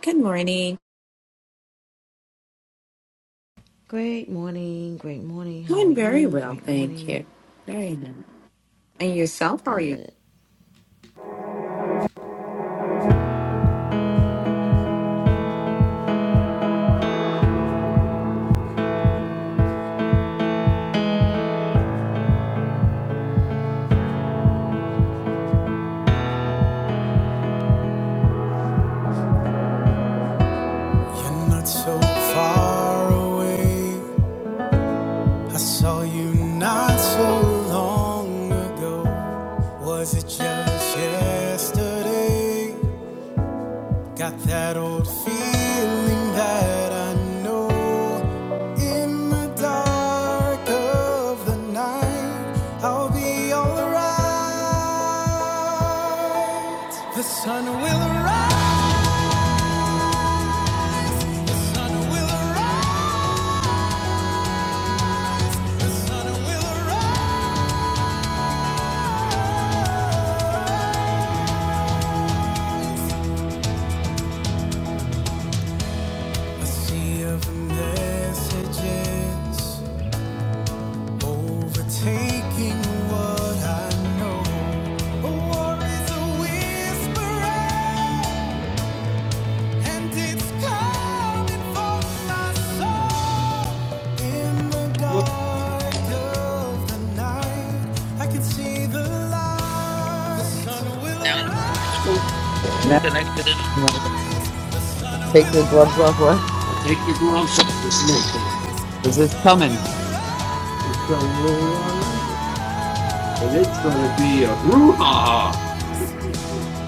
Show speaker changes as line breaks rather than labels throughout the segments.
Good morning.
Great morning, great morning. How are
Doing very
you?
well,
Great
thank
morning.
you. Very nice. And yourself, how are you?
Good. You're not so far away. I saw you not so long ago. Was it just yesterday? Got that old feeling that I know. In the dark of the night, I'll be alright. The sun will rise. The sea of messages overtaking what I know. A war is a whisper, and it's coming for my soul. In the dark of the night, I can see the light. The sun will arise.
Now Can I in?
The Sun
take
will
your gloves off,
arise.
what? Take your gloves off. It's milking. Because
The
it's
Sun
coming.
will.
It's a all right. And it's going to be a brouhaha.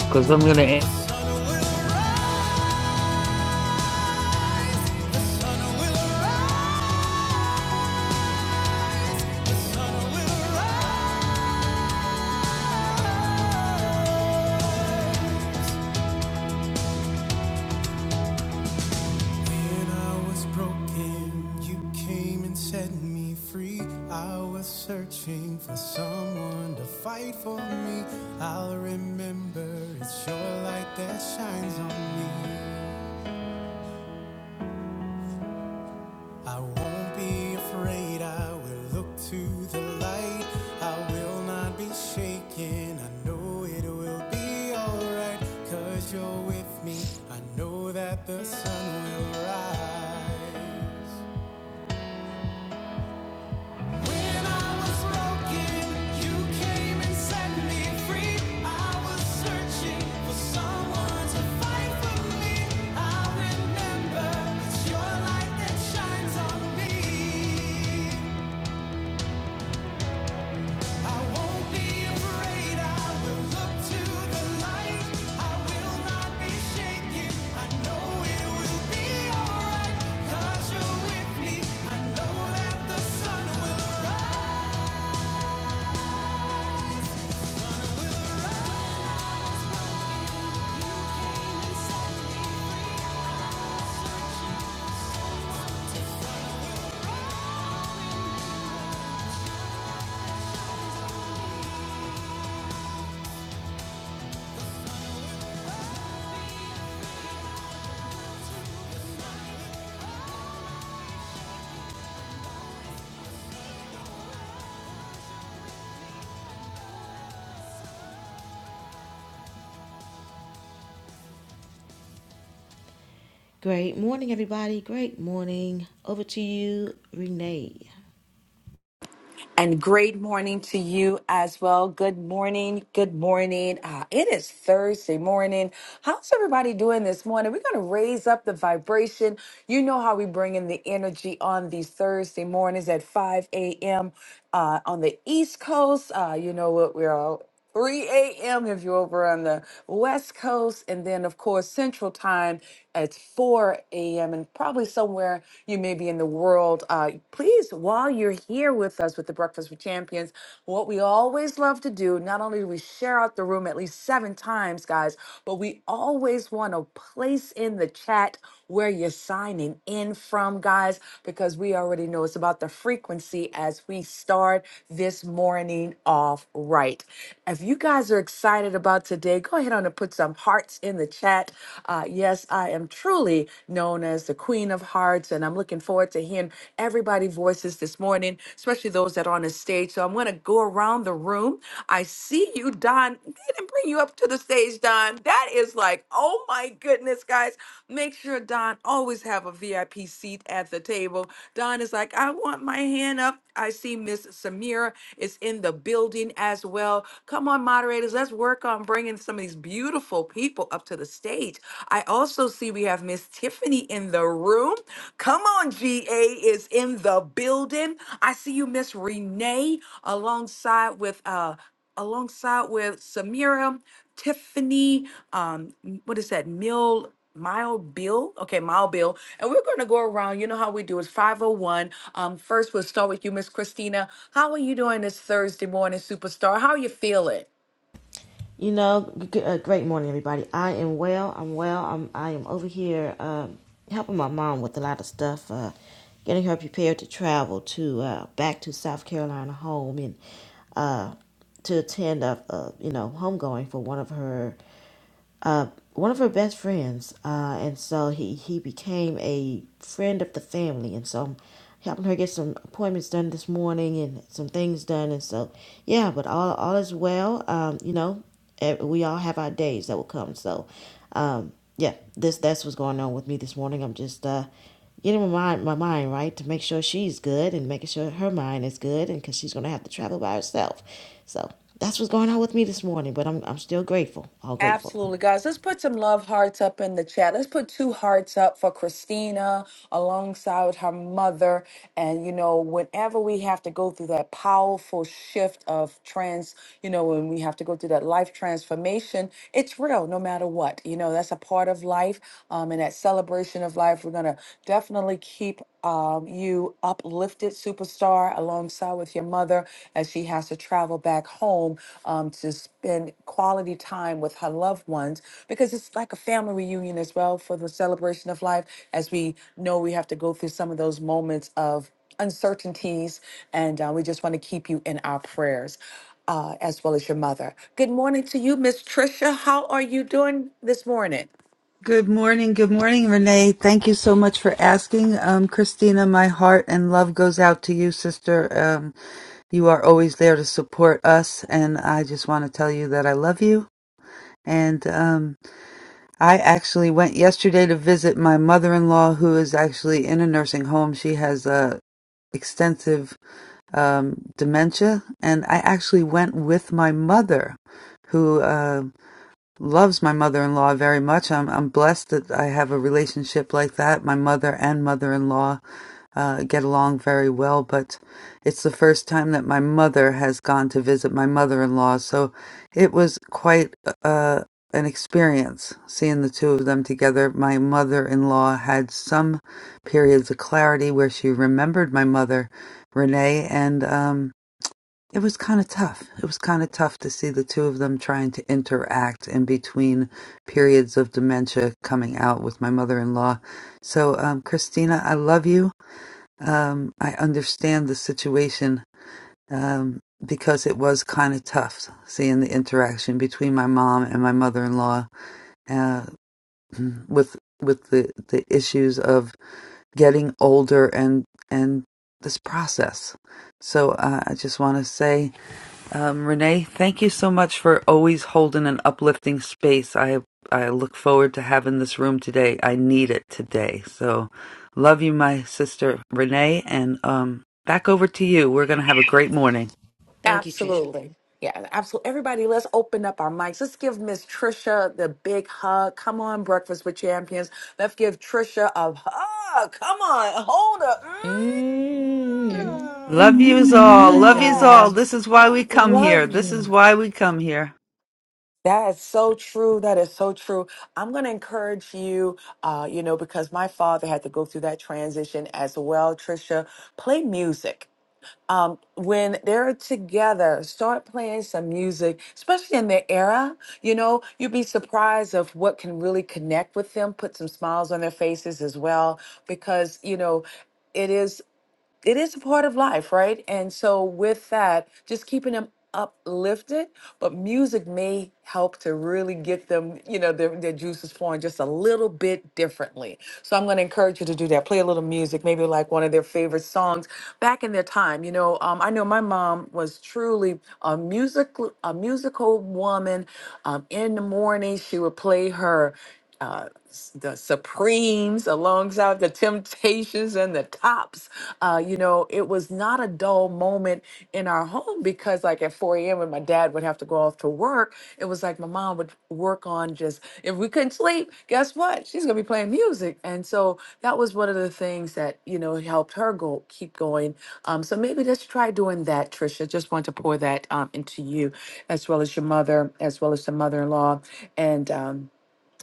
Because I'm going to
The Sun will arise. The sun will arise. When I was broken, you came and set me free. I was searching for someone to fight for me. I'll remember it's your light that shines on me. I won't be afraid, I will look to the light. I will not be shaken, I know it will be alright. Cause you're with me, I know that the sun will rise. I was broken, you came and set me free. I was searching for someone to fight for me. I remember it's your light that shines on me. Great morning, everybody. Great morning. Over to you, Renee.
And great morning to you as well. Good morning. Good morning. Uh, it is Thursday morning. How's everybody doing this morning? We're going to raise up the vibration. You know how we bring in the energy on these Thursday mornings at 5 a.m. Uh, on the East Coast. Uh, you know what we're all 3 a.m. if you're over on the West Coast. And then, of course, Central Time at 4 a.m. And probably somewhere you may be in the world. Uh, please, while you're here with us with the Breakfast with Champions, what we always love to do, not only do we share out the room at least seven times, guys, but we always want to place in the chat where you're signing in in from, guys, because we already know it's about the frequency as we start this morning off right. If you guys are excited about today, go ahead on and put some hearts in the chat. Uh, yes, I am truly known as the Queen of Hearts, and I'm looking forward to hearing everybody's voices this morning, especially those that are on the stage. So I'm going to go around the room. I see you you, Don. They didn't bring you up to the stage, Don. That is like, oh my goodness, guys. Make sure Don always have a VIP seat at the table. Don is like, I want my hand up. I see Miss Samira is in the building as well. Come on, moderators. Let's work on bringing some of these beautiful people up to the stage. I also see we have Miss Tiffany in the room. Come on, GA is in the building. I see you, Miss Renee, alongside with uh alongside with Samira, Tiffany, um, m- what is that? Mill Mile Bill. Okay, Mile Bill. And we're gonna go around. You know how we do it. 501. Um, first we'll start with you, Miss Christina. How are you doing this Thursday morning, superstar? How are you feeling?
You know, g- uh, great morning, everybody. I am well. I'm well. I'm I am over here um, helping my mom with a lot of stuff, uh, getting her prepared to travel to uh, back to South Carolina home and uh, to attend a, a you know homegoing for one of her uh, one of her best friends, uh, and so he he became a friend of the family, and so I'm helping her get some appointments done this morning and some things done, and so yeah, but all all is well. Um, you know, eh, we all have our days that will come, so um, yeah, this that's what's going on with me this morning. I'm just uh getting my mind my mind right to make sure she's good and making sure her mind is good, and because she's gonna have to travel by herself, so. That's what's going on with me this morning, but I'm, I'm still grateful, all grateful.
Absolutely, guys. Let's put some love hearts up in the chat. Let's put two hearts up for Christina alongside with her mother. And, you know, whenever we have to go through that powerful shift of trans, you know, when we have to go through that life transformation, it's real no matter what. You know, that's a part of life. Um, and that celebration of life, we're going to definitely keep um, you uplifted, superstar star alongside with your mother as she has to travel back home um, to spend quality time with her loved ones because it's like a family reunion as well for the celebration of life. As we know, we have to go through some of those moments of uncertainties, and uh, we just want to keep you in our prayers. Uh, as well as your mother. Good morning to you, Miss Trisha. How are you doing this morning?
Good morning. Good morning, Renee. Thank you so much for asking. Um, Christina, my heart and love goes out to you, sister. Um, you are always there to support us. And I just want to tell you that I love you. And, um, I actually went yesterday to visit my mother-in-law, who is actually in a nursing home. She has a extensive um, dementia, and I actually went with my mother, who. uh, loves my mother-in-law very much. I'm I'm blessed that I have a relationship like that. My mother and mother-in-law uh, get along very well, but it's the first time that my mother has gone to visit my mother-in-law, so it was quite uh, an experience seeing the two of them together. My mother-in-law had some periods of clarity where she remembered my mother, Renee, and um, it was kind of tough. It was kind of tough to see the two of them trying to interact in between periods of dementia coming out with my mother in law. So, um, Christina, I love you. Um, I understand the situation um, because it was kind of tough seeing the interaction between my mom and my mother in law uh, with with the, the issues of getting older and and this process. So uh, I just want to say. Um, Renee, thank you so much for always holding an uplifting space. I I look forward to having this room today. I need it today. So, love you, my sister Renee, and um, back over to you. We're gonna have a great morning.
Thank you, Trisha.
Absolutely. Yeah, absolutely. Everybody, let's open up our mics. Let's give Miss Trisha the big hug. Come on, Breakfast with Champions. Let's give Trisha a hug. Come on, hold up.
Mm,
Mm.
Love yous
sending
all.
hugs
Love
your
yous all.
way.
This
Yes.
is why we come here.
Love
This is
you.
why we come here.
That is so true. That is so true. I'm going to encourage you, uh, you know, because my father had to go through that transition as well. Trisha, play music um, when they're together, start playing some music, especially in their era. You know, you'd be surprised of what can really connect with them, put some smiles on their faces as well, because you know, it is it is a part of life, right? And so with that, just keeping them uplifted, but music may help to really get them, you know, their, their juices flowing just a little bit differently. So I'm going to encourage you to do that. Play a little music, maybe like one of their favorite songs back in their time. You know, um, I know my mom was truly a musical, a musical woman. Um, in the morning, she would play her uh, s- the Supremes alongside the Temptations and the Tops. Uh, you know, it was not a dull moment in our home because, like, at 4 a.m., when my dad would have to go off to work, it was like my mom would work on just, if we couldn't sleep, guess what? She's going to be playing music. And so that was one of the things that, you know, helped her go keep going. Um, so maybe let's try doing that, Trisha. Just want to pour that um, into you, as well as your mother, as well as the mother in law. And, um,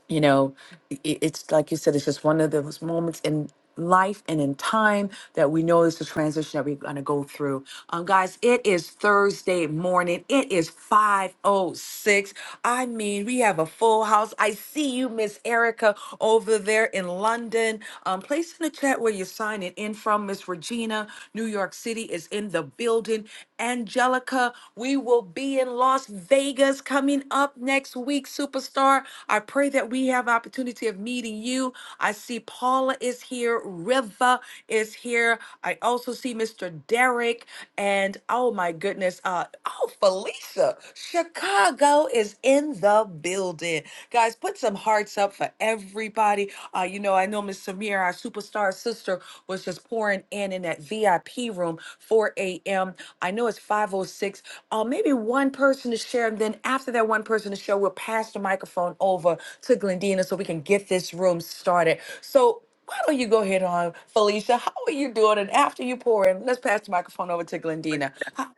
you know i- i- it's like you said it's just one of those moments in life and in time that we know is the transition that we're going to go through um guys it is thursday morning it is 506 i mean we have a full house i see you miss erica over there in london um place in the chat where you're signing in from miss regina new york city is in the building building. Angelica, we will be in Las Vegas coming up next week, superstar. I pray that we have opportunity of meeting you. I see Paula is here, Riva is here. I also see Mr. Derek, and oh my goodness, uh, oh Felicia, Chicago is in the building. Guys, put some hearts up for everybody. Uh, you know, I know Miss Samir, our superstar sister, was just pouring in in that VIP room, 4 a.m. I know it's 5:06. Uh, maybe one person to share, and then after that one person to share, we'll pass the microphone over to Glendina so we can get this room started. So. Why don't you go ahead on, Felicia? How are you doing? And after you pour in, let's pass the microphone over to Glendina. How-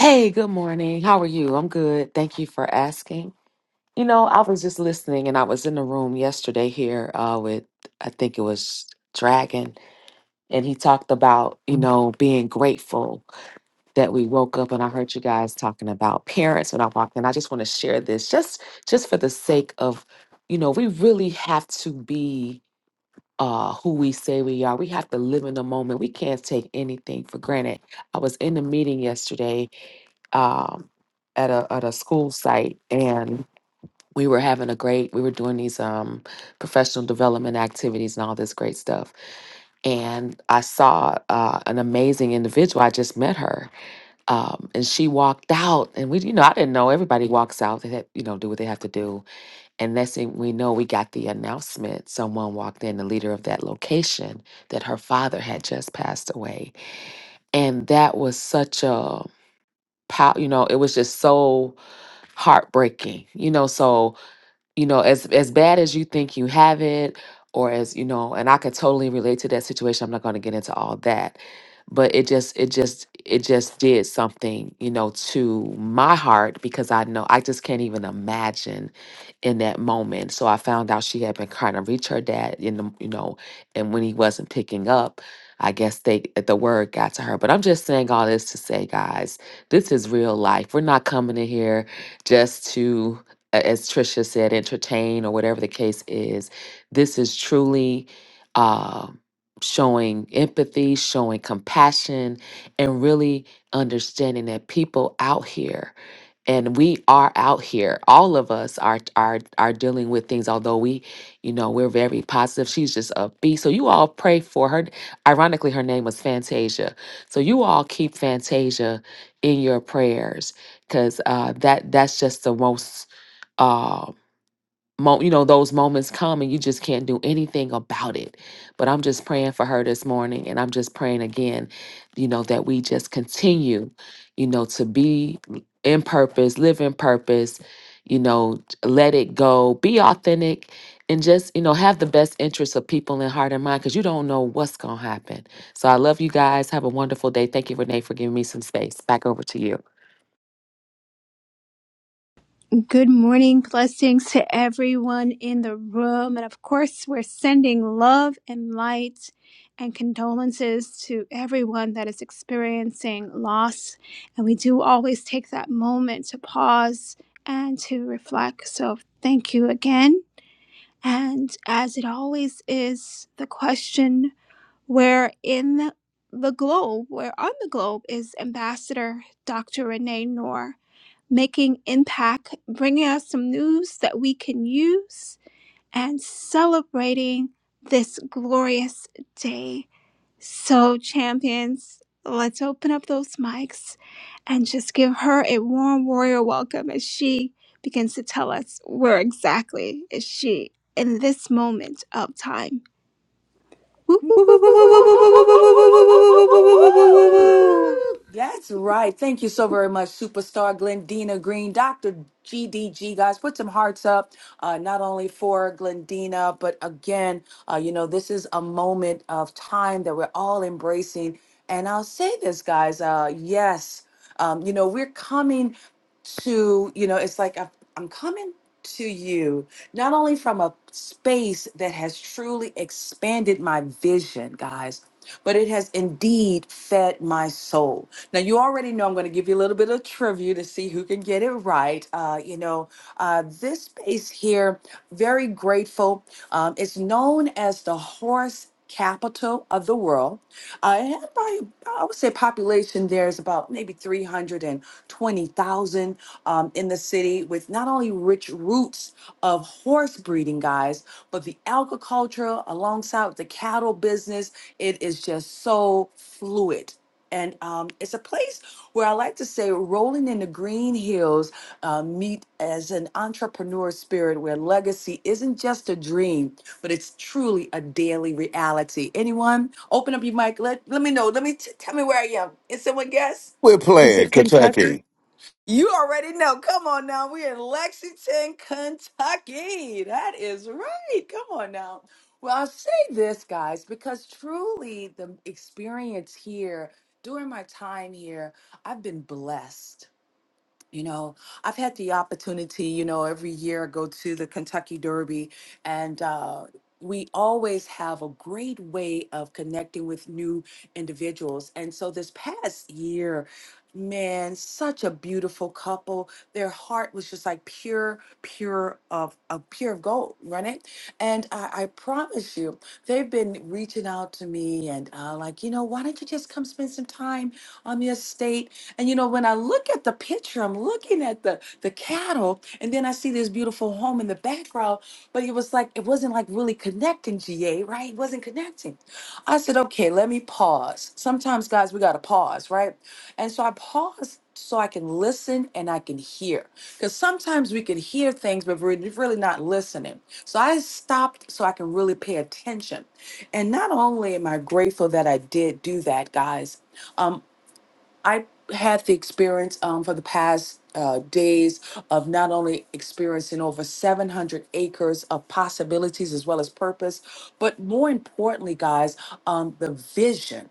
Hey, good morning. How are you? I'm good. Thank you for asking. You know, I was just listening and I was in the room yesterday here uh, with, I think it was Dragon, and he talked about, you know, being grateful that we woke up and I heard you guys talking about parents when I walked in. I just want to share this just just for the sake of, you know, we really have to be uh who we say we are. We have to live in the moment. We can't take anything for granted. I was in a meeting yesterday um, at a at a school site, and we were having a great. We were doing these um, professional development activities and all this great stuff. And I saw uh, an amazing individual. I just met her, um, and she walked out, and we, you know, I didn't know everybody walks out. They, have, you know, do what they have to do. And next thing we know, we got the announcement. Someone walked in, the leader of that location, that her father had just passed away, and that was such a pow. You know, it was just so heartbreaking, you know. So, you know, as as bad as you think you have it, or as you know, and I could totally relate to that situation. I'm not going to get into all that, but it just, it just, it just did something, you know, to my heart because I know I just can't even imagine in that moment. So I found out she had been trying to reach her dad in the, you know, and when he wasn't picking up. I guess they the word got to her, but I'm just saying all this to say, guys, this is real life. We're not coming in here just to a- as Trisha said, entertain or whatever the case is. This is truly um showing empathy, showing compassion, and really understanding that people out here, and we are out here. All of us are are are dealing with things. Although we, you know, we're very positive. She's just upbeat. So you all pray for her. Ironically, her name was Fantasia. So you all keep Fantasia in your prayers because uh, that that's just the most uh, mo- you know, those moments come and you just can't do anything about it. But I'm just praying for her this morning. And I'm just praying again, you know, that we just continue, you know, to be in purpose, live in purpose, you know, let it go, be authentic. And just, you know, have the best interests of people in heart and mind because you don't know what's going to happen. So I love you guys. Have a wonderful day. Thank you, Renee, for giving me some space. Back over to you.
Good morning. Blessings to everyone in the room. And of course, we're sending love and light and condolences to everyone that is experiencing loss. And we do always take that moment to pause and to reflect. So thank you again. And as it always is, the question where in the globe, where on the globe is Ambassador Dr. Renee Noor? making impact, bringing us some news that we can use, and celebrating this glorious day. So, champions, let's open up those mics and just give her a warm warrior welcome as she begins to tell us where exactly is she in this moment of time. Whoop, whoop, whoop, whoop, whoop, whoop, whoop, whoop, whoop, whoop, whoop, whoop, whoop, whoop,
Woo, woo, woo,
Woo-woo-woo-woo-woo-woo-woo-woo-woo-woo-woo-woo-woo-woo-woo-woo-woo-woo.
woo, woo.
That's
whoop, whoop, whoop. whoop.
right. Thank you so very much, superstar Glendina Green, Dr. GDG. Guys, put some hearts up, uh, not only for Glendina, but again, uh, you know, this is a moment of time that we're all embracing. And I'll say this, guys, uh, yes, um, you know, we're coming to you know it's like I've, i'm coming to you not only from a space that has truly expanded my vision guys but it has indeed fed my soul now you already know i'm going to give you a little bit of trivia to see who can get it right uh, you know uh, this space here very grateful um, it's known as the horse capital of the world uh, it had probably, I would say, population there is about maybe 320,000 um, in the city, with not only rich roots of horse breeding, guys, but the agriculture alongside with the cattle business. It is just so fluid. And um, it's a place where I like to say, rolling in the green hills, uh, meet as an entrepreneur spirit where legacy isn't just a dream, but it's truly a daily reality. Anyone, open up your mic. Let let me know. Let me t- tell me where I am. Is someone guess?
We're
Is
playing
it Kentucky?
Kentucky.
You already know. Come on now. We're in Lexington, Kentucky. That is right. Come on now. Well, I'll say this, guys, because truly the experience here during my time here, I've been blessed. You know, I've had the opportunity, you know, every year I go to the Kentucky Derby, and uh, we always have a great way of connecting with new individuals. And so this past year, man, such a beautiful couple. Their heart was just like pure, pure of, of pure of gold, right? And I, I promise you, they've been reaching out to me and uh, like, you know, why don't you just come spend some time on the estate? And you know, when I look at the picture, I'm looking at the the cattle, and then I see this beautiful home in the background. But it was like it wasn't like really connecting, GA, right? It wasn't connecting. I said, okay, let me pause. Sometimes, guys, we gotta pause, right? And so I paused so I can listen and I can hear. Because sometimes we can hear things, but we're really not listening. So I stopped so I can really pay attention. And not only am I grateful that I did do that, guys. um, I had the experience um, for the past uh, days of not only experiencing over 700 acres of possibilities as well as purpose, but more importantly, guys, um, the vision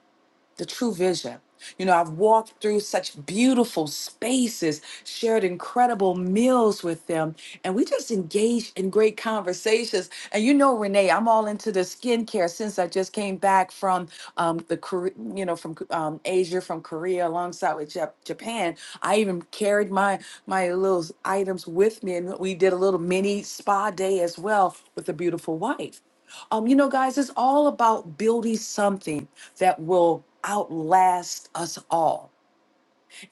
the true vision. You know, I've walked through such beautiful spaces, shared incredible meals with them, and we just engaged in great conversations. And you know, Renee, I'm all into the skincare since I just came back from um, the Kore- you know from um, Asia, from Korea, alongside with Jap- Japan. I even carried my my little items with me, and we did a little mini spa day as well with a beautiful wife. Um, you know, guys, it's all about building something that will outlast us all.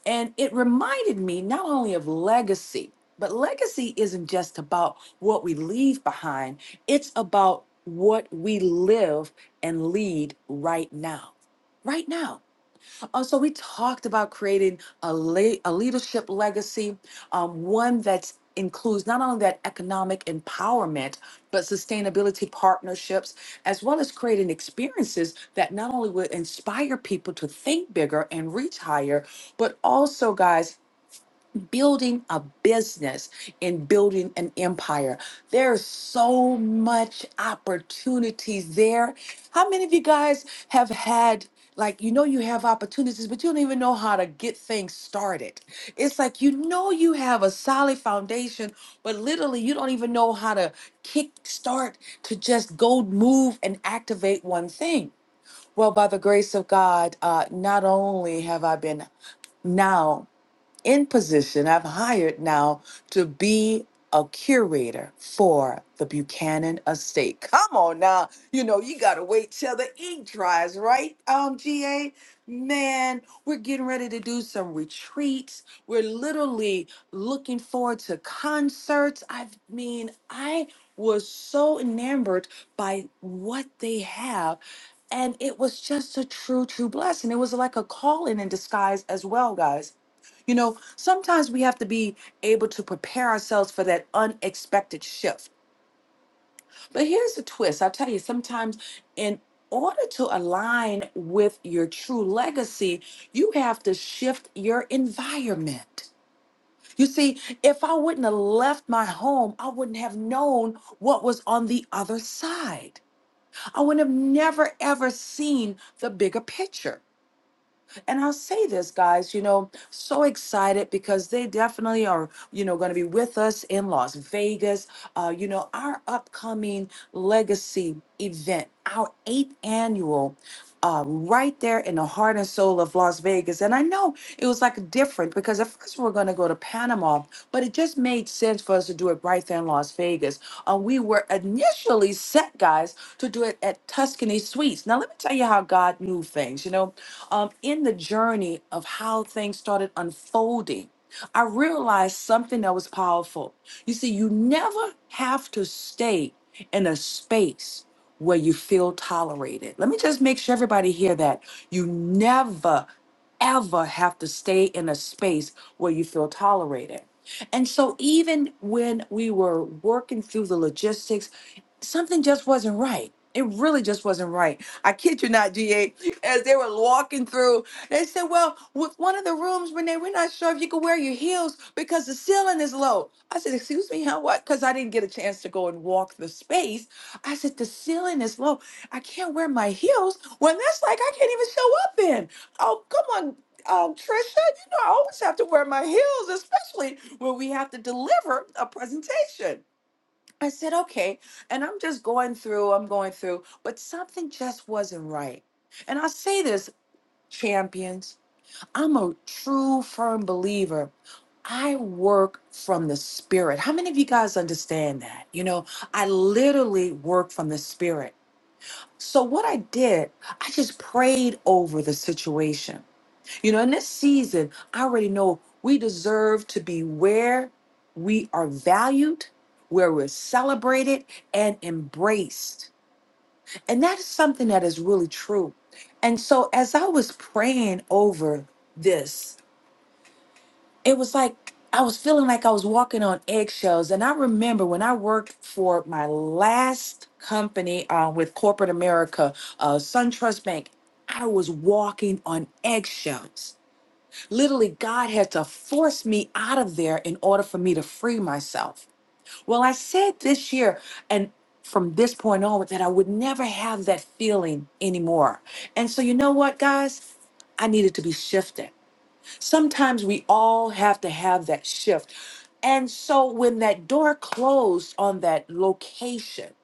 And it reminded me not only of legacy, but legacy isn't just about what we leave behind, it's about what we live and lead right now. Right now. Uh, So we talked about creating a, le- a leadership legacy, um, one that includes not only that economic empowerment, but sustainability partnerships, as well as creating experiences that not only would inspire people to think bigger and reach higher, but also, guys, building a business and building an empire. There's so much opportunities there. How many of you guys have had like you know you have opportunities but you don't even know how to get things started. It's like you know you have a solid foundation but literally you don't even know how to kick start to just go move and activate one thing. Well, by the grace of God, uh, not only have I been now in position I've hired now to be a curator for the Buchanan estate. Come on now. You know, you gotta wait till the ink dries, right? Um, GA. Man, we're getting ready to do some retreats. We're literally looking forward to concerts. I mean, I was so enamored by what they have. And it was just a true, true blessing. It was like a calling in disguise as well, guys you know, sometimes we have to be able to prepare ourselves for that unexpected shift. But here's the twist I'll tell you, sometimes in order to align with your true legacy, you have to shift your environment. You see, if I wouldn't have left my home, I wouldn't have known what was on the other side. I would have never, ever seen the bigger picture. And I'll say this, guys, you know, so excited because they definitely are, you know, going to be with us in Las Vegas. Uh, you know, our upcoming legacy event, our eighth annual. Uh, right there in the heart and soul of Las Vegas. And I know it was like different because at first we were going to go to Panama, but it just made sense for us to do it right there in Las Vegas. Uh, we were initially set, guys, to do it at Tuscany Suites. Now, let me tell you how God knew things. You know, um, in the journey of how things started unfolding, I realized something that was powerful. You see, you never have to stay in a space where you feel tolerated. Let me just make sure everybody hear that. You never ever have to stay in a space where you feel tolerated. And so even when we were working through the logistics, something just wasn't right. It really just wasn't right I kid you not, GA, as they were walking through, they said, Well, with one of the rooms, Renee, we're not sure if you can wear your heels because the ceiling is low. I said, Excuse me, how what? Because I didn't get a chance to go and walk the space. I said, The ceiling is low. I can't wear my heels. Well, that's like I can't even show up in. Oh, come on. Um, Trisha, you know I always have to wear my heels, especially when we have to deliver a presentation. I said, okay. And I'm just going through, I'm going through, but something just wasn't right. And I say this, champions, I'm a true, firm believer. I work from the spirit. How many of you guys understand that? You know, I literally work from the spirit. So what I did, I just prayed over the situation. You know, in this season, I already know we deserve to be where we are valued, where we're celebrated and embraced. And that is something that is really true. And so as I was praying over this, it was like I was feeling like I was walking on eggshells. And I remember when I worked for my last company uh, with corporate America, uh, SunTrust Bank, I was walking on eggshells Literally, God had to force me out of there in order for me to free myself. Well, I said this year and from this point onward that I would never have that feeling anymore. And so, you know what, guys? I needed to be shifted. Sometimes we all have to have that shift. And so, when that door closed on that location,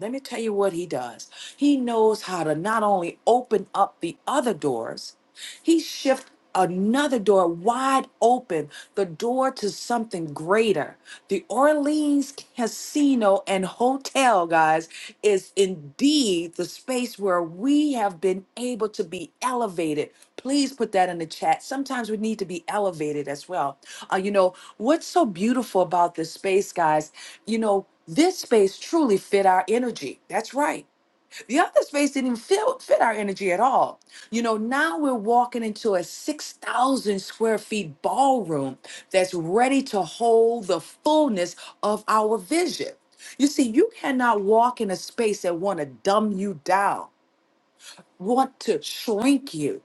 let me tell you what he does. He knows how to not only open up the other doors, he shifts another door wide open, the door to something greater. The Orleans Casino and Hotel, guys, is indeed the space where we have been able to be elevated. Please put that in the chat. Sometimes we need to be elevated as well. Uh, you know, what's so beautiful about this space, guys? You know, this space truly fit our energy. That's right. The other space didn't even feel, fit our energy at all. You know, now we're walking into a 6,000 square feet ballroom that's ready to hold the fullness of our vision. You see, you cannot walk in a space that want to dumb you down, want to shrink you.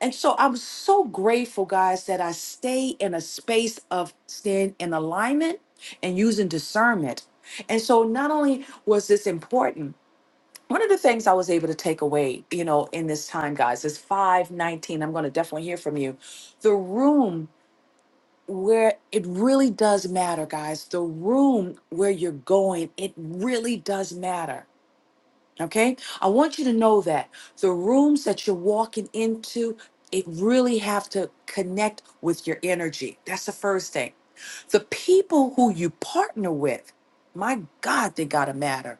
And so I'm so grateful, guys, that I stay in a space of staying in alignment and using discernment. And so not only was this important, one of the things I was able to take away, you know, in this time, guys, is 519. I'm going to definitely hear from you. The room where it really does matter, guys, the room where you're going, it really does matter. Okay. I want you to know that the rooms that you're walking into, it really have to connect with your energy. That's the first thing. The people who you partner with, my God, they got to matter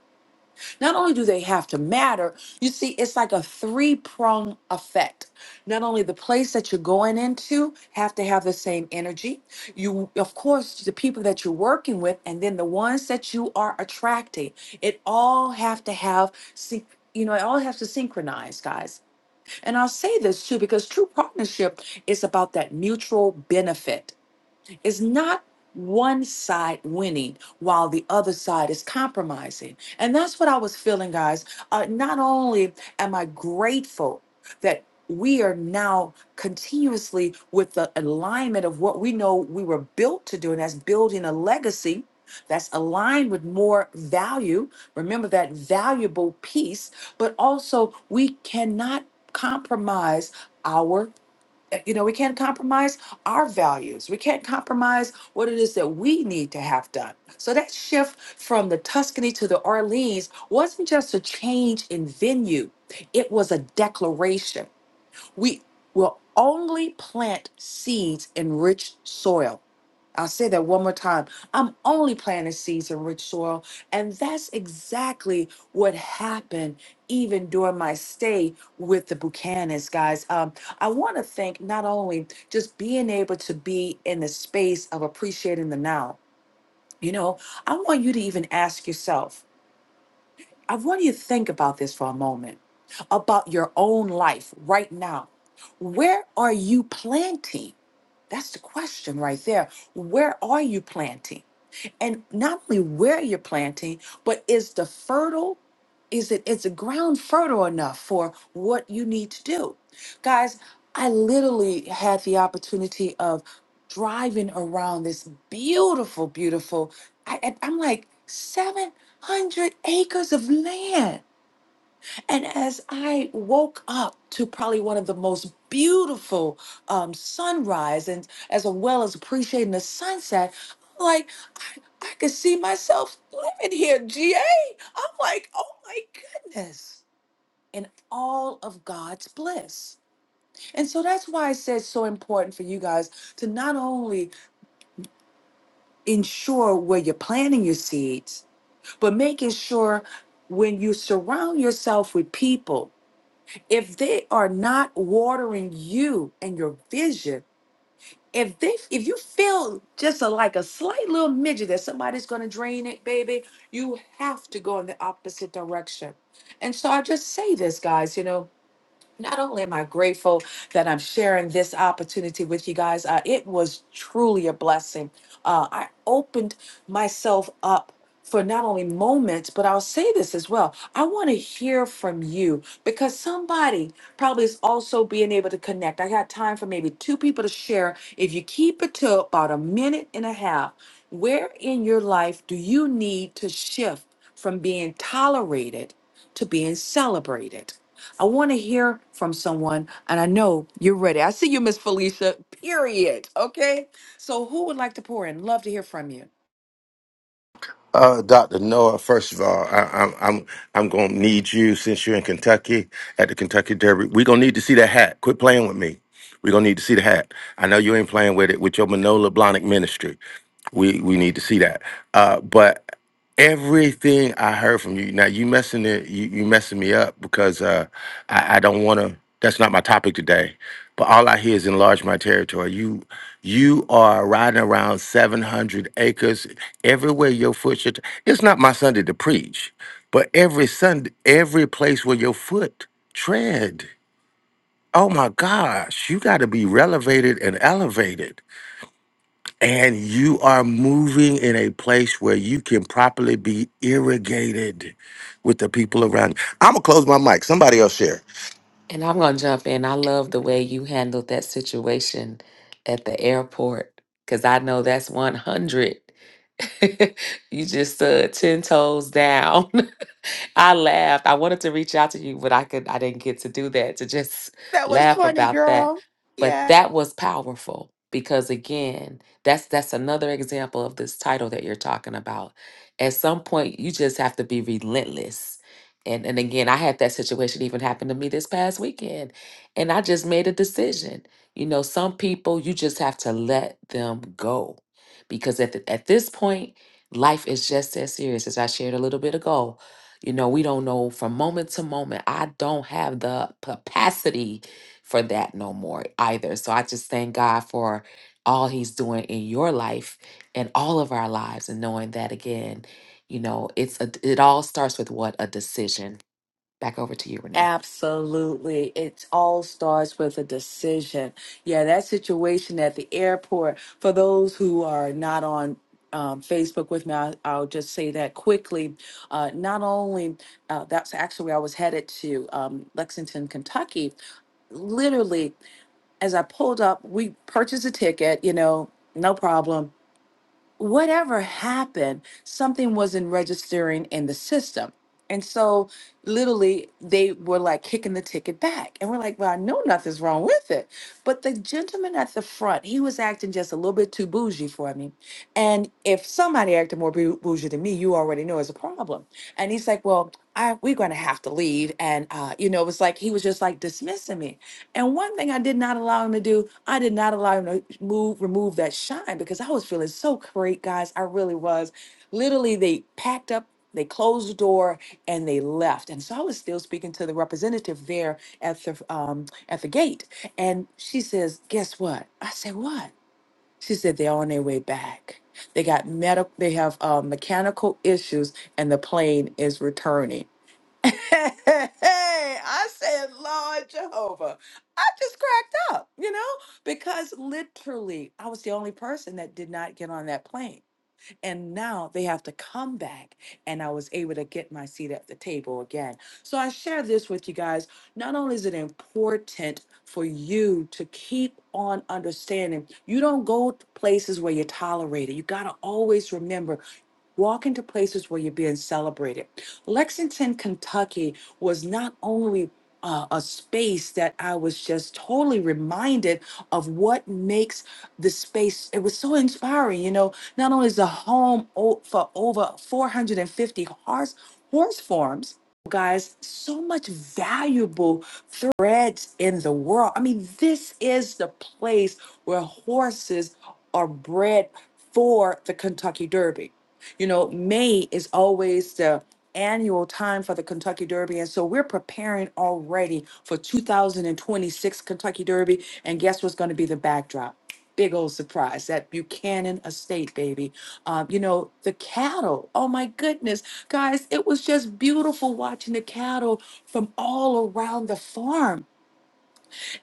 not only do they have to matter, you see, it's like a three prong effect. Not only the place that you're going into have to have the same energy, you, of course, the people that you're working with, and then the ones that you are attracting, it all have to have, syn- you know, it all has to synchronize, guys. And I'll say this too, because true partnership is about that mutual benefit it's not one side winning while the other side is compromising. And that's what I was feeling, guys. Uh, not only am I grateful that we are now continuously with the alignment of what we know we were built to do, and that's building a legacy that's aligned with more value. Remember that valuable piece, but also we cannot compromise our eh, you know, we can't compromise our values. We can't compromise what it is that we need to have done. So that shift from the Tuscany to the Orleans wasn't just a change in venue, it was a declaration we will only plant seeds in rich soil. I'll say that one more time. I'm only planting seeds in rich soil. And that's exactly what happened even during my stay with the Buchanans, guys. Um, I want to thank not only just being able to be in the space of appreciating the now, you know, I want you to even ask yourself I want you to think about this for a moment about your own life right now. Where are you planting? That's the question right there. Where are you planting? and not only where you're planting, but is the fertile, is it is the ground fertile enough for what you need to do? Guys, I literally had the opportunity of driving around this beautiful, beautiful. I, I- I'm like 700 acres of land. And as I woke up to probably one of the most beautiful um, sunrise, and as well as appreciating the sunset, like. I could see myself living here, GA. I'm like, oh my goodness, in all of God's bliss. And so that's why I said it's so important for you guys to not only ensure where you're planting your seeds, but making sure when you surround yourself with people, if they are not watering you and your vision, if they if you feel just a, like a slight little midget that somebody's going to drain it baby you have to go in the opposite direction and so i just say this guys you know not only am i grateful that i'm sharing this opportunity with you guys uh, it was truly a blessing uh, i opened myself up for not only moments but i'll say this as well i want to hear from you because somebody probably is also being able to connect. I got time for maybe two people to share. If you keep it to about a minute and a half, where in your life do you need to shift from being tolerated to being celebrated? I want to hear from someone, and I know you're ready. I see you, Miss Felicia, period. Okay. So, who would like to pour in? Love to hear from you.
Uh, Dr. Noah, first of all, I, I'm I'm I'm gonna need you since you're in Kentucky at the Kentucky Derby. We're gonna need to see that hat. Quit playing with me. We're gonna need to see the hat. I know you ain't playing with it with your Manola Blahnik ministry. We we need to see that. Uh, but Everything I heard from you. Now you messing it. You, you messing me up because uh, I, I don't want to. That's not my topic today. But all I hear is enlarge my territory. You you are riding around seven hundred acres everywhere your foot should. It's not my Sunday to preach, but every Sunday, every place where your foot tread. Oh my gosh, you got to be relevated and elevated and you are moving in a place where you can properly be irrigated with the people around you. I'm gonna close my mic. Somebody else share.
And I'm going to jump in. I love the way you handled that situation at the airport because I know that's 100. you just uh, 10 toes down. I laughed. I wanted to reach out to you, but I could I didn't get to do that to just
That was
laugh
funny,
about that.
girl.
But that was powerful because again, that's that's another example of this title that you're talking about. At some point you just have to be relentless. And and again, I had that situation even happen to me this past weekend. And I just made a decision. You know, some people you just have to let them go. Because at, the, at this point, life is just as serious as I shared a little bit ago you know, we don't know from moment to moment. I don't have the capacity for that no more either. So I just thank God for all he's doing in your life and all of our lives and knowing that again, you know, it's a, it all starts with what a decision. Back over to you, Renee.
Absolutely. It all starts with a decision. Yeah, that situation at the airport, for those who are not on um, Facebook with me, I, I'll just say that quickly. Uh, not only uh, that's actually where I was headed to um, Lexington, Kentucky. Literally, as I pulled up, we purchased a ticket, you know, no problem. Whatever happened, something wasn't registering in the system. And so literally they were like kicking the ticket back. And we're like, well, I know nothing's wrong with it. But the gentleman at the front, he was acting just a little bit too bougie for me. And if somebody acted more bou- bougie than me, you already know it's a problem. And he's like, well, I, we're going to have to leave. And, uh, you know, it was like he was just like dismissing me. And one thing I did not allow him to do, I did not allow him to move, remove that shine because I was feeling so great, guys. I really was. Literally, they packed up. They closed the door and they left. And so I was still speaking to the representative there at the um, at the gate, and she says, "Guess what?" I said, "What?" She said, "They're on their way back. They got medical. They have uh, mechanical issues, and the plane is returning." Hey, I said, "Lord Jehovah." I just cracked up, you know, because literally I was the only person that did not get on that plane. And now they have to come back, and I was able to get my seat at the table again. So I share this with you guys. Not only is it important for you to keep on understanding, you don't go to places where you're tolerated. You got to always remember Walk into places where you're being celebrated. Lexington, Kentucky was not only uh, a space that I was just totally reminded of what makes the space. It was so inspiring, you know. Not only is the home o- for over 450 horse horse farms, guys, so much valuable threads in the world. I mean, this is the place where horses are bred for the Kentucky Derby. You know, May is always the annual time for the Kentucky Derby. And so we're preparing already for 2026 Kentucky Derby. And guess what's going to be the backdrop? Big old surprise that Buchanan estate, baby. Um, you know, the cattle. Oh my goodness, guys, it was just beautiful watching the cattle from all around the farm.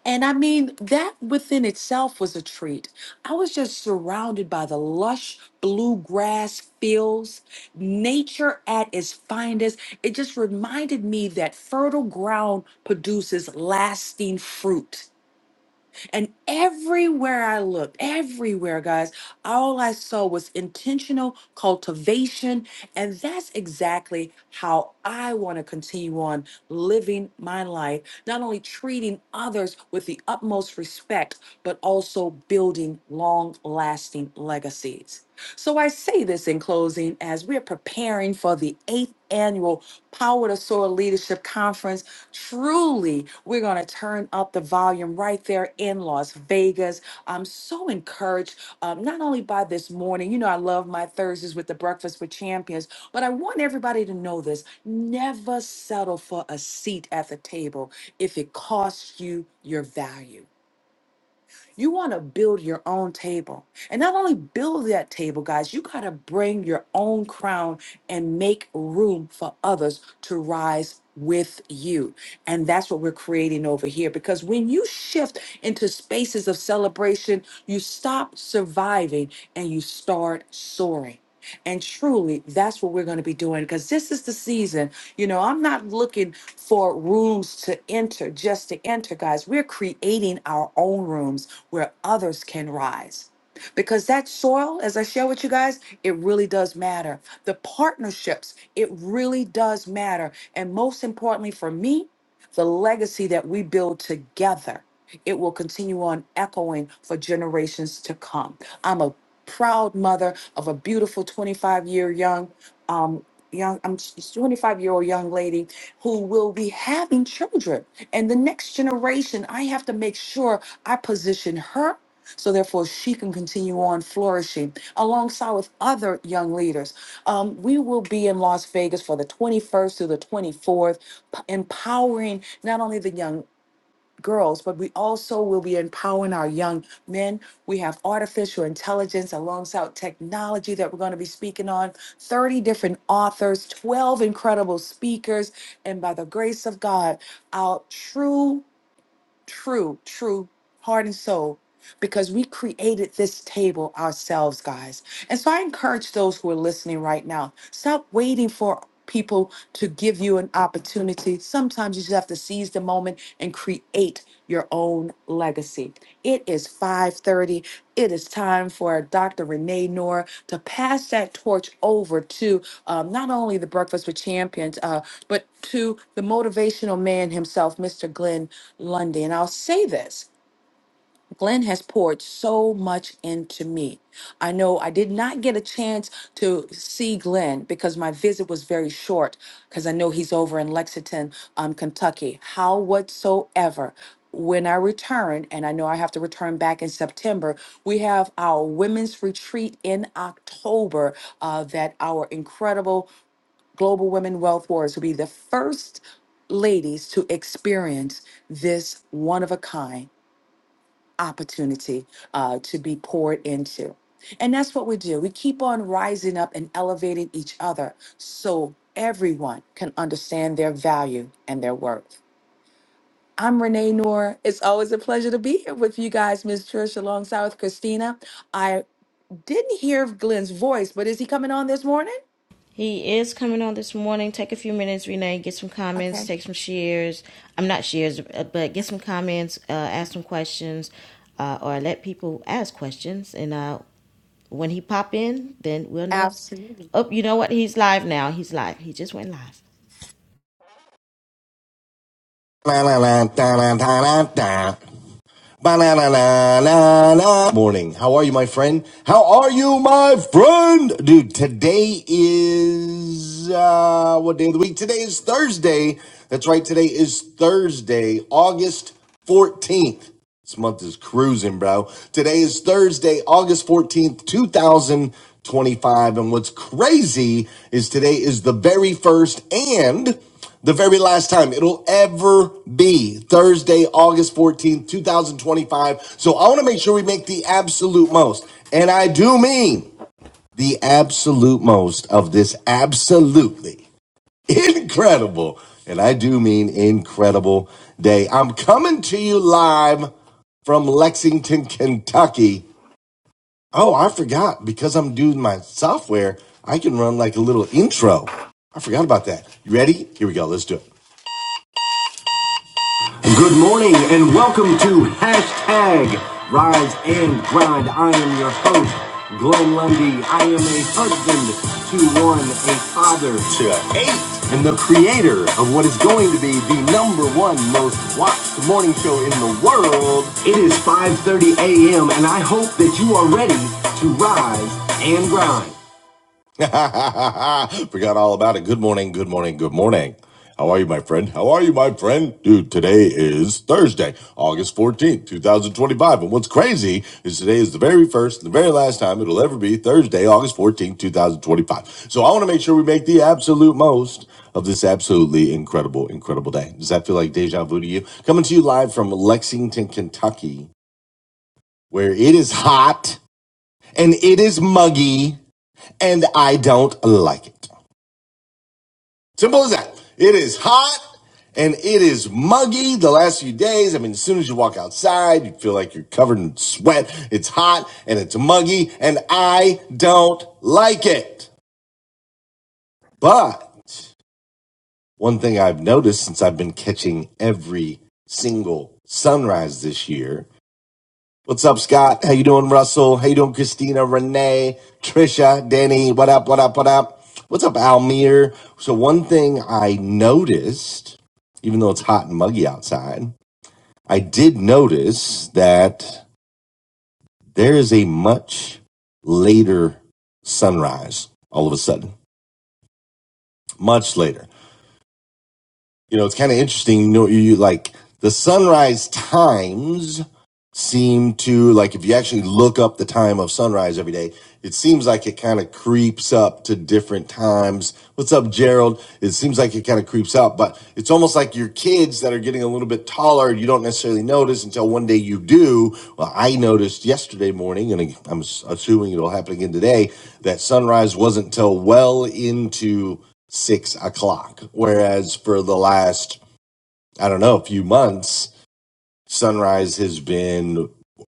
And I mean, that within itself was a treat. I was just surrounded by the lush bluegrass fields, nature at its finest. It just reminded me that fertile ground produces lasting fruit. And everywhere I looked, everywhere, guys, all I saw was intentional cultivation. And that's exactly how I want to continue on living my life, not only treating others with the utmost respect, but also building long lasting legacies. So I say this in closing as we're preparing for the eighth annual Power to Soar Leadership Conference Truly, we're going to turn up the volume right there in Las Vegas. I'm so encouraged, um, not only by this morning, you know, I love my Thursdays with the Breakfast with Champions, but I want everybody to know this never settle for a seat at the table if it costs you your value. You want to build your own table. And not only build that table, guys, you got to bring your own crown and make room for others to rise with you. And that's what we're creating over here. Because when you shift into spaces of celebration, you stop surviving and you start soaring. And truly, that's what we're going to be doing because this is the season you know, I'm not looking for rooms to enter just to enter, guys. We're creating our own rooms where others can rise. Because that soil, as I share with you guys, it really does matter. The partnerships, it really does matter. And most importantly for me, the legacy that we build together, it will continue on echoing for generations to come. I'm a proud mother of a beautiful 25 year young um, young I'm 25 year old young lady who will be having children and the next generation I have to make sure I position her so therefore she can continue on flourishing alongside with other young leaders um, we will be in las vegas for the 21st to the 24th p- empowering not only the young girls, but we also will be empowering our young men. We have artificial intelligence alongside technology that we're going to be speaking on, 30 different authors, 12 incredible speakers, and by the grace of God, our true, true, true heart and soul because we created this table ourselves, guys. And so I encourage those who are listening right now stop waiting for people to give you an opportunity. Sometimes you just have to seize the moment and create your own legacy. It is 5:30. It is time for Dr. Renee Noor to pass that torch over to um, not only the Breakfast with Champions, uh, but to the motivational man himself, Mr. Glenn Lundy. And I'll say this. Glenn has poured so much into me. I know I did not get a chance to see Glenn because my visit was very short, because I know he's over in Lexington, um, Kentucky. How whatsoever, when I return, and I know I have to return back in September, we have our women's retreat in October uh, that our incredible Global Women Wealth warriors will be the first ladies to experience this one of a kind opportunity uh, to be poured into. And that's what we do. We keep on rising up and elevating each other so everyone can understand their value and their worth. I'm Renee Noor. It's always a pleasure to be here with you guys, Miss Trish, alongside with Christina. I didn't hear Glenn's voice, but is he coming on this morning?
He is coming on this morning. Take a few minutes, Renee. Get some comments.
Okay,
Take some shares. I'm not shares, uh, but get some comments. Uh, ask some questions, uh, or let people ask questions. And uh, when he pop in, then we'll know.
absolutely.
Oh, you know what? He's live now. He's live. He just went live.
La la la da la da la da. Ba-la-la-la-la-la. Morning. How are you, my friend? How are you, my friend? Dude, today is, uh, what day of the week? Today is Thursday. That's right. Today is Thursday, August 14th. This month is cruising, bro. Today is Thursday, August 14th, 2025. And what's crazy is today is the very first and the very last time it'll ever be Thursday, August 14th, 2025. So I want to make sure we make the absolute most. And I do mean the absolute most of this absolutely incredible, and I do mean incredible day. I'm coming to you live from Lexington, Kentucky. Oh, I forgot because I'm doing my software, I can run like a little intro. I forgot about that. You ready? Here we go. Let's do it. Good morning and welcome to hashtag Rise and Grind. I am your host, Glenn Lundy. I am a husband to one, a father to eight, and the creator of what is going to be the number one most watched morning show in the world. It is 5.30 a.m. and I hope that you are ready to rise and grind. Forgot all about it. Good morning, good morning, good morning. How are you, my friend? How are you, my friend? Dude, today is Thursday, August 14th, 2025. And what's crazy is today is the very first and the very last time it'll ever be Thursday, August 14th, 2025. So I want to make sure we make the absolute most of this absolutely incredible, incredible day. Does that feel like deja vu to you? Coming to you live from Lexington, Kentucky, where it is hot and it is muggy and I don't like it. Simple as that. It is hot and it is muggy the last few days. I mean, as soon as you walk outside, you feel like you're covered in sweat. It's hot and it's muggy and I don't like it. But one thing I've noticed since I've been catching every single sunrise this year What's up, Scott? How you doing, Russell? How you doing, Christina, Renee, Trisha, Danny? What up? What up? What up? What's up, Almir? So one thing I noticed, even though it's hot and muggy outside, I did notice that there is a much later sunrise all of a sudden, much later. you know, it's kind of interesting. You know, you like the sunrise times seem to like if you actually look up the time of sunrise every day, it seems like it kind of creeps up to different times. What's up, Gerald? It seems like it kind of creeps up, but it's almost like your kids that are getting a little bit taller, you don't necessarily notice until one day you do. Well, I noticed yesterday morning, and I'm assuming it'll happen again today, that sunrise wasn't till well into six o'clock. Whereas for the last, I don't know, few months, sunrise has been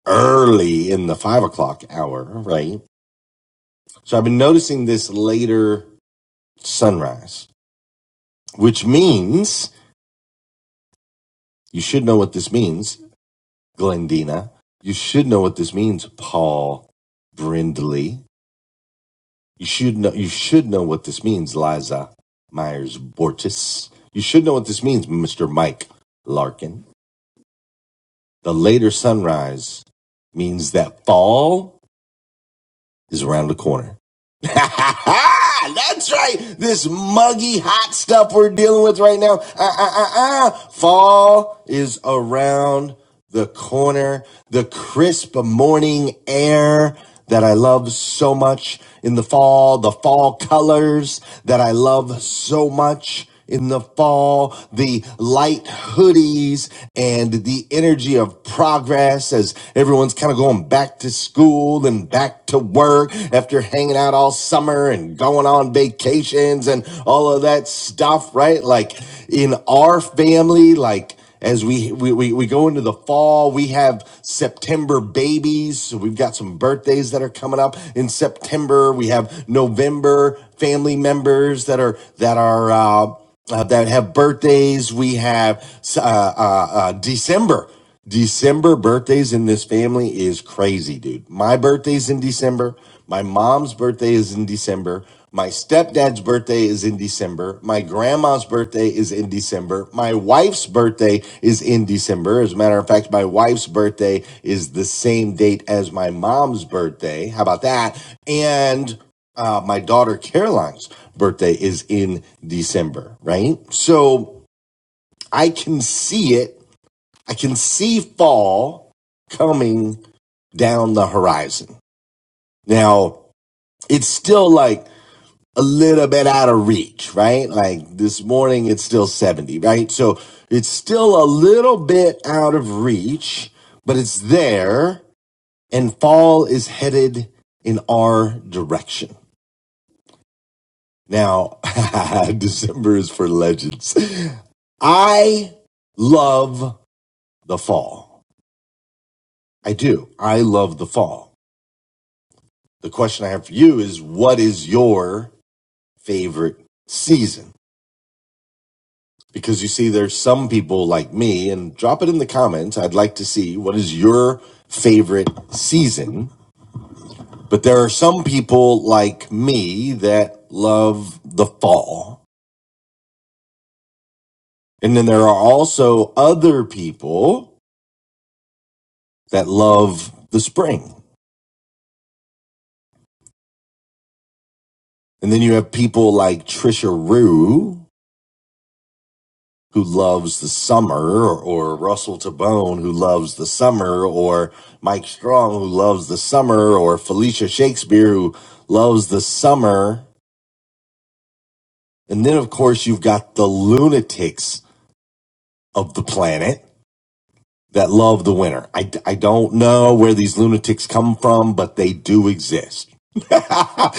early in the five o'clock hour, right? So I've been noticing this later sunrise, which means you should know what this means, Glendina. You should know what this means, Paul Brindley. You should know you should know what this means, Liza Myers Bortis. You should know what this means, Mr. Mike Larkin. The later sunrise means that fall is around the corner. That's right. This muggy hot stuff we're dealing with right now. Uh, uh, uh, uh. Fall is around the corner. The crisp morning air that I love so much in the fall, the fall colors that I love so much in the fall, the light hoodies and the energy of progress as everyone's kind of going back to school and back to work after hanging out all summer and going on vacations and all of that stuff, right? Like in our family, like as we, we we we go into the fall we have september babies so we've got some birthdays that are coming up in september we have november family members that are that are uh uh, that have birthdays. We have uh, uh, uh, December. December birthdays in this family is crazy, dude. My birthday's in December. My mom's birthday is in December. My stepdad's birthday is in December. My grandma's birthday is in December. My wife's birthday is in December. As a matter of fact, my wife's birthday is the same date as my mom's birthday. How about that? And uh, my daughter Caroline's birthday is in December, right? So I can see it. I can see fall coming down the horizon. Now, it's still like a little bit out of reach, right? Like this morning, it's still 70, right? So it's still a little bit out of reach, but it's there and fall is headed in our direction. Now, December is for legends. I love the fall. I do. I love the fall. The question I have for you is what is your favorite season? Because you see, there's some people like me, and drop it in the comments. I'd like to see what is your favorite season. But there are some people like me that love the fall. And then there are also other people that love the spring. And then you have people like Trisha Rue, who loves the summer, or, or Russell Tabone, who loves the summer, or Mike Strong, who loves the summer, or Felicia Shakespeare, who loves the summer. And then, of course, you've got the lunatics of the planet that love the winter. I, I don't know where these lunatics come from, but they do exist. and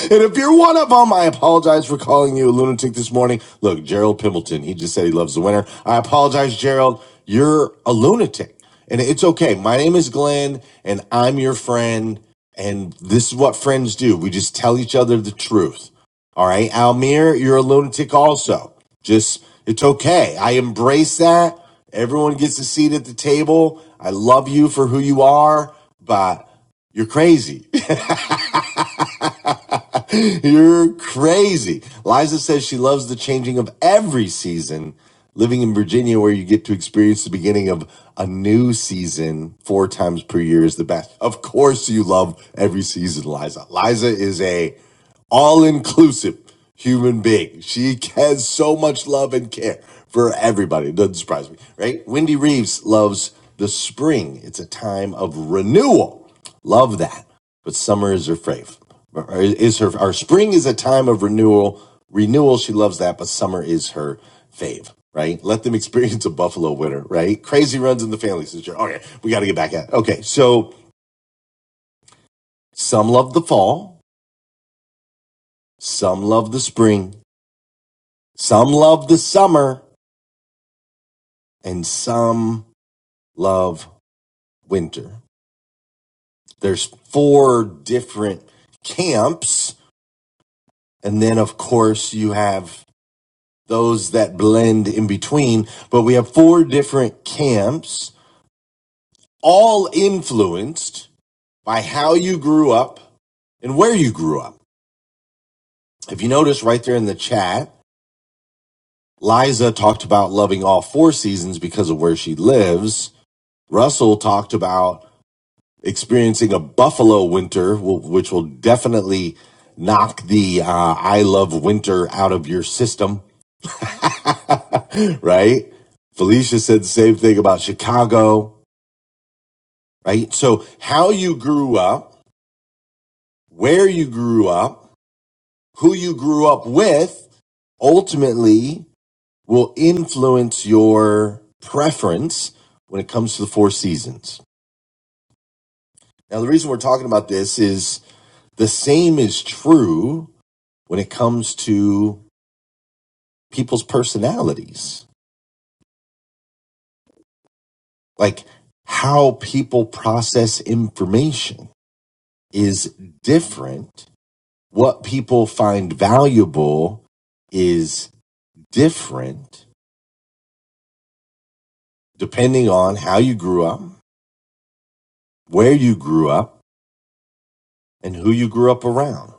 if you're one of them, I apologize for calling you a lunatic this morning. Look, Gerald Pimbleton, he just said he loves the winter. I apologize, Gerald. You're a lunatic. And it's okay. My name is Glenn, and I'm your friend. And this is what friends do we just tell each other the truth. All right, Almir, you're a lunatic also. Just, it's okay. I embrace that. Everyone gets a seat at the table. I love you for who you are, but you're crazy. you're crazy. Liza says she loves the changing of every season. Living in Virginia, where you get to experience the beginning of a new season four times per year, is the best. Of course, you love every season, Liza. Liza is a all inclusive human being. She has so much love and care for everybody. It doesn't surprise me, right? Wendy Reeves loves the spring. It's a time of renewal. Love that. But summer is her fave. Is her our spring is a time of renewal. Renewal, she loves that, but summer is her fave, right? Let them experience a Buffalo winter, right? Crazy runs in the family since you're okay. We gotta get back at it. Okay, so some love the fall, some love the spring. Some love the summer and some love winter. There's four different camps. And then, of course, you have those that blend in between. But we have four different camps, all influenced by how you grew up and where you grew up. If you notice right there in the chat, Liza talked about loving all four seasons because of where she lives. Russell talked about experiencing a buffalo winter, which will definitely knock the uh, I love winter out of your system, right? Felicia said the same thing about Chicago, right? So, how you grew up, where you grew up, who you grew up with ultimately will influence your preference when it comes to the four seasons. Now, the reason we're talking about this is the same is true when it comes to people's personalities. Like how people process information is different. What people find valuable is different depending on how you grew up, where you grew up, and who you grew up around.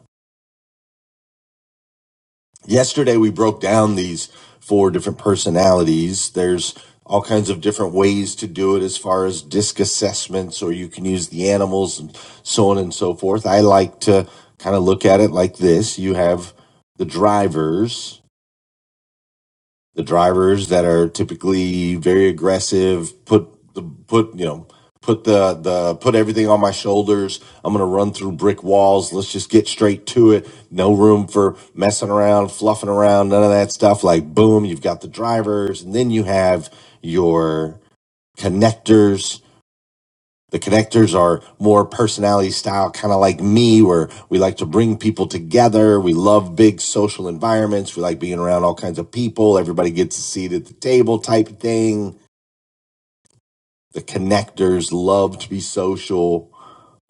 yesterday we broke down these four different personalities there's all kinds of different ways to do it as far as disc assessments or you can use the animals and so on and so forth i like to kind of look at it like this you have the drivers the drivers that are typically very aggressive put the put you know put the the put everything on my shoulders i'm going to run through brick walls let's just get straight to it no room for messing around fluffing around none of that stuff like boom you've got the drivers and then you have your connectors the connectors are more personality style, kind of like me, where we like to bring people together. We love big social environments. We like being around all kinds of people. Everybody gets a seat at the table type thing. The connectors love to be social,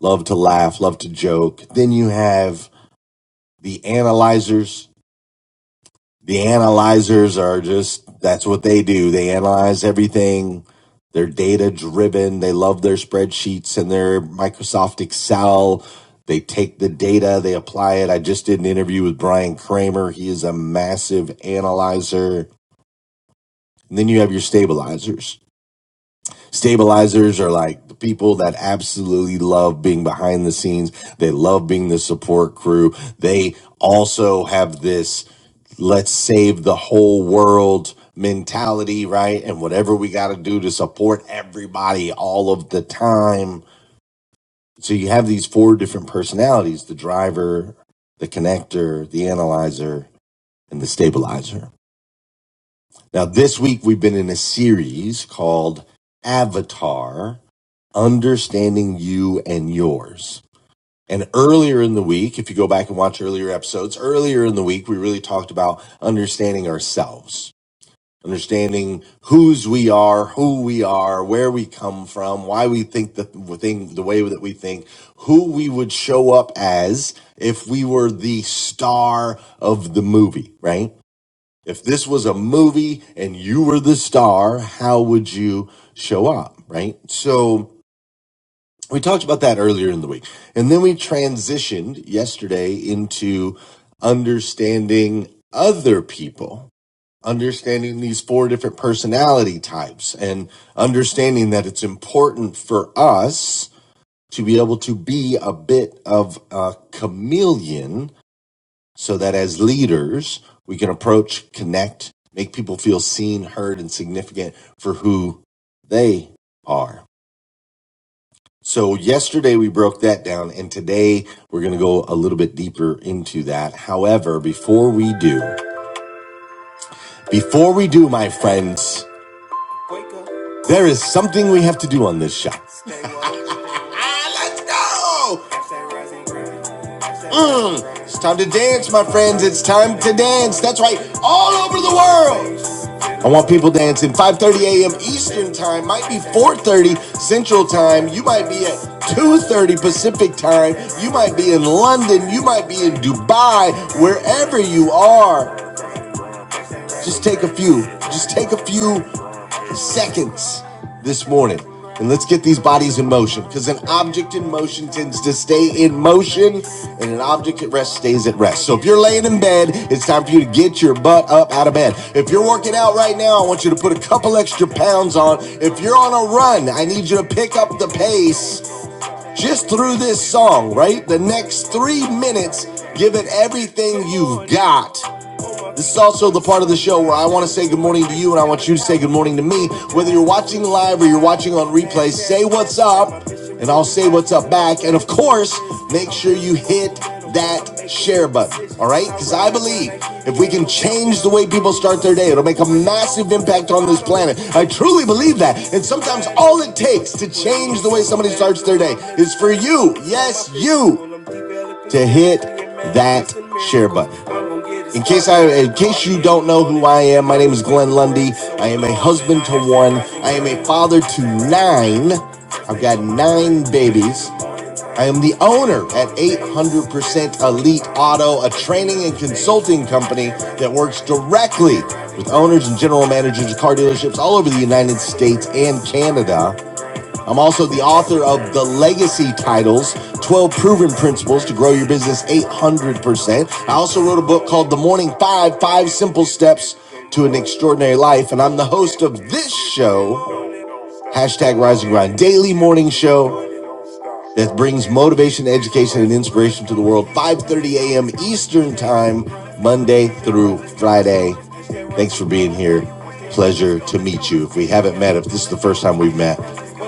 love to laugh, love to joke. Then you have the analyzers. The analyzers are just that's what they do. They analyze everything. They're data driven. They love their spreadsheets and their Microsoft Excel. They take the data, they apply it. I just did an interview with Brian Kramer. He is a massive analyzer. And then you have your stabilizers. Stabilizers are like the people that absolutely love being behind the scenes. They love being the support crew. They also have this let's save the whole world mentality, right? And whatever we got to do to support everybody all of the time. So you have these four different personalities the driver, the connector, the analyzer, and the stabilizer. Now, this week we've been in a series called Avatar understanding you and yours. And earlier in the week, if you go back and watch earlier episodes, earlier in the week, we really talked about understanding ourselves, understanding whose we are, who we are, where we come from, why we think the thing, the way that we think, who we would show up as if we were the star of the movie, right? If this was a movie and you were the star, how would you show up, right? So, we talked about that earlier in the week and then we transitioned yesterday into understanding other people understanding these four different personality types and understanding that it's important for us to be able to be a bit of a chameleon so that as leaders we can approach connect make people feel seen heard and significant for who they are so yesterday we broke that down and today we're going to go a little bit deeper into that. However, before we do, before we do, my friends, there is something we have to do on this show. Ah, let's go! Mm, it's time to dance, my friends. It's time to dance. That's right. All over the world. I want people dancing. 5:30 a.m. Eastern time might be 4:30 Central time. You might be at 2:30 Pacific time. You might be in London. You might be in Dubai. Wherever you are, just take a few. Just take a few seconds this morning. And let's get these bodies in motion because an object in motion tends to stay in motion and an object at rest stays at rest. So if you're laying in bed, it's time for you to get your butt up out of bed. If you're working out right now, I want you to put a couple extra pounds on. If you're on a run, I need you to pick up the pace just through this song, right? The next three minutes, give it everything you've got this is also the part of the show where I want to say good morning to you and I want you to say good morning to me. Whether you're watching live or you're watching on replay, say what's up and I'll say what's up back. And of course, make sure you hit that share button, all right? Because I believe if we can change the way people start their day, it'll make a massive impact on this planet. I truly believe that. And sometimes all it takes to change the way somebody starts their day is for you, yes, you, to hit that share button. In case I, in case you don't know who I am, my name is Glenn Lundy. I am a husband to one. I am a father to nine. I've got nine babies. I am the owner at 800% Elite Auto, a training and consulting company that works directly with owners and general managers of car dealerships all over the United States and Canada. I'm also the author of The Legacy Titles 12 Proven Principles to Grow Your Business 800%. I also wrote a book called The Morning Five Five Simple Steps to an Extraordinary Life. And I'm the host of this show, hashtag Rise and Grind, daily morning show that brings motivation, education, and inspiration to the world 5.30 a.m eastern time monday through friday Thanks for being here. Pleasure to meet you. If we haven't met, if this is the first time we've met,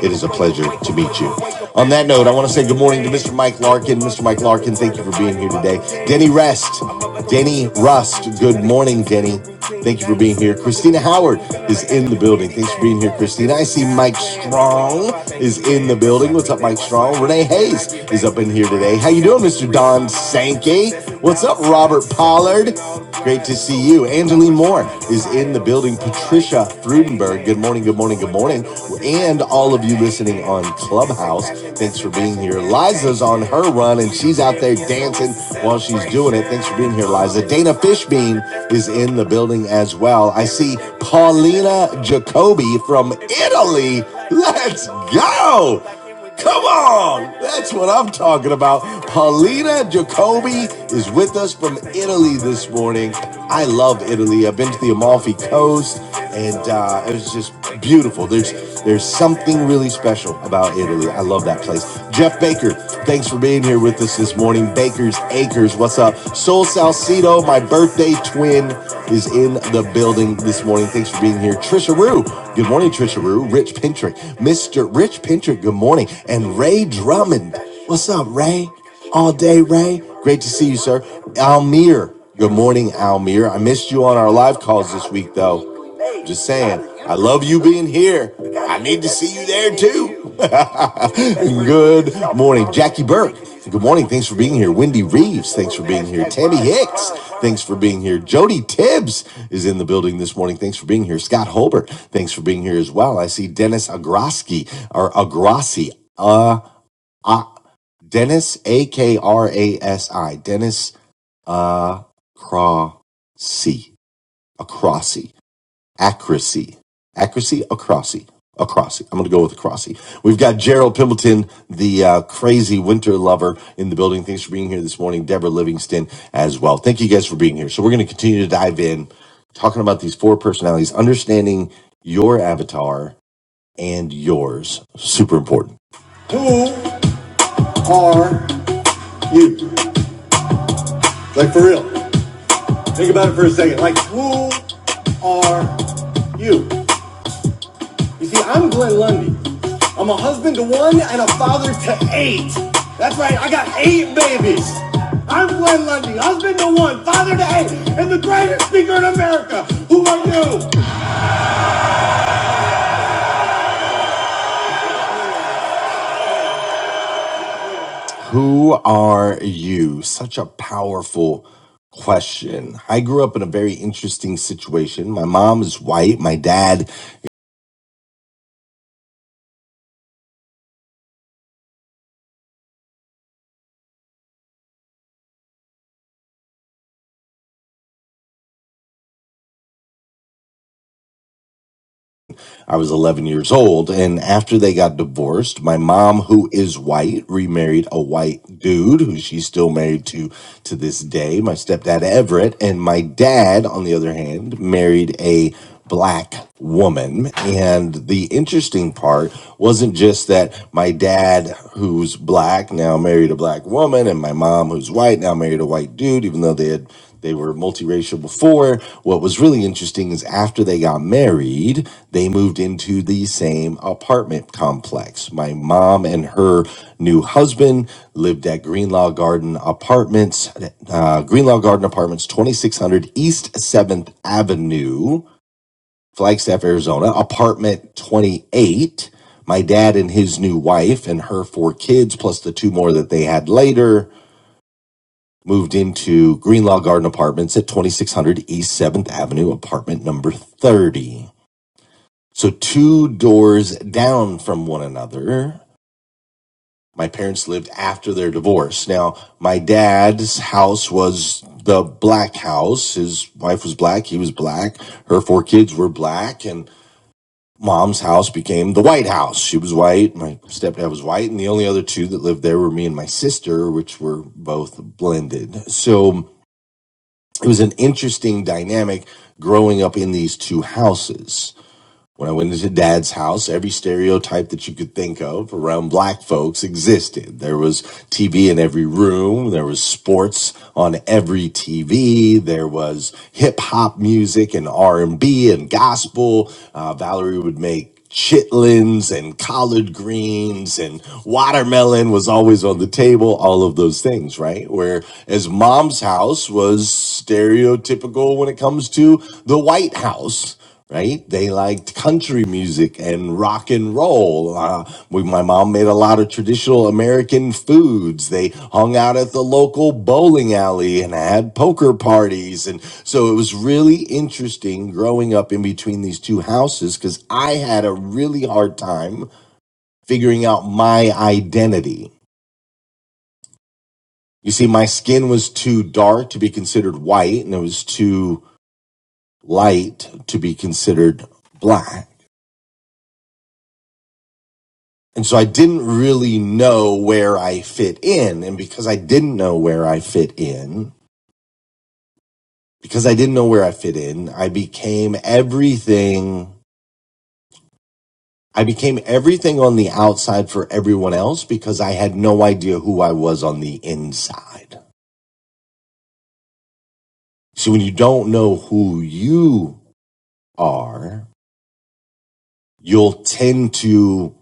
it is a pleasure to meet you. On that note, I want to say good morning to Mr. Mike Larkin. Mr. Mike Larkin, thank you for being here today. Denny Rest, Denny Rust, good morning, Denny. Thank you for being here. Christina Howard is in the building. Thanks for being here, Christina. I see Mike Strong is in the building. What's up, Mike Strong? Renee Hayes is up in here today. How you doing, Mr. Don Sankey? What's up, Robert Pollock? Pollard, great to see you. Angeline Moore is in the building. Patricia Frudenberg, good morning, good morning, good morning. And all of you listening on Clubhouse, thanks for being here. Liza's on her run and she's out there dancing while she's doing it. Thanks for being here, Liza. Dana Fishbein is in the building as well. I see Paulina Jacobi from Italy. Let's go. Come on! That's what I'm talking about. Paulina Jacobi is with us from Italy this morning. I love Italy. I've been to the Amalfi Coast, and uh, it was just beautiful. There's there's something really special about Italy. I love that place. Jeff Baker, thanks for being here with us this morning. Baker's Acres, what's up? Soul Salcido, my birthday twin is in the building this morning. Thanks for being here. Trisha Rue. Good morning, Trisha Rue. Rich Pintrick. Mr. Rich Pintrick, good morning. And Ray Drummond. What's up, Ray? All day, Ray. Great to see you, sir. Almir. Good morning, Almir. I missed you on our live calls this week, though. Just saying, I love you being here. I need to see you there too. Good morning, Jackie Burke. Good morning. Thanks for being here. Wendy Reeves, thanks for being here. Tammy Hicks, thanks for being here. Jody Tibbs is in the building this morning. Thanks for being here. Scott Holbert, thanks for being here as well. I see Dennis Agroski or Agrassi. Uh, uh Dennis A K R A S I. Dennis uh Crossy. Acrossy accuracy. Accuracy, acrossy. Acrossy. I'm going to go with acrossy. We've got Gerald Pimbleton, the uh, crazy winter lover in the building. Thanks for being here this morning. Deborah Livingston as well. Thank you guys for being here. So we're going to continue to dive in, talking about these four personalities, understanding your avatar and yours. Super important. Are, like for real, think about it for a second. Like, who are you? You see, I'm Glenn Lundy. I'm a husband to one and a father to eight. That's right, I got eight babies. I'm Glenn Lundy, husband to one, father to eight, and the greatest speaker in America. Who are you? Who are you? Such a powerful question. I grew up in a very interesting situation. My mom is white, my dad I was 11 years old. And after they got divorced, my mom, who is white, remarried a white dude who she's still married to to this day, my stepdad Everett. And my dad, on the other hand, married a black woman. And the interesting part wasn't just that my dad, who's black, now married a black woman, and my mom, who's white, now married a white dude, even though they had they were multiracial before. What was really interesting is after they got married, they moved into the same apartment complex. My mom and her new husband lived at Greenlaw Garden Apartments, uh, Greenlaw Garden Apartments, 2600 East 7th Avenue, Flagstaff, Arizona, apartment 28. My dad and his new wife and her four kids, plus the two more that they had later Moved into Greenlaw Garden Apartments at 2600 East 7th Avenue, apartment number 30. So, two doors down from one another. My parents lived after their divorce. Now, my dad's house was the black house. His wife was black. He was black. Her four kids were black. And mom's house became the White House. She was white. My stepdad was white. And the only other two that lived there were me and my sister, which were both blended. So, it was an interesting dynamic growing up in these two houses when I went into dad's house, every stereotype that you could think of around black folks existed. There was TV in every room. There was sports on every TV. There was hip hop music and R and B and gospel. Uh, Valerie would make chitlins and collard greens and watermelon was always on the table all of those things right whereas mom's house was stereotypical when it comes to the white house right? They liked country music and rock and roll. Uh, we, my mom made a lot of traditional American foods. They hung out at the local bowling alley and had poker parties. And so it was really interesting growing up in between these two houses because I had a really hard time figuring out my identity. You see, my skin was too dark to be considered white, and it was too light to be considered black And so I didn't really know where I fit in. And because I didn't know where I fit in, because I didn't know where I fit in, I became everything. I became everything on the outside for everyone else because I had no idea who I was on the inside. So when you don't know who you are, you'll tend to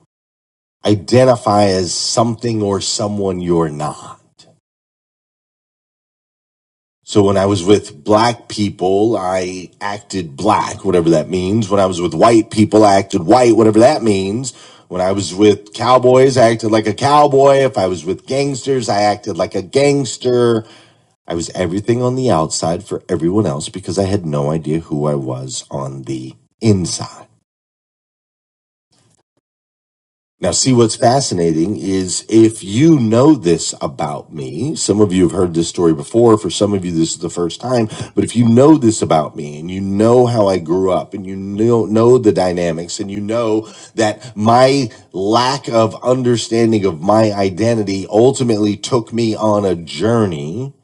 identify as something or someone you're not. So when I was with black people, I acted black, whatever that means. When I was with white people, I acted white, whatever that means. When I was with cowboys, I acted like a cowboy. If I was with gangsters, I acted like a gangster. I was everything on the outside for everyone else because I had no idea who I was on the inside. Now, see what's fascinating is if you know this about me, some of you have heard this story before. For some of you, this is the first time. But if you know this about me and you know how I grew up and you know, know the dynamics and you know that my lack of understanding of my identity ultimately took me on a journey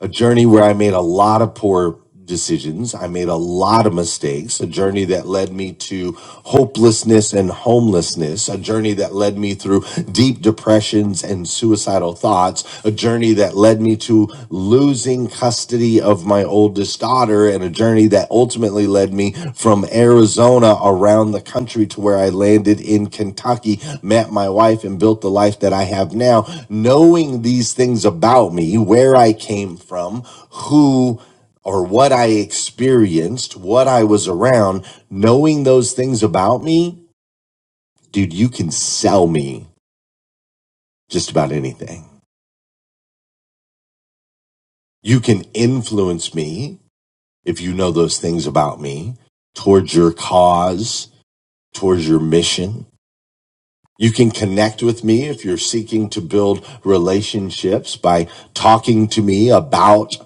a journey where I made a lot of poor decisions. I made a lot of mistakes, a journey that led me to hopelessness and homelessness, a journey that led me through deep depressions and suicidal thoughts, a journey that led me to losing custody of my oldest daughter, and a journey that ultimately led me from Arizona around the country to where I landed in Kentucky, met my wife, and built the life that I have now knowing these things about me, where I came from, who or what I experienced, what I was around, knowing those things about me, dude, you can sell me just about anything. You can influence me if you know those things about me towards your cause, towards your mission. You can connect with me if you're seeking to build relationships by talking to me about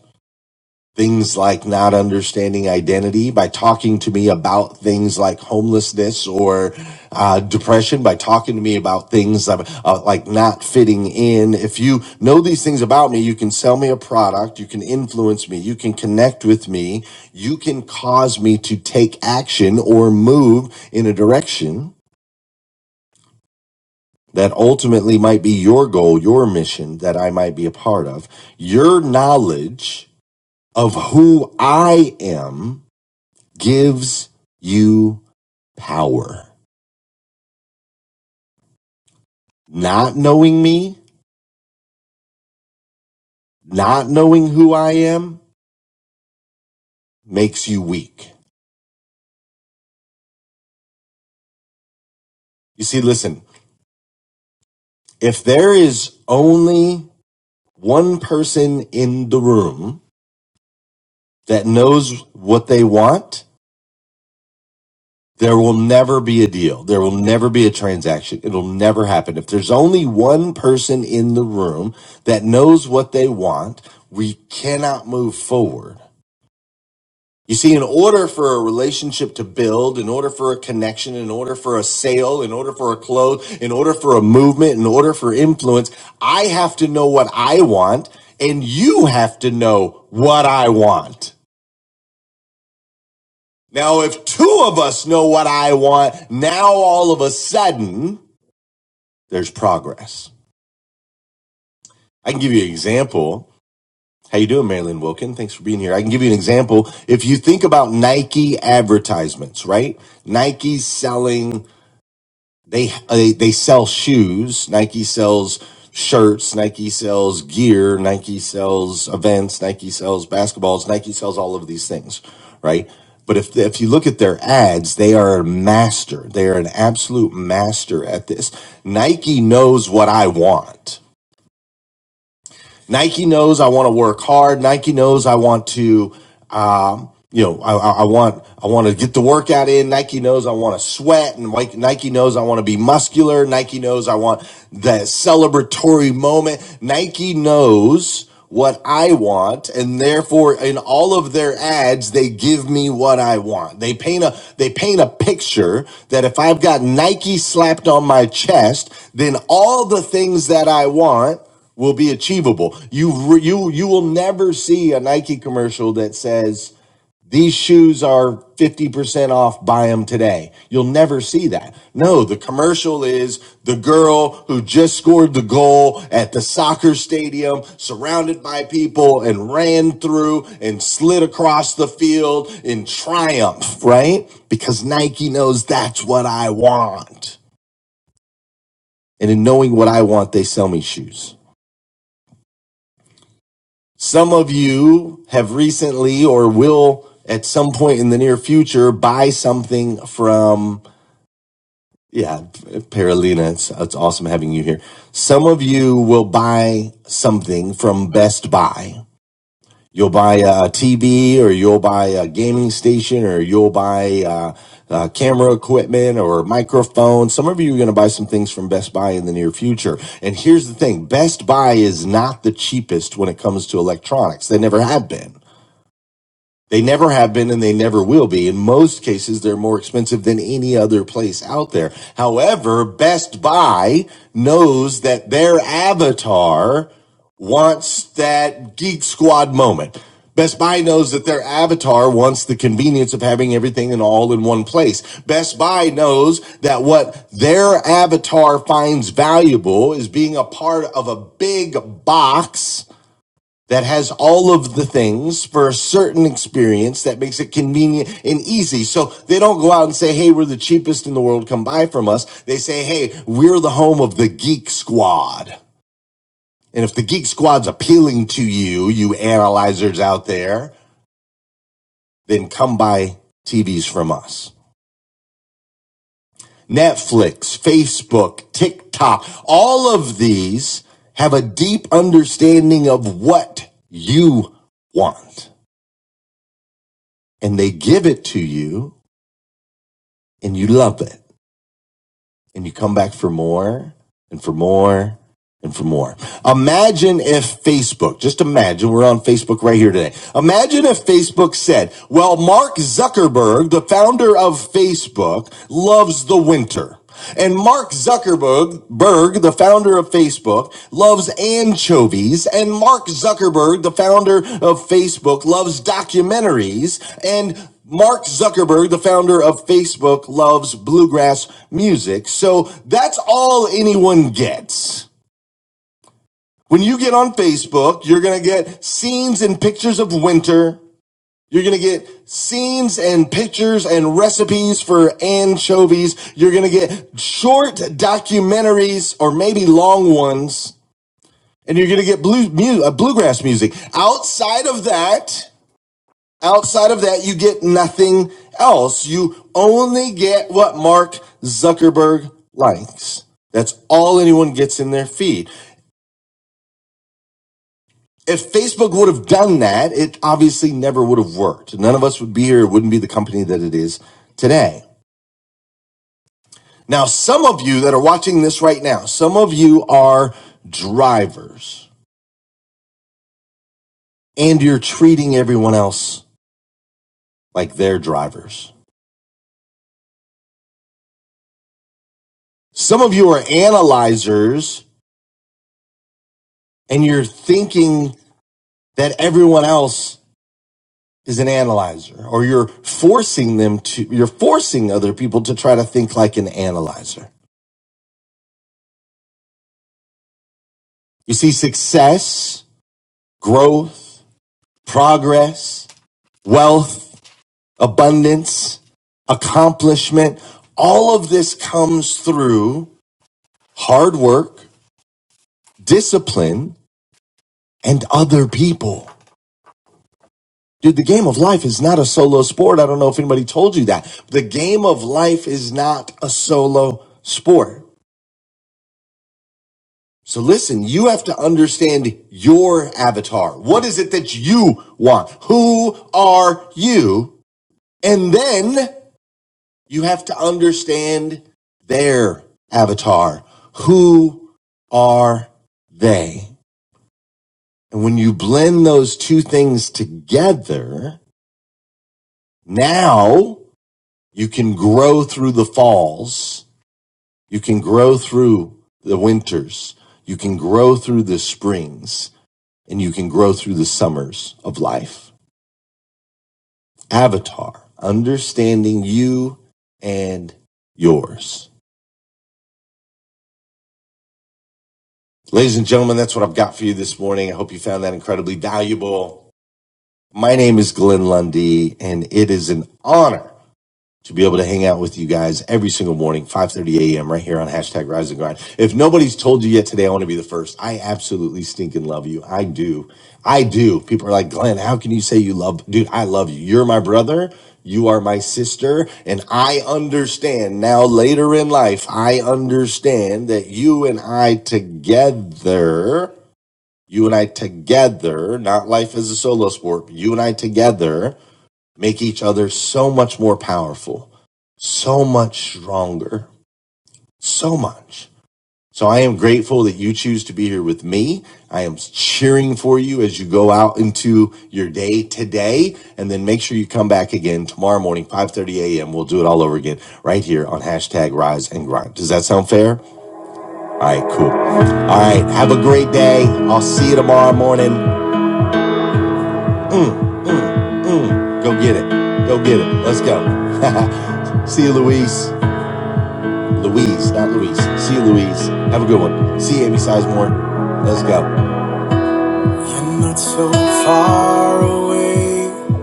Things like not understanding identity by talking to me about things like homelessness or uh, depression, by talking to me about things uh, uh, like not fitting in. If you know these things about me, you can sell me a product, you can influence me, you can connect with me, you can cause me to take action or move in a direction that ultimately might be your goal, your mission that I might be a part of. Your knowledge of who I am gives you power. Not knowing me, not knowing who I am, makes you weak. You see, listen, if there is only one person in the room that knows what they want, there will never be a deal. There will never be a transaction. It'll never happen. If there's only one person in the room that knows what they want, we cannot move forward. You see, in order for a relationship to build, in order for a connection, in order for a sale, in order for a close, in order for a movement, in order for influence, I have to know what I want and you have to know what I want. Now, if two of us know what I want, now all of a sudden there's progress. I can give you an example. How you doing, Marilyn Wilkin? Thanks for being here. I can give you an example. If you think about Nike advertisements, right? Nike's selling they uh, they they sell shoes. Nike sells shirts. Nike sells gear. Nike sells events. Nike sells basketballs. Nike sells all of these things, right? But if if you look at their ads, they are a master. They are an absolute master at this. Nike knows what I want. Nike knows I want to work hard. Nike knows I want to, um, you know, I, I want I want to get the workout in. Nike knows I want to sweat, and like, Nike knows I want to be muscular. Nike knows I want that celebratory moment. Nike knows what I want, and therefore, in all of their ads, they give me what I want. They paint a they paint a picture that if I've got Nike slapped on my chest, then all the things that I want will be achievable. You you you will never see a Nike commercial that says these shoes are 50% off buy them today. You'll never see that. No, the commercial is the girl who just scored the goal at the soccer stadium surrounded by people and ran through and slid across the field in triumph, right? Because Nike knows that's what I want. And in knowing what I want, they sell me shoes. Some of you have recently or will at some point in the near future buy something from, yeah, Paralina, it's, it's awesome having you here. Some of you will buy something from Best Buy. You'll buy a TV or you'll buy a gaming station or you'll buy uh, uh, camera equipment or microphone. Some of you are going to buy some things from Best Buy in the near future. And here's the thing Best Buy is not the cheapest when it comes to electronics, they never have been. They never have been and they never will be. In most cases, they're more expensive than any other place out there. However, Best Buy knows that their avatar wants that Geek Squad moment. Best Buy knows that their avatar wants the convenience of having everything and all in one place. Best Buy knows that what their avatar finds valuable is being a part of a big box that has all of the things for a certain experience that makes it convenient and easy. So they don't go out and say, Hey, we're the cheapest in the world. Come buy from us. They say, Hey, we're the home of the geek squad. And if the geek squad's appealing to you, you analyzers out there, then come buy TVs from us. Netflix, Facebook, TikTok, all of these have a deep understanding of what you want and they give it to you and you love it and you come back for more and for more and for more. Imagine if Facebook, just imagine, we're on Facebook right here today. Imagine if Facebook said, well, Mark Zuckerberg, the founder of Facebook, loves the winter. And Mark Zuckerberg, Berg, the founder of Facebook, loves anchovies. And Mark Zuckerberg, the founder of Facebook, loves documentaries. And Mark Zuckerberg, the founder of Facebook, loves bluegrass music. So that's all anyone gets. When you get on Facebook, you're going to get scenes and pictures of winter. You're going to get scenes and pictures and recipes for anchovies. You're going to get short documentaries or maybe long ones. And you're going to get blue, mu- uh, bluegrass music. Outside of that, outside of that, you get nothing else. You only get what Mark Zuckerberg likes. That's all anyone gets in their feed. if Facebook would have done that, it obviously never would have worked. None of us would be here. It wouldn't be the company that it is today. Now, some of you that are watching this right now, some of you are drivers and you're treating everyone else like they're drivers. Some of you are analyzers and you're thinking that everyone else is an analyzer or you're forcing them to, you're forcing other people to try to think like an analyzer. You see success growth, progress, wealth, abundance, accomplishment. All of this comes through hard work, discipline, and other people. Dude, the game of life is not a solo sport. I don't know if anybody told you that. The game of life is not a solo sport. So listen, you have to understand your avatar. What is it that you want? Who are you? And then You have to understand their avatar. Who are they? And when you blend those two things together, now you can grow through the falls. You can grow through the winters. You can grow through the springs and you can grow through the summers of life. Avatar, understanding you and yours. Ladies and gentlemen, that's what I've got for you this morning. I hope you found that incredibly valuable. My name is Glenn Lundy, and it is an honor to be able to hang out with you guys every single morning, 5.30 a.m. right here on hashtag Rise and Grind. If nobody's told you yet today, I want to be the first. I absolutely stink and love you. I do. I do. People are like, Glenn, how can you say you love? Dude, I love you. You're my brother. You are my sister, and I understand now later in life, I understand that you and I together you and I together, not life as a solo sport, but you and I together make each other so much more powerful, so much stronger, so much. So I am grateful that you choose to be here with me. I am cheering for you as you go out into your day today. And then make sure you come back again tomorrow morning, 5.30 a.m. We'll do it all over again right here on hashtag rise and grind. Does that sound fair? All right, cool. All right. Have a great day. I'll see you tomorrow morning. Go get it. Go get it. Let's go. See you, Louise. Louise, not Louise. See you, Louise. Have a good one. See you, Amy Sizemore. Let's go. You're not so far away.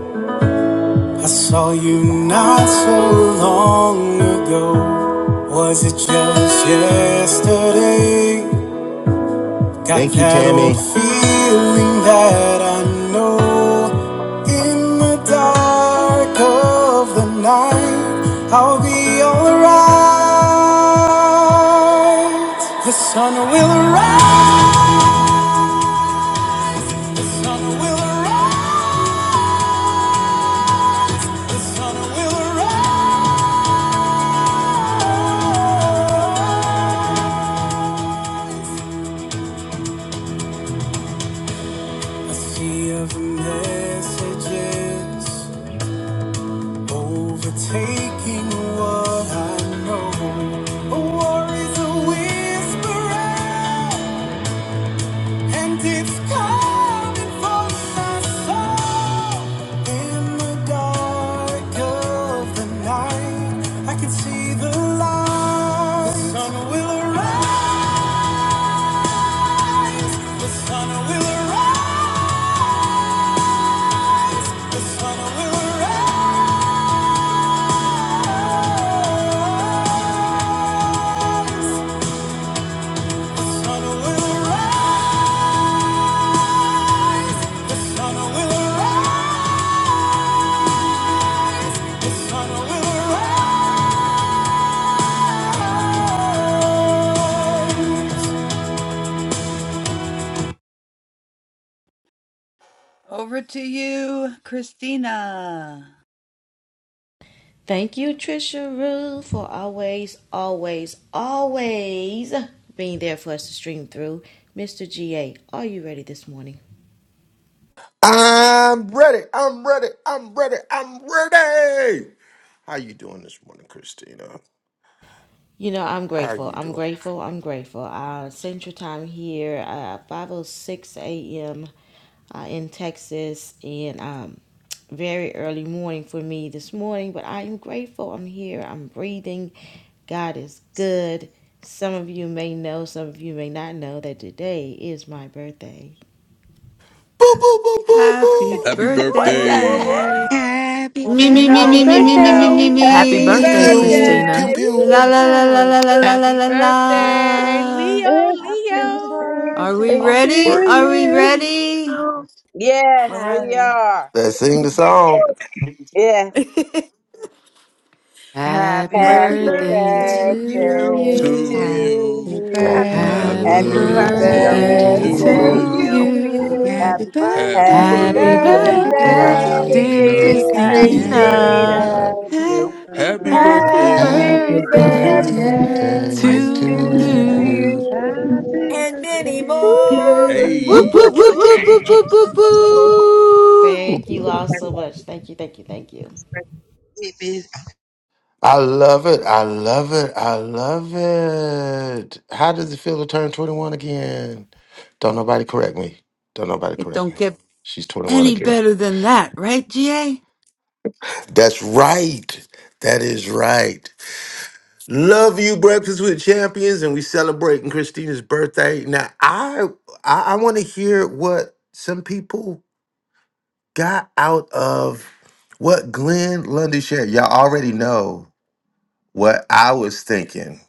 I saw you not so long ago. Was it just yesterday? Got Thank you, Tammy. feeling that I know in the dark of the night I'll be alright. The sun will rise. Sun will rise. Sun will rise. A sea of messages overtaking what I know. A war is a whisper. And it's coming for my soul. In the dark of the night, I can see the light. The sun will arise. The sun will arise. The sun will arise. The sun will arise. The sun will arise. The sun will arise. Over to you, Christina.
Thank you, Trisha Rue, for always, always, always being there for us to stream through. Mr. GA, are you ready this morning?
I'm ready. I'm ready. I'm ready. I'm ready. How you doing this morning, Christina?
You know, I'm
How are
grateful.
you
I'm
doing?
grateful. I'm grateful. Uh, Central Time here, uh, 5.06 a.m. Uh, in Texas, and um, very early morning for me this morning, but I am grateful. I'm here. I'm breathing. God is good. Some of you may know, some of you may not know that today is my birthday.
Boo boo boo boo
Happy
boo.
Happy
What the
birthday
heck?
birthday.
Happy
Me, me, me,
No,
Happy
me,
we
me, me,
didn't
birthday
me,
to
me, me,
know.
birthday!
you.
Happy
Happy
Pew
birthday,
me.
pew pew
birthday!
Christina.
Woo!
La,
pew.
la, la, la,
Thank
la, la, la, la,
Happy
la,
You're
birthday,
la.
Leo,
Happy
happy
Leo.
Are we
birthday
I'll
birthday
to
be
to
ready?
working.
Are we
you.
you.
you.
ready?
Yes, we
Happy,
Moretti.
are.
Let's sing the song.
Yes.
Happy
Happy
happy
Happy
birthday
birthday
birthday
to
to
you.
to
birthday to
to
you.
you.
Happy
you.
Happy
you.
Happy
Happy
You
Happy
Happy
can go
Happy
birthday
birthday
faster though.
birthday
birthday
to
to
birthday
to
to
birthday
you.
To
to
to
you.
you.
you.
you.
you.
you.
Happy
Happy
Happy
birthday.
Happy
Happy
Happy
Happy
birthday.
birthday,
Happy
dear
birthday,
birthday
birthday,
Uh,
birthday,
birthday,
dear
dear
dear
dear
Christina.
to Christmas.
happy
Happy
Christina.
birthday
Christina.
Christina.
Christina.
to you.
Happy
Happy
Happy
birthday
birthday
Happy
Happy
to
birthday
you.
birthday
to
Why is
birthday
it-
to
to
to
you.
you.
you.
birthday
you.
And many
to
more.
you.
Woo, woo,
Hey.
woo, woo.
Ooh,
Thank you all so much. Thank you, thank you, thank you.
it is-
I love it. I love it. I love it. How does it feel to turn 21 again? Don't nobody correct me. Don't nobody
It
correct
don't
me.
get
She's 21
any
again.
better than that, right, GA?
That's right. That is right. Love you, Breakfast with Champions, and we celebrating Christina's birthday. Now, I I, I want to hear what some people got out of what Glenn Lundy shared. Y'all already know what I was thinking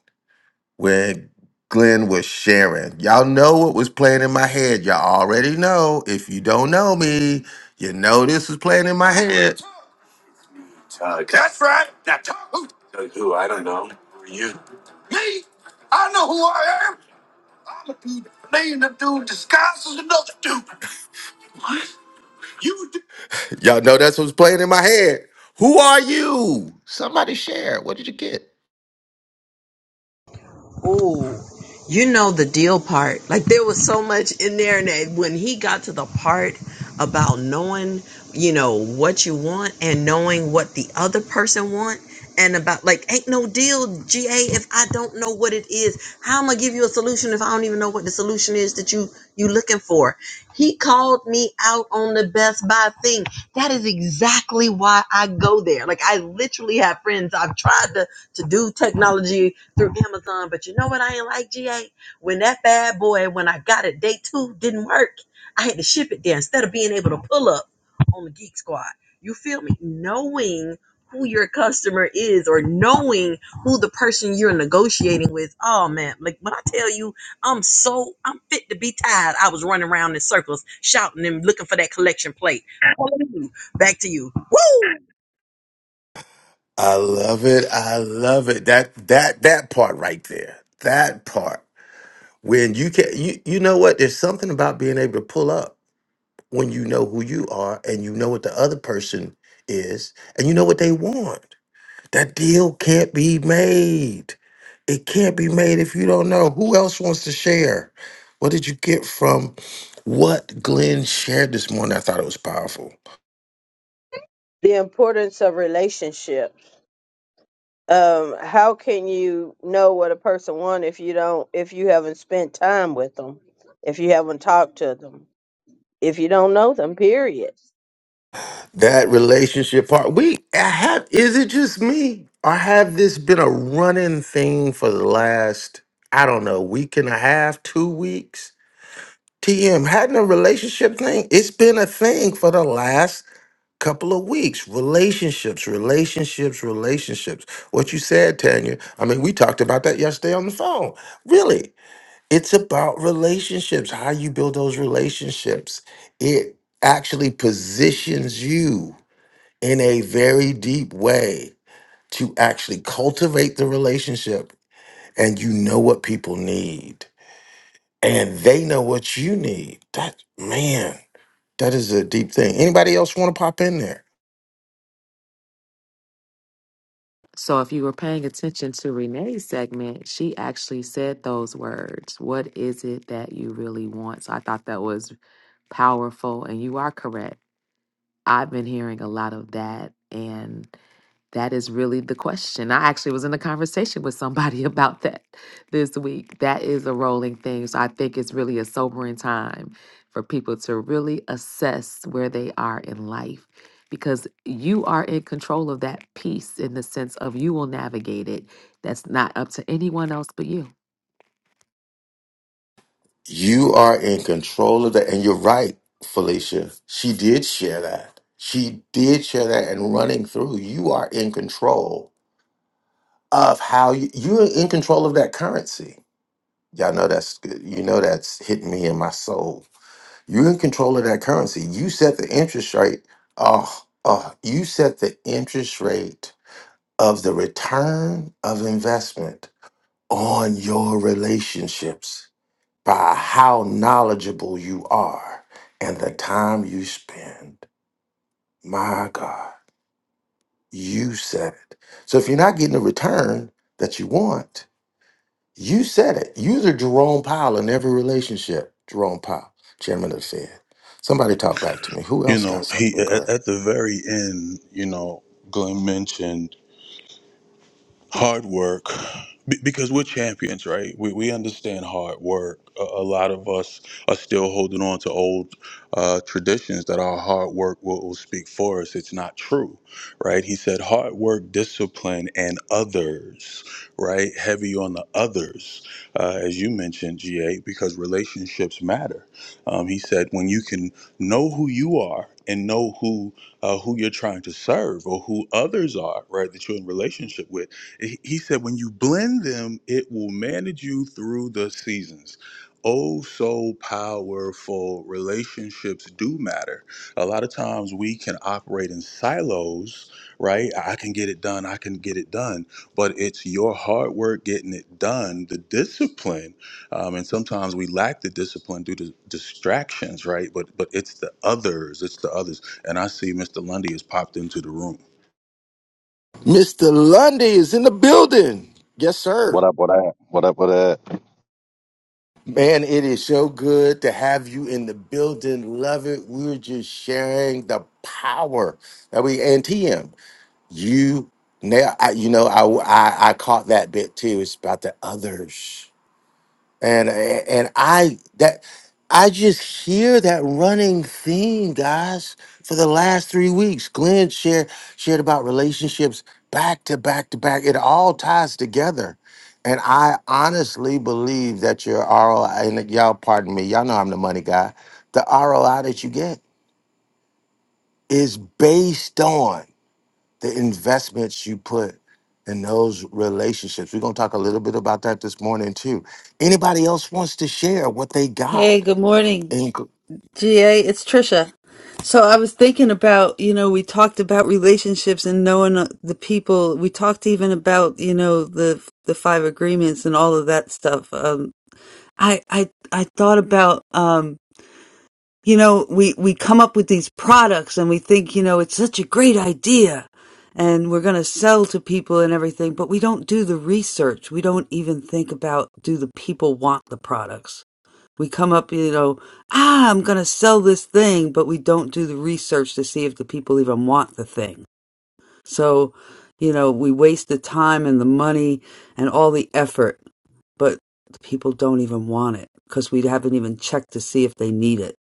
when Glenn was sharing. Y'all know what was playing in my head. Y'all already know. If you don't know me, you know this was playing in my head. Tug. That's right. Now, Tug. Tug who? I don't know. Who are you? Me? I know who I am. Playing the dude disguised as another dude. What? You d- Y'all know that's what's playing in my head. Who are you? Somebody share. What did you get?
Oh, you know the deal part. Like there was so much in there, and that when he got to the part about knowing, you know, what you want and knowing what the other person want, and about like ain't no deal, GA. If I don't know what it is, how am I give you a solution if I don't even know what the solution is that you you looking for? He called me out on the Best Buy thing. That is exactly why I go there. Like I literally have friends I've tried to to do technology through Amazon. But you know what I ain't like, GA? When that bad boy, when I got it, day two didn't work. I had to ship it there instead of being able to pull up on the Geek Squad. You feel me? Knowing who your customer is or knowing who the person you're negotiating with. Oh man, like when I tell you I'm so I'm fit to be tied. I was running around in circles shouting and looking for that collection plate. Back to you. Woo!
I love it. I love it. That that that part right there. That part. When you can you you know what? There's something about being able to pull up when you know who you are and you know what the other person is and you know what they want. That deal can't be made. It can't be made if you don't know. Who else wants to share? What did you get from what Glenn shared this morning? I thought it was powerful.
The importance of relationship. Um, how can you know what a person wants if you don't, if you haven't spent time with them, if you haven't talked to them, if you don't know them? Period.
That relationship part. We I have is it just me? Or have this been a running thing for the last, I don't know, week and a half, two weeks? TM, hadn't a relationship thing? It's been a thing for the last couple of weeks relationships relationships relationships what you said tanya i mean we talked about that yesterday on the phone really it's about relationships how you build those relationships it actually positions you in a very deep way to actually cultivate the relationship and you know what people need and they know what you need that man that is a deep thing anybody else want to pop in there
So, if you were paying attention to Renee's segment, she actually said those words. What is it that you really want? So, I thought that was powerful, and you are correct. I've been hearing a lot of that, and. That is really the question. I actually was in a conversation with somebody about that this week. That is a rolling thing. So I think it's really a sobering time for people to really assess where they are in life because you are in control of that piece in the sense of you will navigate it. That's not up to anyone else but you.
You are in control of that. And you're right, Felicia. She did share that. She did share that and running through. You are in control of how you, you're in control of that currency. Y'all know that's good. You know that's hitting me in my soul. You're in control of that currency. You set the interest rate. Oh, oh, you set the interest rate of the return of investment on your relationships by how knowledgeable you are and the time you spend. My God, you said it. So if you're not getting the return that you want, you said it. You're the Jerome Powell in every relationship. Jerome Powell, chairman of the Fed. Somebody talk back to me. Who
You
else got
know, he
something
at,
great?
at the very end, you know, Glenn mentioned hard work be- because we're champions right we, we understand hard work a, a lot of us are still holding on to old uh, traditions that our hard work will, will speak for us it's not true right he said hard work discipline and others right heavy on the others uh, as you mentioned ga because relationships matter um, he said when you can know who you are and know who uh, who you're trying to serve or who others are right that you're in relationship with he said when you blend them it will manage you through the seasons oh so powerful relationships do matter a lot of times we can operate in silos right i I can get it done i can get it done but it's your hard work getting it done the discipline um, and sometimes we lack the discipline due to distractions right but but it's the others it's the others and i see mr lundy has popped into the room
Mr. Lundy is in the building. Yes,
What
sir.
up, what up, what up, what up?
Man, it is so good to have you in the building. Love it. We're just sharing the power that we and TM. You now, I, you know, I, I I caught that bit too. It's about the others, and and I that I just hear that running theme, guys, for the last three weeks. Glenn shared shared about relationships back to back to back. It all ties together. And I honestly believe that your ROI, and y'all pardon me, y'all know I'm the money guy. The ROI that you get is based on the investments you put in those relationships. We're going to talk a little bit about that this morning too. Anybody else wants to share what they
Hey,
got?
good morning,
Inc-
GA. It's Trisha. So I was thinking about, you know, we talked about relationships and knowing uh, the people. We talked even about, you know, the the five agreements and all of that stuff. Um, I I I thought about um you know we we come up with these products and we think you know it's such a great idea and we're going to sell to people and everything but we don't do the research. We don't even think about do the people want the products. We come up you know ah I'm going to sell this thing but we don't do the research to see if the people even want the thing. So you know we waste the time and the money and all the effort but the people don't even want it because we haven't even checked to see if they need it.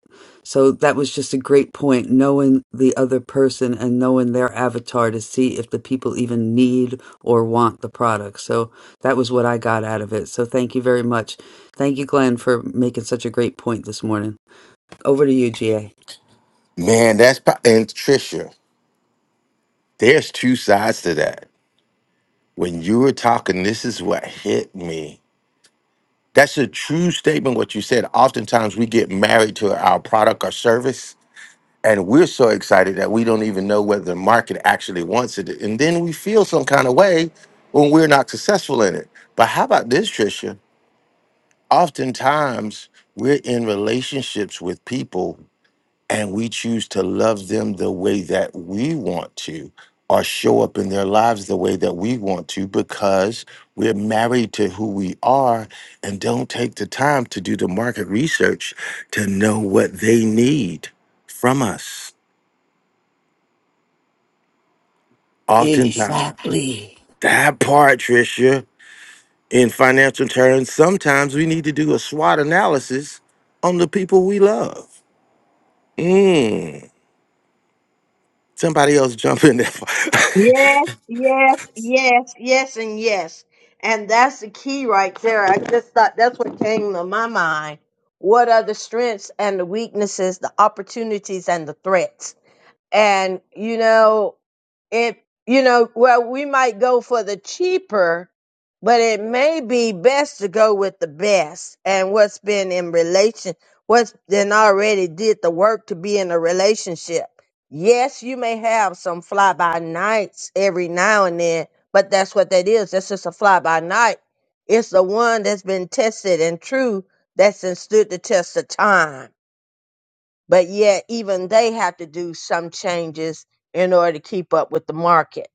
So that was just a great point, knowing the other person and knowing their avatar to see if the people even need or want the product. So that was what I got out of it. So thank you very much. Thank you, Glenn, for making such a great point this morning. Over to you, GA.
Man, that's pro- and Trisha. There's two sides to that. When you were talking, this is what hit me. That's a true statement. What you said. Oftentimes, we get married to our product or service, and we're so excited that we don't even know whether the market actually wants it, and then we feel some kind of way when we're not successful in it. But how about this, Trisha? oftentimes we're in relationships with people and we choose to love them the way that we want to or show up in their lives the way that we want to because we're married to who we are and don't take the time to do the market research to know what they need from us. Oftentimes,
Exactly.
that part, Tricia, in financial terms, sometimes we need to do a SWOT analysis on the people we love. Mm. Somebody else jump in there.
Yes, yes, yes, yes, and yes. And that's the key right there. I just thought that's what came to my mind. What are the strengths and the weaknesses, the opportunities and the threats? and you know it you know well we might go for the cheaper but it may be best to go with the best and what's been in relation what's then already did the work to be in a relationship yes you may have some fly by nights every now and then but that's what that is that's just a fly by night it's the one that's been tested and true that's stood the test of time but yet, even they have to do some changes in order to keep up with the market.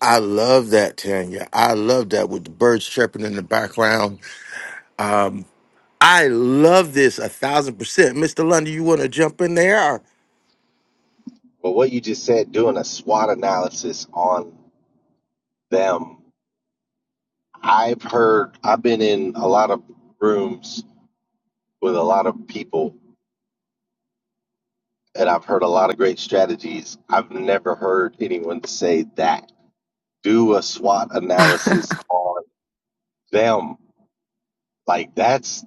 I love that, Tanya. I love that with the birds chirping in the background. Um, I love this a thousand percent. Mr. London, you want to jump in there?
But what you just said, doing a SWOT analysis on them, I've heard, I've been in a lot of rooms with a lot of people, and I've heard a lot of great strategies. I've never heard anyone say that. Do a SWOT analysis on them. Like that's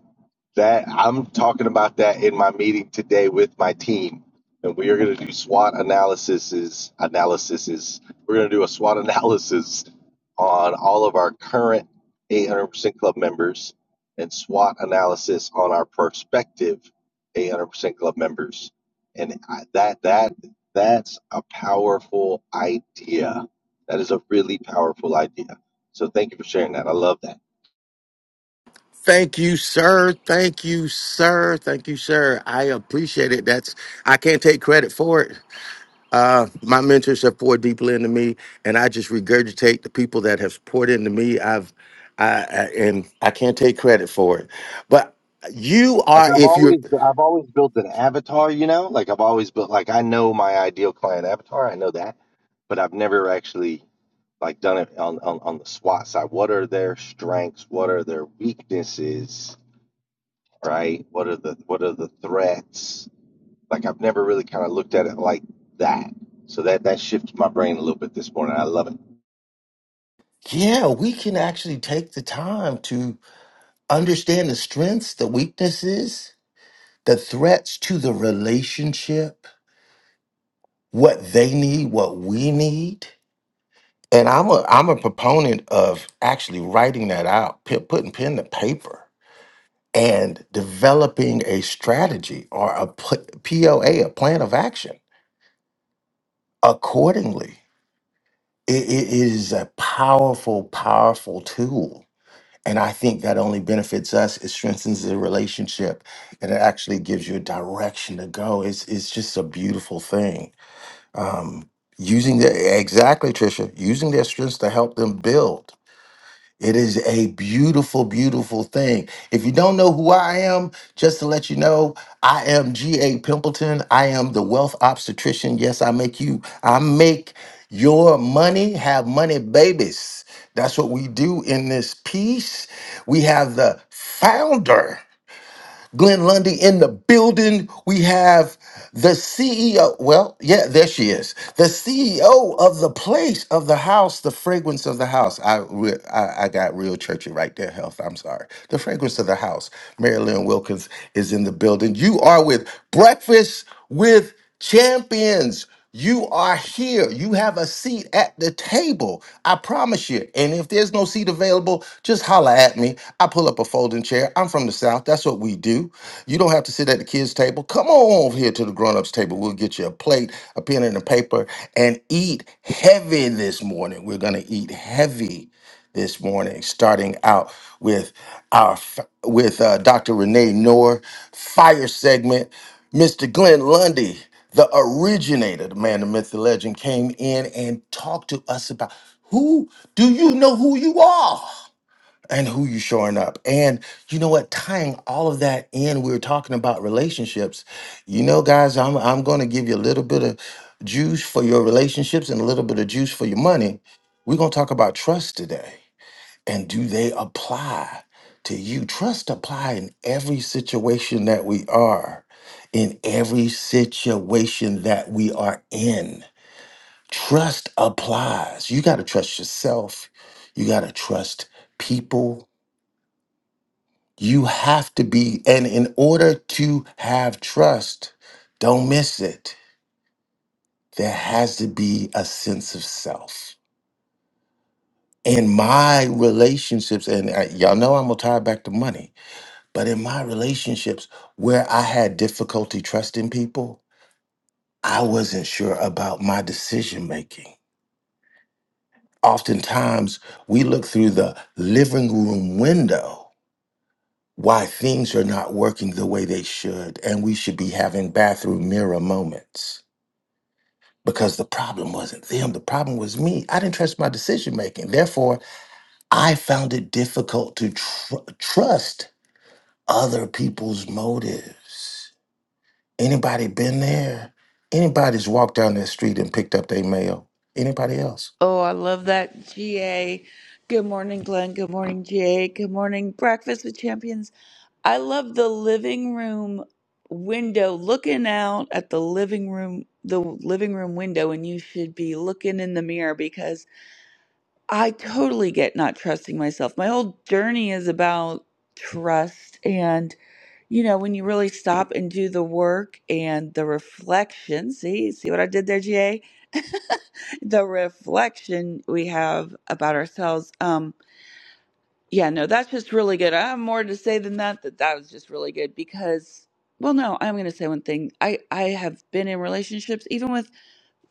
That I'm talking about that in my meeting today with my team, and we are going to do SWOT analyses. Analyses. We're going to do a SWOT analysis on all of our current 800% club members, and SWOT analysis on our prospective 800% club members. And I, that that that's a powerful idea. That is a really powerful idea. So thank you for sharing that. I love that.
Thank you, sir. Thank you, sir. Thank you, sir. I appreciate it. That's I can't take credit for it. Uh, my mentors have poured deeply into me, and I just regurgitate the people that have poured into me. I've I, I and I can't take credit for it, but you
Like
are
I've
if you're
always, I've always built an avatar, you know. Like I've always built, like I know my ideal client avatar, I know that, but I've never actually like done it on on, on the SWAT side. What are their strengths? What are their weaknesses? Right? What are the what are the threats? Like I've never really kind of looked at it like that. So that that shifted my brain a little bit this morning. I love it.
yeah, we can actually take the time to understand the strengths, the weaknesses, the threats to the relationship, what they need, what we need. And I'm a I'm a proponent of actually writing that out, p- putting pen to paper, and developing a strategy or a pl- POA, a plan of action accordingly. It, it is a powerful, powerful tool And I think that only benefits us. It strengthens the relationship, and it actually gives you a direction to go. It's it's just a beautiful thing. Um, using the exactly, Trisha, using their strengths to help them build. It is a beautiful, beautiful thing. If you don't know who I am, just to let you know, I am G.A. Pimpleton. I am the wealth obstetrician. Yes, I make you, I make your money have money babies. That's what we do in this piece. We have the founder. Glenn Lundy in the building. We have the CEO. Well, yeah, there she is. The CEO of the place, of the house, the fragrance of the house. I re- I, I got real churchy right there, health. I'm sorry. The fragrance of the house. Marilyn Wilkins is in the building. You are with Breakfast with Champions. You are here. You have a seat at the table. I promise you. And if there's no seat available, just holler at me. I pull up a folding chair. I'm from the South. That's what we do. You don't have to sit at the kids' table. Come on over here to the grown-ups table. We'll get you a plate, a pen, and a paper, and eat heavy this morning. We're gonna eat heavy this morning, starting out with our with uh, Dr. Renee Noor fire segment. Mr. Glenn Lundy, the originator, the man, the myth, the legend, came in and talked to us about who do you know who you are and who you showing up. And you know what? Tying all of that in, we were talking about relationships. You know, guys, I'm I'm going to give you a little bit of juice for your relationships and a little bit of juice for your money. We're going to talk about trust today and do they apply to you? Trust apply in every situation that we are, in every situation that we are in. Trust applies. You got to trust yourself. You got to trust people. You have to be, and in order to have trust, don't miss it. There has to be a sense of self. In my relationships, and uh, y'all know I'm going to tie it back to money But in my relationships where I had difficulty trusting people, I wasn't sure about my decision making. Oftentimes, we look through the living room window why things are not working the way they should, and we should be having bathroom mirror moments because the problem wasn't them, the problem was me. I didn't trust my decision making. Therefore, I found it difficult to tr- trust other people's motives. Anybody been there? Anybody's walked down that street and picked up their mail? Anybody else?
Oh, I love that. GA. Good morning, Glenn. Good morning, GA. Good morning, Breakfast with Champions. I love the living room window, looking out at the living room, the living room window, and you should be looking in the mirror because I totally get not trusting myself. My whole journey is about trust. And, you know, when you really stop and do the work and the reflection, see, see what I did there, GA? The reflection we have about ourselves. Um, Yeah, no, that's just really good. I have more to say than that, that that was just really good because, well, no, I'm going to say one thing. I, I have been in relationships, even with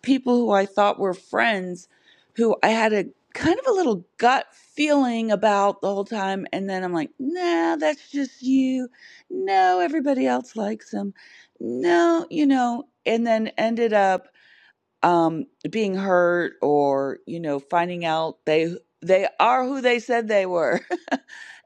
people who I thought were friends, who I had a kind of a little gut feeling about the whole time. And then I'm like, nah, that's just you. No, everybody else likes him. No, you know, and then ended up um, being hurt or, you know, finding out they they are who they said they were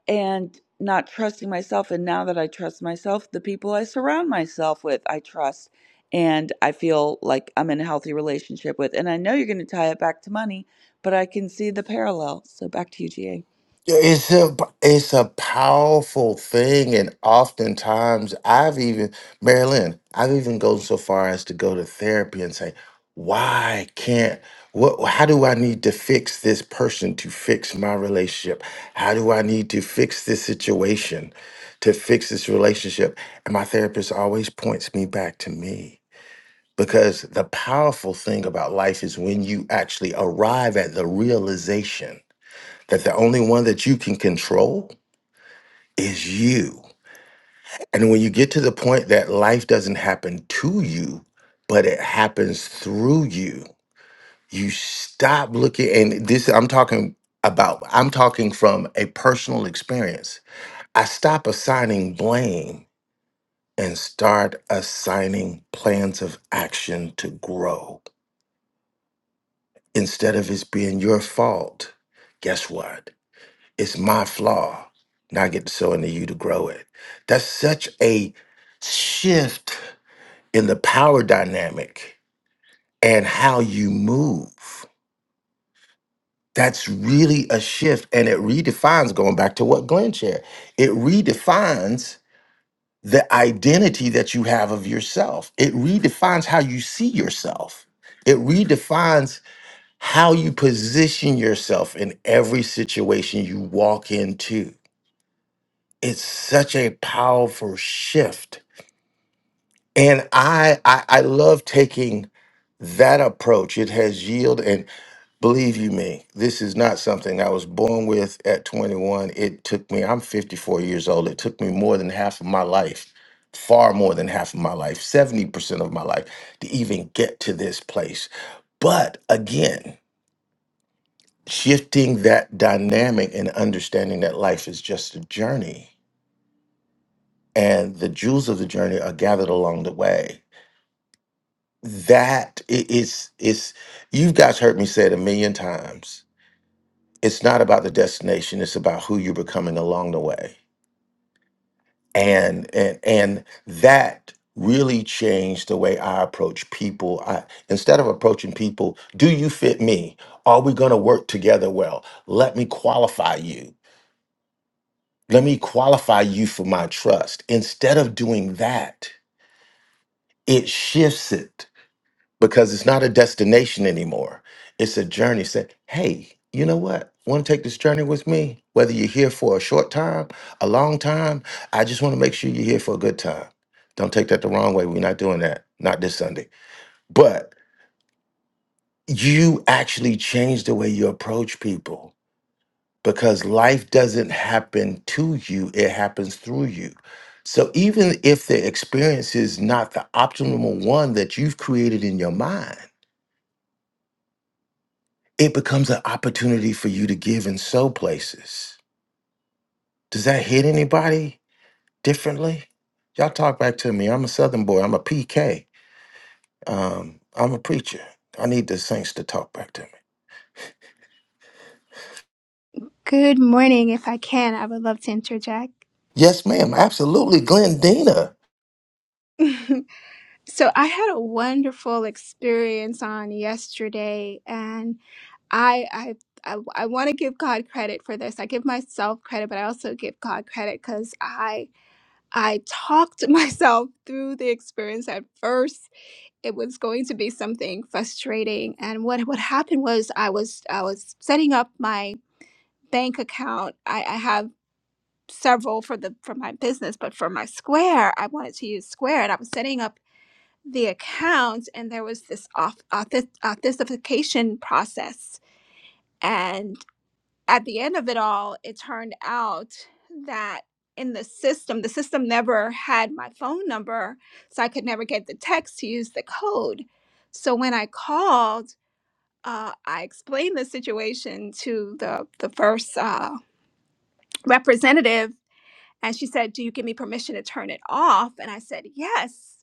and not trusting myself. And now that I trust myself, the people I surround myself with, I trust. And I feel like I'm in a healthy relationship with. And I know you're going to tie it back to money, but I can see the parallel. So back to you, GA.
Yeah, It's a it's a powerful thing, and oftentimes I've even Marilyn, I've even gone so far as to go to therapy and say, why can't what? How do I need to fix this person to fix my relationship? How do I need to fix this situation to fix this relationship? And my therapist always points me back to me Because the powerful thing about life is when you actually arrive at the realization that the only one that you can control is you. And when you get to the point that life doesn't happen to you, but it happens through you, you stop looking. And this, I'm talking about, I'm talking from a personal experience. I stop assigning blame and start assigning plans of action to grow. Instead of it being your fault, guess what? It's my flaw. Now I get to sow into you to grow it. That's such a shift in the power dynamic and how you move. That's really a shift. And it redefines, going back to what Glenn shared, it redefines the identity that you have of yourself. It redefines how you see yourself. It redefines how you position yourself in every situation you walk into. It's such a powerful shift. And I, I, I love taking that approach. It has yielded, and believe you me, this is not something I was born with at 21. It took me, I'm 54 years old. It took me more than half of my life, far more than half of my life, 70% of my life to even get to this place. But again, shifting that dynamic and understanding that life is just a journey and the jewels of the journey are gathered along the way that i- is is you guys heard me say it a million times it's not about the destination it's about who you're becoming along the way and and and that really changed the way i approach people i instead of approaching people do you fit me are we going to work together well let me qualify you Let me qualify you for my trust. Instead of doing that, it shifts it because it's not a destination anymore. It's a journey. Said, hey, you know what? Want to take this journey with me? Whether you're here for a short time, a long time, I just want to make sure you're here for a good time. Don't take that the wrong way. We're not doing that. Not this Sunday. But you actually change the way you approach people because life doesn't happen to you, it happens through you. So even if the experience is not the optimal one that you've created in your mind, it becomes an opportunity for you to give in sow places. Does that hit anybody differently? Y'all talk back to me. I'm a Southern boy. I'm a PK. Um, I'm a preacher. I need the saints to talk back to me.
Good morning. If I can, I would love to interject.
Yes, ma'am. Absolutely, Glendina.
So I had a wonderful experience on yesterday and I I I, I want to give God credit for this. I give myself credit, but I also give God credit because I I talked myself through the experience. At first, it was going to be something frustrating, and what what happened was I was I was setting up my bank account. I, I have several for the for my business, but for my Square, I wanted to use Square, and I was setting up the account and there was this off, auth- authentication process and at the end of it all it turned out that in the system the system never had my phone number so i could never get the text to use the code so when i called uh, i explained the situation to the, the first uh, representative and she said do you give me permission to turn it off and i said yes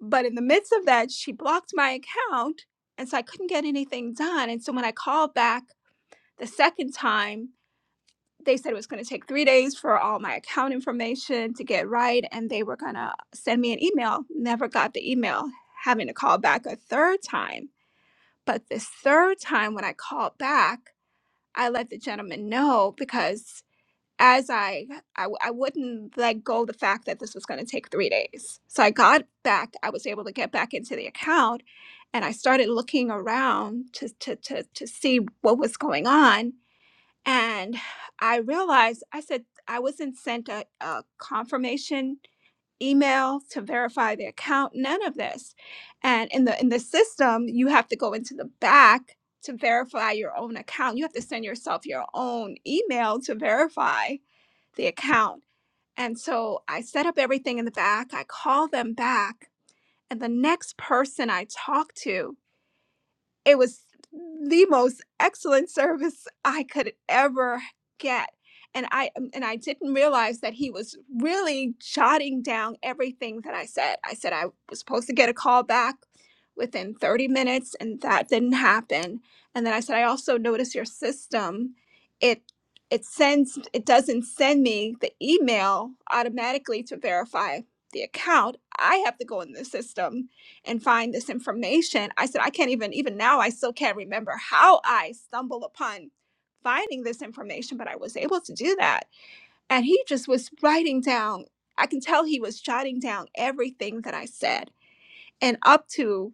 But in the midst of that, she blocked my account. And so I couldn't get anything done. And so when I called back the second time, they said it was going to take three days for all my account information to get right. And they were going to send me an email. Never got the email, having to call back a third time. But this third time, when I called back, I let the gentleman know because as I, I w- I wouldn't let go of the fact that this was going to take three days. So I got back. I was able to get back into the account, and I started looking around to to to to see what was going on. And I realized I said I wasn't sent a, a confirmation email to verify the account. None of this. And in the in the system, you have to go into the back to verify your own account. You have to send yourself your own email to verify the account. And so I set up everything in the back. I call them back. And the next person I talk to it was the most excellent service I could ever get. And I um, and I didn't realize that he was really jotting down everything that I said. I said I was supposed to get a call back within 30 minutes and that didn't happen. And then I said I also noticed your system it it sends it doesn't send me the email automatically to verify the account. I have to go in the system and find this information. I said, I can't even, even now, I still can't remember how I stumbled upon finding this information, but I was able to do that. And he just was writing down, I can tell he was jotting down everything that I said. And up to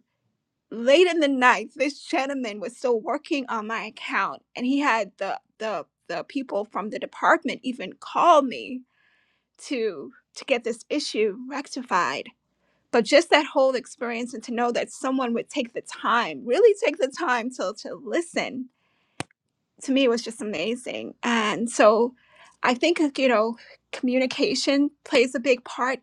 late in the night, this gentleman was still working on my account and he had the, the, the people from the department even call me to to get this issue rectified but just that whole experience and to know that someone would take the time really take the time to to listen to me it was just amazing and so i think uh, you know communication plays a big part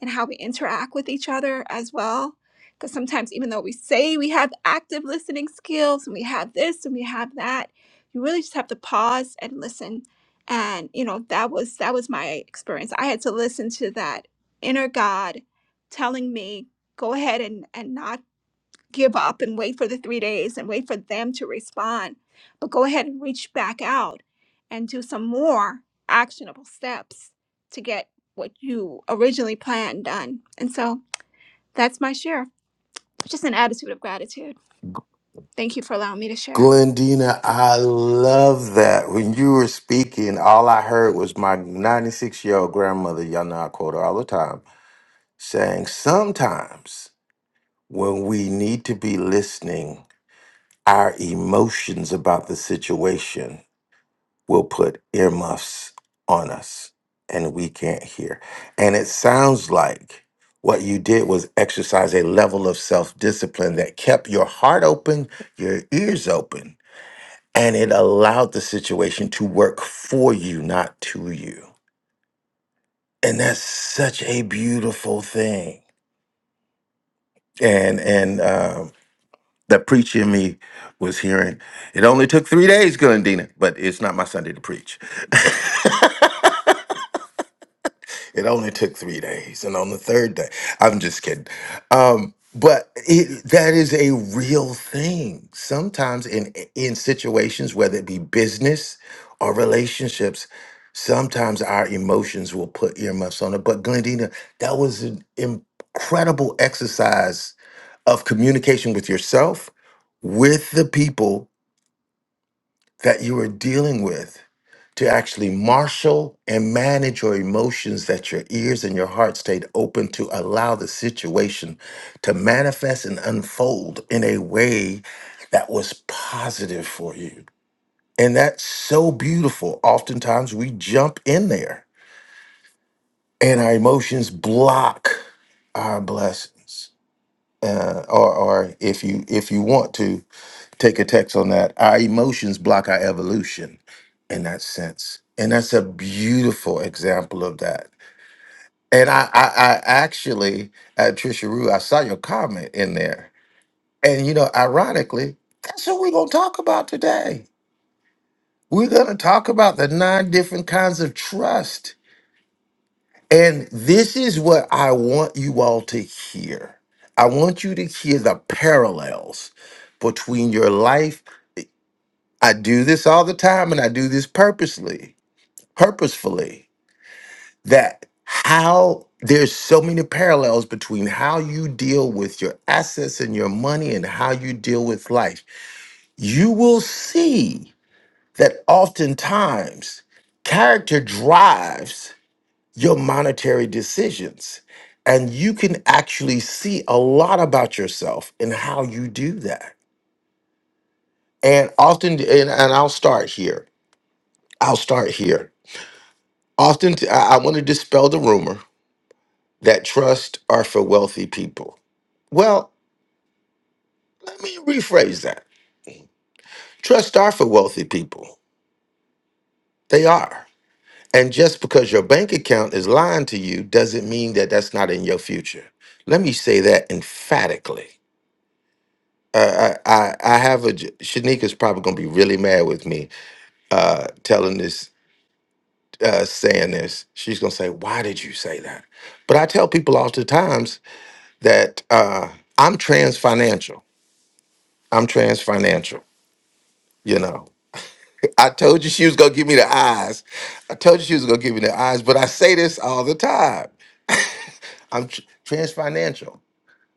in how we interact with each other as well because sometimes even though we say we have active listening skills and we have this and we have that you really just have to pause and listen and you know that was that was my experience i had to listen to that inner god telling me go ahead and and knock give up and wait for the three days and wait for them to respond, but go ahead and reach back out and do some more actionable steps to get what you originally planned done. And so that's my share, just an attitude of gratitude. Thank you for allowing me to share.
Glendina, I love that. When you were speaking, all I heard was my 96 year old grandmother, y'all know I quote her all the time, saying, Sometimes when we need to be listening, our emotions about the situation will put earmuffs on us and we can't hear. And it sounds like what you did was exercise a level of self discipline that kept your heart open, your ears open and it allowed the situation to work for you not to you and that's such a beautiful thing and and um the preacher in me was hearing it only took three days glendina but it's not my sunday to preach It only took three days. And on the third day, I'm just kidding. Um, but it, that is a real thing. Sometimes in in situations, whether it be business or relationships, sometimes our emotions will put earmuffs on it. But Glendina, that was an incredible exercise of communication with yourself, with the people that you are dealing with to actually marshal and manage your emotions that your ears and your heart stayed open to allow the situation to manifest and unfold in a way that was positive for you. And that's so beautiful. Oftentimes we jump in there and our emotions block our blessings. Uh, or, or if you if you want to, take a text on that. Our emotions block our evolution in that sense. And that's a beautiful example of that. And I, I, I actually, uh, Trisha Rue, I saw your comment in there. And, you know, ironically, that's what we're going to talk about today. We're going to talk about the nine different kinds of trust. And this is what I want you all to hear. I want you to hear the parallels between your life I do this all the time and I do this purposely, purposefully, that how there's so many parallels between how you deal with your assets and your money and how you deal with life. You will see that oftentimes character drives your monetary decisions. And you can actually see a lot about yourself in how you do that. And often, and, and I'll start here. I'll start here Often, t- I, I want to dispel the rumor that trusts are for wealthy people. Well, let me rephrase that. Trusts are for wealthy people. They are. And just because your bank account is lying to you doesn't mean that that's not in your future. Let me say that emphatically. Uh, I, I, I have a, j- Shanika's probably going to be really mad with me uh, telling this, uh, saying this. She's going to say, why did you say that? But I tell people oftentimes that uh, I'm trans financial. I'm trans financial. You know, I told you she was gonna give me the eyes. I told you she was gonna give me the eyes, but I say this all the time. I'm tr- trans financial.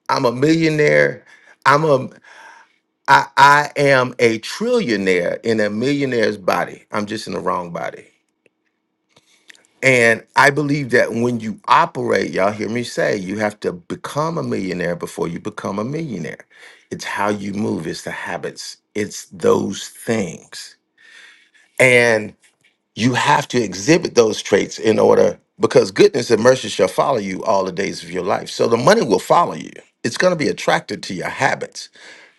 I'm a millionaire. I'm a I I am a trillionaire in a millionaire's body. I'm just in the wrong body. And I believe that when you operate, y'all hear me say, you have to become a millionaire before you become a millionaire. It's how you move, it's the habits, it's those things. You have to exhibit those traits in order because goodness and mercy shall follow you all the days of your life. So the money will follow you. It's going to be attracted to your habits,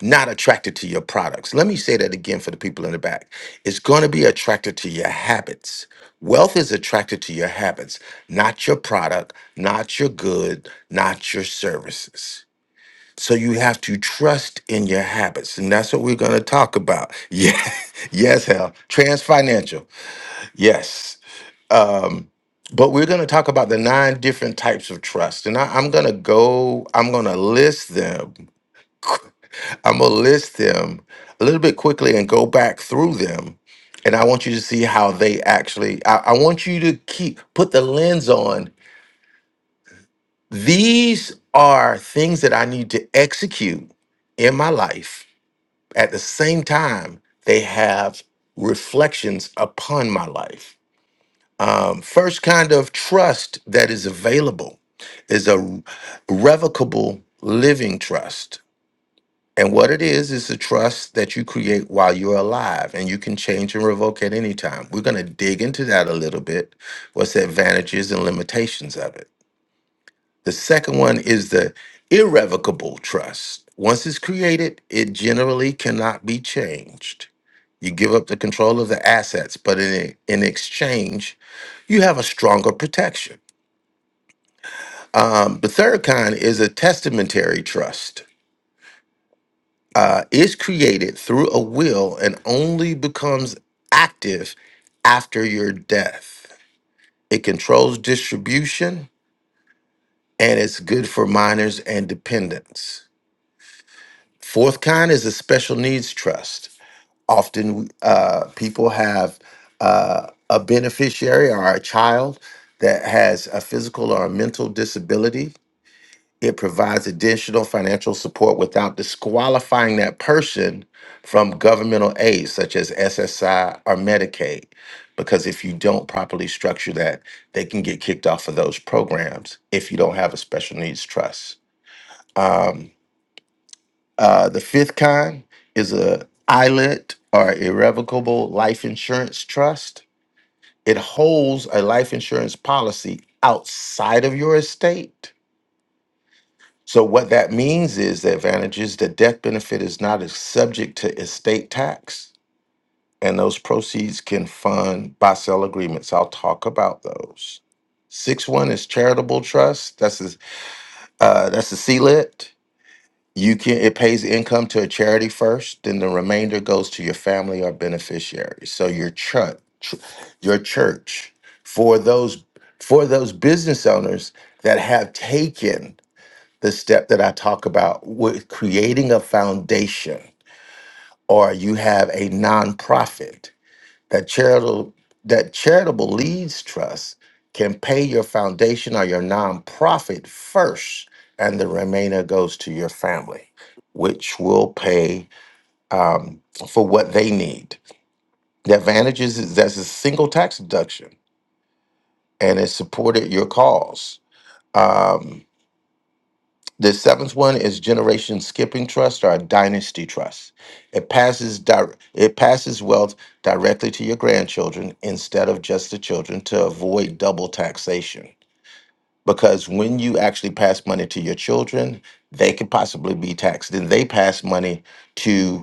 not attracted to your products. Let me say that again for the people in the back. It's going to be attracted to your habits. Wealth is attracted to your habits, not your product, not your good, not your services. So you have to trust in your habits. And that's what we're going to talk about. Yeah. Yes, hell. Transfinancial. Yes. Um, but we're going to talk about the nine different types of trust, and I, I'm going to go. I'm going to list them. I'm going to list them a little bit quickly and go back through them, and I want you to see how they actually. I, I want you to keep put the lens on. These are things that I need to execute in my life. At the same time, they have reflections upon my life Um, first kind of trust that is available is a revocable living trust. And what it is, is a trust that you create while you're alive and you can change and revoke at any time. We're going to dig into that a little bit. What's the advantages and limitations of it? The second one is the irrevocable trust. Once it's created, it generally cannot be changed. You give up the control of the assets, but in, e, in exchange, you have a stronger protection. Um, the third kind is a testamentary trust. Uh, it's created through a will and only becomes active after your death. It controls distribution and it's good for minors and dependents. Fourth kind is a special needs trust. Often uh, people have uh, a beneficiary or a child that has a physical or a mental disability. It provides additional financial support without disqualifying that person from governmental aid, such as SSI or Medicaid, because if you don't properly structure that, they can get kicked off of those programs if you don't have a special needs trust. Um, uh, the fifth kind is a ILET or irrevocable life insurance trust. It holds a life insurance policy outside of your estate. So what that means is the advantage is the death benefit is not as subject to estate tax, and those proceeds can fund buy-sell agreements. I'll talk about those. Six one is charitable trust. That's a uh, that's a lit. You can it pays income to a charity first, then the remainder goes to your family or beneficiaries. So your church, your church, for those for those business owners that have taken the step that I talk about with creating a foundation, or you have a nonprofit that charitable that charitable leads trust can pay your foundation or your nonprofit first and the remainder goes to your family which will pay um, for what they need the advantages is that's a single tax deduction and it supported your cause Um, The seventh one is Generation Skipping Trust or Dynasty Trust. It passes di- it passes wealth directly to your grandchildren instead of just the children to avoid double taxation. Because when you actually pass money to your children, they could possibly be taxed. Then they pass money to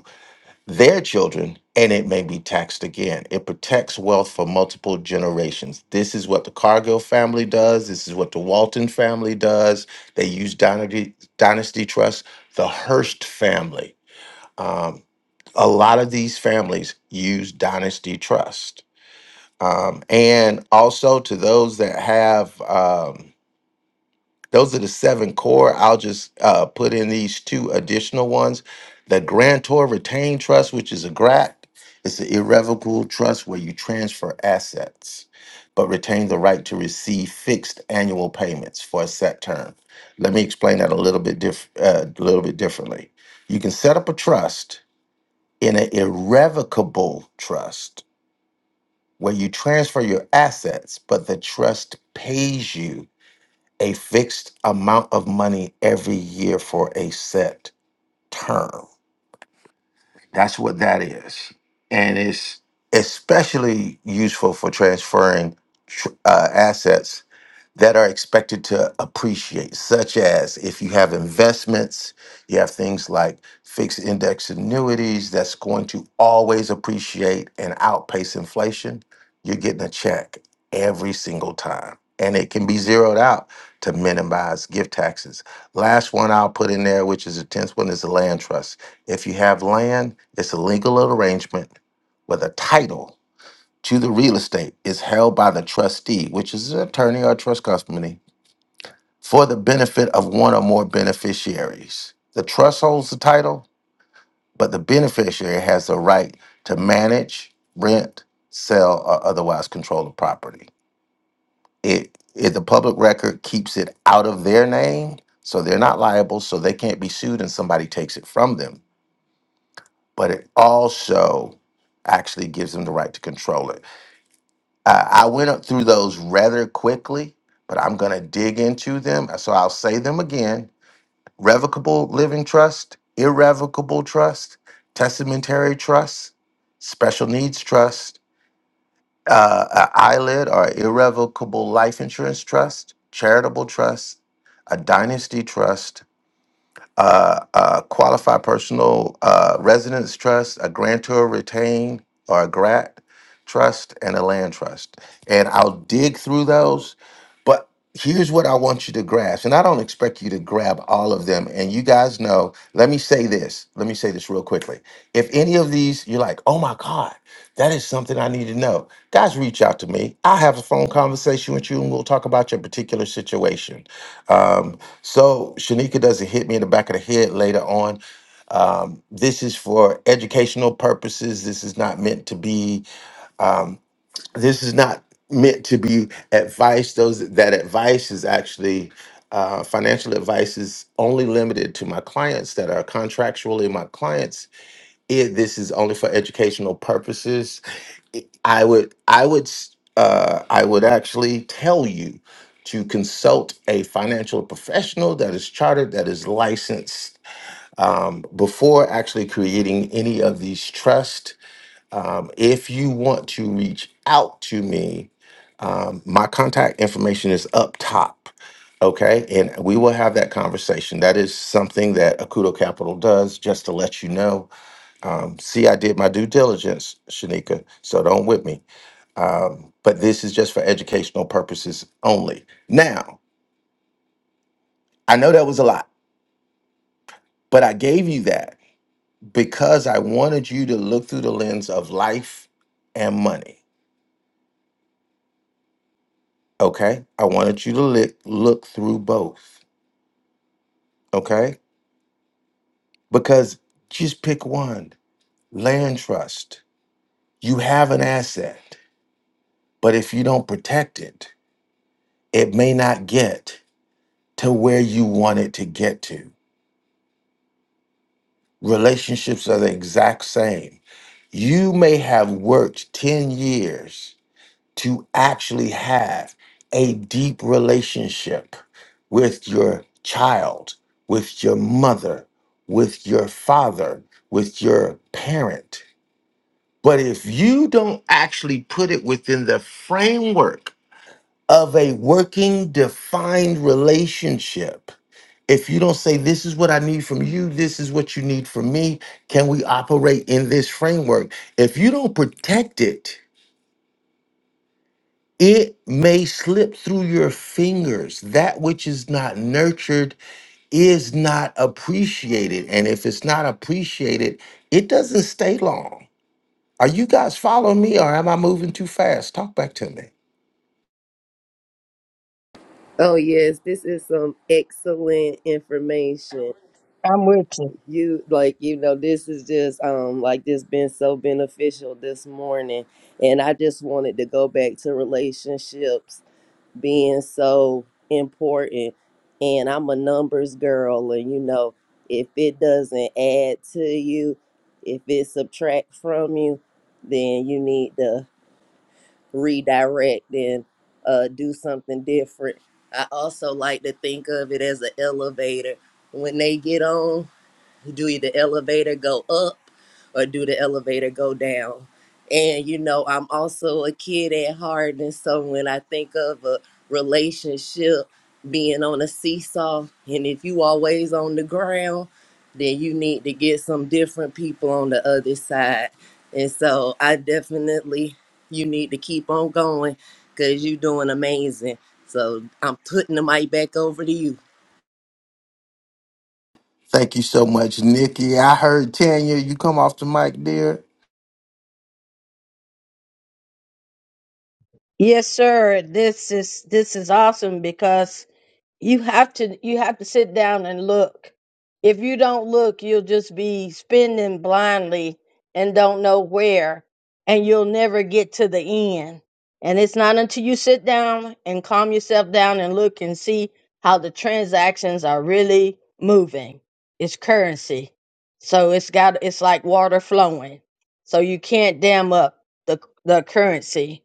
their children and it may be taxed again. It protects wealth for multiple generations. This is what the Cargill family does. This is what the Walton family does. They use Dynasty, Dynasty Trust, the Hearst family. Um, a lot of these families use Dynasty Trust. Um, and also to those that have. um, those are the seven core. I'll just uh, put in these two additional ones. The grantor retained trust, which is a GRAT, it's an irrevocable trust where you transfer assets but retain the right to receive fixed annual payments for a set term. Let me explain that a little bit diff- uh, a little bit differently. You can set up a trust in an irrevocable trust where you transfer your assets, but the trust pays you a fixed amount of money every year for a set term. That's what that is. And it's especially useful for transferring tr- uh, assets that are expected to appreciate, such as if you have investments, you have things like fixed index annuities that's going to always appreciate and outpace inflation, you're getting a check every single time. And it can be zeroed out to minimize gift taxes. Last one I'll put in there, which is the 10th one, is the land trust. If you have land, it's a legal arrangement with a title to the real estate is held by the trustee, which is an attorney or trust company, for the benefit of one or more beneficiaries. The trust holds the title, but the beneficiary has the right to manage, rent, sell, or otherwise control the property. It, it the public record keeps it out of their name, so they're not liable, so they can't be sued and somebody takes it from them. But it also actually gives them the right to control it Uh, I went up through those rather quickly, but I'm going to dig into them. So I'll say them again revocable living trust, irrevocable trust, testamentary trust, special needs trust, uh, uh, eyelid or irrevocable life insurance trust, charitable trust, a dynasty trust, uh, uh, qualified personal uh, residence trust, a grantor retained or a grat trust, and a land trust. And I'll dig through those. But here's what I want you to grasp, and I don't expect you to grab all of them. And you guys know, let me say this, let me say this real quickly. If any of these you're like, oh my God, that is something I need to know, guys, reach out to me. I'll have a phone conversation with you and we'll talk about your particular situation um, so Shanika doesn't hit me in the back of the head later on. Um, this is for educational purposes. This is not meant to be. Um, this is not meant to be advice. Those that advice is actually uh, financial advice is only limited to my clients that are contractually my clients. It, this is only for educational purposes. I would I would uh, I would actually tell you to consult a financial professional that is chartered, that is licensed, um, before actually creating any of these trusts. Um, if you want to reach out to me, um, my contact information is up top. Okay, and we will have that conversation. That is something that Akudo Capital does, just to let you know. Um, see, I did my due diligence, Shanika, so don't whip me um, but this is just for educational purposes only. Now, I know that was a lot, but I gave you that because I wanted you to look through the lens of life and money. Okay. I wanted you to look, look through both. Okay. Because just pick one land trust. You have an asset, but if you don't protect it, it may not get to where you want it to get to. relationships are the exact same. You may have worked 10 years to actually have a deep relationship with your child, with your mother, with your father, with your parent. But if you don't actually put it within the framework of a working, defined relationship. If you don't say, This is what I need from you, this is what you need from me, can we operate in this framework? If you don't protect it, it may slip through your fingers. That which is not nurtured is not appreciated. And if it's not appreciated, it doesn't stay long. Are you guys following me or am I moving too fast? Talk back to me.
Oh yes, this is some excellent information.
i
You like you know this is just um like this been so beneficial this morning and I just wanted to go back to relationships being so important and I'm a numbers girl and you know if it doesn't add to you, if it subtract from you, then you need to redirect and uh, do something different. I also like to think of it as an elevator. When they get on, do you the elevator go up or do the elevator go down. And you know, I'm also a kid at heart, and so when I think of a relationship being on a seesaw, and if you always on the ground, then you need to get some different people on the other side. And so I definitely you need to keep on going because you're doing amazing. So I'm putting the mic back over to you.
Thank you so much, Nikki. I heard Tanya, you come off the mic there.
yes, sir. This is this is awesome because you have to you have to sit down and look if you don't look you'll just be spending blindly and don't know where and you'll never get to the end and it's not until you sit down and calm yourself down and look and see how the transactions are really moving it's currency so it's got it's like water flowing so you can't dam up the the currency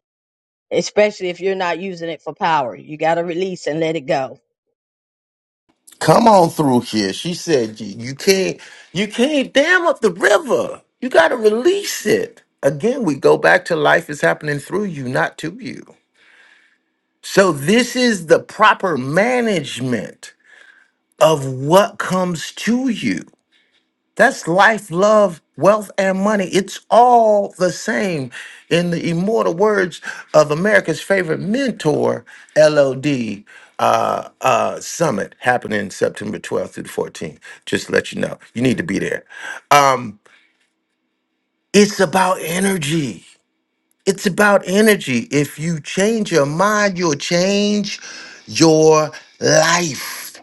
especially if you're not using it for power you got to release and let it go
Come on through here. She said you, you can't you can't dam up the river. You gotta release it. Again, we go back to life is happening through you, not to you. So this is the proper management of what comes to you. That's life, love, wealth, and money. It's all the same. In the immortal words of America's favorite mentor, LOD uh, uh, Summit, happening September 12th through the 14th. Just to let you know, you need to be there. Um, it's about energy. It's about energy. If you change your mind, you'll change your life.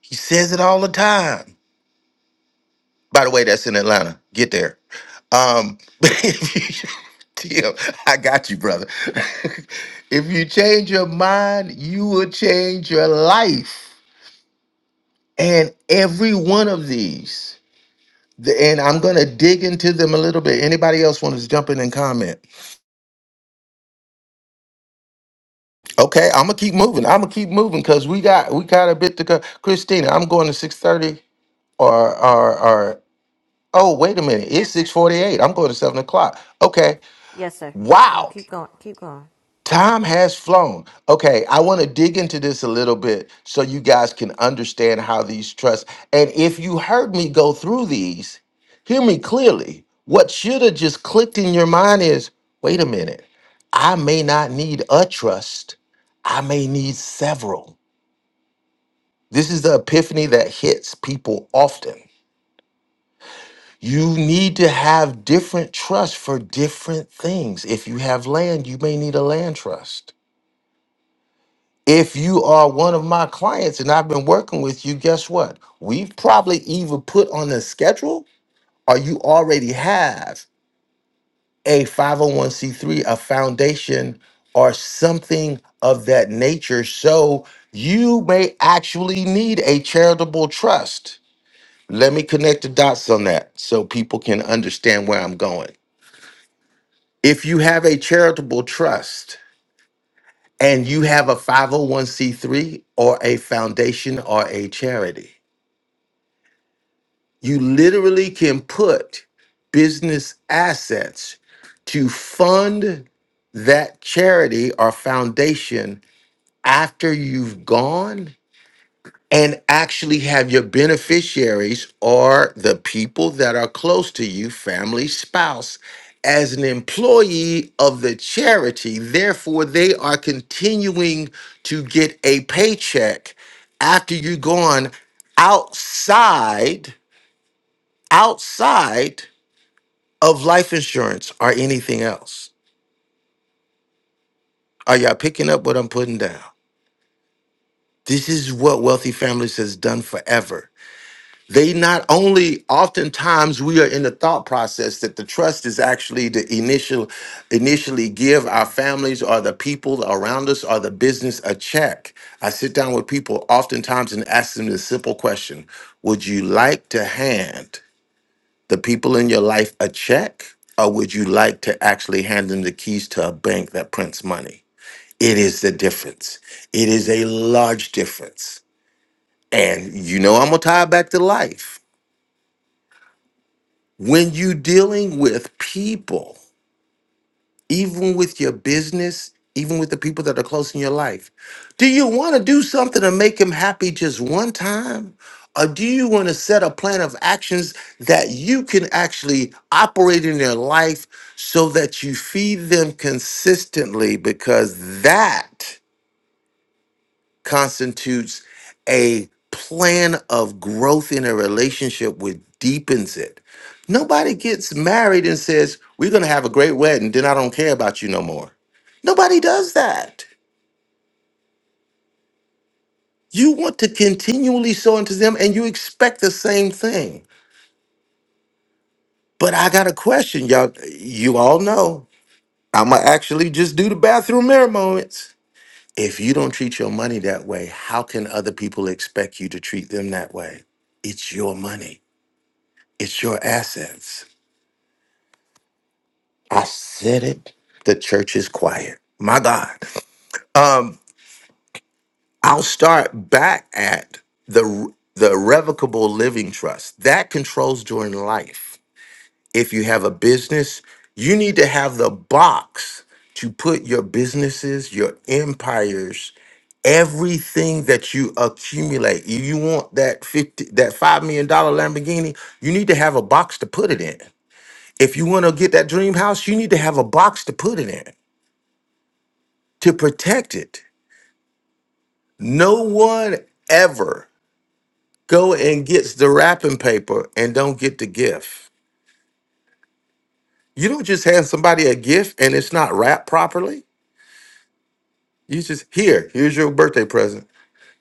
He says it all the time. By the way, that's in Atlanta. Get there. Um, if you- Tim, I got you, brother. if you change your mind, you will change your life. And every one of these, the- and I'm gonna dig into them a little bit. Anybody else want to jump in and comment? Okay, I'm gonna keep moving. I'm gonna keep moving because we got we got a bit to go. Christina, I'm going to 6:30 or or or oh wait a minute, it's 6:48. I'm going to seven o'clock. Okay,
Yes, sir. No,
wow.
keep going. Keep going.
Time has flown. Okay, I want to dig into this a little bit so you guys can understand how these trusts. And if you heard me go through these, hear me clearly. What should have just clicked in your mind is wait a minute, I may not need a trust, I may need several. This is the epiphany that hits people often. You need to have different trusts for different things. If you have land, you may need a land trust. If you are one of my clients and I've been working with you, guess what? We've probably either put on a schedule or you already have a 501c3, a foundation, or something of that nature. So you may actually need a charitable trust. Let me connect the dots on that so people can understand where I'm going. If you have a charitable trust and you have a 501c3 or a foundation or a charity, You literally can put business assets to fund that charity or foundation after you've gone and actually have your beneficiaries or the people that are close to you, family, spouse, as an employee of the charity. Therefore, they are continuing to get a paycheck after you're gone outside outside of life insurance or anything else. Are y'all picking up what I'm putting down? This is what wealthy families has done forever. They not only oftentimes we are in the thought process that the trust is actually the initial initially give our families or the people around us or the business a check. I sit down with people oftentimes and ask them this simple question: Would you like to hand the people in your life a check, or would you like to actually hand them the keys to a bank that prints money? It is the difference. It is a large difference. And you know, I'm going to tie it back to life. When you dealing with people, even with your business, even with the people that are close in your life. Do you want to do something to make them happy just one time? Or do you want to set a plan of actions that you can actually operate in their life so that you feed them consistently? Because that constitutes a plan of growth in a relationship which deepens it. Nobody gets married and says, We're going to have a great wedding, then I don't care about you no more. Nobody does that. You want to continually sow into them and you expect the same thing. But I got a question, y'all. You all know I'm going to actually just do the bathroom mirror moments. If you don't treat your money that way, how can other people expect you to treat them that way? It's your money It's your assets. I said it. The church is quiet. My God. Um, I'll start back at the the irrevocable living trust that controls during life. If you have a business, you need to have the box to put your businesses, your empires, everything that you accumulate. If you want that fifty, that five million dollar Lamborghini, you need to have a box to put it in. If you want to get that dream house, you need to have a box to put it in to protect it. No one ever go and gets the wrapping paper and don't get the gift. You don't just hand somebody a gift and it's not wrapped properly. You just here, here's your birthday present.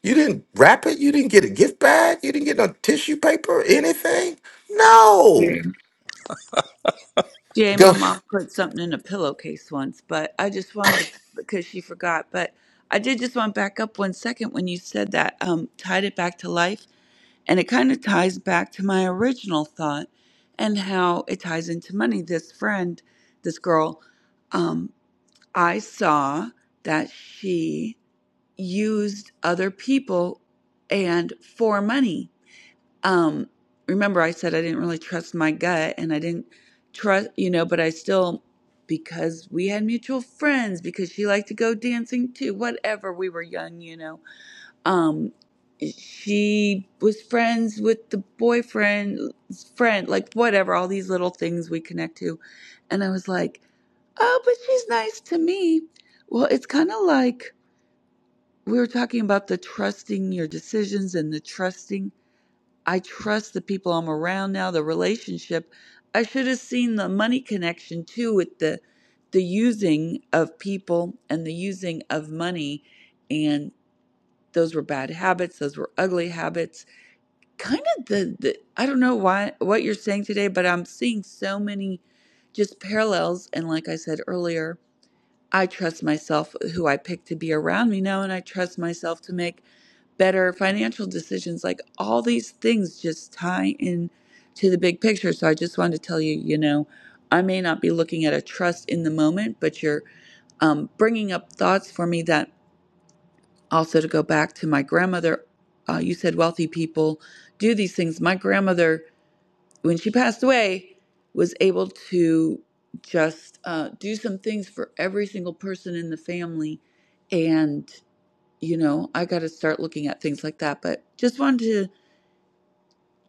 You didn't wrap it, you didn't get a gift bag, you didn't get no tissue paper, anything. No.
Yeah. GA, my
Go
mom put something in a pillowcase once, but I just wanted to, because she forgot. But I did just want to back up one second when you said that, um, tied it back to life And it kind of ties back to my original thought and how it ties into money. This friend, this girl, um, I saw that she used other people and for money. Um, remember, I said I didn't really trust my gut and I didn't trust, you know, but I still, because we had mutual friends, because she liked to go dancing too, whatever, we were young, you know um she was friends with the boyfriend's friend like whatever all these little things we connect to and i was like oh but she's nice to me well it's kind of like we were talking about the trusting your decisions and the trusting i trust the people i'm around now the relationship i should have seen the money connection too with the the using of people and the using of money and those were bad habits those were ugly habits kind of the, the I don't know why what you're saying today, but I'm seeing so many just parallels. And like I said earlier, I trust myself who I pick to be around me now, and I trust myself to make better financial decisions. Like all these things just tie in to the big picture. So I just wanted to tell you, you know, I may not be looking at a trust in the moment, but you're um, bringing up thoughts for me that also to go back to my grandmother. Uh, you said wealthy people do these things. My grandmother when she passed away, was able to just uh, do some things for every single person in the family. And, you know, I got to start looking at things like that. But just wanted to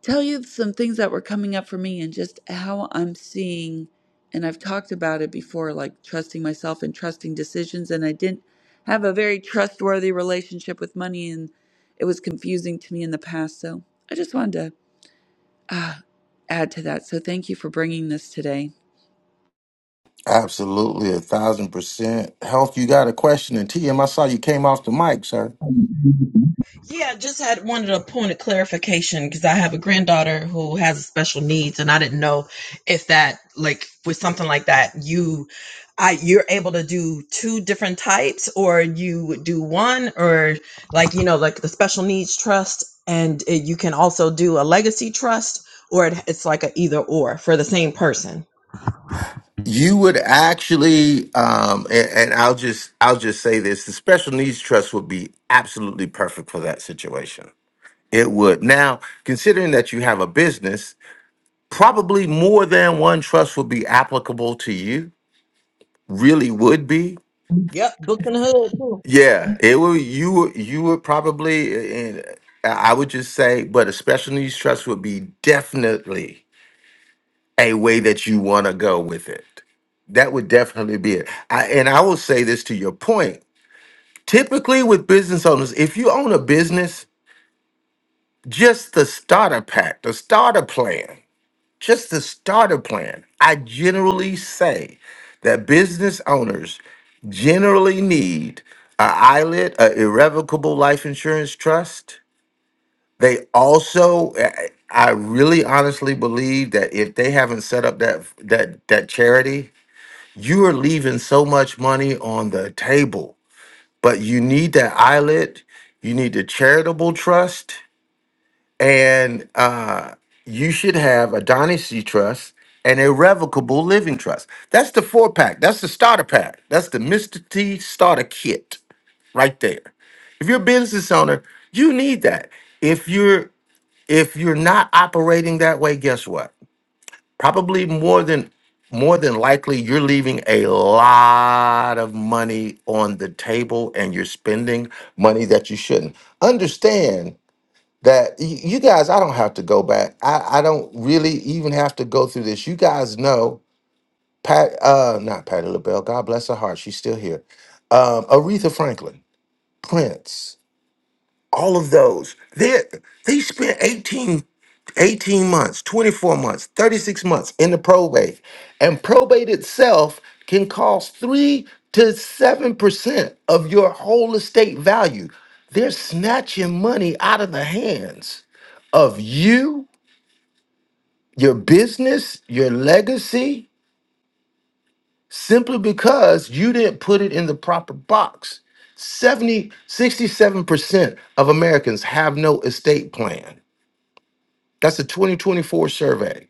tell you some things that were coming up for me and just how I'm seeing. And I've talked about it before, like trusting myself and trusting decisions. And I didn't have a very trustworthy relationship with money, and it was confusing to me in the past. So I just wanted to add to that. So thank you for bringing this today.
absolutely a thousand percent. Health, you got a question and T M, I saw you came off the mic, sir.
Yeah, just had wanted a point of clarification because I have a granddaughter who has special needs, and I didn't know if that, like, with something like that, you, I, you're able to do two different types, or one, or like, you know, like the trust, and can also legacy trust, or it, it's like a either or. For instance,
you would actually um and, and i'll just i'll just say this the special needs trust would be absolutely perfect for that situation it would now considering that you have a business probably more than one trust would be applicable to you really would be yeah it would you would- you would probably and i would just say but a special needs trust would be definitely a way that you want to go with it that would definitely be it I, and i will say this to your point Typically, with business owners, if you own a business, just the starter pack, the starter plan, just the starter plan. I generally say that business owners generally need a ILIT, a irrevocable life insurance trust. They also, I I really honestly believe that if they haven't set up that that that charity, you are leaving so much money on the table but you need that islet you need the charitable trust and uh, you should have a dynasty trust and irrevocable living trust that's the four pack that's the starter pack that's the mr t starter kit right there if you're a business owner you need that if you're if you're not operating that way guess what probably more than more than likely you're leaving a lot of money on the table and you're spending money that you shouldn't understand that y- you guys i don't have to go back i, I don't really even have to go through this you guys know pat uh not patty labelle god bless her heart she's still here um aretha franklin prince all of those. They they spent 18, 18 months, 24 months, 36 months in the probate. And probate itself can cost three to seven percent of your whole estate value. They're snatching money out of the hands of you, your business, your legacy, simply because you didn't put it in the proper box. Seventy, sixty seven percent of Americans have no estate plan. That's a 2024 survey.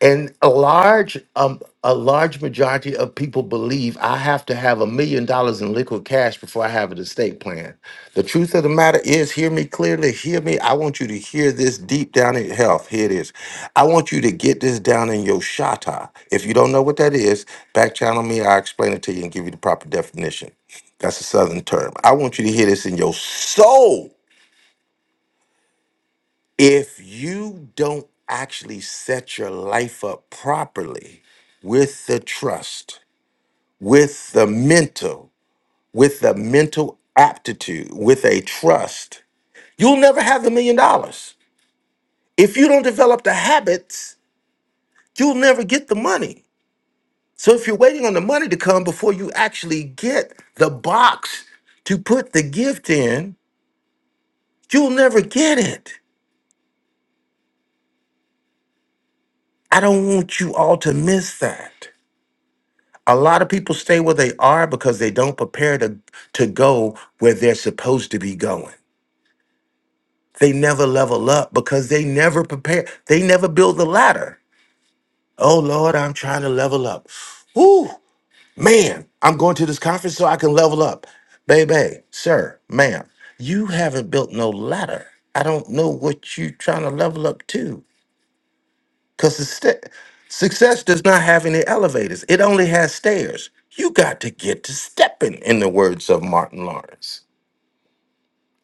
And a large um, a large majority of people believe I have to have a million dollars in liquid cash before I have an estate plan. The truth of the matter is, hear me clearly, hear me. I want you to hear this deep down in health. Here it is. I want you to get this down in your shata. If you don't know what that is, back channel me, I'll explain it to you and give you the proper definition. That's a southern term. I want you to hear this in your soul if you don't actually set your life up properly with the trust, with the mental, with the mental aptitude, with a trust, you'll never have the million dollars. If you don't develop the habits, you'll never get the money. So if you're waiting on the money to come before you actually get the box to put the gift in, you'll never get it. I don't want you all to miss that. a lot of people stay where they are because they don't prepare to to go where they're supposed to be going they never level up because they never prepare they never build the ladder oh lord i'm trying to level up Ooh, man i'm going to this conference so i can level up baby sir ma'am you haven't built no ladder i don't know what you're trying to level up to Because success does not have any elevators, it only has stairs. You got to get to stepping, in the words of Martin Lawrence.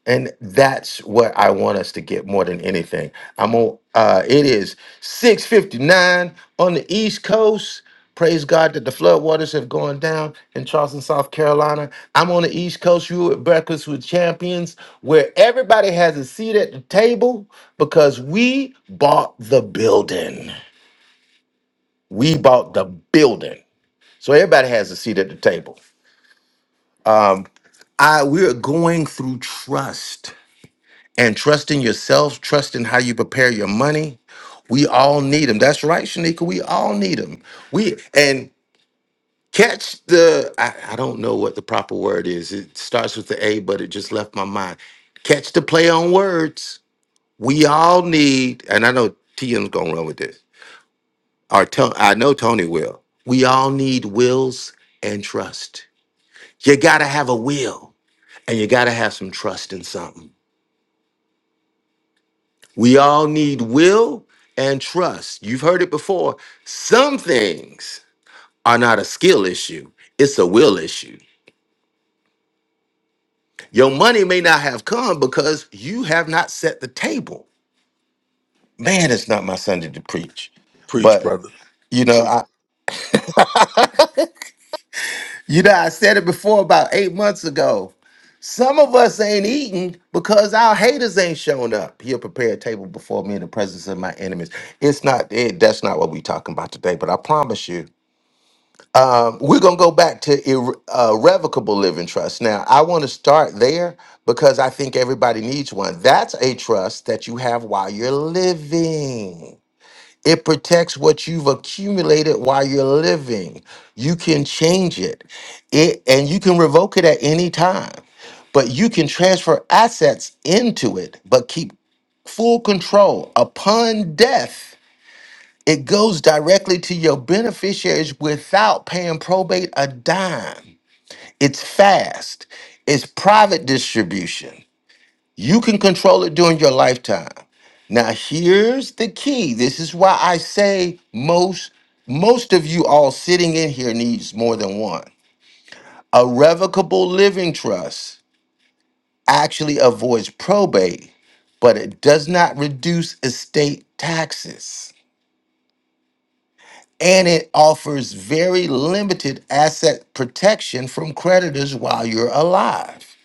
And that's what I want us to get more than anything. I'm on, uh, it is 6.59 on the East Coast. Praise God that the floodwaters have gone down in Charleston, South Carolina. I'm on the East Coast. You at Breakfast with Champions, where everybody has a seat at the table because we bought the building. We bought the building. So everybody has a seat at the table. Um, I we're going through trust and trusting yourself, trusting how you prepare your money. We all need them. That's right, Shanika. We all need them. We and catch the I, I don't know what the proper word is. It starts with the A, but it just left my mind. Catch the play on words. We all need, and I know TM's gonna run with this. Or Ton- I know Tony will. We all need wills and trust. You got to have a will and you got to have some trust in something. We all need will and trust. You've heard it before. Some things are not a skill issue, it's a will issue. Your money may not have come because you have not set the table. Man, it's not my Sunday to preach.
preach
But,
brother
you know, I, you know, I said it before about eight months ago Some of us ain't eating because our haters ain't shown up. He'll prepare a table before me in the presence of my enemies. It's not it, that's not what we're talking about today, but I promise you, um, we're gonna go back to irre- uh, irrevocable living trust. Now, I want to start there because I think everybody needs one. That's a trust that you have while you're living. It protects what you've accumulated while you're living. You can change it. It and you can revoke it at any time. But you can transfer assets into it, but keep full control upon death. It goes directly to your beneficiaries without paying probate a dime. It's fast. It's private distribution. You can control it during your lifetime. Now, here's the key. This is why I say most most of you all sitting in here needs more than one. A revocable living trust actually avoids probate, but it does not reduce estate taxes. And it offers very limited asset protection from creditors while you're alive.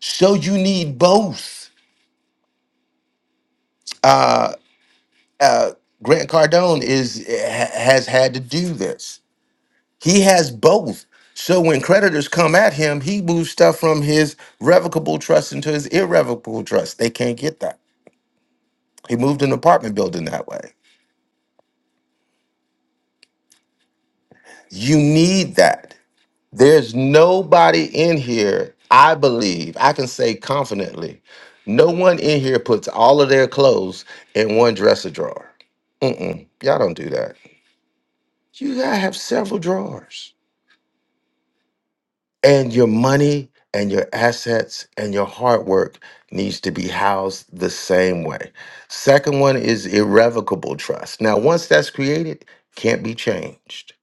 So you need both. uh, Grant Cardone is ha- has had to do this. He has both. So when creditors come at him, he moves stuff from his revocable trust into his irrevocable trust. They can't get that. He moved an apartment building that way. You need that. There's nobody in here, I believe, I can say confidently, no one in here puts all of their clothes in one dresser drawer. Mm-mm. Y'all don't do that. You gotta have several drawers and your money and your assets and your hard work needs to be housed the same way. Second one is irrevocable trust. Now, once that's created, can't be changed.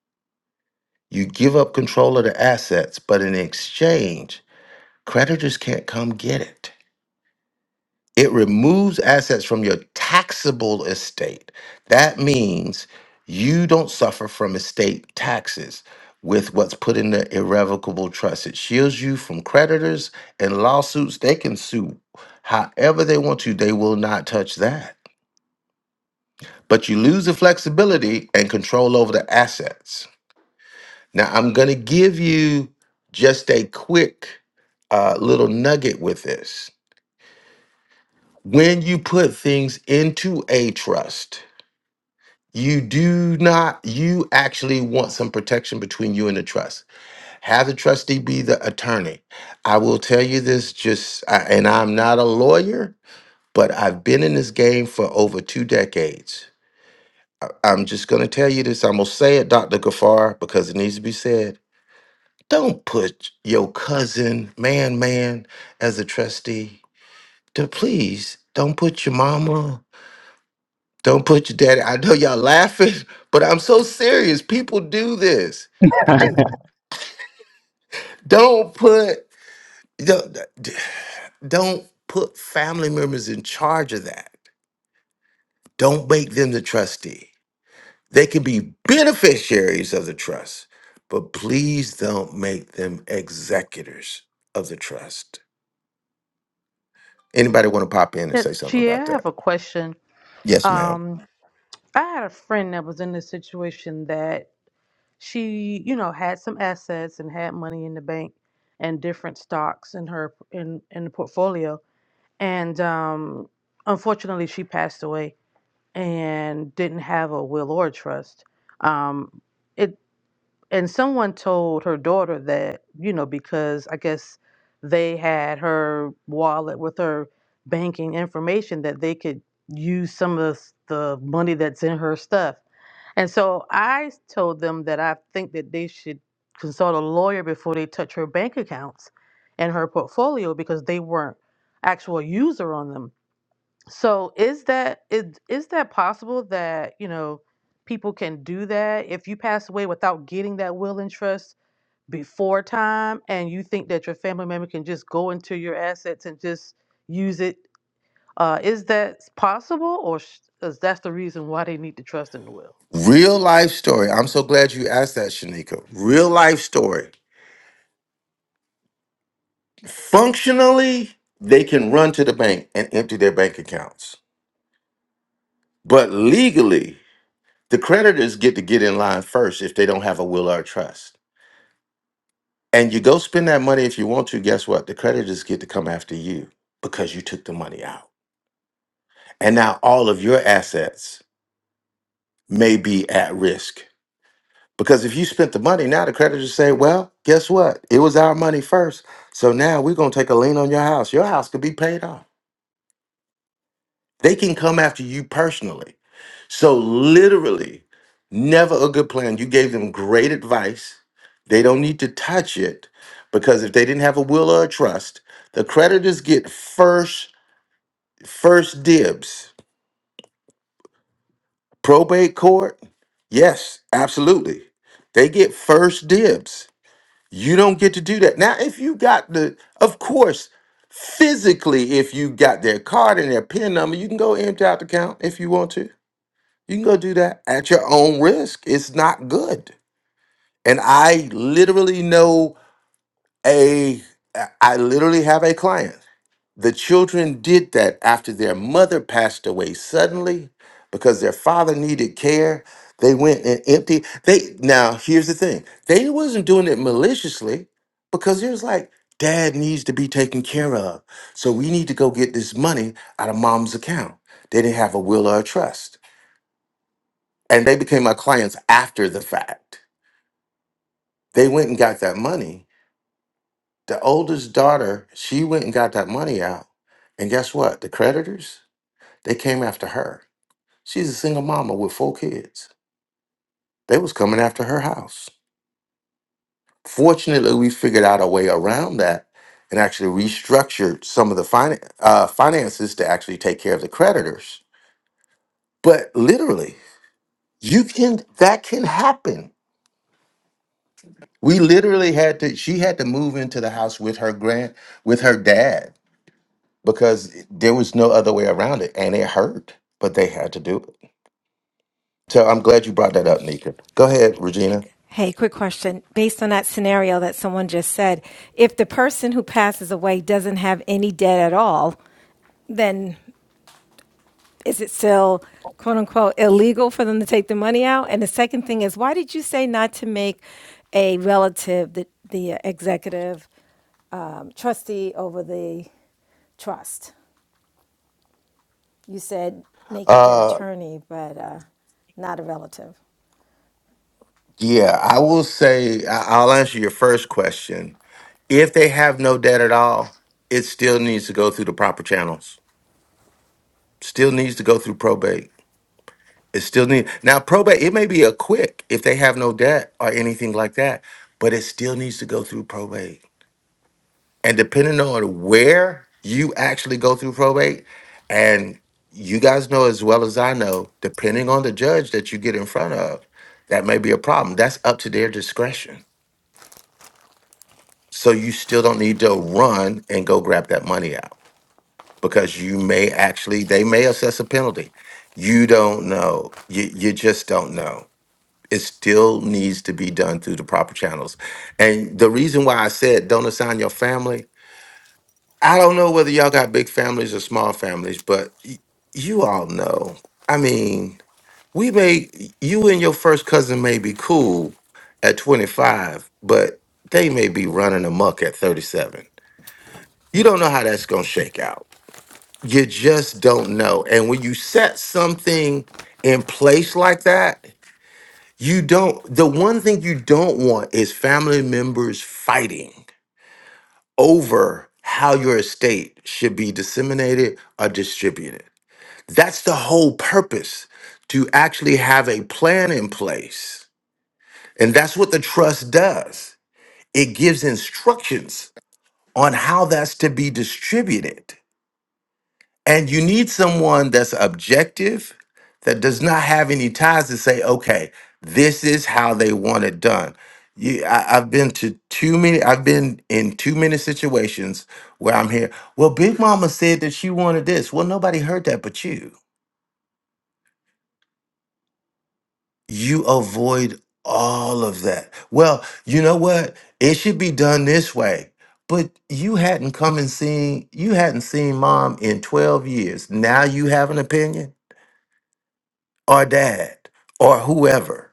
You give up control of the assets, but in exchange, creditors can't come get it. It removes assets from your taxable estate. That means you don't suffer from estate taxes with what's put in the irrevocable trust. It shields you from creditors and lawsuits. They can sue however they want to, they will not touch that. But you lose the flexibility and control over the assets. Now, I'm going to give you just a quick uh, little nugget with this. When you put things into a trust, You do not, you actually want some protection between you and the trust. Have the trustee be the attorney. I will tell you this just, I- and I'm not a lawyer, but I've been in this game for over two decades. I'm just going to tell you this. I'm going to say it, Dr. Gafar, because it needs to be said. Don't put your cousin, man, man, as a trustee. To please, don't put your mama, don't put your daddy. I know y'all laughing, but I'm so serious. People do this Don't put don't, don't put family members in charge of that. Don't make them the trustee. They can be beneficiaries of the trust, but please don't make them executors of the trust. Anybody want to pop in and
Yeah,
say something
Gia, I
about that?
have a question.
Yes, ma'am.
Um, I had a friend that was in this situation that she, you know, had some assets and had money in the bank and different stocks in her in in the portfolio, and um, unfortunately, she passed away and didn't have a will or a trust. Um, it. and someone told her daughter that you know because i guess they had her wallet with her banking information that they could use some of the money that's in her stuff and so i told them that i think that they should consult a lawyer before they touch her bank accounts and her portfolio because they weren't actual user on them so is that is is that possible that, you know, people can do that if you pass away without getting that will and trust before time and you think that your family member can just go into your assets and just use it? Uh, is that s- possible or sh- is that's the reason why they need the trust in the will?
Real life story. I'm so glad you asked that, Shanika. Real life story. Functionally, they can run to the bank and empty their bank accounts. But legally, The creditors get to get in line first if they don't have a will or a trust. And you go spend that money if you want to, guess what? The creditors get to come after you because you took the money out. And now all of your assets may be at risk. Because if you spent the money, now the creditors say, well, guess what? It was our money first. So now we're going to take a lien on your house. Your house could be paid off. They can come after you personally. So literally, never a good plan. You gave them great advice. They don't need to touch it because if they didn't have a will or a trust, the creditors get first first dibs. Probate court? Yes, absolutely. They get first dibs. You don't get to do that. Now, if you got the of course, physically if you got their card and their PIN number, you can go empty out the account if you want to You can go do that at your own risk. It's not good. And I literally know a—I literally have a client. The children did that after their mother passed away suddenly because their father needed care. They went and empty. They now here's the thing. They wasn't doing it maliciously because it was like dad needs to be taken care of. So we need to go get this money out of mom's account. They didn't have a will or a trust and they became my clients after the fact. They went and got that money. The oldest daughter, she went and got that money out. And guess what? The creditors, they came after her. She's a single mama with four kids. They was coming after her house. Fortunately, we figured out a way around that and actually restructured some of the fin- uh, finances to actually take care of the creditors. But literally, you can that can happen We literally had to, she had to move into the house with her grand, with her dad because there was no other way around it. And it hurt, but they had to do it. So I'm glad you brought that up, Nika. Go ahead, Regina.
Hey, quick question. Based on that scenario that someone just said, if the person who passes away doesn't have any debt at all, then is it still quote unquote illegal for them to take the money out? And the second thing is, why did you say not to make a relative the, the executive um, trustee over the trust? You said make it the
Uh,
attorney, but uh, not a relative.
yeah, I will say, I- I'll answer your first question. If they have no debt at all, it still needs to go through the proper channels, still needs to go through probate. It still need now probate. It may be a quick if they have no debt or anything like that, but it still needs to go through probate And depending on where you actually go through probate, and you guys know as well as I know, depending on the judge that you get in front of, that may be a problem. That's up to their discretion. So you still don't need to run and go grab that money out because you may actually, they may assess a penalty. You don't know. You, you just don't know. It still needs to be done through the proper channels. And the reason why I said don't assign your family I don't know whether y'all got big families or small families, but y- you all know. I mean, we may you and your first cousin may be cool at 25, but they may be running amok at 37. You don't know how that's going to shake out. You just don't know. And when you set something in place like that, you don't the one thing you don't want is family members fighting over how your estate should be disseminated or distributed. That's the whole purpose to actually have a plan in place. And that's what the trust does. It gives instructions on how that's to be distributed. And you need someone that's objective, that does not have any ties to say, okay, this is how they want it done. You, I, I've been to too many. I've been in too many situations where I'm here. Well, Big Mama said that she wanted this. Well, nobody heard that but you. You avoid all of that. Well, you know what? It should be done this way. But you hadn't come and seen. You hadn't seen Mom in twelve years. Now you have an opinion or dad or whoever.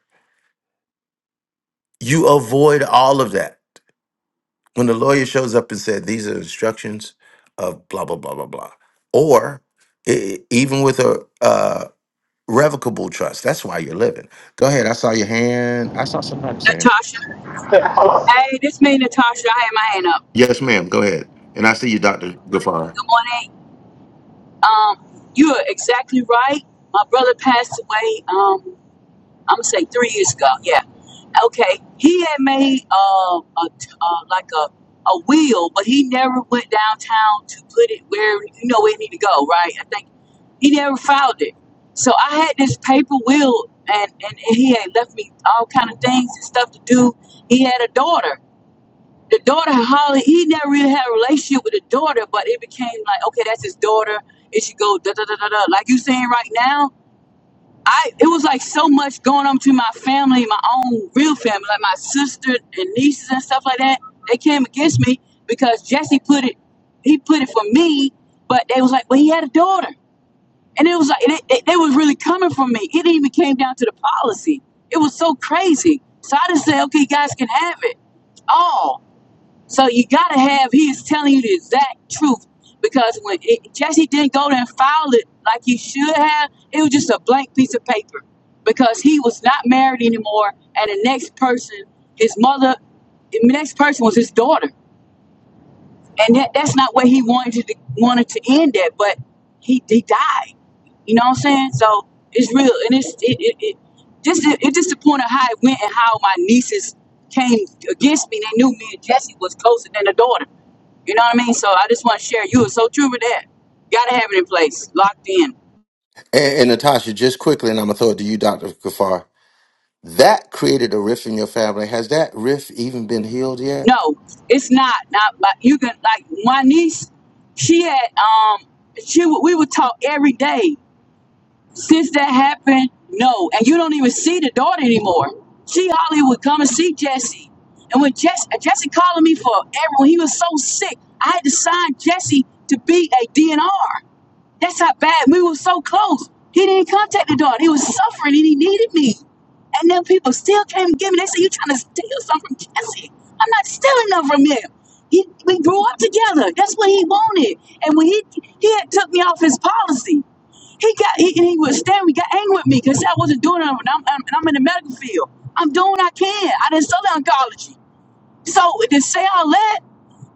You avoid all of that. When the lawyer shows up and said, these are instructions of blah, blah, blah, blah, blah. Or e- e, even with a uh, revocable trust, that's why you're living. Go ahead. I saw your hand. I saw somebody saying,
Natasha. Hey, this me, Natasha. I had my hand up.
yes, ma'am. Go ahead. And I see you, Dr. Gafar.
Good morning. Um, you are exactly right. My brother passed away. Um, I'm gonna say three years ago. Yeah. Okay. He had made uh, a t- uh like a a wheel, but he never went downtown to put it where you know where it need to go. Right. I think he never filed it. So I had this paper wheel, and and, and he had left me all kind of things and stuff to do. He had a daughter. the daughter Holly, he never really had a relationship with the daughter, but it became like, okay, that's his daughter. It should go da da da da da. Like you saying right now, I it was like so much going on between my family, my own real family, like my sister and nieces and stuff like that. They came against me because Jesse put it, he put it for me, but they was like, well, he had a daughter, and it was like they, they, they was really coming from me. It even came down to the policy. It was so crazy. So I just said, okay, you guys can have it all. So you gotta have he is telling you the exact truth because when it, Jesse didn't go there and file it like he should have, it was just a blank piece of paper because he was not married anymore, and the next person, his mother, the next person was his daughter, and that, that's not where he wanted to wanted to end it, but he he died. You know what I'm saying? So it's real, and it's it, it, it just it, it's just the point of how it went and how my nieces came against me. They knew me and Jesse was closer than a daughter. You know what I mean? So I just want to share. You are so true with that. Gotta have it in place, locked in.
And, and Natasha, just quickly, and I'm going to throw it to you, Dr. Gafar. That created a rift in your family. Has that rift even been healed yet?
No, it's not. Not like you can like my niece. She had um. She would- we would talk every day since that happened. No, and you don't even see the daughter anymore. She hardly would come and see Jesse. And when Jesse, Jesse calling me for everyone, he was so sick. I had to sign Jesse to be a DNR. That's how bad we were so close. He didn't contact the daughter. He was suffering and he needed me. And then people still came and gave me. They said, You're trying to steal something from Cassie. I'm not stealing nothing from him. He, we grew up together. That's what he wanted. And when he he had took me off his policy, he got he, and he was staring. He got angry with me because I wasn't doing nothing. And I'm, I'm, and I'm in the medical field. I'm doing what I can. I didn't study oncology. So to say all that,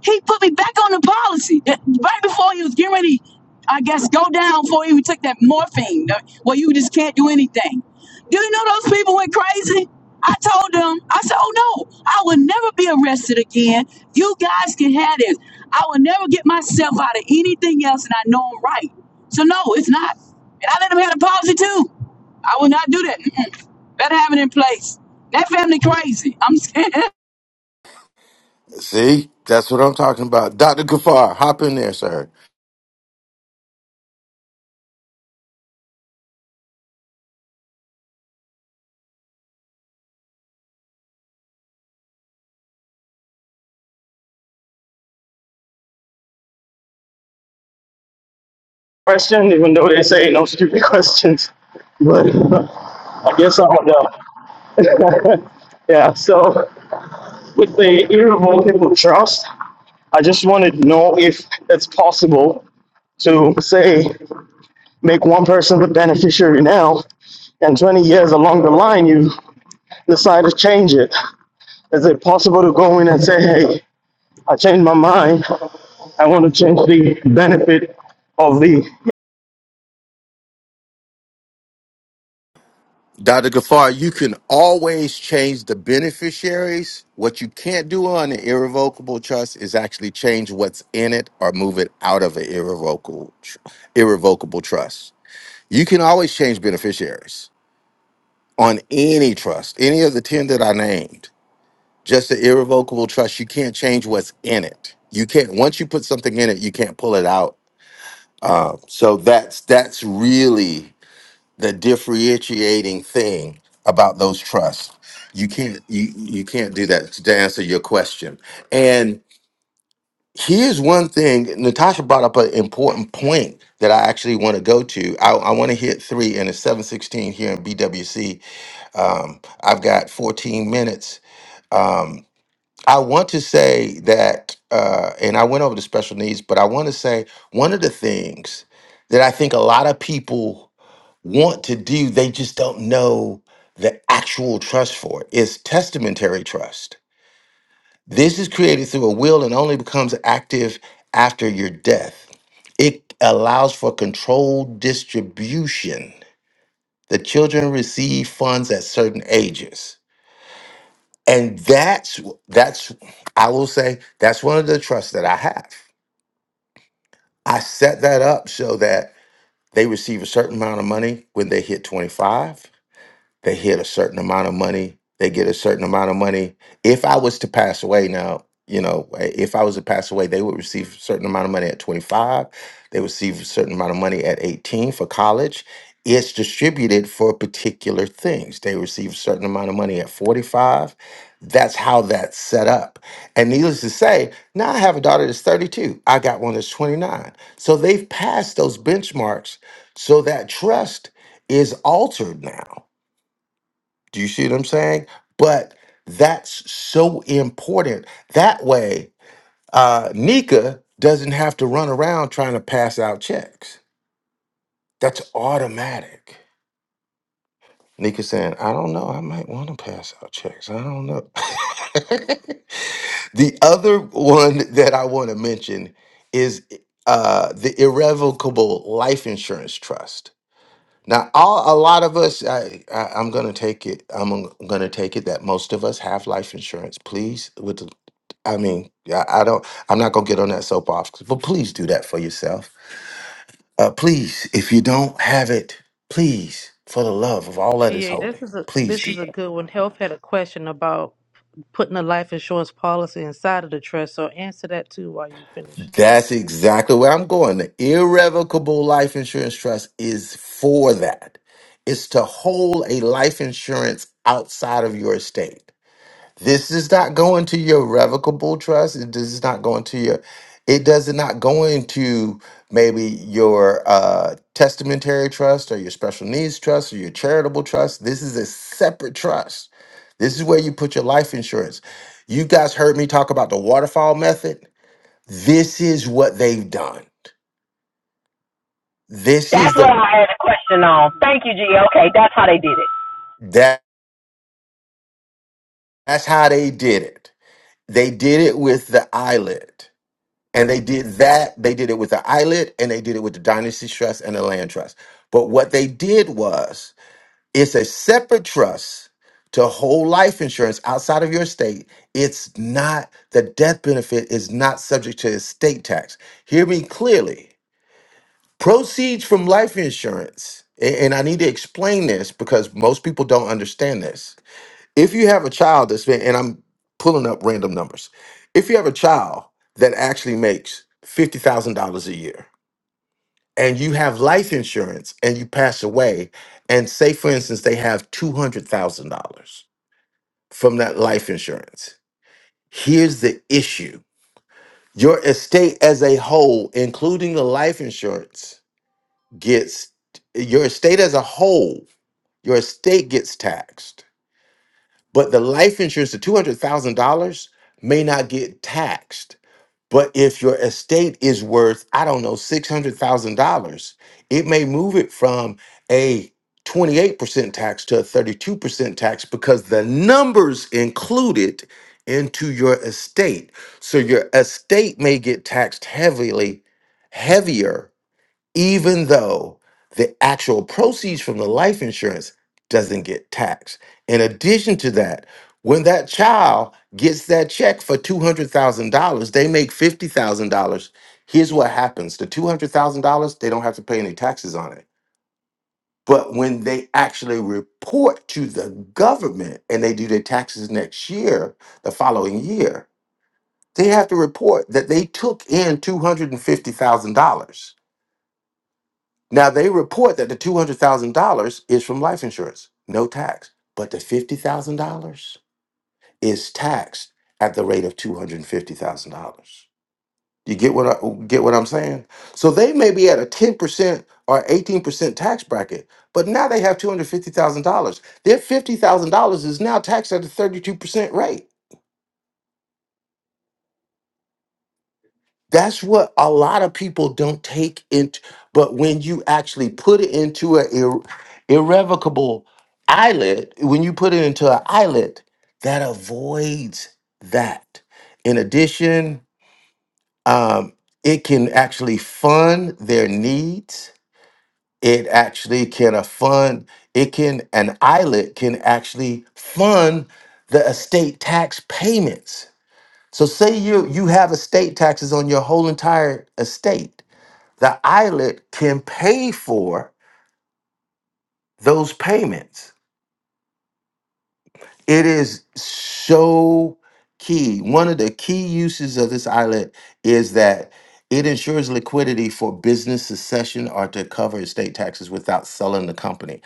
he put me back on the policy Uh, right before he was getting ready. I guess go down before he even took that morphine. uh, Well, you just can't do anything. Do you know those people went crazy? I told them, I said, "Oh no, I will never be arrested again. You guys can have this. I will never get myself out of anything else, and I know I'm right. So no, it's not. And I let them have the policy too. I will not do that. Mm-mm. Better have it in place. That family crazy. I'm scared.
See, that's what I'm talking about. Dr. Gafar, hop in there, sir.
question, even though they say no stupid questions. But uh, I guess I don't know. Yeah, so with the irrevocable trust, I just wanted to know if it's possible to, say, make one person the beneficiary now, and 20 years along the line, you decide to change it. Is it possible to go in and say, hey, I changed my mind. I want to change the benefit of the
Dr. Gafar, you can always change the beneficiaries. What you can't do on an irrevocable trust is actually change what's in it or move it out of an irrevocable tr- irrevocable trust. You can always change beneficiaries on any trust, any of the 10 that I named. Just the irrevocable trust, you can't change what's in it. You can't once you put something in it, you can't pull it out. So that's that's really the differentiating thing about those trusts. You can't you you can't do that to answer your question. And here's one thing Natasha brought up an important point that I actually want to go to. I, I want to hit three and it's 716 here in BWC. Um, I've got 14 minutes. Um, I want to say that uh, and I went over the special needs, but I want to say one of the things that I think a lot of people want to do, they just don't know the actual trust for it. It's testamentary trust. This is created through a will and only becomes active after your death. It allows for controlled distribution. The children receive funds at certain ages. And that's that's I will say that's one of the trusts that I have. I set that up so that they receive a certain amount of money when they hit 25 They hit a certain amount of money. They get a certain amount of money. If I was to pass away now, you know, eh, if I was to pass away, they would receive a certain amount of money at 25. They would receive a certain amount of money at 18 for college. It's distributed for particular things. They receive a certain amount of money at 45. That's how that's set up. And needless to say, now I have a daughter that's 32. I got one that's 29. So they've passed those benchmarks. So that trust is altered now. Do you see what I'm saying? But that's so important. That way, uh, Nika doesn't have to run around trying to pass out checks. That's automatic. Nika saying, I don't know. I might want to pass out checks. I don't know. the other one that I want to mention is uh, the irrevocable life insurance trust. Now, all, a lot of us, I, I, I'm going to take it. I'm going to take it that most of us have life insurance. Please, with the, I mean, I, I don't. I'm not going to get on that soapbox, but please do that for yourself. Uh, please, if you don't have it, please, for the love of all that is
Ga, this
holy,
is a
please
this
do
is a
that.
good one. Health had a question about putting a life insurance policy inside of the trust, so answer that too while you finish.
That's exactly where I'm going. The irrevocable life insurance trust is for that. It's to hold a life insurance outside of your estate. This is not going to your revocable trust. It- does is not go into your. It does not go into maybe your uh, testamentary trust or your special needs trust or your charitable trust. This is a separate trust. This is where you put your life insurance. You guys heard me talk about the waterfall method. This is what they've done. This is
That's what
the
I had a question on. Thank you, G. Okay, that's how they did it.
that that's how they did it. They did it with the eyelid. And they did that. They did it with the eyelid and they did it with the dynasty trust and the land trust. But what they did was it's a separate trust to whole life insurance outside of your estate. It's not the death benefit is not subject to estate tax. Hear me clearly. Proceeds from life insurance, a- and I need to explain this because most people don't understand this if you have a child that's been, and I'm pulling up random numbers, if you have a child that actually makes $50,000 a year and you have life insurance and you pass away, and say, for instance, they have $200,000 from that life insurance, here's the issue your estate as a whole, including the life insurance, gets your estate as a whole, your estate gets taxed But the life insurance, the $200,000 may not get taxed. But if your estate is worth, I don't know, $600,000, it may move it from a 28% tax to a 32% tax because the numbers included into your estate. So your estate may get taxed heavily, heavier even though the actual proceeds from the life insurance doesn't get taxed. In addition to that, when that child gets that check for $200,000, they make $50,000. Here's what happens the $200,000, they don't have to pay any taxes on it. But when they actually report to the government and they do their taxes next year, the following year, they have to report that they took in $250,000 Now they report that the two hundred thousand dollars is from life insurance, no tax, but the fifty thousand dollars is taxed at the rate of two hundred and fifty thousand dollars. You get what I get what I'm saying? So they may be at a ten percent or eighteen percent tax bracket, but now they have two hundred fifty thousand dollars. Their fifty thousand dollars is now taxed at a thirty two percent rate. That's what a lot of people don't take into, but when you actually put it into an ir- irrevocable eyelid, when you put it into an eyelid, that avoids that. In addition, um, it can actually fund their needs. It actually can a fund, it can, an eyelid can actually fund the estate tax payments. So say you you have estate taxes on your whole entire estate the islet can pay for those payments. It is so key. One of the key uses of this islet is that it ensures liquidity for business succession or to cover estate taxes without selling the company.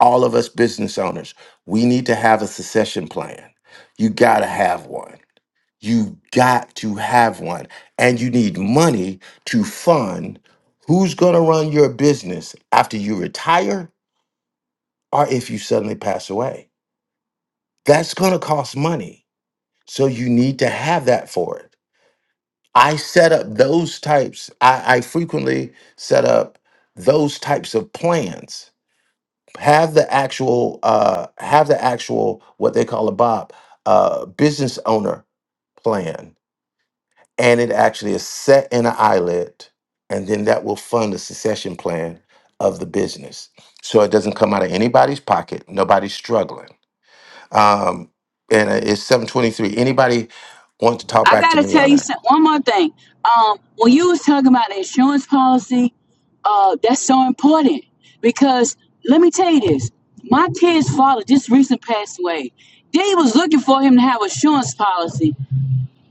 All of us business owners, we need to have a succession plan. You got to have one. You got to have one. And you need money to fund who's going to run your business after you retire or if you suddenly pass away. That's going to cost money. So you need to have that for it. I set up those types, I, I frequently set up those types of plans. Have the actual, uh, have the actual what they call a Bob uh, business owner plan, and it actually is set in an eyelid, and then that will fund the succession plan of the business. So it doesn't come out of anybody's pocket. Nobody's struggling Um, and uh, it's seven twenty three. Anybody want to talk
I
back to
gotta
me
tell
on
you
that?
some, one more thing. Um, when you was talking about the insurance policy, uh, that's so important because let me tell you this: my kid's father just recently passed away. They was looking for him to have an insurance policy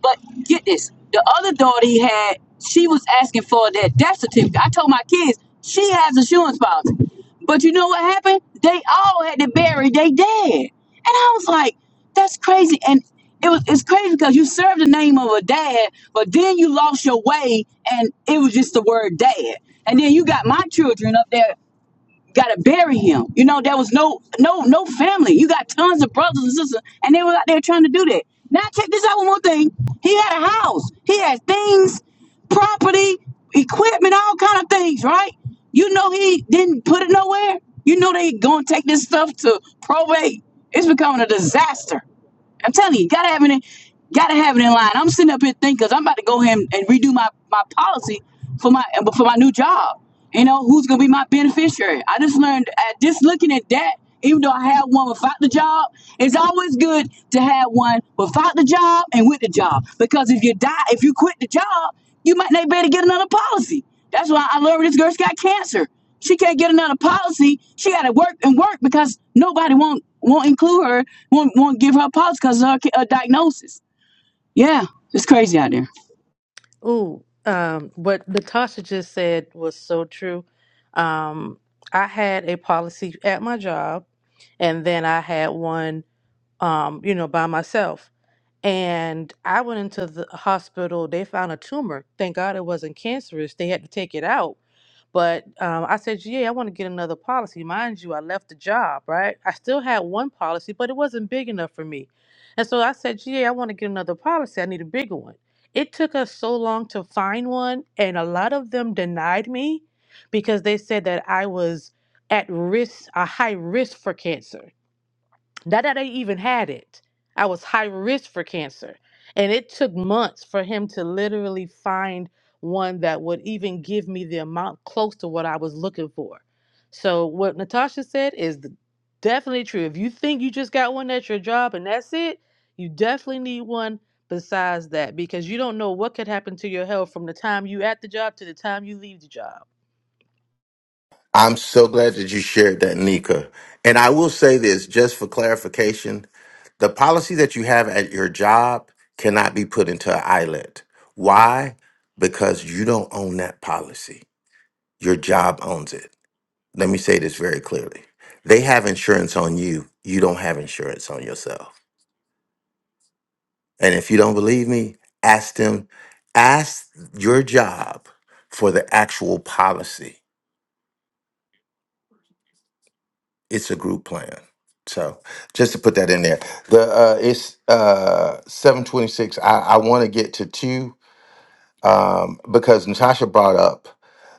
but get this, the other daughter he had, she was asking for that death certificate. I told my kids she has insurance policy, but you know what happened? They all had to bury they dead, and I was like, that's crazy. And it was it's crazy because you served the name of a dad, but then you lost your way, and it was just the word dad. And then you got my children up there gotta bury him. You know, there was no no no family. You got tons of brothers and sisters, and they were out there trying to do that. Now check this out one more thing. He had a house. He had things, property, equipment, all kind of things, right? You know he didn't put it nowhere. You know they gonna take this stuff to probate. It's becoming a disaster. I'm telling you, you gotta have it in, gotta have it in line. I'm sitting up here thinking, cause I'm about to go ahead and, and redo my, my policy for my for my new job. You know, who's gonna be my beneficiary? I just learned at just looking at that, even though I have one without the job, it's always good to have one without the job and with the job. Because if you die, if you quit the job, you might not be able to get another policy. That's why I learned this girl's got cancer. She can't get another policy. She got to work and work because nobody won't won't include her, won't won't give her a policy because of her, her diagnosis. Yeah, it's crazy out there.
Ooh, um, what Latasha just said was so true. Um, I had a policy at my job, and then I had one, um, you know, by myself. And I went into the hospital. They found a tumor. Thank God it wasn't cancerous. They had to take it out. But um, I said, yeah, I want to get another policy. Mind you, I left the job, right? I still had one policy, but it wasn't big enough for me. And so I said, yeah, I want to get another policy. I need a bigger one. It took us so long to find one, and a lot of them denied me because they said that I was at risk, a high risk for cancer. Not that I even had it. I was high risk for cancer. And it took months for him to literally find one that would even give me the amount close to what I was looking for. So, what Natasha said is th- definitely true. If you think you just got one at your job and that's it, you definitely need one besides that because you don't know what could happen to your health from the time you at the job to the time you leave the job.
I'm so glad that you shared that, Nika. And I will say this, just for clarification, the policy that you have at your job cannot be put into an islet. Why? Because you don't own that policy. Your job owns it. Let me say this very clearly. They have insurance on you. You don't have insurance on yourself. And if you don't believe me, ask them, ask your job for the actual policy. It's a group plan. So just to put that in there, the uh, it's uh, seven twenty six. I, I want to get to two um, because Natasha brought up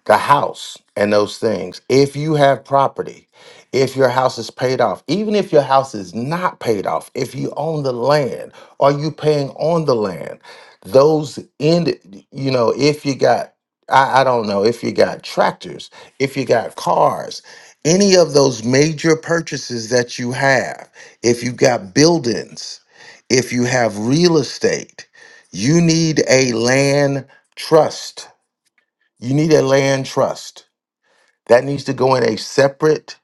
the house and those things. If you have property, if your house is paid off, even if your house is not paid off, if you own the land, are you paying on the land? Those end, you know, if you got, I, I don't know, if you got tractors, if you got cars, any of those major purchases that you have, if you got buildings, if you have real estate, you need a land Trust. You need a land trust. That needs to go in a separate,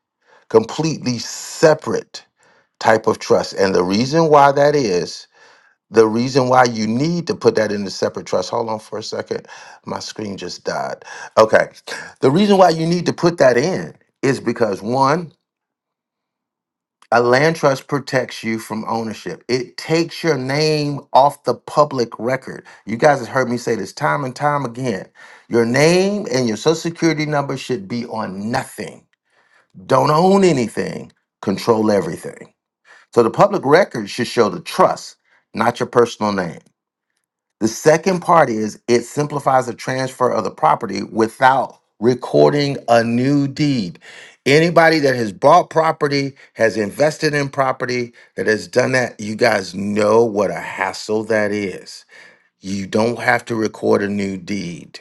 completely separate type of trust. And the reason why that is, the reason why you need to put that in a separate trust. Hold on for a second. My screen just died. Okay. The reason why you need to put that in is because one, A land trust protects you from ownership. It takes your name off the public record. You guys have heard me say this time and time again. Your name and your social security number should be on nothing. Don't own anything, control everything. So the public record should show the trust, not your personal name. The second part is it simplifies the transfer of the property without recording a new deed. Anybody that has bought property, has invested in property, that has done that, you guys know what a hassle that is. You don't have to record a new deed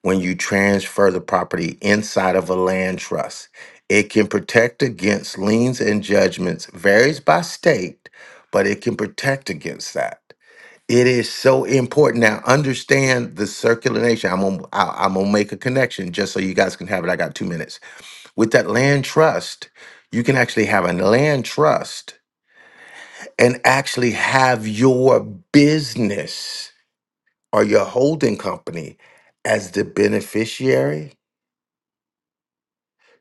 when you transfer the property inside of a land trust. It can protect against liens and judgments, varies by state, but it can protect against that. It is so important. Now, understand the circular nation. I'm gonna, I- I'm gonna make a connection just so you guys can have it. I got two minutes. With that land trust, you can actually have a land trust and actually have your business or your holding company as the beneficiary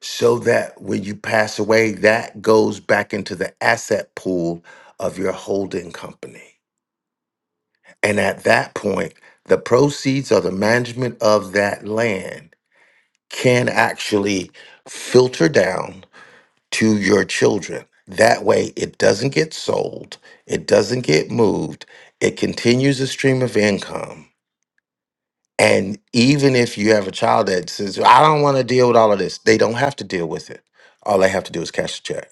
so that when you pass away, that goes back into the asset pool of your holding company. And at that point, the proceeds or the management of that land can actually filter down to your children. That way, it doesn't get sold, it doesn't get moved, it continues a stream of income. And even if you have a child that says, I don't want to deal with all of this, they don't have to deal with it. All they have to do is cash the check.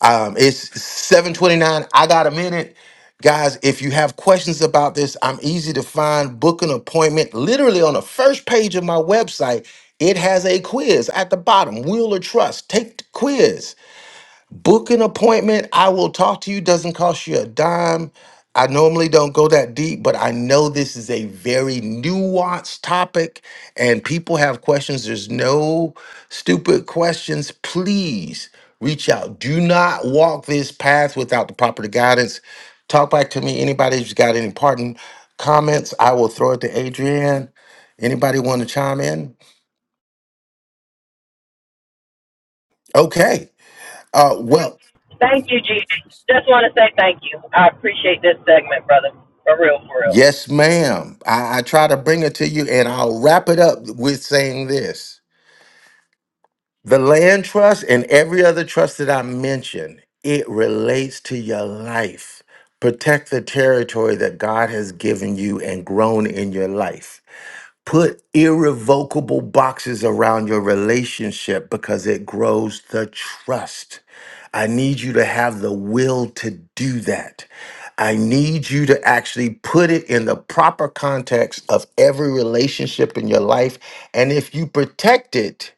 Um, it's 7:29. I got a minute. Guys, if you have questions about this, I'm easy to find. Book an appointment. Literally on the first page of my website, it has a quiz at the bottom. Will or trust. Take the quiz. Book an appointment. I will talk to you. Doesn't cost you a dime. I normally don't go that deep, but I know this is a very nuanced topic and people have questions. There's no stupid questions. Please reach out. Do not walk this path without the proper guidance. Talk back to me. Anybody who's got any parting comments, I will throw it to Adrienne. Anybody want to chime in? Okay. Uh, well,
Thank you, G. Just want to say thank you. I appreciate this segment, brother. For real, for real.
Yes, ma'am. I, I try to bring it to you, and I'll wrap it up with saying this. The land trust and every other trust that I mentioned, it relates to your life. Protect the territory that God has given you and grown in your life. Put irrevocable boxes around your relationship because it grows the trust. I need you to have the will to do that. I need you to actually put it in the proper context of every relationship in your life. And if you protect it,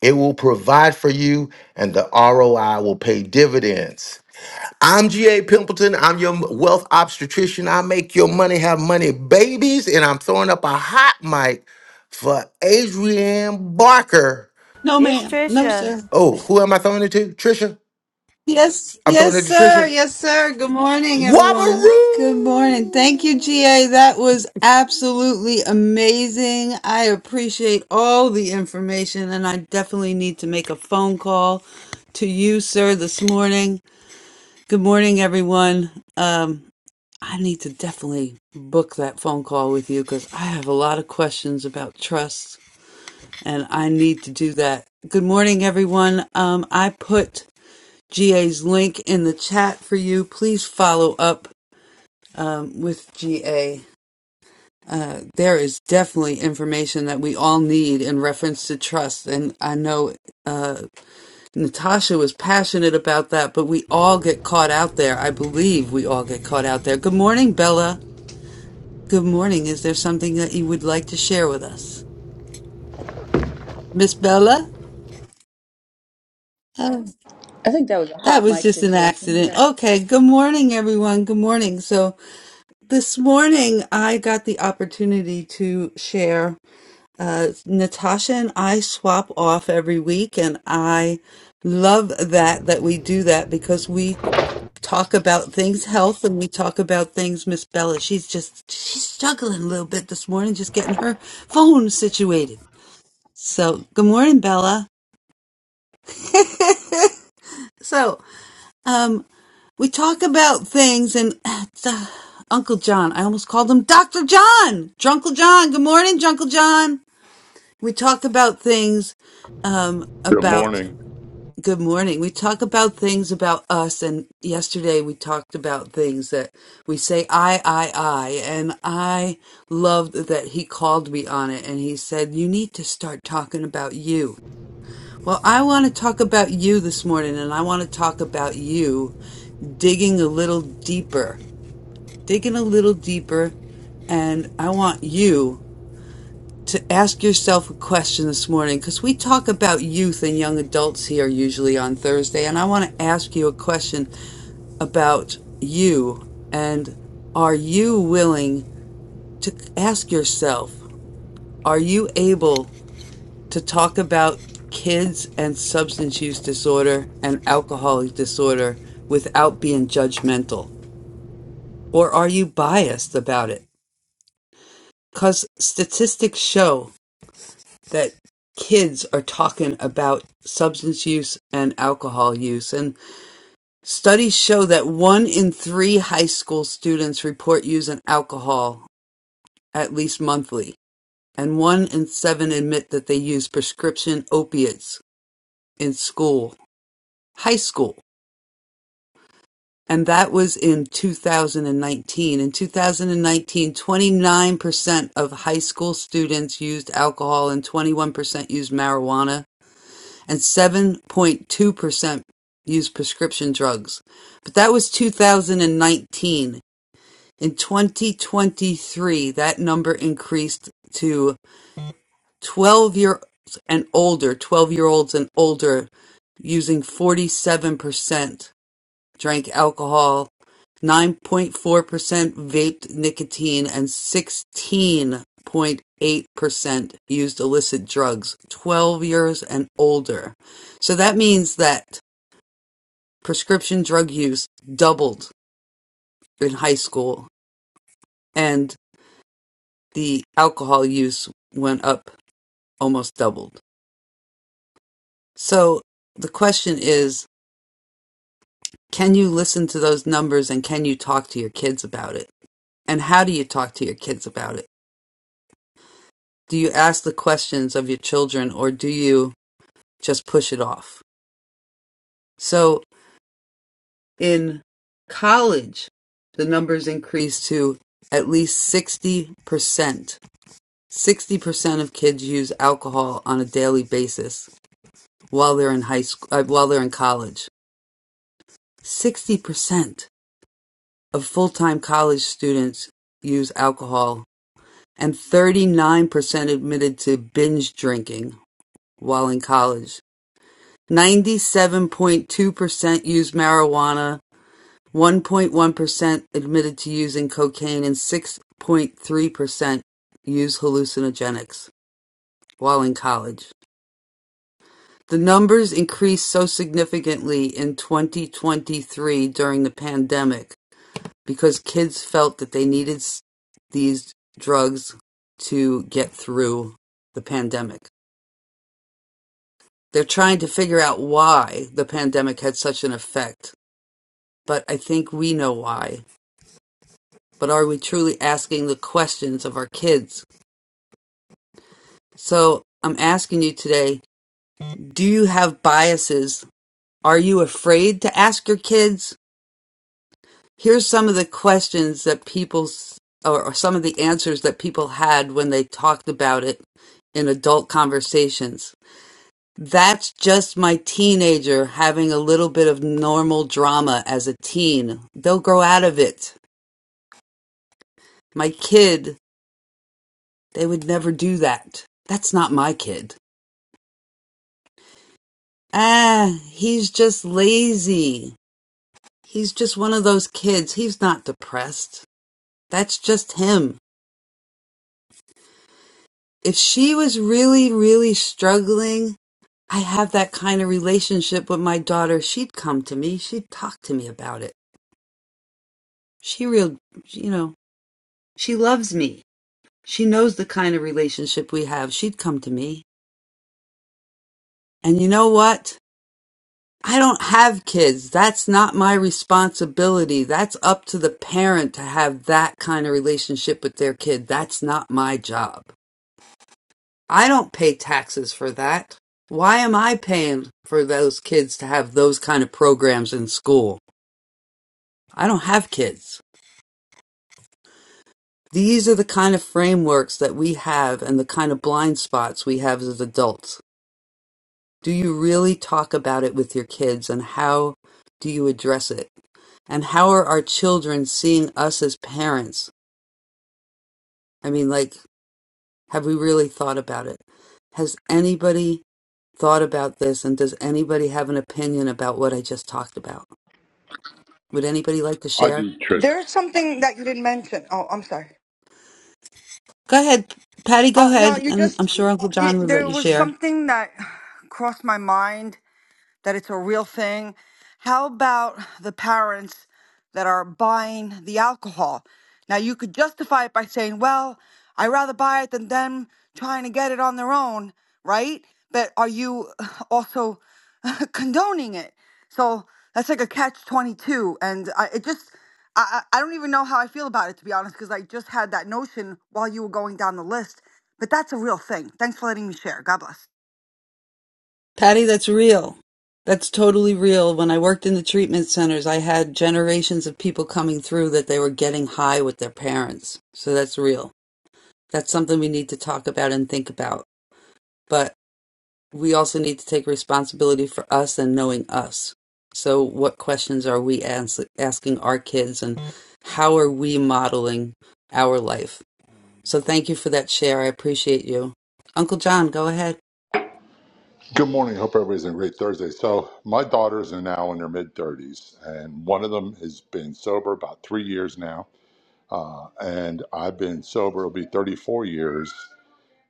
it will provide for you and the ROI will pay dividends. I'm G.A. Pimpleton. I'm your wealth obstetrician. I make your money have money babies. And I'm throwing up a hot mic for Adrienne Barker.
No,
It's
ma'am. No,
Trisha.
sir.
Oh, who am I throwing it to? Trisha?
Yes,
I'm throwing
yes,
it to
sir.
Trisha.
Yes, sir. Good morning, everyone.
Wabaroo!
Good morning. Thank you, GA. That was absolutely amazing. I appreciate all the information, and I definitely need to make a phone call to you, sir, this morning. Good morning, everyone. Um, I need to definitely book that phone call with you because I have a lot of questions about trust, and I need to do that. Good morning, everyone. Um, I put GA's link in the chat for you. Please follow up um, with GA. Uh, there is definitely information that we all need in reference to trust. And I know uh, Natasha was passionate about that, but we all get caught out there. I believe we all get caught out there. Good morning, Bella. Good morning. Is there something that you would like to share with us? Miss Bella? Oh,
I think that was a
that
hot
was
mic
just an
situation. We
accident.
got.
Okay. Good morning, everyone. Good morning. So, This morning, I got the opportunity to share. Uh, Natasha and I swap off every week, and I love that that we do that because we talk about things health and we talk about things Miss Bella. She's just she's struggling a little bit this morning, just getting her phone situated. So, good morning, Bella. so, um, We talk about things and the, Uncle John, I almost called him Dr. John. Drunkle John. Good morning, Drunkle John. We talk about things um
Good
about
morning.
good morning. We talk about things about us and yesterday we talked about things that we say I I I and I loved that he called me on it and he said you need to start talking about you. Well, I want to talk about you this morning and I want to talk about you digging a little deeper digging a little deeper. And I want you to ask yourself a question this morning because we talk about youth and young adults here usually on Thursday. And I want to ask you a question about you. And are you willing to ask yourself, are you able to talk about kids and substance use disorder and alcoholic disorder without being judgmental? Or are you biased about it? Because statistics show that kids are talking about substance use and alcohol use. And studies show that one in three high school students report using alcohol at least monthly, and one in seven admit that they use prescription opiates in school, high school. And that was in 2019. In 2019, 29% of high school students used alcohol and 21% used marijuana and 7.2% used prescription drugs. But that was 2019. In 2023, that number increased to 12 year olds and older, 12 year olds and older using 47% drank alcohol, 9.4% vaped nicotine, and 16.8% used illicit drugs, 12 years and older. So that means that prescription drug use doubled in high school and the alcohol use went up almost doubled. So the question is, can you listen to those numbers and can you talk to your kids about it? And how do you talk to your kids about it? Do you ask the questions of your children or do you just push it off? So in college, the numbers increased to at least 60%. 60% of kids use alcohol on a daily basis while they're in high school, uh, while they're in college. 60% of full-time college students use alcohol and 39% admitted to binge drinking while in college. Ninety-seven point two percent used marijuana, one point one percent admitted to using cocaine, and six point three percent used hallucinogenics while in college. The numbers increased so significantly in 2023 during the pandemic because kids felt that they needed these drugs to get through the pandemic. They're trying to figure out why the pandemic had such an effect but I think we know why. But are we truly asking the questions of our kids? So I'm asking you today do you have biases? Are you afraid to ask your kids? Here's some of the questions that people, or some of the answers that people had when they talked about it in adult conversations. That's just my teenager having a little bit of normal drama as a teen. They'll grow out of it. My kid They would never do that. That's not my kid. Ah, he's just lazy. He's just one of those kids. He's not depressed. That's just him. If she was really, really struggling, I have that kind of relationship with my daughter. She'd come to me. She'd talk to me about it. She real, you know, she loves me. She knows the kind of relationship we have. She'd come to me. And you know what? I don't have kids. That's not my responsibility. That's up to the parent to have that kind of relationship with their kid. That's not my job. I don't pay taxes for that. Why am I paying for those kids to have those kind of programs in school? I don't have kids. These are the kind of frameworks that we have and the kind of blind spots we have as adults. Do you really talk about it with your kids and how do you address it? And how are our children seeing us as parents? I mean, like, have we really thought about it? Has anybody thought about this and does anybody have an opinion about what I just talked about? Would anybody like to
I
share?
do treasure.
There's something that you didn't mention. Oh, I'm sorry.
Go ahead, Patty, go
Uh, no,
ahead.
you
And I'm
just,
sure Uncle
you,
John would let
there
you
was
share.
something that crossed my mind that it's a real thing. How about the parents that are buying the alcohol? Now, you could justify it by saying, well, I'd rather buy it than them trying to get it on their own, right? But are you also condoning it? So that's like a catch 22. And I, it just, I, I I don't even know how I feel about it, to be honest, because I just had that notion while you were going down the list. But that's a real thing. Thanks for letting me share. God bless.
Patty, that's real. That's totally real. When I worked in the treatment centers, I had generations of people coming through that they were getting high with their parents. So that's real. That's something we need to talk about and think about. But we also need to take responsibility for us and knowing us. So, what questions are we ans- asking our kids and how are we modeling our life? So, thank you for that share. I appreciate you. Uncle John, go ahead.
Good morning. Hope everybody's having a great Thursday. So my daughters are now in their mid thirties, and one of them has been sober about three years now, and I've been sober. It'll be thirty-four years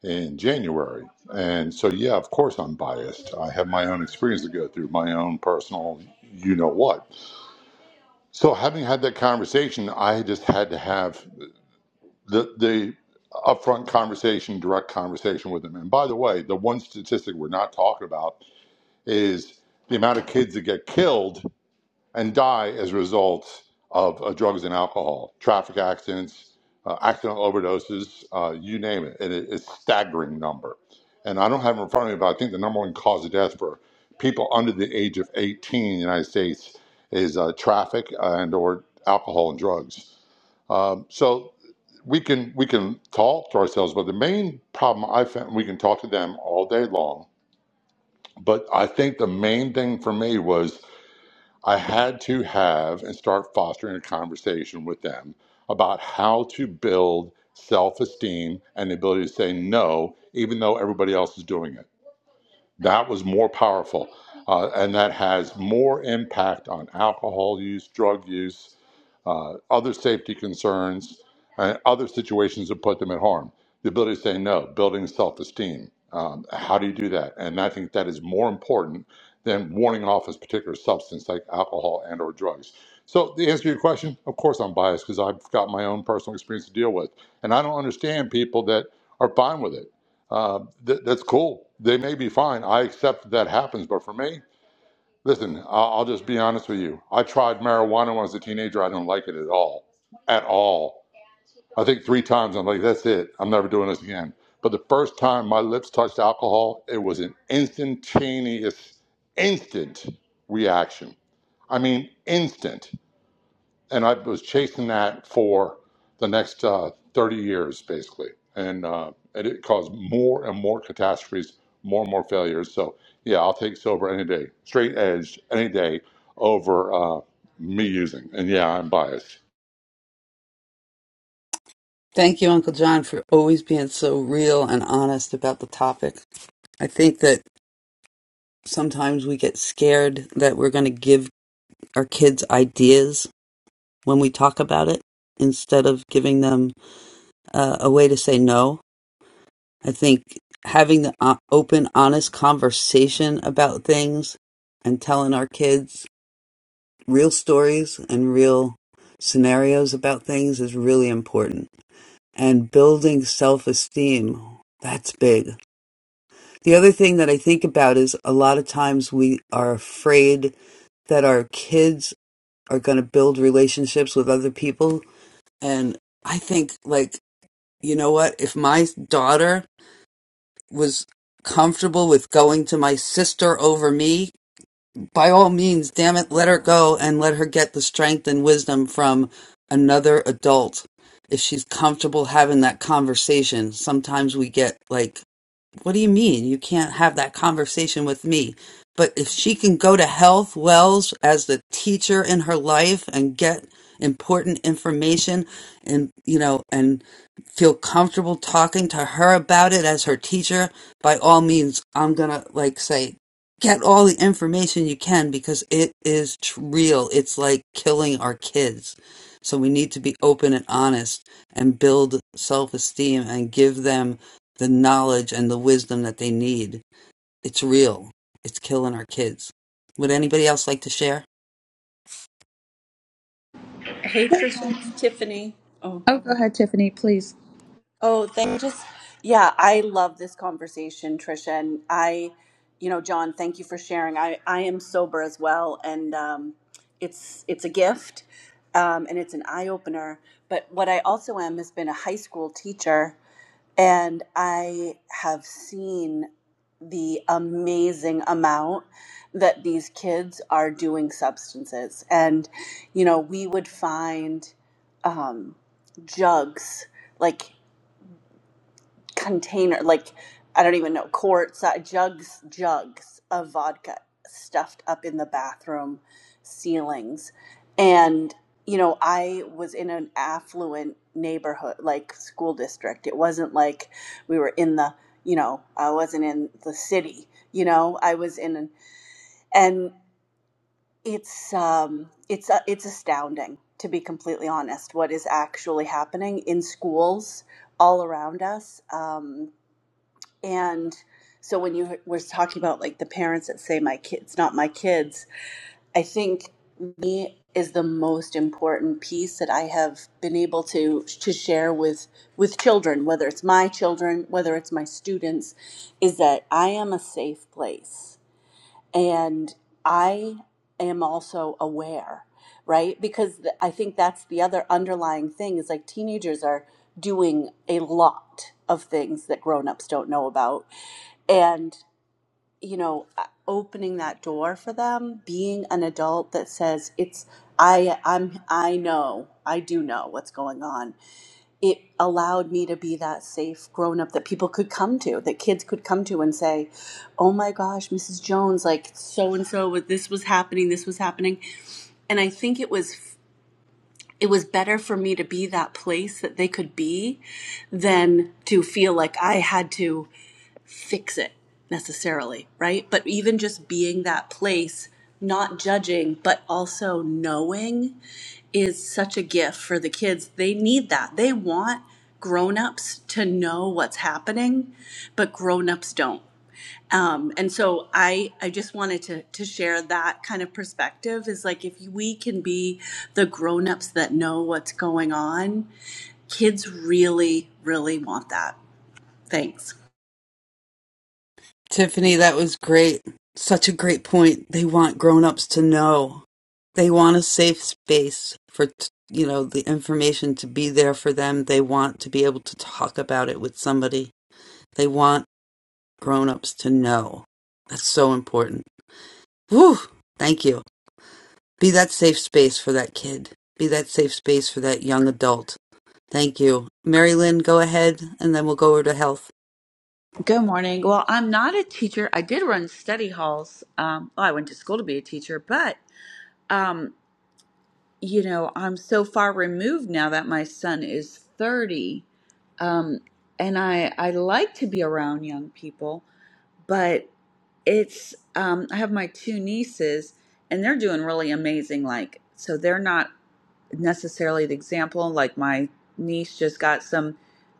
in January, and so yeah, of course I'm biased. I have my own experience to go through, my own personal, you know what. So having had that conversation, I just had to have the the upfront conversation, direct conversation with them. And by the way, the one statistic we're not talking about is the amount of kids that get killed and die as a result of uh, drugs and alcohol, traffic accidents, uh, accidental overdoses, uh, you name it. And it- It's a staggering number. And I don't have it in front of me, but I think the number one cause of death for people under the age of 18 in the United States is uh, traffic and or alcohol and drugs. Um, so we can we can talk to ourselves, but the main problem I found we can talk to them all day long but I think the main thing for me was I had to have and start fostering a conversation with them about how to build self esteem and the ability to say no, even though everybody else is doing it. That was more powerful. Uh, and that has more impact on alcohol use, drug use, uh, other safety concerns, and other situations that put them at harm. The ability to say no, building self esteem. Um, how do you do that? And I think that is more important than warning off a particular substance like alcohol and or drugs. So the answer to your question, of course I'm biased because I've got my own personal experience to deal with. And I don't understand people that are fine with it uh, th- that's cool. They may be fine. I accept that, that happens. But for me, listen, I- I'll just be honest with you. I tried marijuana when I was a teenager. I don't like it at all. At all. I think three times I'm like, that's it. I'm never doing this again. But the first time my lips touched alcohol, it was an instantaneous, instant reaction. I mean, instant and I was chasing that for the next uh, 30 years, basically. And, uh, and it caused more and more catastrophes, more and more failures. So, yeah, I'll take silver any day, straight edge any day over uh, me using. And yeah, I'm biased.
Thank you, Uncle John, for always being so real and honest about the topic. I think that sometimes we get scared that we're going to give our kids ideas when we talk about it instead of giving them uh, a way to say no. I think having the o- open, honest conversation about things and telling our kids real stories and real scenarios about things is really important. And building self esteem, that's big The other thing that I think about is a lot of times we are afraid that our kids are going to build relationships with other people. And I think, like, you know what? If my daughter was comfortable with going to my sister over me, by all means, damn it, let her go and let her get the strength and wisdom from another adult. If she's comfortable having that conversation, sometimes we get like what do you mean? You can't have that conversation with me. But if she can go to Health Wells as the teacher in her life and get important information and, you know, and feel comfortable talking to her about it as her teacher, by all means, I'm going to like say, get all the information you can because it is tr- real. It's like killing our kids. So we need to be open and honest and build self esteem and give them the knowledge and the wisdom that they need. It's real. It's killing our kids. Would anybody else like to share?
Hey, Trisha, it's Tiffany. Oh.
Oh, go ahead, Tiffany, please.
Oh, thank just yeah, I love this conversation, Trisha. And I, you know, John, thank you for sharing. I, I am sober as well, and um, it's it's a gift, um, and it's an eye opener. But what I also am has been a high school teacher, and I have seen the amazing amount that these kids are doing substances. And, you know, we would find um, jugs. Like container like i don't even know quarts uh, jugs jugs of vodka stuffed up in the bathroom ceilings and you know i was in an affluent neighborhood like school district it wasn't like we were in the you know i wasn't in the city you know i was in an, and it's um it's uh, it's astounding to be completely honest what is actually happening in schools all around us um and so when you were talking about like the parents that say my kids not my kids, I think me is the most important piece that I have been able to to share with with children, whether it's my children, whether it's my students, is that I am a safe place and I am also aware, right? Because I think that's the other underlying thing is like teenagers are doing a lot of things that grown-ups don't know about and you know uh, opening that door for them being an adult that says it's i i'm i know i do know what's going on it allowed me to be that safe grown up that people could come to that kids could come to and say oh my gosh mrs jones like so and so this was happening this was happening and i think it was it was better for me to be that place that they could be than to feel like i had to fix it necessarily, right? But even just being that place, not judging, but also knowing is such a gift for the kids. They need that. They want grown-ups to know what's happening, but grown-ups don't. Um, and so I, I just wanted to, to share that kind of perspective is like if we can be the grown-ups that know what's going on, kids really, really want that. Thanks.
Tiffany, that was great. Such a great point. They want grown-ups to know. They want a safe space for, you know, the information to be there for them. They want to be able to talk about it with somebody. They want grown-ups to know. That's so important. Whew. Thank you. Be that safe space for that kid. Be that safe space for that young adult Thank you. Mary Lynn, go ahead and then we'll go over to health.
Good morning. Well, I'm not a teacher. I did run study halls. Um, well, I went to school to be a teacher, but um, you know, I'm so far removed now that my son is 30, um, and I I like to be around young people, but it's um, I have my two nieces, and they're doing really amazing. Like, so they're not necessarily the example. Like my niece just got some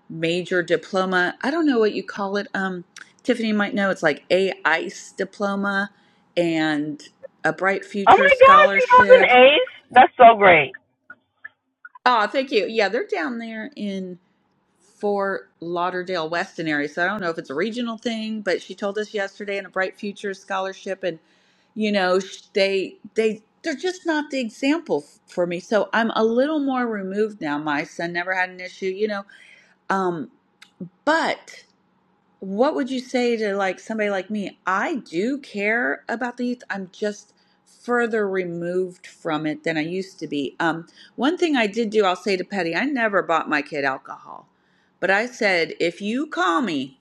major diploma. I don't know what you call it. Um, Tiffany might know. It's like a ICE diploma and a Bright
Oh
Future
my gosh, he got
scholarship.
an ace. That's so great.
Oh, thank you. Yeah, they're down there in Fort Lauderdale, Weston area. So I don't know if it's a regional thing, but she told us yesterday and a Bright Future scholarship. and. you know sh- they they they're just not the example f- for me so i'm a little more removed now my son never had an issue you know um but what would you say to like somebody like me i do care about the youth i'm just further removed from it than i used to be um one thing i did do i'll say to petty i never bought my kid alcohol but i said if you call me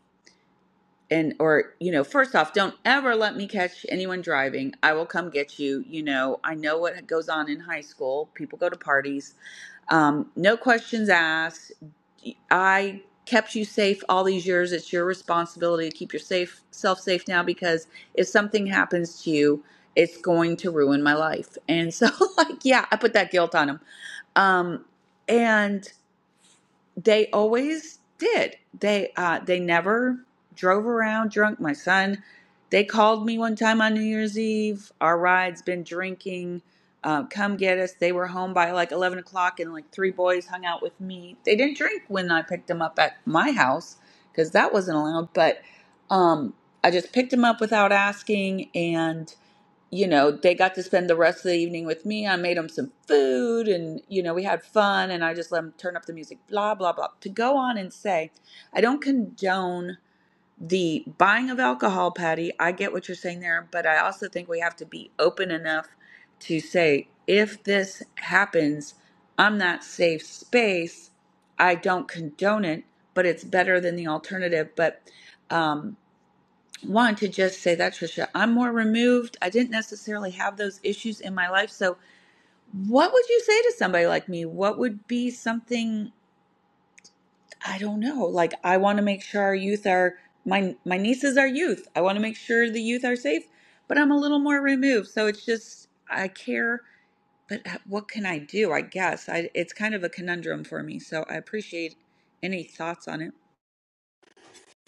and or you know first off don't ever let me catch anyone driving i will come get you you know i know what goes on in high school people go to parties um, no questions asked i kept you safe all these years it's your responsibility to keep yourself safe safe now because if something happens to you it's going to ruin my life and so like yeah i put that guilt on him um, and they always did. They uh, they never drove around drunk. My son, they called me one time on New Year's Eve. Our ride's been drinking. Uh, come get us. They were home by like eleven o'clock, and like three boys hung out with me. They didn't drink when I picked them up at my house because that wasn't allowed. But um, I just picked them up without asking, and you know, they got to spend the rest of the evening with me. I made them some food and, you know, we had fun and I just let them turn up the music, blah, blah, blah. To go on and say, I don't condone the buying of alcohol, Patty. I get what you're saying there, but I also think we have to be open enough to say, if this happens, I'm not safe space. I don't condone it, but it's better than the alternative. But, um, want to just say that, Tricia. I'm more removed. I didn't necessarily have those issues in my life. So, what would you say to somebody like me? What would be something I don't know? Like, I want to make sure our youth are my my nieces are youth. I want to make sure the youth are safe, but I'm a little more removed. So it's just I care, but uh, what can I do? I guess I, it's kind of a conundrum for me. So I appreciate any thoughts on it.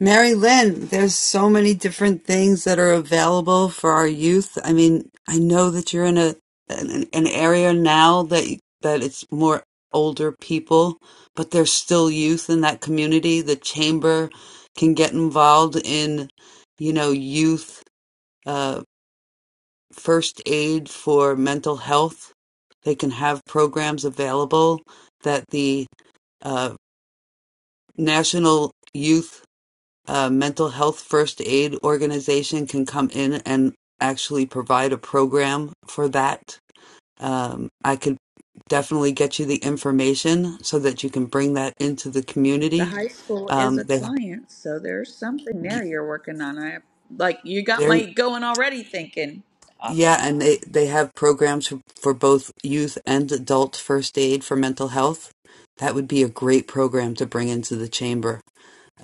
Mary Lynn, there's so many different things that are available for our youth. I mean, I know that you're in a an, an area now that that it's more older people, but there's still youth in that community. The chamber can get involved in, you know, youth uh, first aid for mental health. They can have programs available that the uh, National Youth uh, Mental Health First Aid Organization can come in and actually provide a program for that. Um, I could definitely get you the information so that you can bring that into the
The
community.
high school is
Um,
a
they,
client, so there's something there you're working on. I like you got
they're,
my going already thinking. Awesome.
yeah, and they, they have programs for, for both youth and adult first aid for mental health. That would be a great program to bring into the chamber.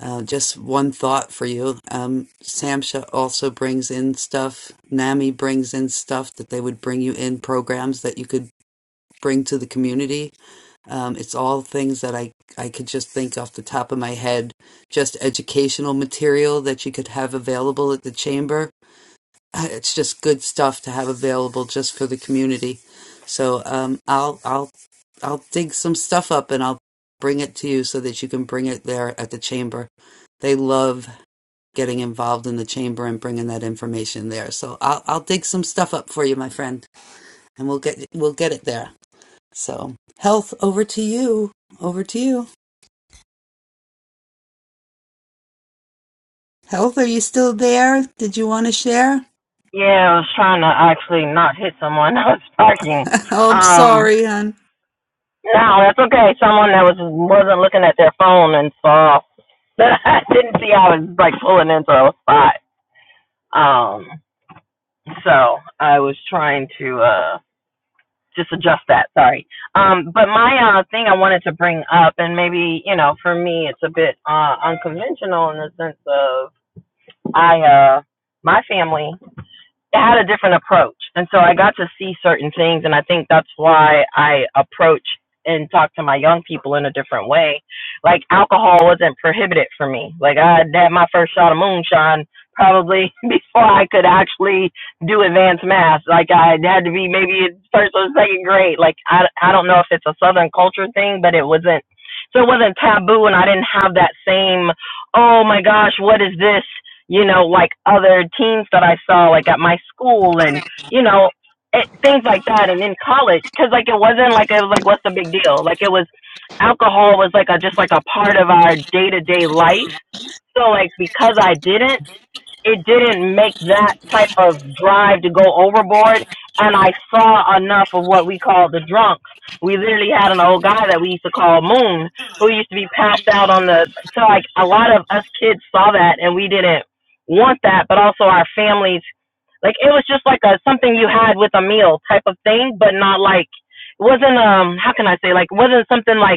Uh, just one thought for you. Um, Samsha also brings in stuff. NAMI brings in stuff that they would bring you in programs that you could bring to the community. Um, it's all things that I, I could just think off the top of my head, just educational material that you could have available at the chamber. Uh, It's just good stuff to have available just for the community. So um, I'll I'll I'll dig some stuff up and I'll bring it to you so that you can bring it there at the chamber. They love getting involved in the chamber and bringing that information there. So I'll I'll dig some stuff up for you, my friend, and we'll get we'll get it there. So health, over to you. Over to you. Health, are you still there? Did you want to share?
Yeah, I was trying to actually not hit someone. I was parking.
oh, I'm
Um,
sorry, hon.
no, that's okay. Someone that was wasn't looking at their phone and saw that I didn't see I was like pulling into a spot. Um, so I was trying to uh just adjust that. Sorry. Um, but my uh thing I wanted to bring up, and maybe you know, for me, it's a bit uh unconventional in the sense of I uh my family it had a different approach. And so I got to see certain things. And I think that's why I approach and talk to my young people in a different way. Like alcohol wasn't prohibited for me. Like I had had my first shot of moonshine probably before I could actually do advanced math. Like I had to be maybe in first or second grade. Like I, I don't know if it's a Southern culture thing, but it wasn't, so it wasn't taboo. And I didn't have that same, oh my gosh, what is this? you know, like other teams that I saw, like at my school and, you know, it, things like that. And in college, because like it wasn't like, it was like, what's the big deal? Like it was, alcohol was like a, just like a part of our day to day life. So like because I didn't, it didn't make that type of drive to go overboard. And I saw enough of what we call the drunks. We literally had an old guy that we used to call Moon, who used to be passed out on the. So like a lot of us kids saw that, and we didn't want that. But also our families, like it was just like a something you had with a meal type of thing, but not like it wasn't um how can I say like wasn't something like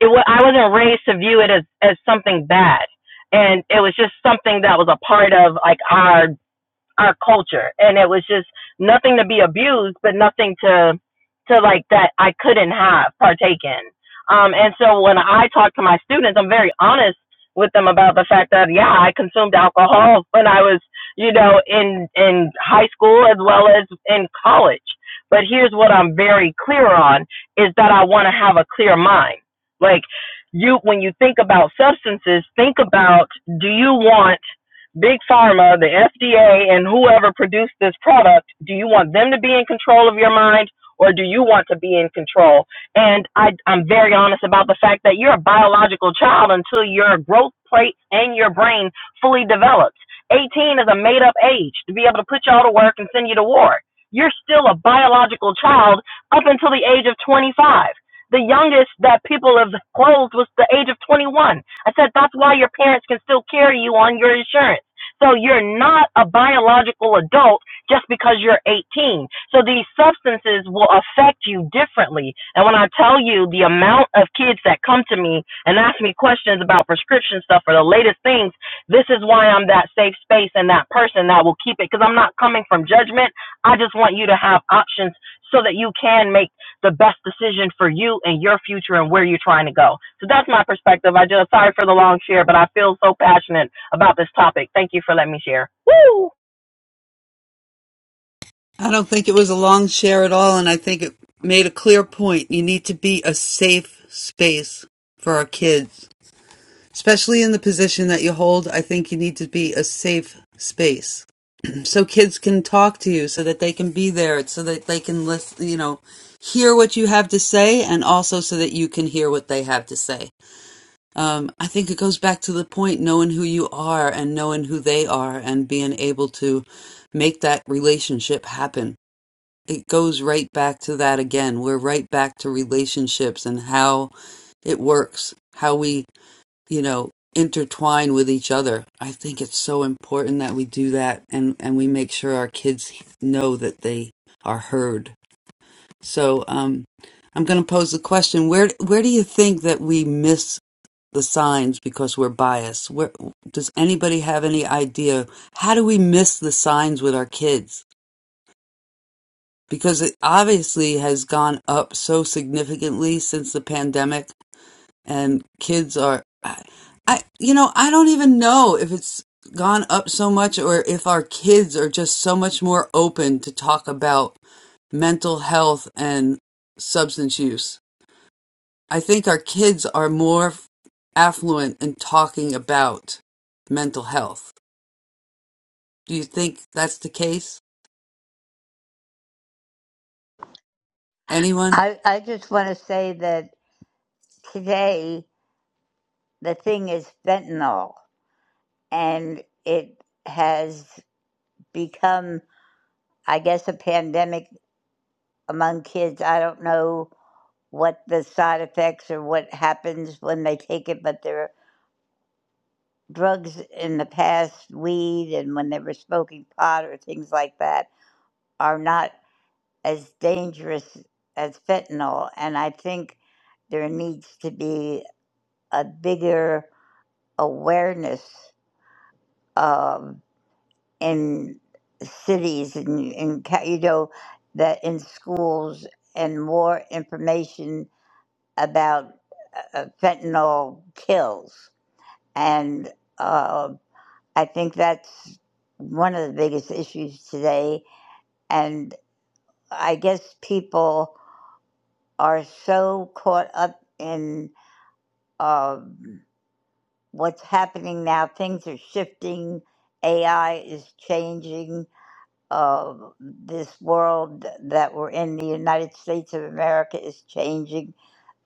it was I wasn't raised to view it as as something bad, and it was just something that was a part of like our our culture and it was just nothing to be abused but nothing to to like that i couldn't have partaken. um and so when i talk to my students i'm very honest with them about the fact that yeah i consumed alcohol when i was you know in in high school as well as in college but here's what i'm very clear on is that i want to have a clear mind like you when you think about substances think about do you want Big Pharma, the FDA, and whoever produced this product, do you want them to be in control of your mind or do you want to be in control? And I, I'm very honest about the fact that you're a biological child until your growth plate and your brain fully develops. 18 is a made up age to be able to put you all to work and send you to war. You're still a biological child up until the age of 25. The youngest that people have closed was the age of 21. I said, that's why your parents can still carry you on your insurance so you're not a biological adult just because you're 18. So these substances will affect you differently. And when I tell you the amount of kids that come to me and ask me questions about prescription stuff or the latest things, this is why I'm that safe space and that person that will keep it because I'm not coming from judgment. I just want you to have options so that you can make the best decision for you and your future and where you're trying to go. So that's my perspective. I just sorry for the long share, but I feel so passionate about this topic. Thank you for letting me share. Woo!
I don't think it was a long share at all, and I think it made a clear point. You need to be a safe space for our kids, especially in the position that you hold. I think you need to be a safe space so kids can talk to you so that they can be there so that they can listen you know hear what you have to say and also so that you can hear what they have to say um, i think it goes back to the point knowing who you are and knowing who they are and being able to make that relationship happen it goes right back to that again we're right back to relationships and how it works how we you know, intertwine with each other. I think it's so important that we do that and, and we make sure our kids know that they are heard. So um, I'm going to pose the question where where do you think that we miss the signs because we're biased? Where does anybody have any idea how do we miss the signs with our kids? Because it obviously has gone up so significantly since the pandemic and kids are I, I you know i don't even know if it's gone up so much or if our kids are just so much more open to talk about mental health and substance use i think our kids are more affluent in talking about mental health do you think that's the case anyone
I, I just want to say that today the thing is fentanyl, and it has become, I guess, a pandemic among kids. I don't know what the side effects or what happens when they take it, but there are drugs in the past, weed, and when they were smoking pot or things like that, are not as dangerous as fentanyl. And I think there needs to be a bigger awareness um, in cities and in, ca- you know that in schools and more information about uh, fentanyl kills and uh, i think that's one of the biggest issues today and i guess people are so caught up in um, what's happening now things are shifting ai is changing of this world that we're in, the United States of America is changing,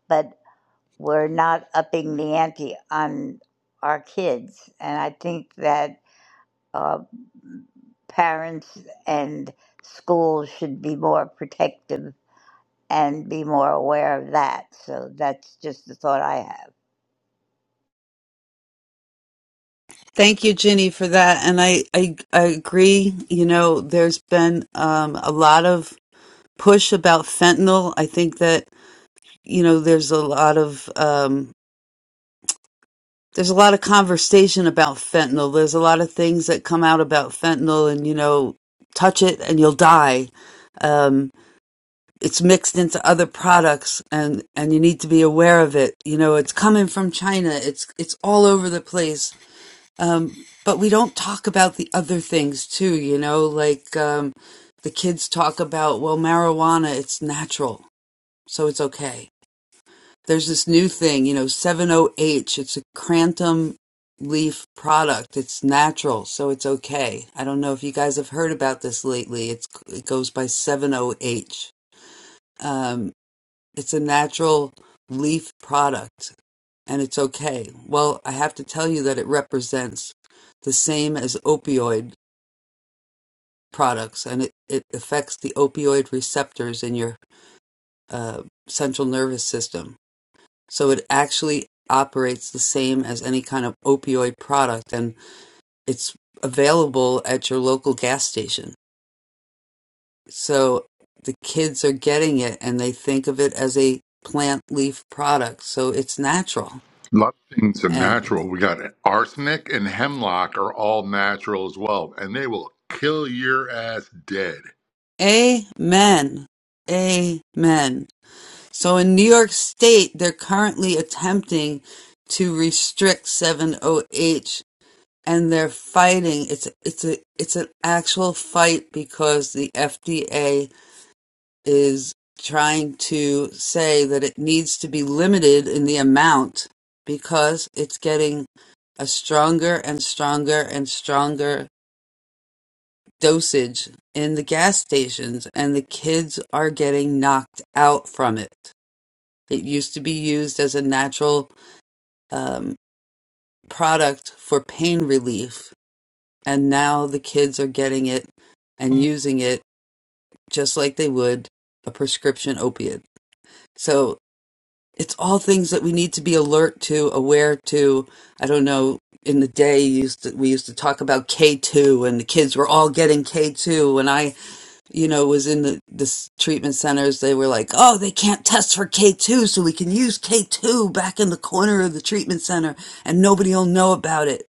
but we're not upping the ante on our kids. And I think that uh, parents and schools should be more protective and be more aware of that. So that's just the thought I have.
thank you ginny for that and i i, I agree you know there's been um, a lot of push about fentanyl i think that you know there's a lot of um there's a lot of conversation about fentanyl there's a lot of things that come out about fentanyl and you know touch it and you'll die um it's mixed into other products and and you need to be aware of it you know it's coming from china it's it's all over the place um but we don't talk about the other things too you know like um the kids talk about well marijuana it's natural so it's okay There's this new thing, you know, 70H. It's a crantum leaf product. It's natural, so it's okay. I don't know if you guys have heard about this lately. It's it goes by 70H. Um, it's a natural leaf product, and it's okay. Well, I have to tell you that it represents the same as opioid products, and it, it affects the opioid receptors in your uh, central nervous system. So it actually operates the same as any kind of opioid product, and it's available at your local gas station. So the kids are getting it and they think of it as a plant leaf product. So it's natural.
A lot of things are
And
natural. We got arsenic and hemlock are all natural as well, and they will kill your ass dead.
amen. Amen. So in New York State, they're currently attempting to restrict 7OH and they're fighting. It's it's a it's an actual fight because the FDA is trying to say that it needs to be limited in the amount because it's getting a stronger and stronger and stronger dosage in the gas stations and the kids are getting knocked out from it. It used to be used as a natural um, product for pain relief and now the kids are getting it and using it just like they would a prescription opiate. So it's all things that we need to be alert to, aware to. I don't know. In the day, you used to, we used to talk about K two, and the kids were all getting K two. And I, you know, was in the this treatment centers. They were like, "Oh, they can't test for K two, so we can use K two back in the corner of the treatment center, and nobody will know about it."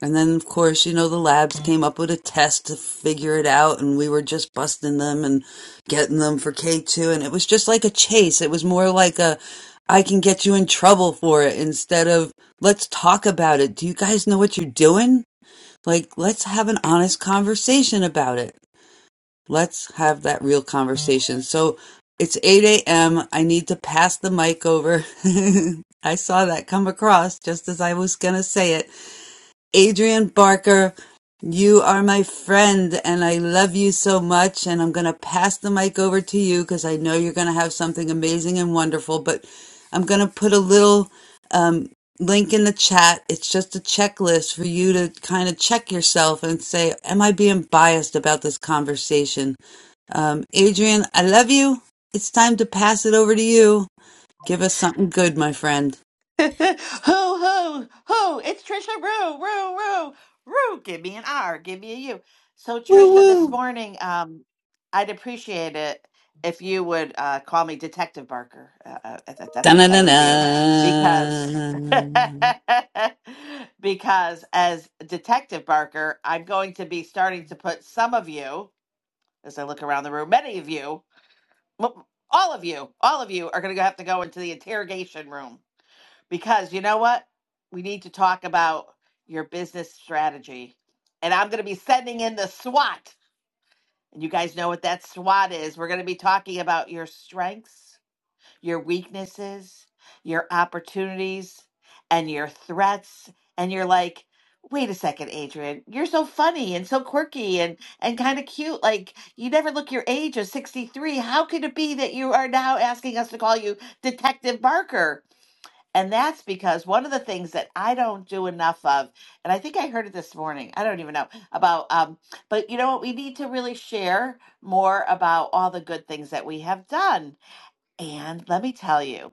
And then, of course, you know, the labs came up with a test to figure it out, and we were just busting them and getting them for K2. And it was just like a chase. It was more like a, I can get you in trouble for it instead of, let's talk about it. Do you guys know what you're doing? Like, let's have an honest conversation about it. Let's have that real conversation. So it's 8 a.m. I need to pass the mic over. I saw that come across just as I was going to say it. Adrian Barker, you are my friend and I love you so much. And I'm going to pass the mic over to you because I know you're going to have something amazing and wonderful. But I'm going to put a little um, link in the chat. It's just a checklist for you to kind of check yourself and say, Am I being biased about this conversation? Um, Adrian, I love you. It's time to pass it over to you. Give us something good, my friend.
ho ho ho! It's Trisha Rue, Rue, Rue, Rue. Give me an R, give me a U. So
Woo
Trisha, this
woo.
morning, um, I'd appreciate it if you would uh, call me Detective Barker, uh, uh, if if that's
Dun dun
okay with you, because
dun.
because as Detective Barker, I'm going to be starting to put some of you, as I look around the room, many of you, m- all of you, all of you are going to have to go into the interrogation room because you know what? We need to talk about your business strategy. And I'm going to be sending in the SWOT. And you guys know what that SWOT is. We're going to be talking about your strengths, your weaknesses, your opportunities, and your threats. And you're like, wait a second, Adrian, you're so funny and so quirky and, and kind of cute. Like, you never look your age of 63. How could it be that you are now asking us to call you Detective Barker? And that's because one of the things that I don't do enough of, and I think I heard it this morning, I don't even know about, um, but you know what? We need to really share more about all the good things that we have done. And let me tell you,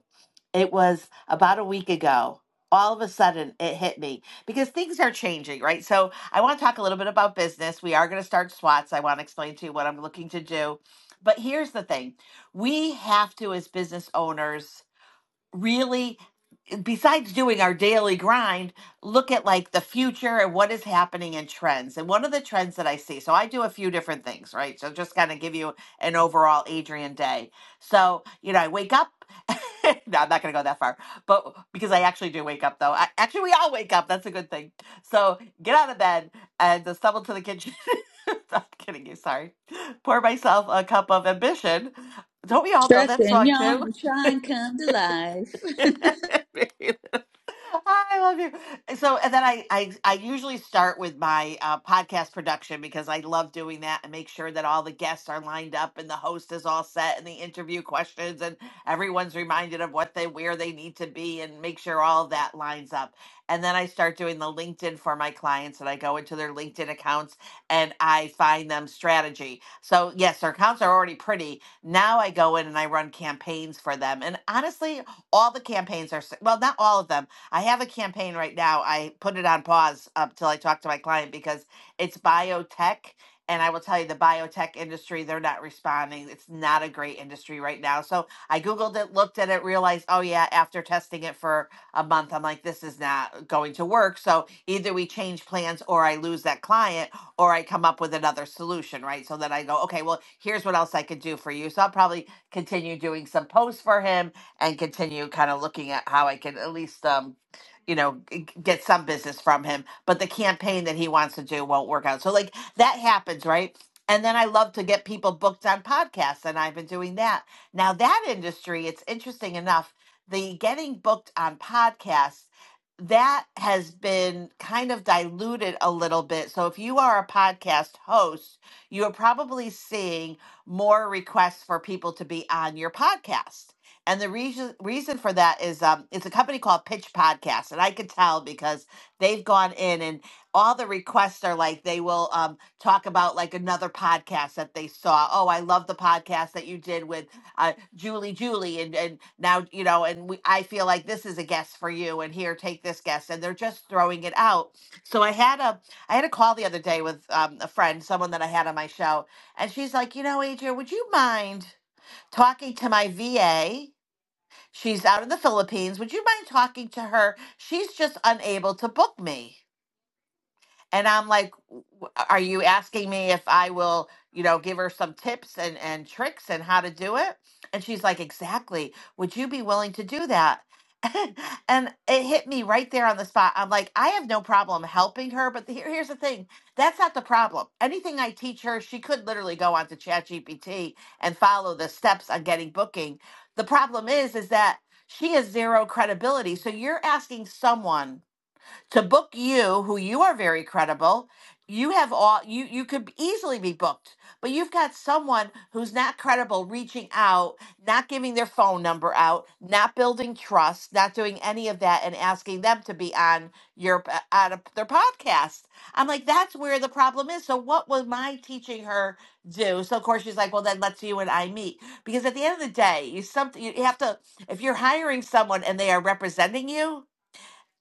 it was about a week ago. All of a sudden, it hit me because things are changing, right? So, I want to talk a little bit about business. We are going to start SWATs. I want to explain to you what I'm looking to do. But here's the thing we have to, as business owners, really besides doing our daily grind, look at like the future and what is happening in trends. And one of the trends that I see, so I do a few different things, right? So just kind of give you an overall Adrian day. So, you know, I wake up. no, I'm not going to go that far, but because I actually do wake up though. I, actually, we all wake up. That's a good thing. So get out of bed and just stumble to the kitchen. I'm kidding you. Sorry. Pour myself a cup of ambition. Don't we all know
Stretch
that
and
song
yawn
too?
and try and come to life.
I love you. So, and then I, I, I usually start with my uh, podcast production because I love doing that and make sure that all the guests are lined up and the host is all set and the interview questions and everyone's reminded of what they, where they need to be and make sure all that lines up. And then I start doing the LinkedIn for my clients and I go into their LinkedIn accounts and I find them strategy. So, yes, their accounts are already pretty. Now I go in and I run campaigns for them. And honestly, all the campaigns are, well, not all of them. I have a campaign right now. I put it on pause up till I talk to my client because it's biotech. And I will tell you, the biotech industry, they're not responding. It's not a great industry right now. So I Googled it, looked at it, realized, oh, yeah, after testing it for a month, I'm like, this is not going to work. So either we change plans or I lose that client or I come up with another solution, right? So then I go, okay, well, here's what else I could do for you. So I'll probably continue doing some posts for him and continue kind of looking at how I can at least, um, you know, g- get some business from him. But the campaign that he wants to do won't work out. So, like, that happens, right? And then I love to get people booked on podcasts, and I've been doing that. Now, that industry, it's interesting enough, the getting booked on podcasts, that has been kind of diluted a little bit. So, if you are a podcast host, you are probably seeing more requests for people to be on your podcast and the reason reason for that is um, it's a company called Pitch Podcast, and I could tell because they've gone in and all the requests are like they will um, talk about like another podcast that they saw. Oh, I love the podcast that you did with uh, Julie, Julie, and and now you know, and we, I feel like this is a guest for you, and here take this guest, and they're just throwing it out. So I had a I had a call the other day with um, a friend, someone that I had on my show, and she's like, you know, Adrian, would you mind talking to my VA? She's out in the Philippines. Would you mind talking to her? She's just unable to book me and I'm like, are you asking me if I will, you know, give her some tips and and tricks and how to do it? And she's like, exactly. Would you be willing to do that? and it hit me right there on the spot. I'm like, I have no problem helping her, but here, here's the thing. That's not the problem. Anything I teach her, she could literally go onto ChatGPT and follow the steps on getting booking. The problem is, is that she has zero credibility. So you're asking someone to book you who you are very credible you have all you you could easily be booked but you've got someone who's not credible reaching out not giving their phone number out not building trust not doing any of that and asking them to be on your p- on a, their podcast i'm like that's where the problem is so what was my teaching her do so of course she's like well then let's you and i meet because at the end of the day you something you have to if you're hiring someone and they are representing you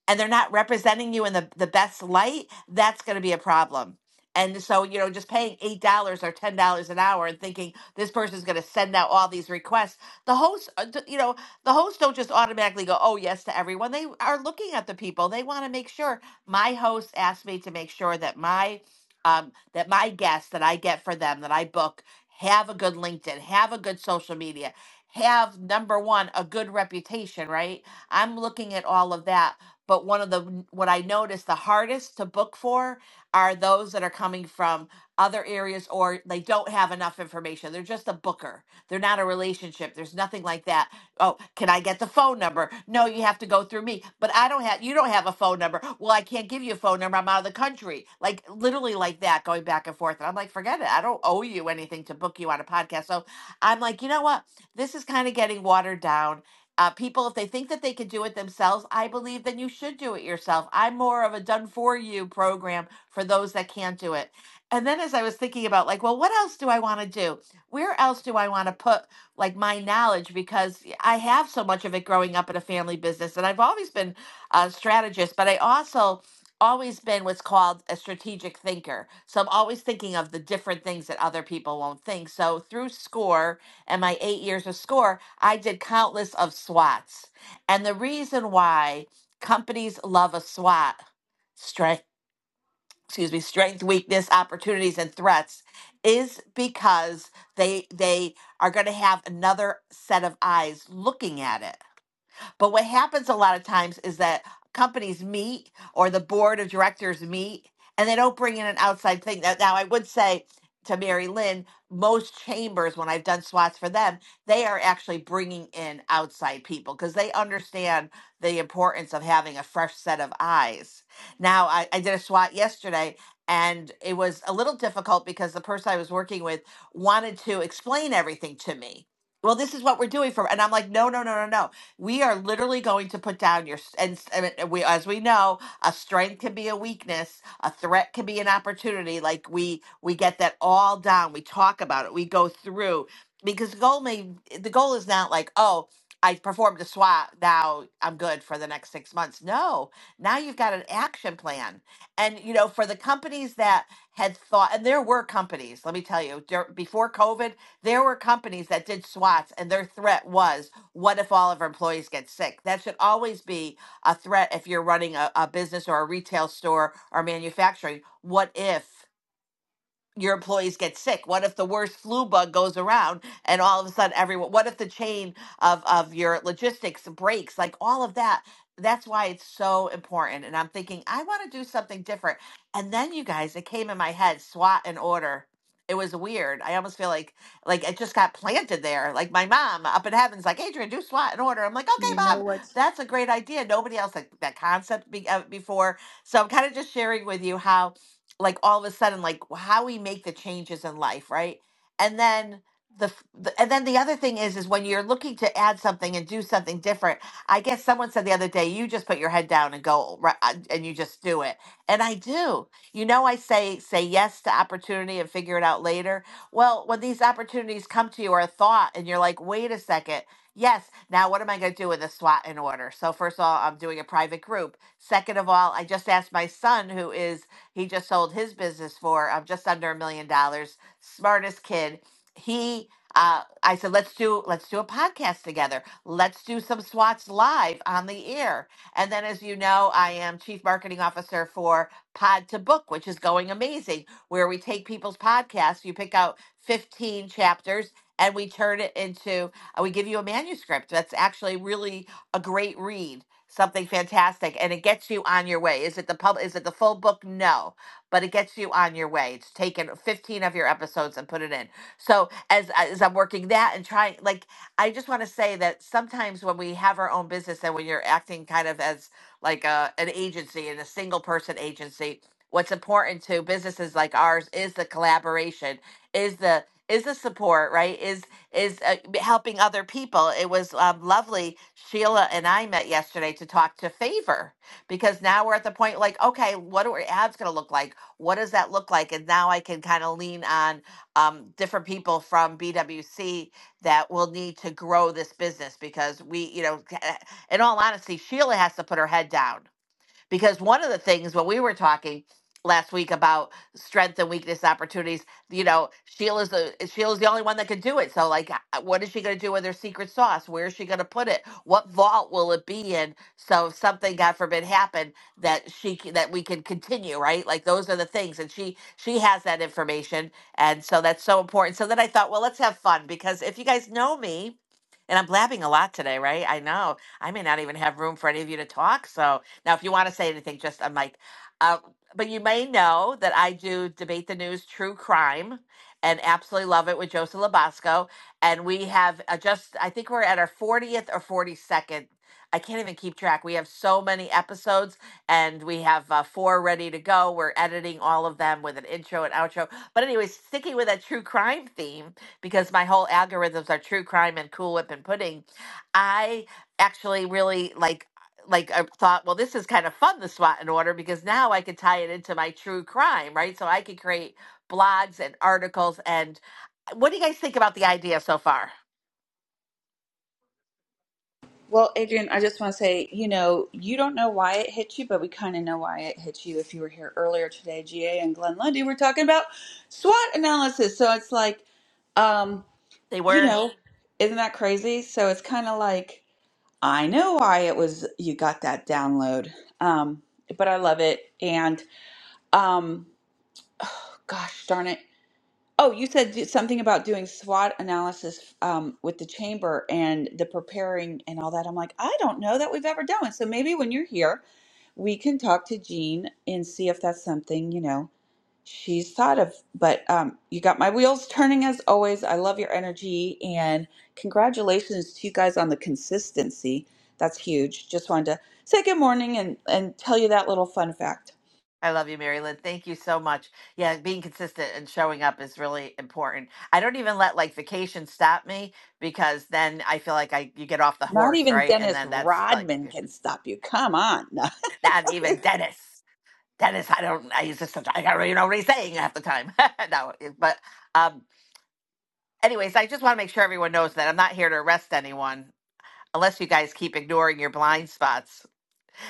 and they're not representing you in the, the best light, that's going to be a problem. And so, you know, just paying $8 or $10 an hour and thinking this person's going to send out all these requests. The hosts, uh, you know, the hosts don't just automatically go, oh, yes, to everyone. They are looking at the people. They want to make sure. My host asked me to make sure that my, um, that my guests that I get for them, that I book, have a good LinkedIn, have a good social media, have number one, a good reputation, right? I'm looking at all of that but one of the what I noticed the hardest to book for are those that are coming from other areas or they don't have enough information. They're just a booker. They're not a relationship. There's nothing like that. Oh, can I get the phone number? No, you have to go through me. But I don't have you don't have a phone number. Well, I can't give you a phone number. I'm out of the country. Like literally like that going back and forth. And I'm like, forget it. I don't owe you anything to book you on a podcast. So I'm like, you know what? This is kind of getting watered down uh, people, if they think that they can do it themselves, I believe then you should do it yourself. I'm more of a done for you program for those that can't do it. And then as I was thinking about, like, well, what else do I want to do? Where else do I want to put like my knowledge? Because I have so much of it growing up in a family business, and I've always been a strategist, but I also always been what's called a strategic thinker. So I'm always thinking of the different things that other people won't think. So through SCORE, and my eight years of score, I did countless of SWATs. And the reason why companies love a SWAT, strength, excuse me, strength, weakness, opportunities, and threats, is because they they are going to have another set of eyes looking at it. But what happens a lot of times is that companies meet or the board of directors meet and they don't bring in an outside thing. Now, now I would say to Mary Lynn, most chambers, when I've done SWATs for them, they are actually bringing in outside people because they understand the importance of having a fresh set of eyes. Now, I, I did a SWAT yesterday and it was a little difficult because the person I was working with wanted to explain everything to me well, this is what we're doing for, and I'm like, no, no, no, no, no. We are literally going to put down your s- and, s- and we as we know, a strength can be a weakness, a threat can be an opportunity. Like we we get that all down. We talk about it. We go through because the goal may the goal is not like, oh, I performed a SWAT, now I'm good for the next 6 months. No. Now you've got an action plan. And you know, for the companies that had thought and there were companies, let me tell you, dur- before COVID, there were companies that did SWATs and their threat was what if all of our employees get sick? That should always be a threat if you're running a, a business or a retail store or manufacturing. What if? your employees get sick? What if the worst flu bug goes around and all of a sudden everyone, what if the chain of, of your logistics breaks? Like all of that. That's why it's so important. And I'm thinking, I want to do something different. And then you guys, it came in my head, SWAT and order. It was weird. I almost feel like like it just got planted there. Like my mom up in heaven's like, Adrian, do SWAT and order. I'm like, okay,
you know
mom,
what?
that's a great idea. Nobody else had that concept be, uh, before. So I'm kind of just sharing with you how like all of a sudden like how we make the changes in life right and then the, the and then the other thing is is when you're looking to add something and do something different i guess someone said the other day you just put your head down and go right, and you just do it and i do you know i say say yes to opportunity and figure it out later well when these opportunities come to you or a thought and you're like wait a second Yes. Now, what am I going to do with the SWAT in order? So, first of all, I'm doing a private group. Second of all, I just asked my son, who is he just sold his business for um, just under a million dollars. Smartest kid. He, uh, I said, let's do let's do a podcast together. Let's do some Swats live on the air. And then, as you know, I am chief marketing officer for Pod to Book, which is going amazing. Where we take people's podcasts, you pick out fifteen chapters. And we turn it into, uh, we give you a manuscript that's actually really a great read something fantastic and it gets you on your way. Is it the pub is it the full book? No. But it gets you on your way. It's taken 15 of your episodes and put it in. So as as I'm working that and trying like I just want to say that sometimes when we have our own business and when you're acting kind of as like a, an agency and a single person agency, what's important to businesses like ours is the collaboration, is the is the support, right? Is is uh, helping other people. It was um, lovely. Sheila and I met yesterday to talk to favor because now we're at the point like, okay, what are ads going to look like? What does that look like? And now I can kind of lean on um, different people from BWC that will need to grow this business because we, you know, in all honesty, Sheila has to put her head down because one of the things when we were talking last week about strength and weakness opportunities, you know, Sheila's the Sheila's the only one that could do it. So like uh, what is she gonna do with her secret sauce? Where is she gonna put it? What vault will it be in? So if something, God forbid, happened that she c- that we can continue, right? Like those are the things. And she she has that information. And so that's so important. So then I thought, well, let's have fun because if you guys know me, and I'm blabbing a lot today, right? I know. I may not even have room for any of you to talk. So now, if you want to say anything, just I'm like, uh, but you may know that I do debate the news, true crime, and absolutely love it with Joseph Labasco. And we have uh, just, I think we're at our 40th or 42nd. I can't even keep track. We have so many episodes, and we have uh, four ready to go. We're editing all of them with an intro and outro. But anyway, sticking with that true crime theme because my whole algorithms are true crime and Cool Whip and pudding. I actually really like like I thought, well, this is kind of fun, the SWAT and order, because now I could tie it into my true crime, right? So I could create blogs and articles. And uh, what do you guys think about the idea so far?
Well, Adrian, I just want to say, you know, you don't know why it hit you, but we kind of know why it hit you. If you were here earlier today, GA and Glenn Lundy were talking about SWOT analysis. So it's like, um,
They
you
were.
know, isn't that crazy? So it's kind of like I know why it was you got that download. Um, but I love it. And um, oh, gosh darn it. Oh, you said do- something about doing SWOT analysis um, with the chamber and the preparing and all that. I'm like, I don't know that we've ever done. it. So maybe when you're here, we can talk to Jean and see if that's something, you know, she's thought of. But um, you got my wheels turning as always. I love your energy and congratulations to you guys on the consistency. That's huge. Just wanted to say good morning and, and tell you that little fun fact.
I love you, Mary Lynn. Thank you so much. Yeah, being consistent and showing up is really important. I don't even let like vacation stop me because then I feel like I you get off the
Not
horse,
even
right? And
Dennis
then that's like
Rodman can stop you. Come on.
not even Dennis. Dennis, I don't. I use this. I don't even know what he's saying half the time. no, but um, Anyways, I just want to make sure everyone knows that I'm not here to arrest anyone unless you guys keep ignoring your blind spots.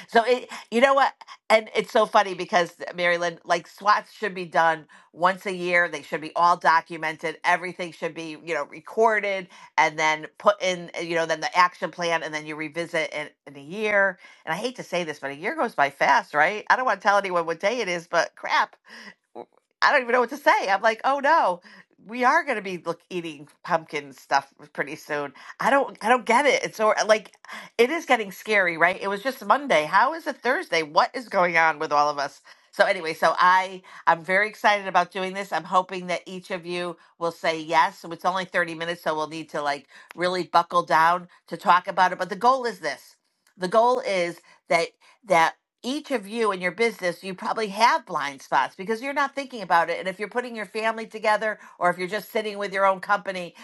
So it, you know what? And it's so funny because Mary Lynn, like SWATs should be done once a year. They should be all documented. Everything should be, you know, recorded and then put in, you know, then the action plan and then you revisit in, in a year. And I hate to say this, but a year goes by fast, right? I don't want to tell anyone what day it is, but crap. I don't even know what to say. I'm like, oh no, we are going to be look, eating pumpkin stuff pretty soon. I don't, I don't get it. It's so uh, like, it is getting scary, right? It was just Monday. How is it Thursday? What is going on with all of us? So anyway, so I, I'm very excited about doing this. I'm hoping that each of you will say yes. So it's only 30 minutes, so we'll need to like really buckle down to talk about it. But the goal is this: the goal is that that each of you in your business, you probably have blind spots because you're not thinking about it. And if you're putting your family together or if you're just sitting with your own company,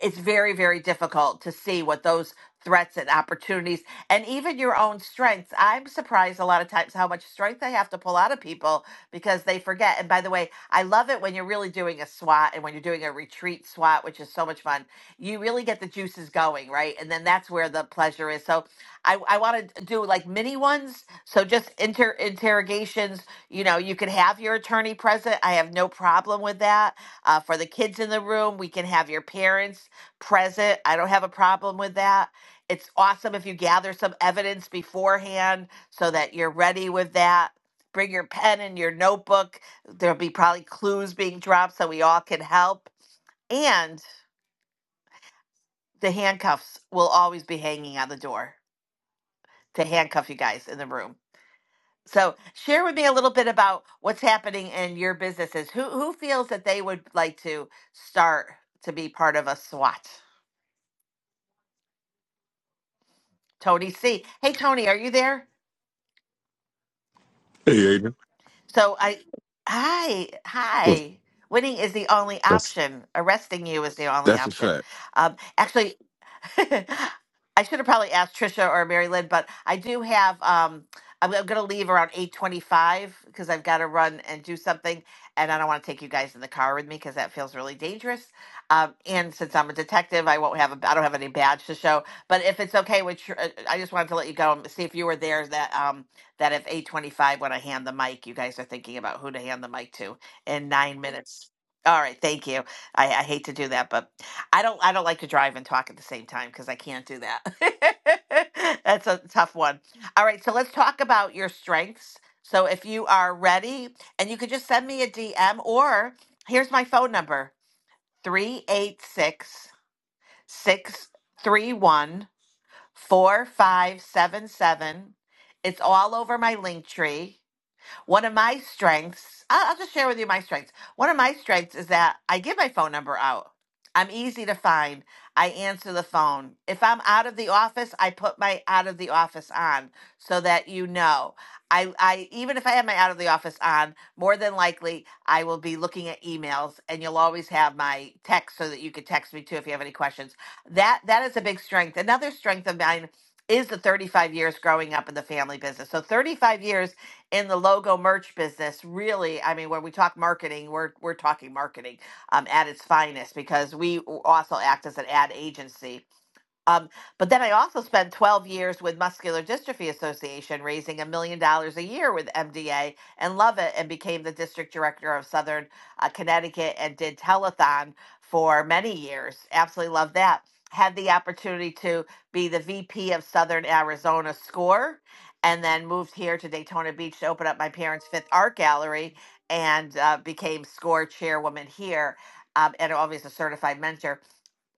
it's very, very difficult to see what those threats and opportunities and even your own strengths. I'm surprised a lot of times how much strength I have to pull out of people because they forget. And by the way, I love it when you're really doing a SWAT and when you're doing a retreat SWAT, which is so much fun. You really get the juices going, right? And then that's where the pleasure is. So I, I want to do like mini ones. So just inter interrogations, you know, you can have your attorney present. I have no problem with that. Uh, for the kids in the room, we can have your parents present. I don't have a problem with that. It's awesome if you gather some evidence beforehand so that you're ready with that. Bring your pen and your notebook. There'll be probably clues being dropped so we all can help. And the handcuffs will always be hanging on the door to handcuff you guys in the room So share with me a little bit about what's happening in your businesses. Who who feels that they would like to start to be part of a SWAT? Tony C. Hey Tony, are you there?
Hey, Aiden.
So I hi, hi. Winning is the only
That's
option. Arresting you is the only
that's a
option.
fact.
Um, actually, I should have probably asked Trisha or Mary Lynn, but I do have. Um, I'm, I'm going to leave around eight twenty-five because I've got to run and do something, and I don't want to take you guys in the car with me because that feels really dangerous. Um, and since I'm a detective, I won't have a. I don't have any badge to show. But if it's okay with, Tr- uh, I just wanted to let you go and see if you were there. That um, that if eight twenty-five when I hand the mic, you guys are thinking about who to hand the mic to in nine minutes. All right, thank you. I, I hate to do that, but I don't I don't like to drive and talk at the same time because I can't do that. That's a tough one. All right, so let's talk about your strengths. So if you are ready, and you could just send me a DM or here's my phone number three eight six six three one four five seven seven. It's all over my link tree. One of my strengths, I- I'll just share with you my strengths. One of my strengths is that I give my phone number out. I'm easy to find. I answer the phone. If I'm out of the office, I put my out of the office on so that you know. I, I even if I have my out of the office on, more than likely I will be looking at emails and you'll always have my text so that you can text me too if you have any questions. That that is a big strength. Another strength of mine is the 35 years growing up in the family business. So 35 years in the logo merch business really i mean when we talk marketing we're we're talking marketing um, at its finest because we also act as an ad agency um, but then I also spent 12 years with Muscular Dystrophy Association, raising a million dollars a year with MDA and love it, and became the district director of Southern uh, Connecticut and did telethon for many years. Absolutely love that. Had the opportunity to be the VP of Southern Arizona SCORE, and then moved here to Daytona Beach to open up my parents' fifth art gallery and uh, became SCORE chairwoman here um, and obviously a certified mentor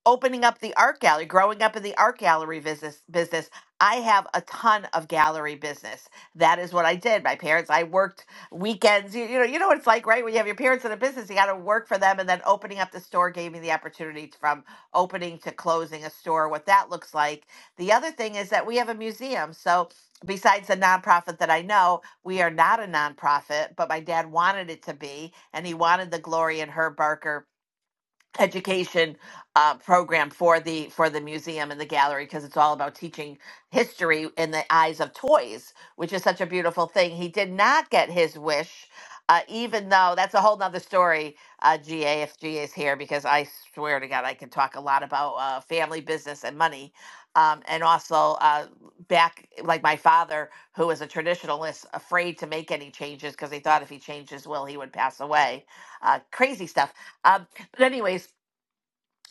opening up the art gallery, growing up in the art gallery business business, I have a ton of gallery business. That is what I did. My parents, I worked weekends. You, you know, you know what it's like, right? When you have your parents in a business, you got to work for them, and then opening up the store gave me the opportunity to- from opening to closing a store, what that looks like. The other thing is that we have a museum, so. Besides the nonprofit that I know, we are not a nonprofit, but my dad wanted it to be, and he wanted the Glory and Herb Barker education uh, program for the for the museum and the gallery because it's all about teaching history in the eyes of toys which is such a beautiful thing he did not get his wish uh, even though that's a whole nother story uh, ga if ga is here because i swear to god i can talk a lot about uh, family business and money um, and also uh, back like my father who was a traditionalist afraid to make any changes because he thought if he changed his will he would pass away uh, crazy stuff Um, but anyways,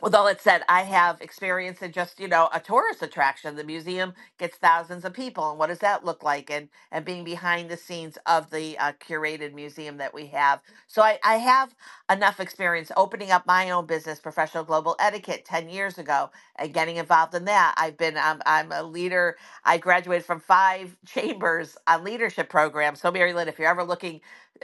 with all that said, I have experience in just you know a tourist attraction. The museum gets thousands of people, and what does that look like? And and being behind the scenes of the uh, curated museum that we have, so I, I have enough experience opening up my own business, professional global etiquette, ten years ago, and getting involved in that. I've been um, I'm a leader. I graduated from five chambers on leadership programs. So Mary Lynn, if you're ever looking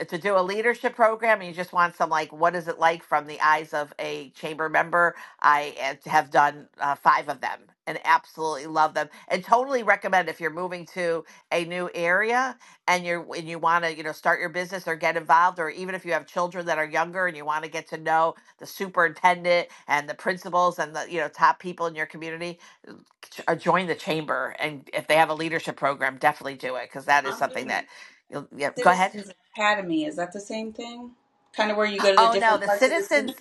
to do a leadership program and you just want some like what is it like from the eyes of a chamber member I and have done uh, five of them and absolutely love them and totally recommend if you're moving to a new area and you're and you want to you know start your business or get involved or even if you have children that are younger and you want to get to know the superintendent and the principals and the you know top people in your community uh, join the chamber and if they have a leadership program definitely do it because that is
I'm
something
doing
that you'll yeah, go ahead
Citizens Academy. Is that the same thing? Kind of where you go to the
oh no
different
the
parts of the city?
citizens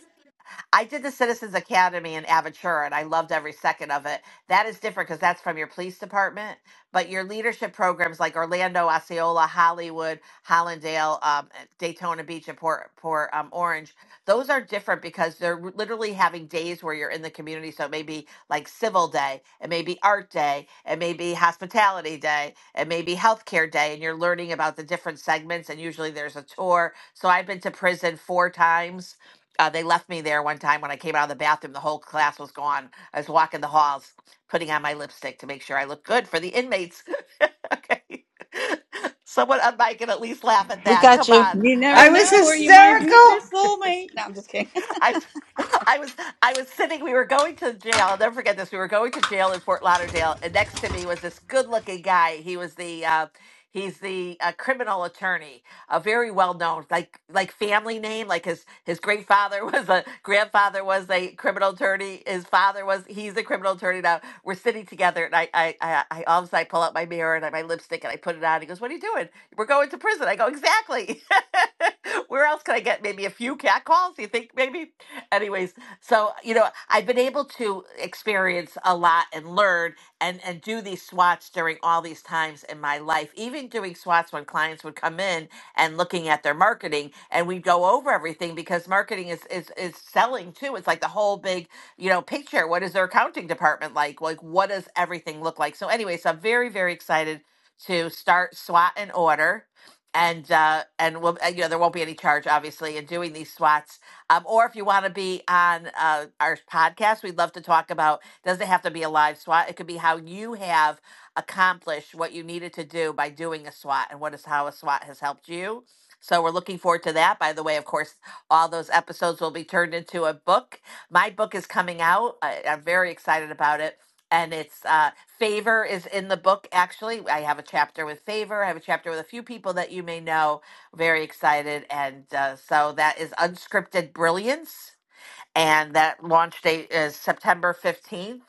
I did the Citizens Academy in Aventura, and I loved every second of it. That is different because that's from your police department, but your leadership programs like Orlando, Osceola, Hollywood, Hollandale, um, Daytona Beach, and Port, Port um, Orange, those are different because they're literally having days where you're in the community. So maybe like Civil Day, it may be Art Day, it may be Hospitality Day, it may be Healthcare Day, and you're learning about the different segments. And usually there's a tour. So I've been to prison four times uh, they left me there one time when I came out of the bathroom. The whole class was gone. I was walking the halls, putting on my lipstick to make sure I looked good for the inmates. okay. Someone on mic can at least laugh at
We
that.
got
Come
you.
on.
You
I
never
was
know where you might meet your soulmate. No, I'm just kidding.
I I was I was sitting. We were going to jail. I'll never forget this. We were going to jail in Fort Lauderdale, and next to me was this good-looking guy. He was the uh, he's the uh, criminal attorney, a very well-known like like family name. Like his his great father was a grandfather was a criminal attorney. His father was he's a criminal attorney. Now we're sitting together, and I I I, I all of a sudden I pull out my mirror and I, my lipstick and I put it on. He goes, "What are you doing? We're going to prison." I go, "Exactly." where else can I get maybe a few cat calls? You think maybe? Anyways, so you know, I've been able to experience a lot and learn and and do these swats during all these times in my life. Even doing swats when clients would come in and looking at their marketing, and we'd go over everything because marketing is is is selling too. It's like the whole big you know picture. What is their accounting department like? Like what does everything look like? So, anyways, I'm very very excited to start SWAT and order and uh, and we'll, uh, you know there won't be any charge obviously in doing these swats um, or if you want to be on uh, our podcast we'd love to talk about doesn't have to be a live swat it could be how you have accomplished what you needed to do by doing a swat and what is how a swat has helped you so we're looking forward to that by the way of course all those episodes will be turned into a book my book is coming out I, i'm very excited about it and it's uh favor is in the book actually i have a chapter with favor i have a chapter with a few people that you may know very excited and uh, so that is unscripted brilliance and that launch date is september 15th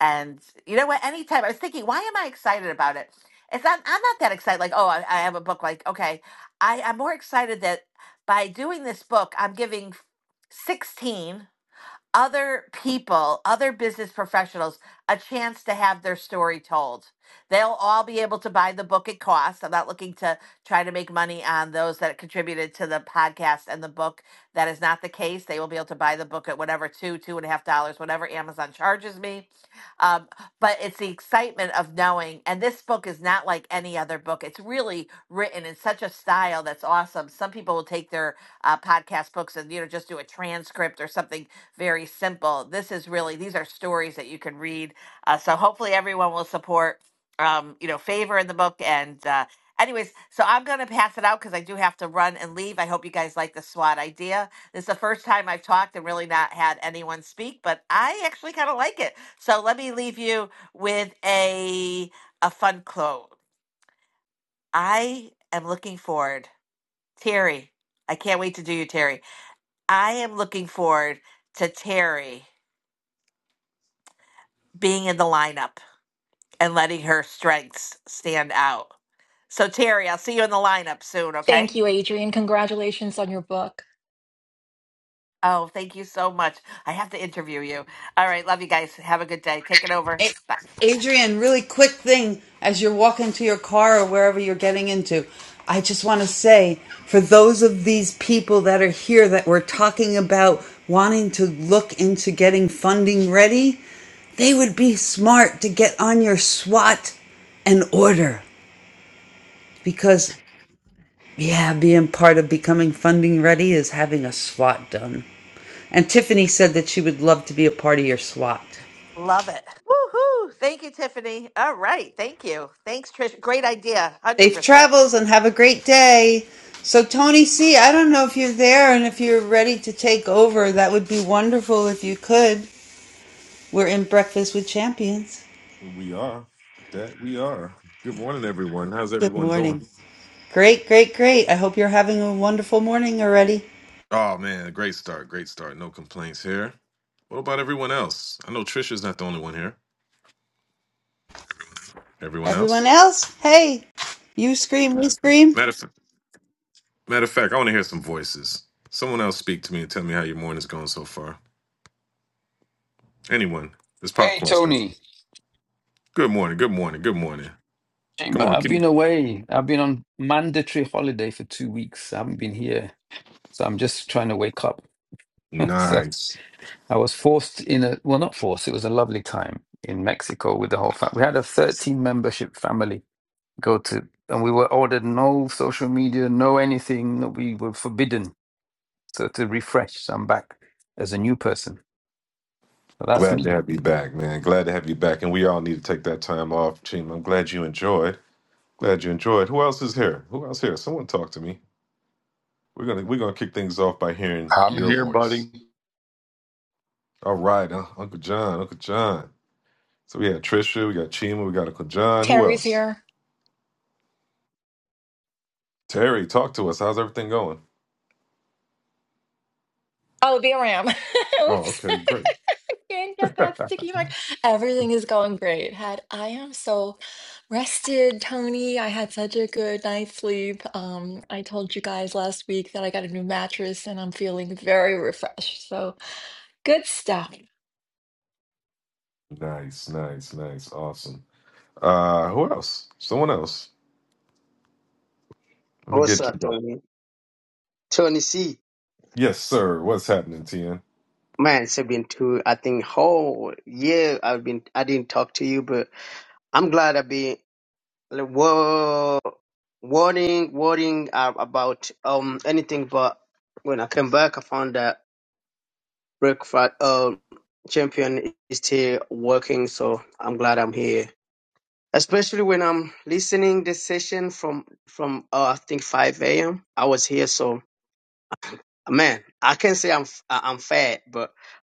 and you know what anytime i was thinking why am i excited about it it's not, i'm not that excited like oh i, I have a book like okay I, i'm more excited that by doing this book i'm giving 16 other people, other business professionals, a chance to have their story told. They'll all be able to buy the book at cost. I'm not looking to try to make money on those that contributed to the podcast and the book. That is not the case. They will be able to buy the book at whatever two, two and a half dollars, whatever Amazon charges me. Um, but it's the excitement of knowing. And this book is not like any other book. It's really written in such a style that's awesome. Some people will take their uh, podcast books and you know just do a transcript or something very simple. This is really these are stories that you can read. Uh, so hopefully everyone will support um, you know favor in the book. And uh, anyways, so I'm gonna pass it out because I do have to run and leave. I hope you guys like the SWAT idea. This is the first time I've talked and really not had anyone speak, but I actually kind of like it. So let me leave you with a a fun quote. I am looking forward, Terry. I can't wait to do you, Terry. I am looking forward to Terry being in the lineup and letting her strengths stand out. So, Terry, I'll see you in the lineup soon,
Thank
okay?
you, Adrian. Congratulations on your book.
Oh, thank you so much. I have to interview you. All right. Love you guys. Have a good day. Take it over.
A-
Bye.
Adrian, really quick thing as you're walking to your car or wherever you're getting into. I just want to say for those of these people that are here that we're talking about wanting to look into getting funding ready, they would be smart to get on your SWAT and order because, yeah, being part of becoming funding ready is having a SWAT done. And Tiffany said that she would love to be a part of your SWAT.
Love it. Woohoo. Thank you, Tiffany. All right. Thank you. Thanks, Trish. Great idea.
Safe
100%.
travels and have a great day. So, Tony C., I don't know if you're there and if you're ready to take over. That would be wonderful if you could. We're in Breakfast with Champions.
We are. That we are. Good morning, everyone. How's
Good
everyone doing?
morning. Great, great, great. I hope you're having a wonderful morning already.
Oh man, great start. Great start. No complaints here. What about everyone else? I know Trisha's not the only one here. Everyone else?
Everyone else, hey, you scream, we scream.
Matter of, matter of fact, I want to hear some voices. Someone else speak to me and tell me how your morning's going so far. Anyone? It's
Hey
popcorn stuff.
Tony,
Good morning. Good morning. Good morning. Come
Chamber,
on,
I've
keep it.
been away. I've been on mandatory holiday for two weeks. I haven't been here, so I'm just trying to wake up. So
Nice.
I was forced in a well, not forced. It was a lovely time in Mexico with the whole family. We had a 13 membership family go to, and we were ordered no social media, no anything. No, we were forbidden. So to refresh, so I'm back as a new person. So that's
Glad to
me.
have you back, man. Glad to have you back. And we all need to take that time off, team. I'm glad you enjoyed. Glad you enjoyed. Who else is here? Who else here? Someone talk to me. We're gonna we're gonna kick things off by hearing
I'm
your
here,
voice.
buddy.
All right, uh, Uncle John, Uncle John. So we had Trisha, we got Chima, we got Uncle John. Who
Terry's
else?
here.
Terry, talk to us. How's everything going?
Oh, BRAM.
Oh,
Oops.
okay, great.
Can't get that sticky mark. Everything is going great. Had I am so rested, Tony. I had such a good night's sleep. Um, I told you guys last week that I got a new mattress and I'm feeling very refreshed. So good stuff.
Nice, nice, nice, awesome. Uh, who else? Someone else. Let me
Also,
get you.
Tony? Tony C.
Yes, sir. What's happening, Tien?
Man, it's been two, I think, whole year I've been, I didn't talk to you, but I'm glad I've been, like, whoa, worrying, worrying uh, about, um, anything, but when I came back, I found that breakfast, um, champion is still working, so I'm glad I'm here. Especially when I'm listening this session from, from, uh, I think 5 a.m. I was here, so man, I can say I'm f- I- I'm fat, but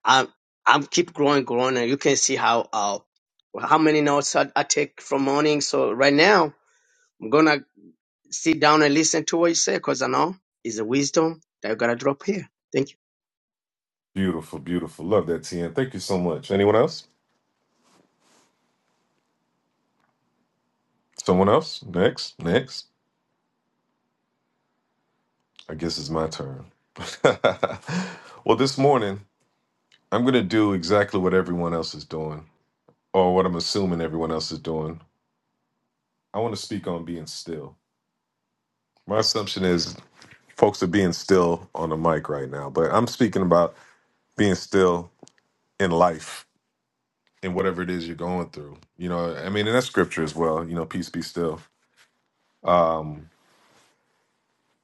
I'm I'm keep growing, growing, and you can see how uh how many notes I, I take from morning. So right now I'm gonna sit down and listen to what you say, cause I know it's a wisdom that you gotta drop here. Thank you,
Beautiful, beautiful. Love that, Tien. Thank you so much. Anyone else? Someone else? Next, next. I guess it's my turn. well, this morning, I'm going to do exactly what everyone else is doing, or what I'm assuming everyone else is doing. I want to speak on being still. My assumption is folks are being still on the mic right now, but I'm speaking about being still in life, in whatever it is you're going through. You know, I mean, and that's scripture as well, you know, peace be still. Um,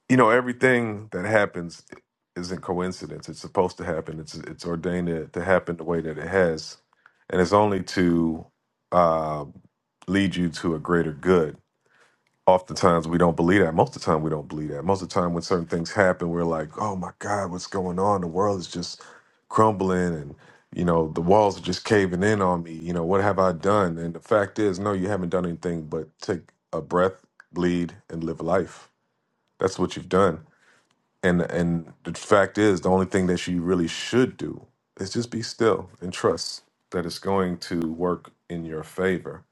you know everything that happens isn't coincidence it's supposed to happen it's it's ordained to, to happen the way that it has and it's only to uh, lead you to a greater good oftentimes we don't believe that most of the time we don't believe that most of the time when certain things happen we're like oh my god what's going on the world is just crumbling and you know the walls are just caving in on me you know what have i done and the fact is no you haven't done anything but take a breath bleed and live life that's what you've done and and the fact is, the only thing that you really should do is just be still and trust that it's going to work in your favor.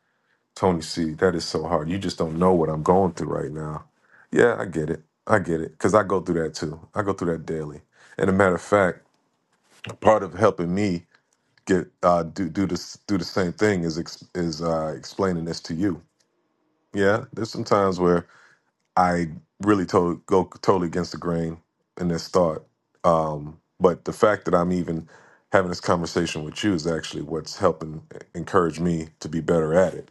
Tony C, that is so hard. You just don't know what I'm going through right now. Yeah, I get it. I get it. Cause I go through that too. I go through that daily. And a matter of fact, part of helping me get uh, do do this do the same thing is ex- is uh, explaining this to you. Yeah, there's some times where I really to- go totally against the grain in this thought. Um, but the fact that I'm even having this conversation with you is actually what's helping eh, encourage me to be better at it.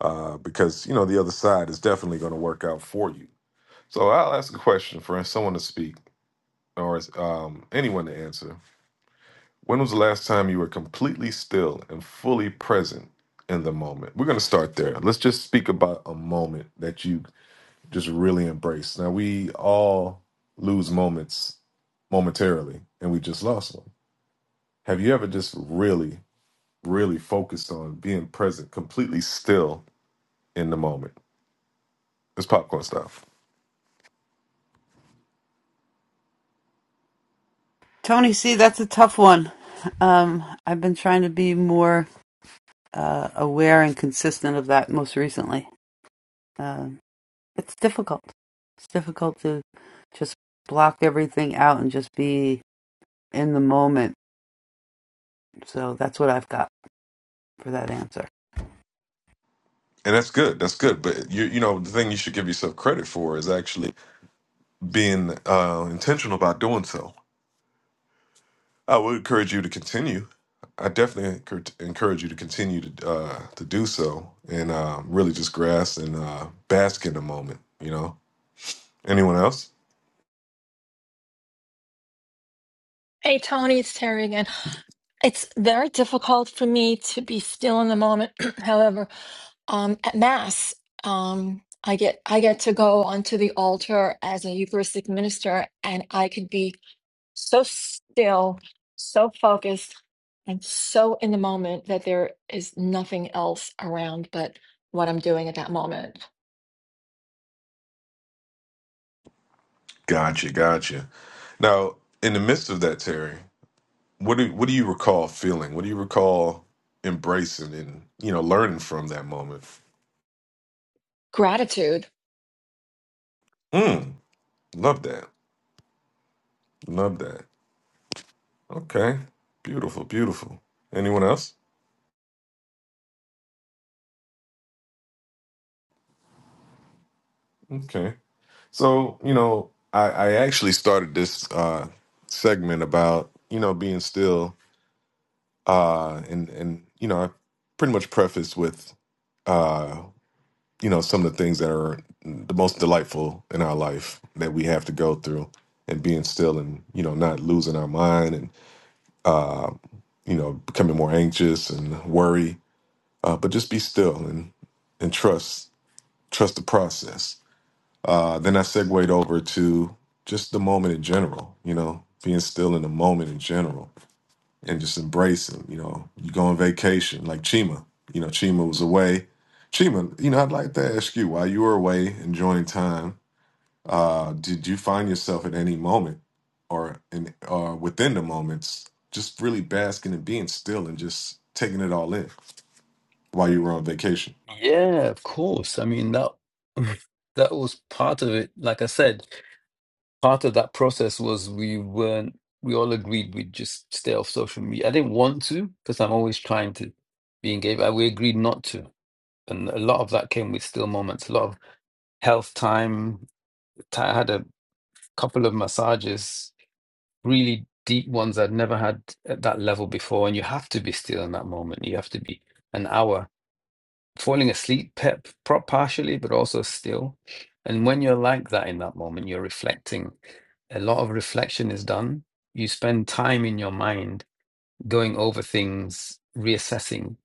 Uh, because you know the other side is definitely going to work out for you. So I'll ask a question for someone to speak or um, anyone to answer. When was the last time you were completely still and fully present in the moment? We're going to start there. Let's just speak about a moment that you just really embrace. Now we all lose moments momentarily, and we just lost one. Have you ever just really, really focused on being present, completely still in the moment? It's popcorn stuff,
Tony C., that's a tough one. Um, I've been trying to be more uh, aware and consistent of that most recently. Um, It's difficult. It's difficult to just block everything out and just be in the moment. So that's what I've got for that answer.
and that's good. That's good. But you, you know, the thing you should give yourself credit for is actually being uh, intentional about doing so. I would encourage you to continue. I definitely encour- encourage you to continue to uh, to do so, and uh, really just grasp and uh, bask in the moment. You know, Anyone else?
Hey, Tony, it's Terry again. It's very difficult for me to be still in the moment. However, um, at Mass, um, I get I get to go onto the altar as a Eucharistic minister, and I could be so still, so focused, and so in the moment that there is nothing else around but what I'm doing at that moment.
Gotcha, gotcha. Now, in the midst of that, Terry, what do what do you recall feeling? What do you recall embracing and you know learning from that moment?
Gratitude
Mm, love that, love that. Okay, beautiful, beautiful. Anyone else? Okay, so you know, I, I actually started this uh, segment about you know being still, uh, and and you know, I pretty much prefaced with. uh, you know some of the things that are the most delightful in our life that we have to go through and being still and you know not losing our mind and uh you know becoming more anxious and worry uh but just be still and and trust trust the process uh then i segued over to just the moment in general you know being still in the moment in general and just embrace them. You know, you go on vacation like Chima. You know, Chima was away. Chima, you know, I'd like to ask you while you were away enjoying time, uh, did you find yourself at any moment or in or within the moments just really basking and being still and just taking it all in while you were on vacation?
Yeah, of course. I mean that that was part of it. Like I said. part of that process was we weren't we all agreed we'd just stay off social media. I didn't want to because I'm always trying to be engaged. but We agreed not to, and a lot of that came with still moments. A lot of health time. I had a couple of massages, really deep ones I'd never had at that level before. And you have to be still in that moment. You have to be an hour falling asleep pep, pro- partially, but also still. And when you're like that in that moment, you're reflecting. A lot of reflection is done. You spend time in your mind going over things, reassessing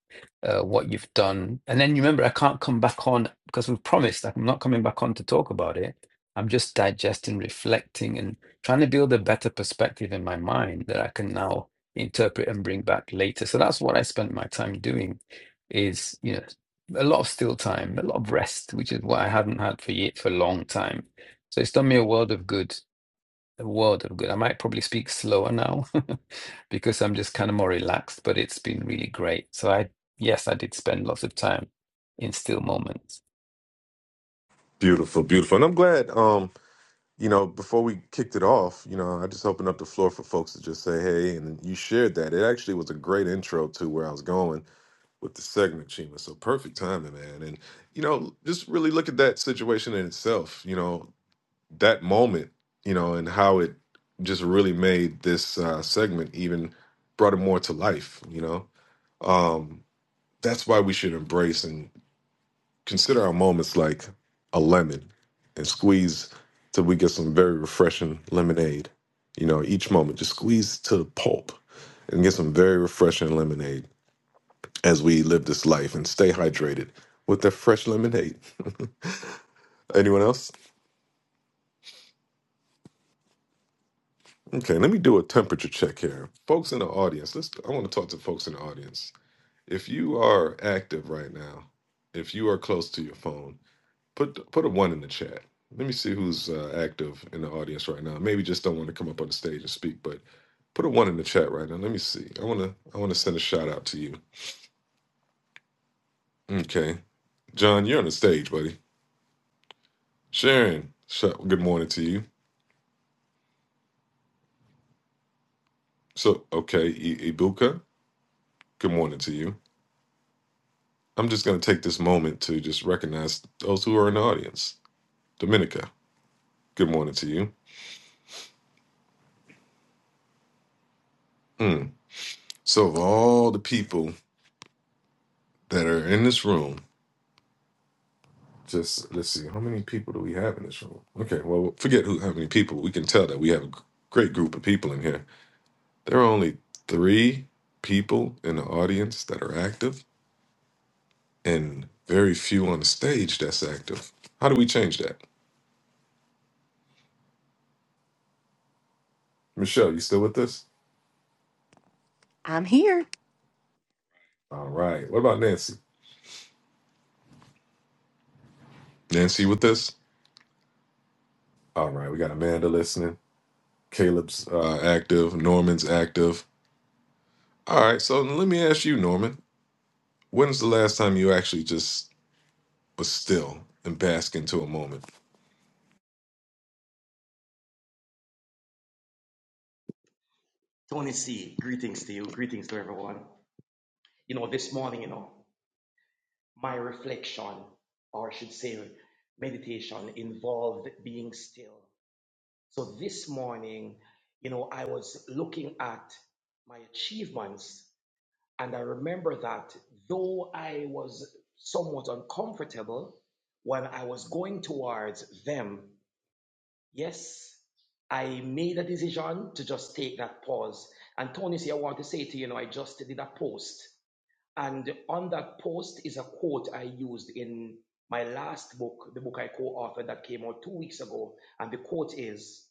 uh, what you've done. And then remember, I can't come back on because we've promised that I'm not coming back on to talk about it. I'm just digesting, reflecting, and trying to build a better perspective in my mind that I can now interpret and bring back later. So that's what I spent my time doing is, you know, a lot of still time, a lot of rest, which is what I hadn't had for ye for a long time. So it's done me a world of good the world of good. I might probably speak slower now because I'm just kind of more relaxed, but it's been really great. So I, yes, I did spend lots of time in still moments.
Beautiful, beautiful. And I'm glad, um, you know, before we kicked it off, you know, I just opened up the floor for folks to just say, hey, and you shared that. It actually was a great intro to where I was going with the segment, Chima. So perfect timing, man. And you know, just really look at that situation in itself. You know, that moment. You know, and how it just really made this uh, segment even brought it more to life. You know, um, that's why we should embrace and consider our moments like a lemon and squeeze till we get some very refreshing lemonade. You know, each moment, just squeeze to the pulp and get some very refreshing lemonade as we live this life and stay hydrated with that fresh lemonade. Anyone else? Okay, let me do a temperature check here. Folks in the audience, let's I want to talk to folks in the audience. If you are active right now, if you are close to your phone, put put a 1 in the chat. Let me see who's uh, active in the audience right now. Maybe just don't want to come up on the stage and speak, but put a 1 in the chat right now. Let me see. I want to I want to send a shout out to you. Okay. John, you're on the stage, buddy. Sharon, sh- good morning to you. So, okay, I- Ibuka, good morning to you. I'm just going to take this moment to just recognize those who are in the audience. Dominica, good morning to you. Mm. So, of all the people that are in this room, just let's see, how many people do we have in this room? Okay, well, forget who, how many people. We can tell that we have a g- great group of people in here. There are only three people in the audience that are active and very few on the stage that's active. How do we change that? Michelle, you still with us?
I'm here.
All right. What about Nancy? Nancy with this? All right. We got Amanda listening. Caleb's uh, active. Norman's active. All right. So let me ask you, Norman. When's the last time you actually just was still and bask into a moment?
Tony C, greetings to you, greetings to everyone. You know, this morning, you know, my reflection, or I should say meditation, involved being still. So this morning, you know, I was looking at my achievements, and I remember that though I was somewhat uncomfortable when I was going towards them, yes, I made a decision to just take that pause. And Tony C, I want to say to you, you know, I just did a post And on that post is a quote I used in my last book, the book I co authored that came out two weeks ago. And the quote is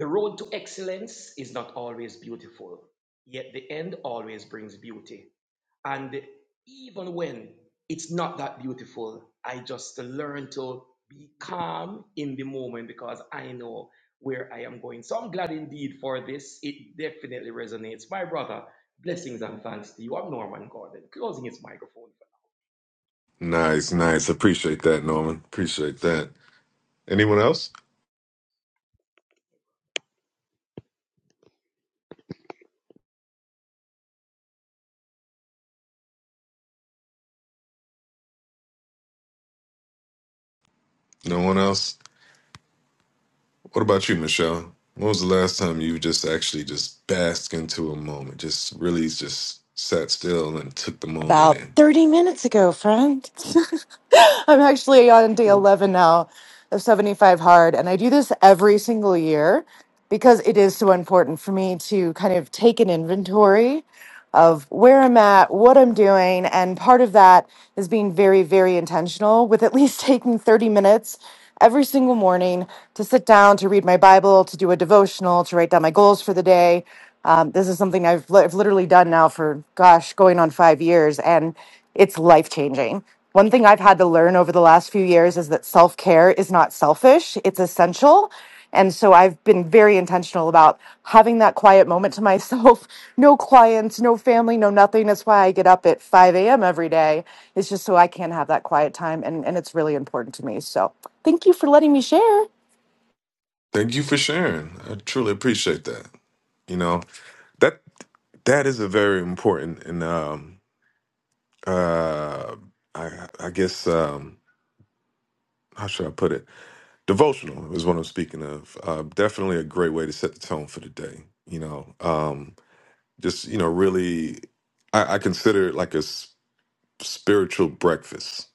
The road to excellence is not always beautiful, yet the end always brings beauty. And even when it's not that beautiful, I just learn to be calm in the moment because I know where I am going. So I'm glad indeed for this. It definitely resonates. My brother, blessings and thanks to you. I'm Norman Gordon, closing his microphone.
Nice, nice. Appreciate that, Norman. Appreciate that. Anyone else? No one else? What about you, Michelle? When was the last time you just actually just basked into a moment? Just really just sat still and took the moment
About
in?
30 minutes ago, friend. I'm actually on day 11 now of 75 Hard, and I do this every single year because it is so important for me to kind of take an inventory of where I'm at, what I'm doing, and part of that is being very, very intentional with at least taking 30 minutes every single morning to sit down, to read my Bible, to do a devotional, to write down my goals for the day. Um, this is something I've, li- I've literally done now for, gosh, going on five years, and it's life changing. One thing I've had to learn over the last few years is that self care is not selfish, it's essential. And so I've been very intentional about having that quiet moment to myself. No clients, no family, no nothing. That's why I get up at 5 a.m. every day. It's just so I can have that quiet time. And, and it's really important to me. So thank you for letting me share.
Thank you for sharing. I truly appreciate that. You know that that is a very important and um uh I I guess um how should I put it? Devotional is what I'm speaking of. Uh, definitely a great way to set the tone for the day. You know, um, just you know, really, I, I consider it like a s- spiritual breakfast.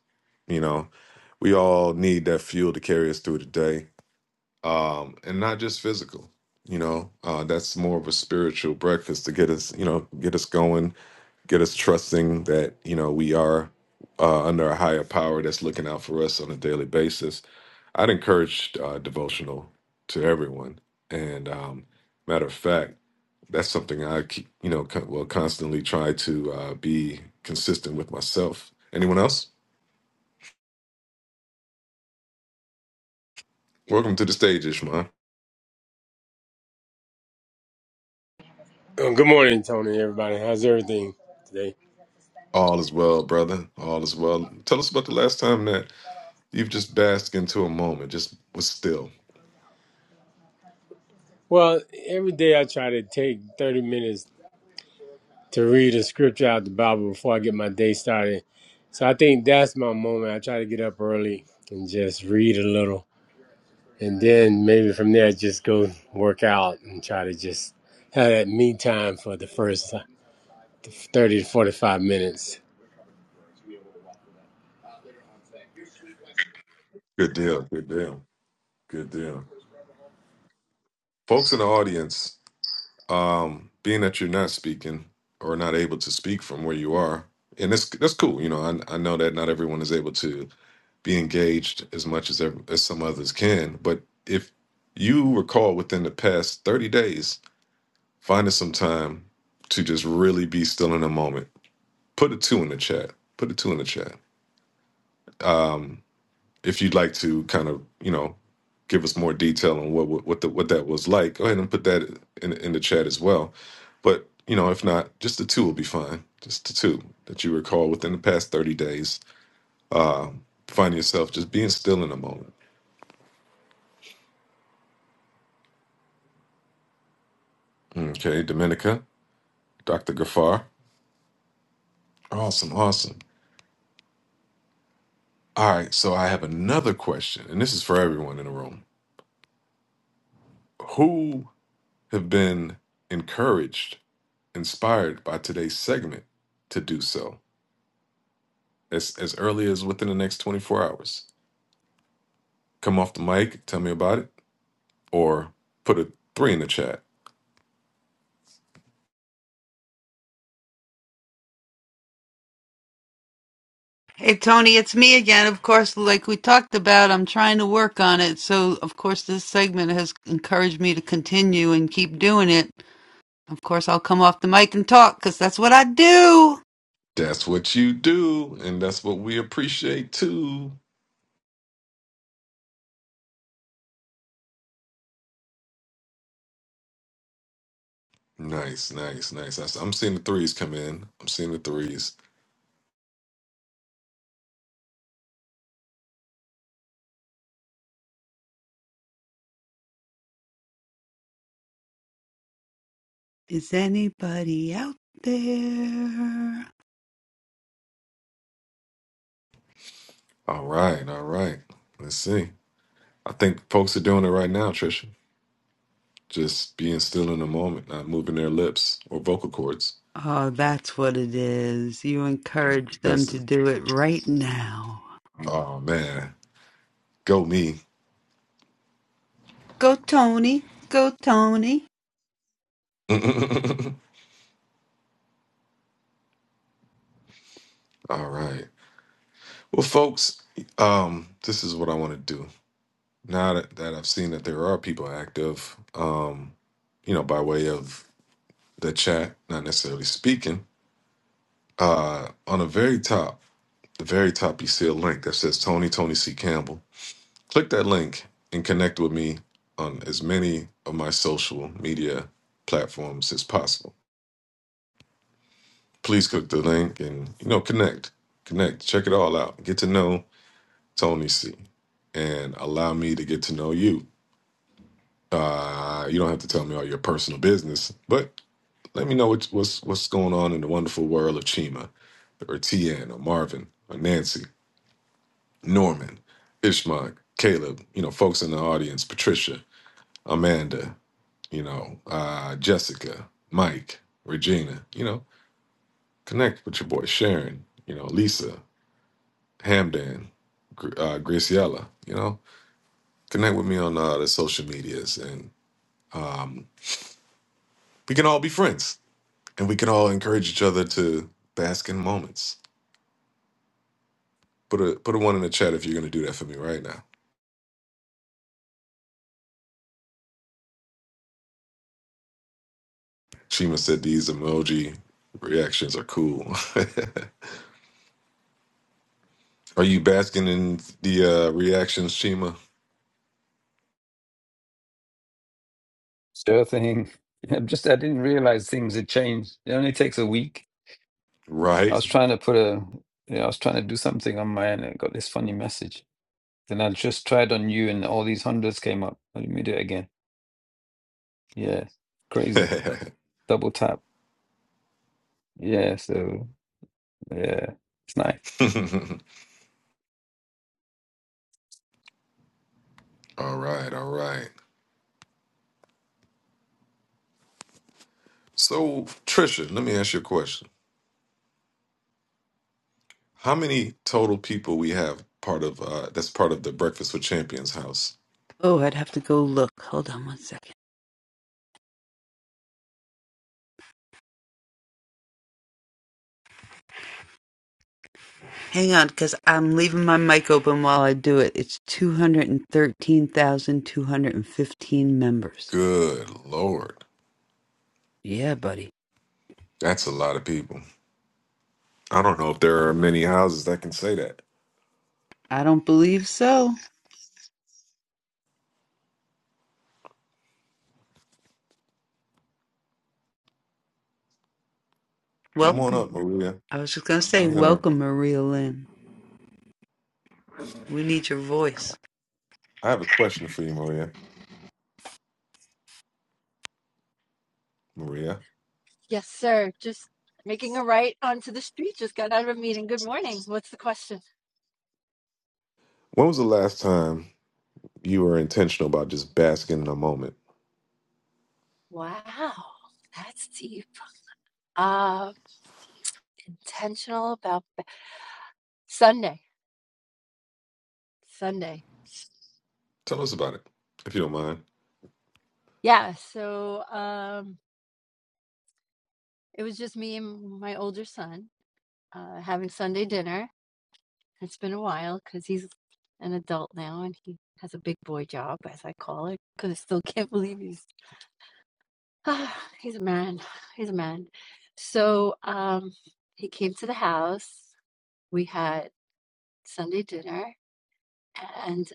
You know, we all need that fuel to carry us through the day um, and not just physical. You know, uh, that's more of a spiritual breakfast to get us, you know, get us going, get us trusting that you know we are uh, under a higher power that's looking out for us on a daily basis. I'd encourage uh, devotional to everyone, and um, matter of fact, that's something I keep, you know, con- will constantly try to uh, be consistent with myself. Anyone else? Welcome to the stage, Ishmael.
Uh, Good morning, Tony. Everybody, how's everything today?
All is well, brother. All is well. Tell us about the last time that You've just basked into a moment. Just was still.
Well, every day I try to take thirty minutes to read a scripture out the Bible before I get my day started. So I think that's my moment. I try to get up early and just read a little, and then maybe from there just go work out and try to just have that me time for the first uh, thirty to forty-five minutes.
Good deal. Good deal. Good deal. Folks in the audience, um, being that you're not speaking or not able to speak from where you are, and that's that's cool. You know, I, I know that not everyone is able to be engaged as much as ev- as some others can. But if you recall within the past 30 days, finding some time to just really be still in a moment, put a two in the chat. Put a two in the chat. Um, if you'd like to kind of you know give us more detail on what what what, the, what that was like go ahead and put that in, in the chat as well but you know if not just the two will be fine just the two that you recall within the past 30 days uh, find yourself just being still in a moment okay dominica dr gafar awesome awesome all right so i have another question and this is for everyone in the room who have been encouraged inspired by today's segment to do so as as early as within the next 24 hours. Come off the mic, tell me about it, or put a three in the chat.
Hey Tony, it's me again. Of course, like we talked about, I'm trying to work on it. So, of course, this segment has encouraged me to continue and keep doing it. Of course, I'll come off the mic and talk because that's what I do.
That's what you do, and that's what we appreciate too. Nice, nice, nice. I s- I'm seeing the threes come in. I'm seeing the threes.
Is anybody out there?
All right, all right. Let's see. I think folks are doing it right now, Trisha. Just being still in the moment, not moving their lips or vocal cords.
Oh, that's what it is. You encourage them to
That's
do it right now.
oh man, go me.
Go Tony. Go Tony.
all right. Well, folks, um, this is what I want to do. Now that, that I've seen that there are people active, um, you know, by way of the chat, not necessarily speaking, uh, on the very top, the very top, you see a link that says Tony, Tony C. Campbell. Click that link and connect with me on as many of my social media platforms as possible. Please click the link and, you know, connect, connect, check it all out. Get to know Tony C. and allow me to get to know you Uh, you don't have to tell me all your personal business, but let me know what's what's, what's going on in the wonderful world of Chima, or Tian, or Marvin, or Nancy, Norman, Ishmak, Caleb. You know, folks in the audience: Patricia, Amanda, you know, uh, Jessica, Mike, Regina. You know, connect with your boy Sharon. You know, Lisa, Hamdan, Gr- uh, Graciela. You know, connect with me on uh, the social medias, and um, we can all be friends and we can all encourage each other to bask in moments. Put a put a one in the chat if you're gonna do that for me right now. Shima said these emoji reactions are cool. are you basking in the uh, reactions, Shima?
Sure thing. I'm just, I didn't realize things had changed. It only takes a week. I
Right.
was trying to put a, you know, I was trying to do something on my end and I got this funny message. Then I just tried on you and all these hundreds came up. Let me do it again. Yeah.
all
Crazy. Double tap. Yeah. So, yeah, it's nice.
right, all right. So Trisha, let me ask you a question. How many total people we have part of uh, that's part of the Breakfast with Champions house?
Oh, I'd have to go look. Hold on one second. Hang on, because I'm leaving my mic open while I do it. It's 213,215 members.
Good lord,
Yeah, buddy.
that's a lot of people. I don't know if there are many houses that can say that.
I don't believe so.
Come on
Welcome.
up, Maria.
I was just going to say,
I'm gonna.
welcome, Maria Lynn. We need your voice.
I have a question for you, Maria. Maria,
Yes, sir. Just making a right onto the street. Just got out of a meeting. Good morning. What's the question?
when was the last time you were intentional about just basking in a moment?
Wow, that's deep. Uh, intentional about Sunday. Sunday.
Tell us about it, if you don't mind.
Yeah. So um, it was just me and my older son uh, having Sunday dinner. It's been a while because he's an adult now and he has a big boy job, as I call it, because I still can't believe he's He's a man. He's a man. So, um, he came to the house. We had Sunday dinner, and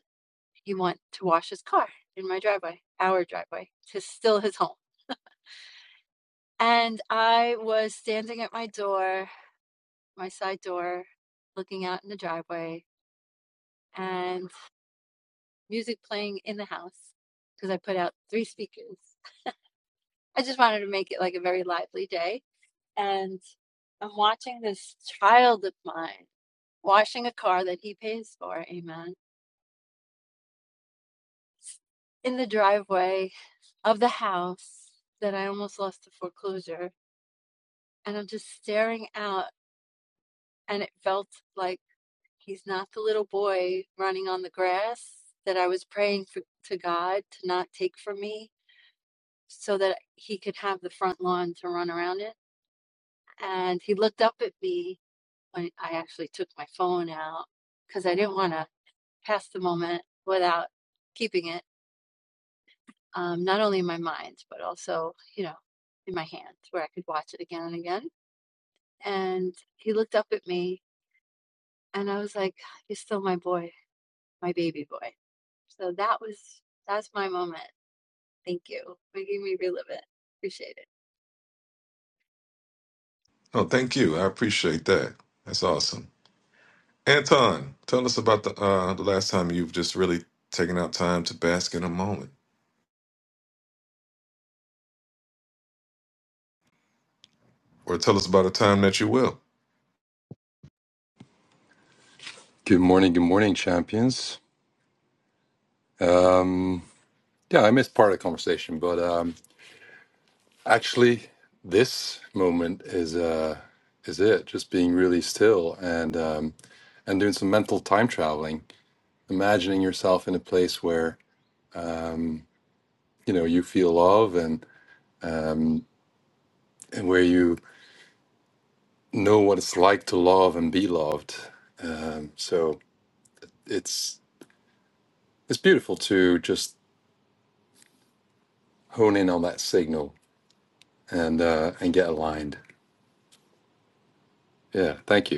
he went to wash his car in my driveway, our driveway, to still his home. And I was standing at my door, my side door, looking out in the driveway, and music playing in the house because I put out three speakers. I just wanted to make it like a very lively day. And I'm watching this child of mine washing a car that he pays for. Amen. In the driveway of the house that I almost lost to foreclosure. And I'm just staring out, and it felt like he's not the little boy running on the grass that I was praying for, to God to not take from me so that he could have the front lawn to run around it. And he looked up at me when I actually took my phone out because I didn't want to pass the moment without keeping it um, not only in my mind, but also, you know, in my hands where I could watch it again and again. And he looked up at me and I was like, You're still my boy, my baby boy. So that was, that's my moment. Thank you. Making me relive it. Appreciate it.
Oh, thank you. I appreciate that. That's awesome. Anton, tell us about the uh, the last time you've just really taken out time to bask in a moment, or tell us about a time that you will.
Good morning, good morning, champions. Yeah, I missed part of the conversation, but um, actually, this moment is uh, is it. Just being really still and um, and doing some mental time traveling, imagining yourself in a place where you know you feel love and and where you know what it's like to love and be loved. So it's it's beautiful to just hone in on that signal and uh, and get aligned. Yeah, thank you.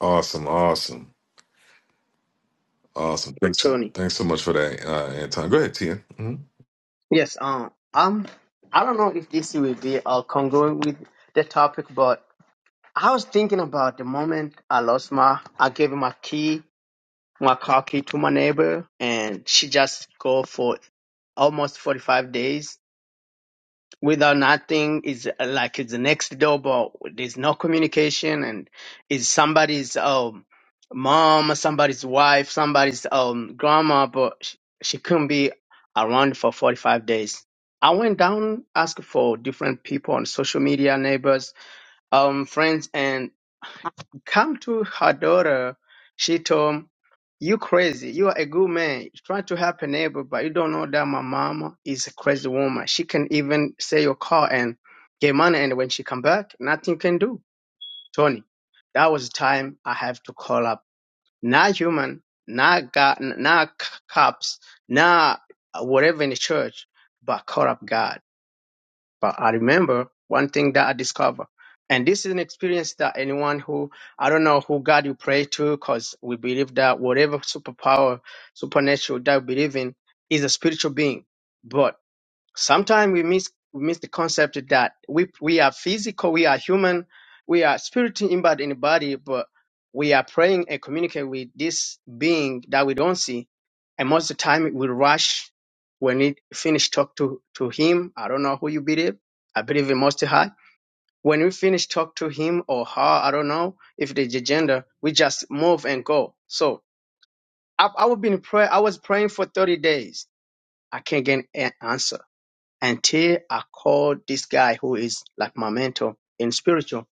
Awesome, awesome, awesome. Thanks, so-
Tony.
thanks so much for that, uh, Anton. Go ahead, Tien. Mhm.
Yes, um, um, I don't know if this will be uh congruent with the topic, but I was thinking about the moment I lost my, I gave him my key Makaki to my neighbor and she just go for almost 45 days without nothing is uh, like it's the next door but there's no communication and is somebody's um mom somebody's wife somebody's um grandma but she, she couldn't be around for 45 days i went down asked for different people on social media neighbors um friends and come to her daughter. She told him, you crazy. You are a good man. You try to help a neighbor, but you don't know that my mama is a crazy woman. She can even sell your car and get money. And when she come back, nothing can do. Tony, that was the time I have to call up. Not human, not God, not c- cops, not whatever in the church, but call up God. But I remember one thing that I discovered. And this is an experience that anyone who, I don't know who God you pray to, because we believe that whatever superpower, supernatural that we believe in is a spiritual being. But Sometimes we miss miss the concept that we we are physical, we are human, we are spirit embodied in the body, but we are praying and communicate with this being that we don't see. And most of the time we rush when we finish talk to, to him. I don't know who you believe. I believe in most high. When we finish talk to him or her, I don't know if the gender, we just move and go. So I, I would be in prayer. I was praying for 30 days. I can't get an answer until I called this guy who is like my mentor in spiritual.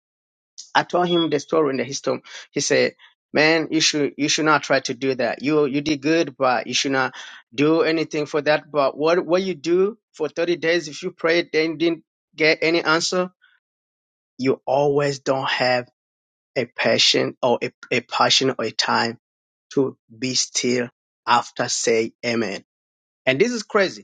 I told him the story and the history. He said, "Man, you should you should not try to do that. You you did good, but you should not do anything for that. But what what you do for thirty days if you prayed then didn't get any answer, you always don't have a passion or a, a passion or a time to be still after say amen." And this is crazy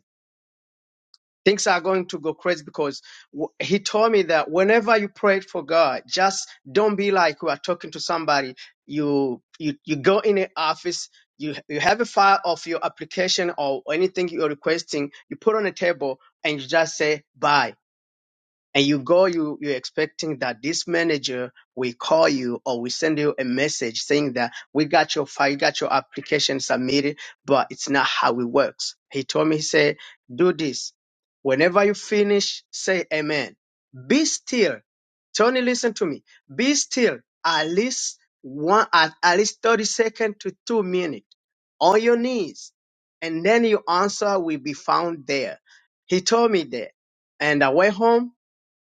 things are going to go crazy because w- he told me that whenever you pray for God, just don't be like you are talking to somebody. You you you go in the office, you you have a file of your application or anything you're requesting, you put on a table and you just say bye and you go you you're expecting that this manager will call you or will send you a message saying that we got your file you got your application submitted but it's not how it works he told me he said do this whenever you finish say amen be still tony listen to me be still at least one at, at least 30 seconds to two minutes on your knees and then your answer will be found there he told me that and i went home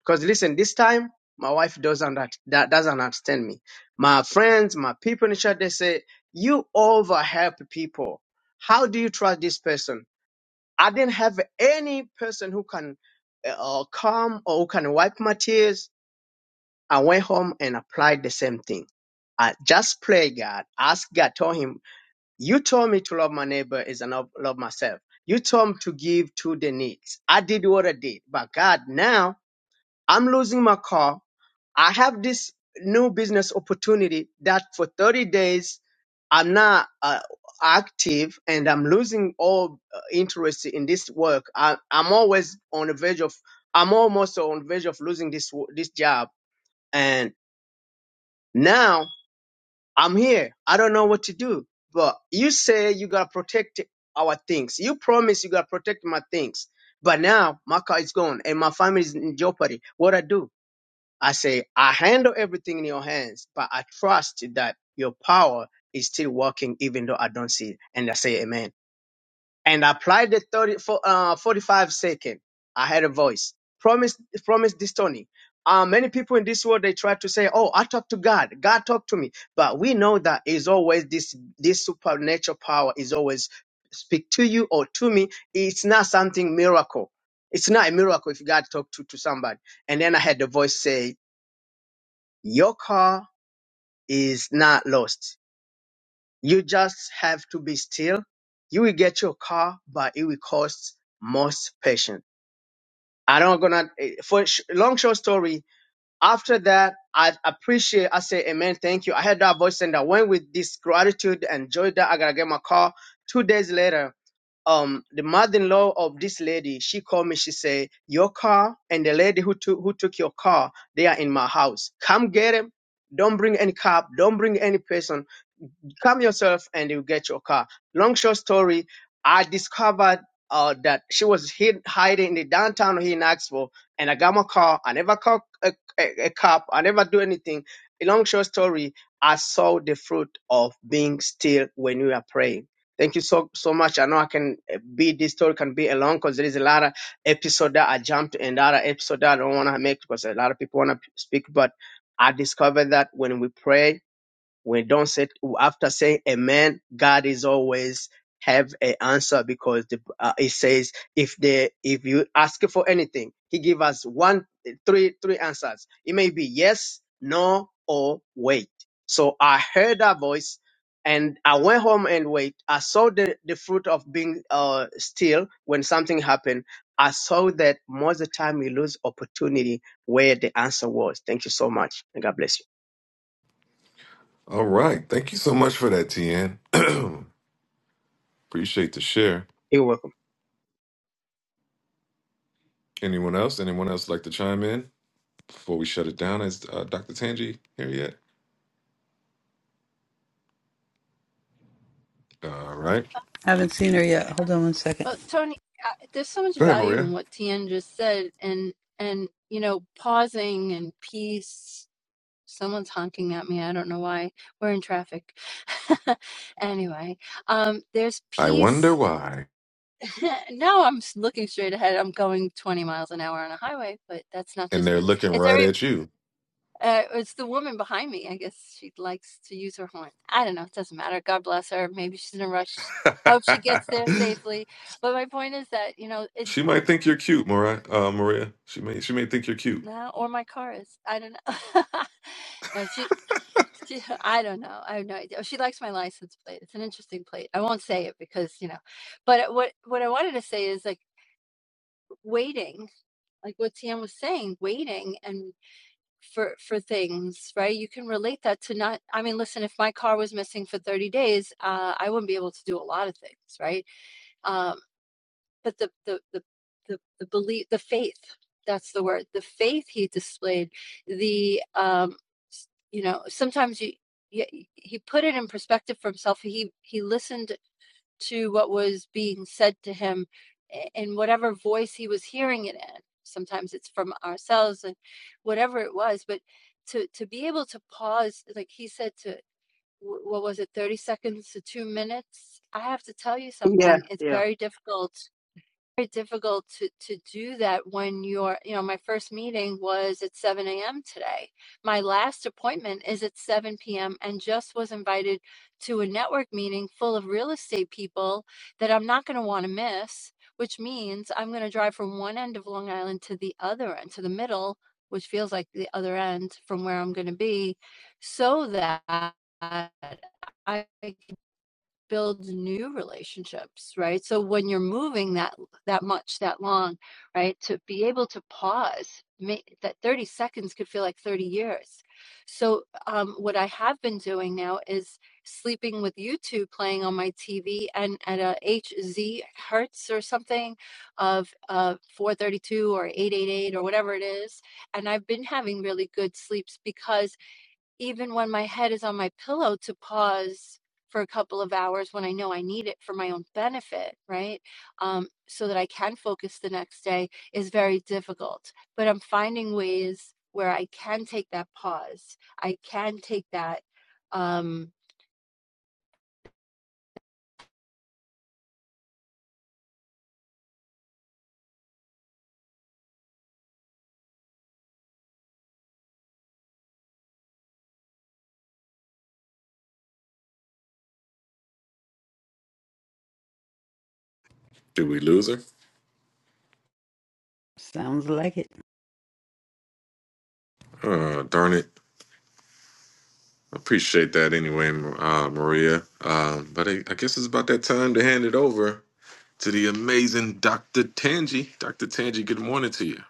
because listen, this time my wife doesn't that, that doesn't understand me. My friends, my people in the church, they say you overhelp people. How do you trust this person? I didn't have any person who can uh, come or who can wipe my tears. I went home and applied the same thing. I just pray God, ask God, told Him, you told me to love my neighbor is enough love love myself. You told me to give to the needs. I did what I did, but God now I'm losing my car. I have this new business opportunity that for 30 days I'm not uh, active and I'm losing all uh, interest in this work. I, I'm always on the verge of, I'm almost on the verge of losing this wo- this job. And now I'm here. I don't know what to do. But you say you gotta protect our things. You promise you gotta protect my things. But now my car is gone and my family is in jeopardy. What I do? I say, I handle everything in your hands, but I trust that your power is still working even though I don't see it. And I say, Amen. And I applied the 30, for, uh, 45 second. I had a voice. Promise, promise this, Tony. Uh, many people in this world, they try to say, Oh, I talk to God. God talk to me. But we know that is always this, this supernatural power is always speak to you or to me. It's not something miracle. It's not a miracle if God talk to, to somebody. And then I had the voice say, your car is not lost. You just have to be still. You will get your car, but it will cost most patience. I don't gonna eh, for sh- long short story. After that, I appreciate. I say, Amen. Thank you. I heard that voice and I went with this gratitude and joy that I gotta get my car. Two days later, um the mother-in-law of this lady she called me she said your car and the lady who took who took your car they are in my house come get them don't bring any cop don't bring any person come yourself and you get your car. Long short story, I discovered uh, that she was hid, hiding in the downtown here in Knoxville, and I got my car. I never called a, a, a cop. I never do anything. A long short story, I saw the fruit of being still when we are praying. Thank you so so much. I know I can uh, be this story can be along because there is a lot of episode that I jumped and other episode that I don't want to make because a lot of people want to speak. But I discovered that when we pray, when don't say after saying amen, God is always have an answer because the, uh, it says if they if you ask for anything, He give us one three three answers. It may be yes, no, or wait. So I heard that voice. And I went home and wait. I saw the, the fruit of being uh, still when something happened. I saw that most of the time we lose opportunity where the answer was. Thank you so much. And God bless you.
All right, thank you so much for that, Tien. appreciate the share.
You're welcome.
Anyone else? Anyone else like to chime in before we shut it down? Is uh, Dr. Tangi here yet? All right.
I Haven't seen her yet. Hold on one second.
Well, Tony, I, there's so much
Go ahead,
value
Maria.
in what Tian just said. And, and, you know, pausing and peace. Someone's honking at me. I don't know why. We're in traffic. anyway, um, there's
I
peace
wonder why.
Now I'm s- looking straight ahead. I'm going 20 miles an hour on a highway, but that's not
And
just
they're
me.
looking
It's
right
every
at you.
uh, it's the woman behind me. I guess she likes to use her horn. I don't know. It doesn't matter. God bless her. Maybe she's in a rush. I hope she gets there safely. But my point is that, you know, it
she might think you're cute, Maria. Uh, Maria. She may. She may think you're cute.
no, or my car is. I don't know. No, she, she, I don't know. I have no idea. Oh, She likes my license plate. It's an interesting plate. I won't say it because, you know, but what what I wanted to say is like waiting, like what TM was saying, waiting and for for things right you can relate that to not i mean listen if my car was missing for 30 days uh, i wouldn't be able to do a lot of things right um, but the the the the, the belief the faith that's the word the faith he displayed the um you know sometimes you, you he put it in perspective for himself he he listened to what was being said to him in whatever voice he was hearing it in. Sometimes it's from ourselves and whatever it was, but to to be able to pause, like he said, to what was it, thirty seconds to two minutes? I have to tell you
Yeah.
something. It's
yeah.
very difficult very difficult to to do that when you're you know my first meeting was at 7 a.m today my last appointment is at 7 p.m and just was invited to a network meeting full of real estate people that i'm not going to want to miss which means i'm going to drive from one end of long island to the other end to the middle which feels like the other end from where i'm going to be so that i build new relationships, right? So when you're moving that that much, that long, right, to be able to pause, make, that 30 seconds could feel like 30 years. So um, what I have been doing now is sleeping with YouTube playing on my TV and at a HZ hertz or something of uh, 432 or 888 or whatever it is. And I've been having really good sleeps because even when my head is on my pillow to pause for a couple of hours when I know I need it for my own benefit, right? Um, so that I can focus the next day is very difficult. But I'm finding ways where I can take that pause. I can take that um,
Did we lose her?
Sounds like it.
Oh, darn it. Appreciate that anyway, uh, Maria. Um, but I, I guess it's about that time to hand it over to the amazing Dr. Tangi. Dr. Tangi, good morning to you,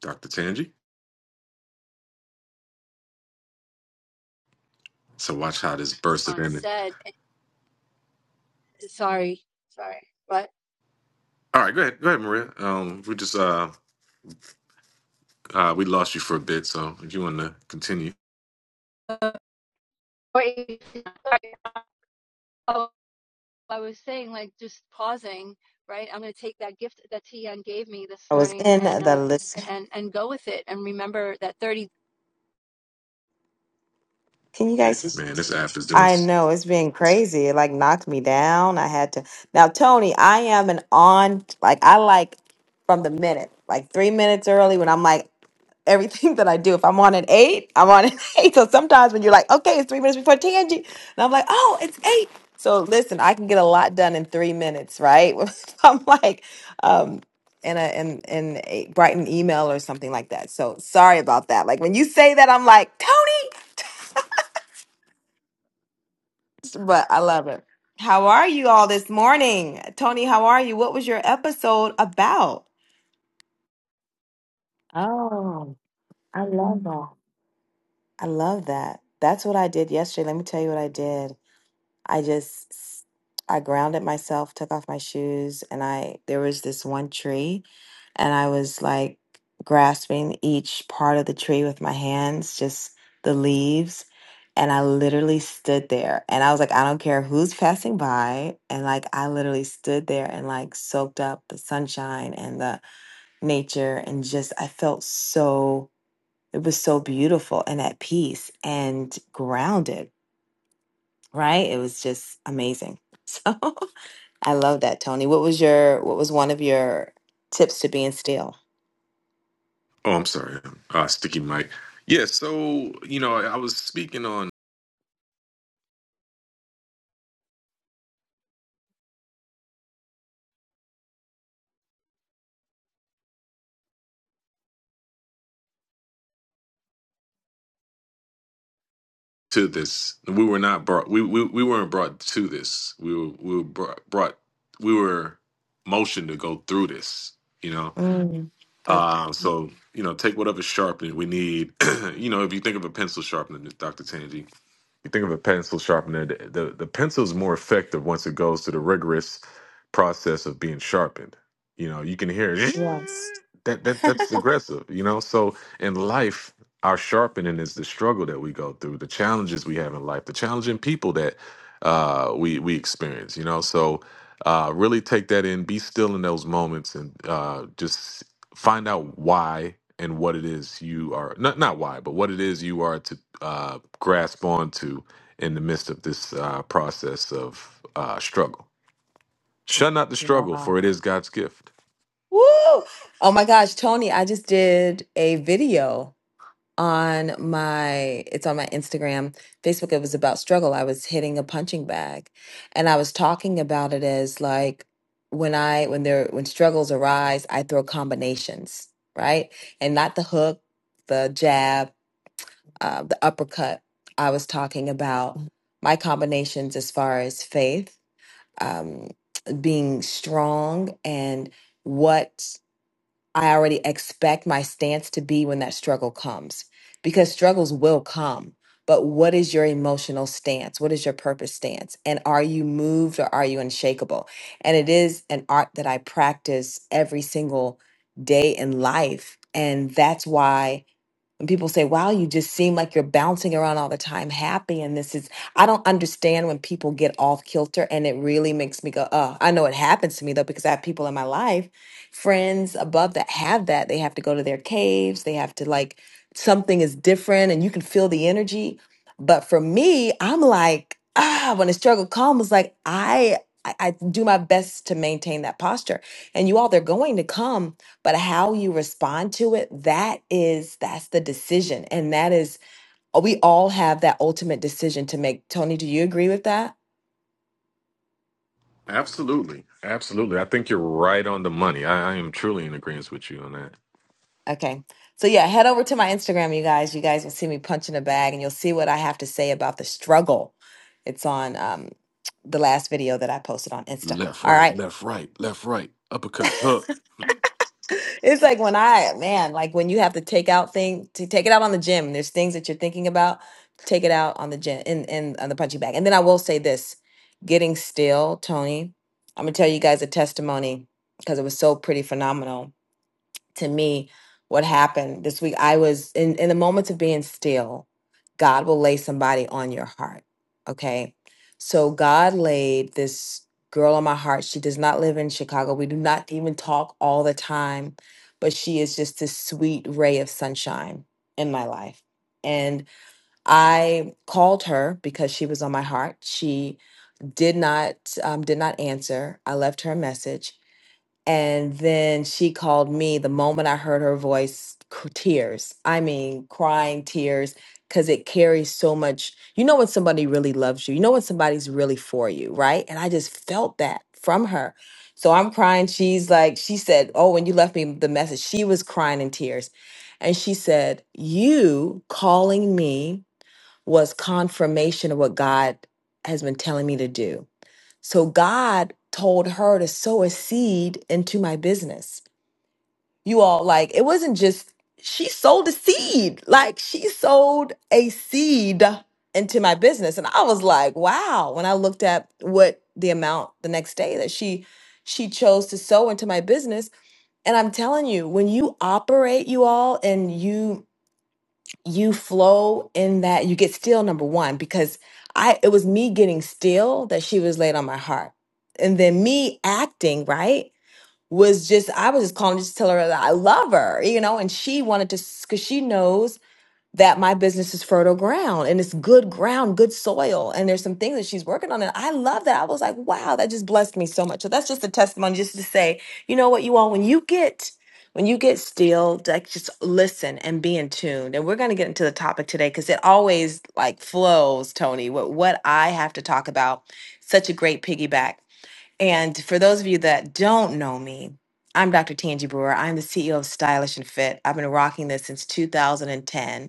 Dr. Tangi. So watch how this burst of
on
energy.
set. Sorry, sorry,
All right, go ahead, go ahead, Maria. Um, we just uh, uh, we lost you for a bit, so if you want to continue,
but. I was saying, like, just pausing, right? I'm going to take that gift that Tian gave me this
I was
morning
in
and,
the
um,
list.
and, and go with it and remember that 30
Can you guys?
man, this app is doing.
I
s-
know it's been crazy. It like knocked me down. I had to. Now, Tony, I am an on, like, I like from the minute, like three minutes early when I'm like, everything that I do, if I'm on an eight, I'm on an eight. So sometimes when you're like, okay, it's three minutes before TNG, and I'm like, oh, it's eight. So listen, I can get a lot done in three minutes, right? I'm like, um, in a in in a Brighton email or something like that. So sorry about that. Like when you say that, I'm like Tony. but I love it. How are you all this morning? Tony, how are you? What was your episode about? Oh, I love that. I love that. That's what I did yesterday. Let me tell you what I did. I just I grounded myself, took off my shoes, and I there was this one tree and I was like grasping each part of the tree with my hands, just the leaves. And I literally stood there and I was like, I don't care who's passing by. And like, I literally stood there and like soaked up the sunshine and the nature. And just, I felt so, it was so beautiful and at peace and grounded right? It was just amazing. So I love that, Tony. What was your what was one of your tips to being still?
Oh, I'm sorry, uh, sticky mic. Yeah, so you know, I was speaking on to this. We were not brought. We we, we weren't brought to this. We were we were brought, brought. We were motioned to go through this. You know,
Mm, good.
uh, so you know, take whatever sharpening we need. you know, if you think of a pencil sharpener, Doctor Tangi. You think of a pencil sharpener, the, the, the pencil is more effective once it goes through the rigorous process of being sharpened. You know, you can hear it.
Yes.
that, that that's aggressive, you know? So in life, our sharpening is the struggle that we go through, the challenges we have in life, the challenging people that uh, we we experience, you know? So uh, really take that in, be still in those moments, and uh, just find out why and what it is you are not not why, but what it is you are to uh, grasp onto in the midst of this uh, process of uh, struggle. Shun not the struggle,
Wow.
for it is God's gift.
Woo! Oh my gosh, Tony, I just did a video on my it's on my Instagram, Facebook. It was about struggle. I was hitting a punching bag and I was talking about it as like when I when there when struggles arise, I throw combinations, right? And not the hook, the jab, uh, the uppercut, I was talking about my combinations as far as faith, um, being strong, and what I already expect my stance to be when that struggle comes. Because struggles will come, but what is your emotional stance? What is your purpose stance? And are you moved or are you unshakable? And it is an art that I practice every single day in life. And that's why when people say, wow, you just seem like you're bouncing around all the time, happy. And this is, I don't understand when people get off kilter. And it really makes me go, oh, I know it happens to me though, because I have people in my life, friends above that have that. They have to go to their caves. They have to like, something is different and you can feel the energy. But for me, I'm like, ah, when the struggle comes, like I, I I do my best to maintain that posture. And you all, they're going to come but how you respond to it that is that's the decision and that is oh, we all have that ultimate decision to make tony do you agree with that
Absolutely, absolutely. I think you're right on the money. I, I am truly in agreement with you on that.
okay so yeah head over to my instagram you guys you guys will see me punching a bag and you'll see what i have to say about the struggle it's on um, the last video that i posted on insta
Left,
all right
right, left, right, left, right, uppercut, hook.
It's like when I, man, like when you have to take out thing to take it out on the gym. There's things that you're thinking about. Take it out on the gym in in on the punching bag. And then I will say this: getting still, Tony. I'm gonna tell you guys a testimony because it was so pretty phenomenal to me what happened this week i was in in the moments of being still god will lay somebody on your heart okay so god laid this girl on my heart she does not live in chicago we do not even talk all the time but she is just this sweet ray of sunshine in my life and i called her because she was on my heart she did not um, did not answer i left her a message and then she called me the moment I heard her voice, c- tears. I mean, crying tears, because it carries so much. You know when somebody really loves you, you know when somebody's really for you, right? And I just felt that from her. So I'm crying. She's like, she said, Oh, when you left me the message, she was crying in tears. And she said, You calling me was confirmation of what God has been telling me to do. So God told her to sow a seed into my business. You all, like, it wasn't just, she sold a seed. Like, she sold a seed into my business. And I was like, wow. When I looked at what the amount the next day that she, she chose to sow into my business. And I'm telling you, when you operate, you all, and you you flow in that you get still number one because i it was me getting still that she was laid on my heart and then me acting right was just i was just calling just to tell her that i love her you know and she wanted to because she knows that my business is fertile ground and it's good ground, good soil. And there's some things that she's working on. And I love that. I was like, wow, that just blessed me so much. So that's just a testimony just to say, you know what, you all, when you get when you get still, like just listen and be in tune. And we're gonna get into the topic today because it always like flows, Tony, what what I have to talk about. Such a great piggyback. And for those of you that don't know me, I'm Dr. Tangi Brewer. I'm the CEO of Stylish and Fit. I've been rocking this since 2010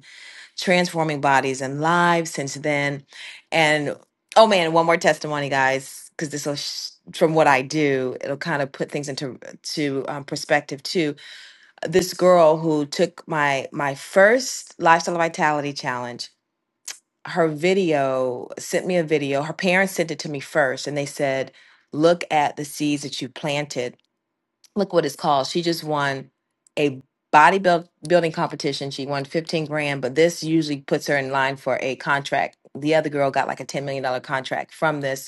transforming bodies and lives since then. And oh man, one more testimony, guys, because this will. Sh- from what I do, it'll kind of put things into to um, perspective too. This girl who took my my first lifestyle vitality challenge, her video sent me a video. Her parents sent it to me first, and they said, "Look at the seeds that you planted." look what it's called. She just won a bodybuilding competition. She won 15 grand, but this usually puts her in line for a contract. The other girl got like a $10 million dollar contract from this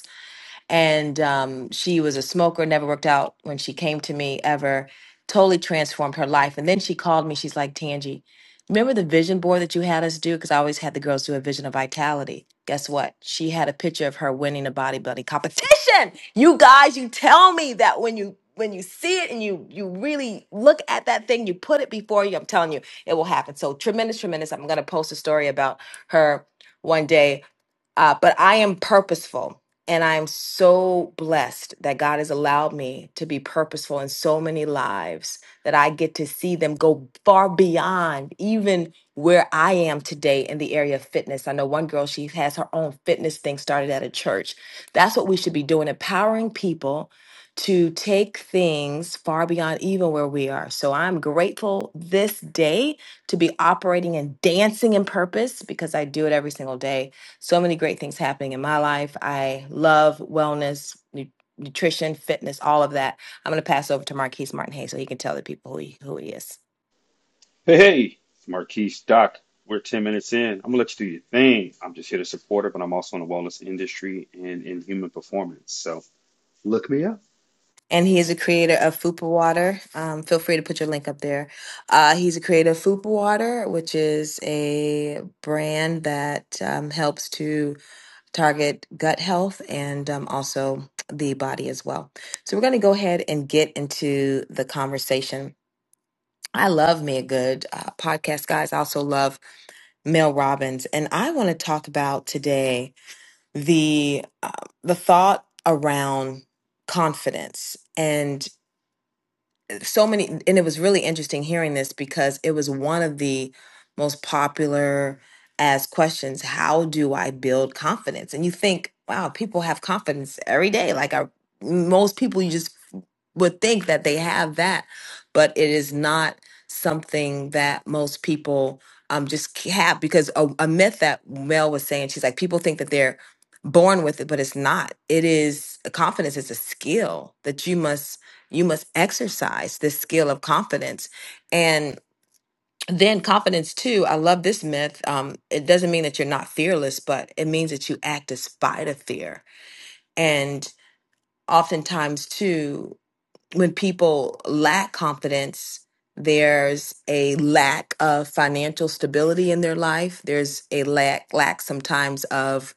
and um, she was a smoker never worked out when she came to me ever totally transformed her life and then she called me she's like tangie remember the vision board that you had us do because i always had the girls do a vision of vitality guess what she had a picture of her winning a bodybuilding competition you guys you tell me that when you when you see it and you you really look at that thing you put it before you i'm telling you it will happen so tremendous tremendous i'm going to post a story about her one day uh, but I am purposeful. And I am so blessed that God has allowed me to be purposeful in so many lives that I get to see them go far beyond even where I am today in the area of fitness. I know one girl, she has her own fitness thing started at a church. That's what we should be doing, empowering people to take things far beyond even where we are. So I'm grateful this day to be operating and dancing in purpose because I do it every single day so many great things happening in my life. I love wellness, nu- nutrition, fitness, all of that. I'm going to pass over to Marquise Martin Hayes so he can tell the people who he, who he is.
Hey, hey, it's Marquise Doc. We're 10 minutes in. I'm going to let you do your thing. I'm just here to support her, but I'm also in the wellness industry and in human performance. So look me up.
And he is a creator of Fupa Water. Um, feel free to put your link up there. Uh, he's a creator of Fupa Water, which is a brand that um, helps to target gut health and um, also the body as well. So we're going to go ahead and get into the conversation. I love me a good uh, podcast, guys. I also love Mel Robbins, and I want to talk about today the uh, the thought around confidence and uh, so many. And it was really interesting hearing this because it was one of the most popular asked questions. How do I build confidence? And you think, wow, people have confidence every day. Like I, most people, you just would think that they have that, but it is not something that most people um just c- have because a, a myth that Mel was saying, she's like, people think that they're born with it, but it's not. It is confidence is a skill that you must you must exercise this skill of confidence. And then confidence too, I love this myth. Um, it doesn't mean that you're not fearless, but it means that you act despite of fear. And oftentimes too when people lack confidence, there's a lack of financial stability in their life. There's a lack lack sometimes of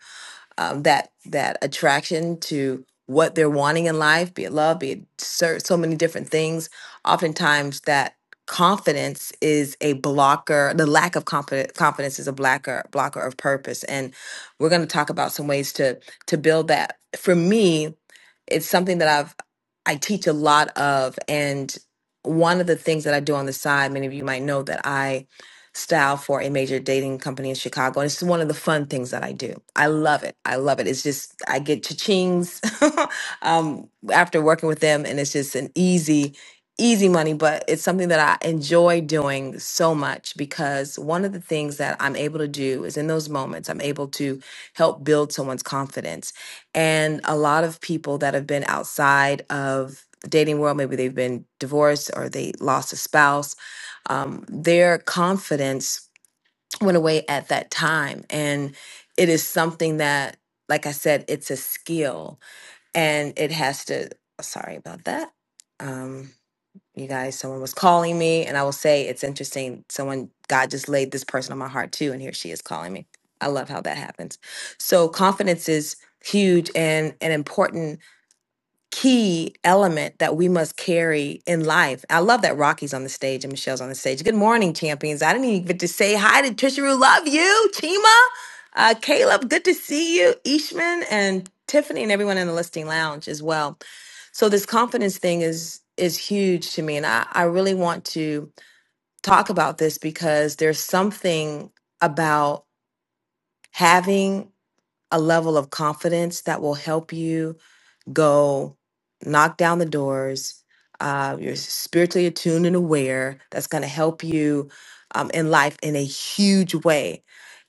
um, that that attraction to what they're wanting in life, be it love, be it so, so many different things. Oftentimes, that confidence is a blocker. The lack of confidence confidence is a blocker blocker of purpose. And we're going to talk about some ways to to build that. For me, it's something that I've I teach a lot of and one of the things that I do on the side, many of you might know that I style for a major dating company in Chicago. And it's one of the fun things that I do. I love it. I love it. It's just I get cha-chings um, after working with them and it's just an easy easy money, but it's something that I enjoy doing so much because one of the things that I'm able to do is in those moments, I'm able to help build someone's confidence. And a lot of people that have been outside of the dating world, maybe they've been divorced or they lost a spouse, um, their confidence went away at that time. And it is something that, like I said, it's a skill and it has to, sorry about that. Um, you guys someone was calling me and i will say it's interesting someone god just laid this person on my heart too and here she is calling me i love how that happens so confidence is huge and and important key element that we must carry in life. I love that Rocky's on the stage and Michelle's on the stage. Good morning, champions. I didn't even get to say hi to Trisha Rue. Love you, Chima. Uh, Caleb, good to see you. Ishman and Tiffany and everyone in the listing lounge as well. So this confidence thing is is huge to me. And I, I really want to talk about this because there's something about having a level of confidence that will help you go knock down the doors. Uh, you're spiritually attuned and aware. That's going to help you um, in life in a huge way.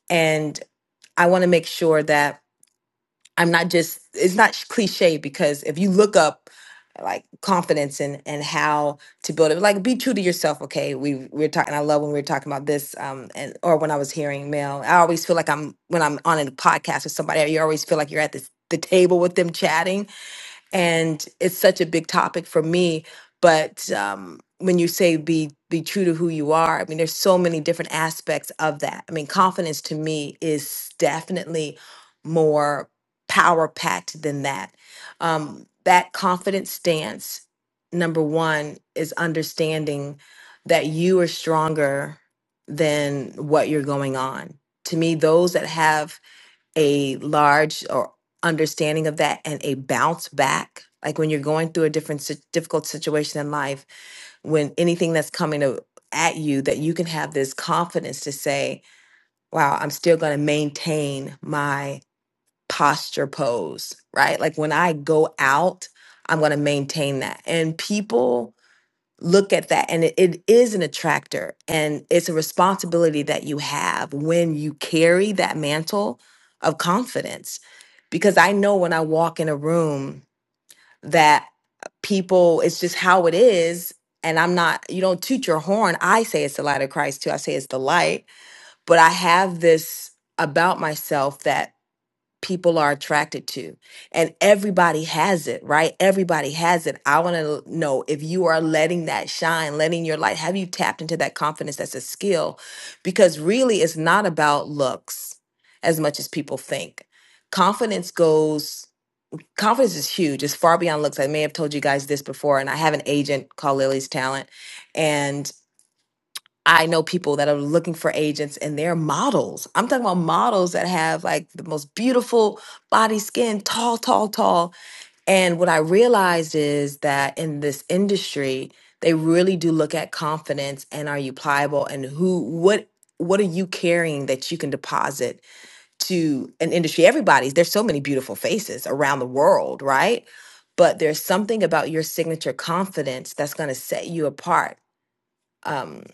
And I want to make sure that I'm not just, it's not cliche because if you look up like confidence and, and how to build it, like be true to yourself. Okay. We, we we're talking, I love when we were talking about this um, and, or when I was hearing Mel, I always feel like I'm, when I'm on a podcast with somebody, you always feel like you're at this, the table with them chatting and it's such a big topic for me but um, when you say be be true to who you are i mean there's so many different aspects of that i mean confidence to me is definitely more power packed than that um, that confidence stance number one is understanding that you are stronger than what you're going on to me those that have a large or understanding of that and a bounce back like when you're going through a different si- difficult situation in life when anything that's coming to, at you that you can have this confidence to say wow i'm still going to maintain my posture pose right like when i go out i'm going to maintain that and people look at that and it, it is an attractor and it's a responsibility that you have when you carry that mantle of confidence because i know when i walk in a room that people it's just how it is and i'm not you don't toot your horn i say it's the light of christ too i say it's the light but i have this about myself that people are attracted to. And everybody has it, right? Everybody has it. I want to know if you are letting that shine, letting your light, have you tapped into that confidence that's a skill? Because really, it's not about looks as much as people think. Confidence goes, confidence is huge. It's far beyond looks. I may have told you guys this before, and I have an agent called Lily's Talent. and. I know people that are looking for agents and they're models. I'm talking about models that have like the most beautiful body, skin, tall, tall, tall. And what I realized is that in this industry, they really do look at confidence and are you pliable and who what what are you carrying that you can deposit to an industry everybody's there's so many beautiful faces around the world right but there's something about your signature confidence that's going to set you apart Um,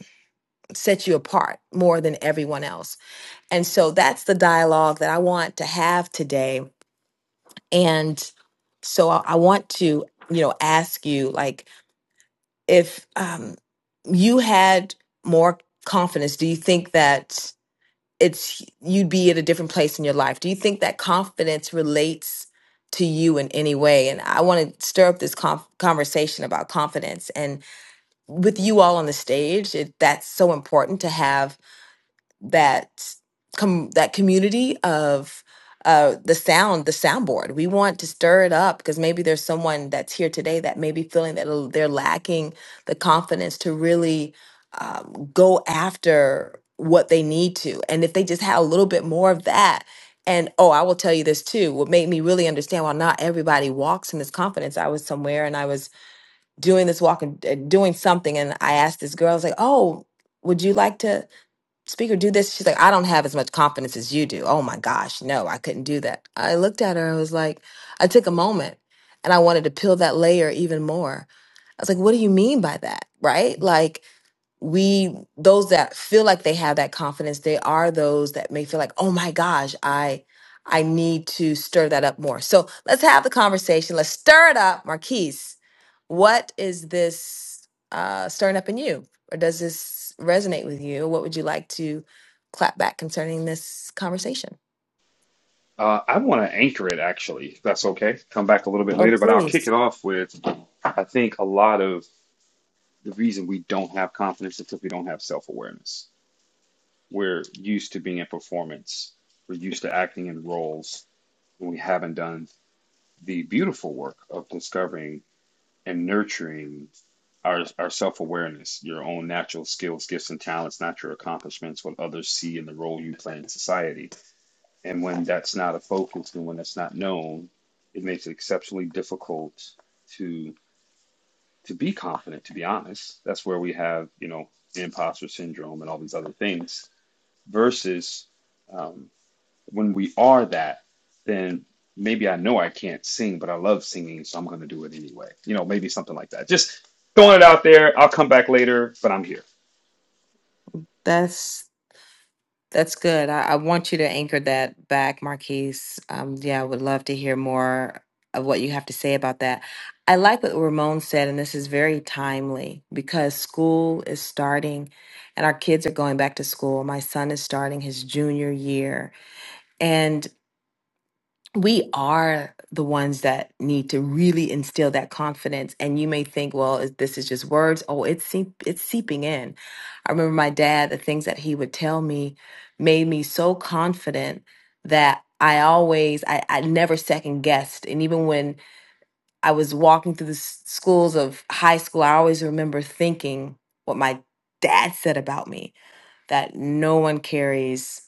set you apart more than everyone else. And so that's the dialogue that I want to have today. And so I, I want to, you know, ask you like if um, you had more confidence, do you think that it's you'd be at a different place in your life? Do you think that confidence relates to you in any way? And I want to stir up this conf- conversation about confidence and with you all on the stage, it, that's so important to have that com- that community of uh, the sound, the soundboard. We want to stir it up because maybe there's someone that's here today that may be feeling that they're lacking the confidence to really um, go after what they need to. And if they just had a little bit more of that, and oh, I will tell you this too. What made me really understand why not everybody walks in this confidence. I was somewhere and I was doing this walk and uh, doing something, and I asked this girl, I was like, "Oh, would you like to?" speaker do this she's like i don't have as much confidence as you do oh my gosh no i couldn't do that i looked at her i was like i took a moment and i wanted to peel that layer even more i was like what do you mean by that right like we those that feel like they have that confidence they are those that may feel like oh my gosh i i need to stir that up more so let's have the conversation let's stir it up marquise what is this uh stirring up in you or does this resonate with you what would you like to clap back concerning this conversation
Uh, I want to anchor it, actually, if that's okay. Come back a little bit
oh
later, but I'll kick
please
it off with I think a lot of the reason we don't have confidence is because we don't have self awareness. We're used to being in performance, we're used to acting in roles, and we haven't done the beautiful work of discovering and nurturing our, our self awareness, your own natural skills, gifts, and talents, not your accomplishments, what others see and the role you play in society. And when that's not a focus and when that's not known, it makes it exceptionally difficult to to be confident, to be honest. That's where we have, you know, imposter syndrome and all these other things versus um, when we are that, then maybe I know I can't sing, but I love singing, so I'm going to do it anyway. You know, maybe something like that. Just throwing it out there. I'll come back later, but I'm here.
that's That's good. I, I want you to anchor that back, Marquise. Um, yeah, I would love to hear more of what you have to say about that. I like what Ramon said, and this is very timely because school is starting and our kids are going back to school. My son is starting his junior year. and we are the ones that need to really instill that confidence. And you may think, well, is- this is just words. Oh, it's seep- it's seeping in. I remember my dad. The things that he would tell me made me so confident that I always, I, I never second guessed. And even when I was walking through the s- schools of high school, I always remember thinking what my dad said about me that no one carries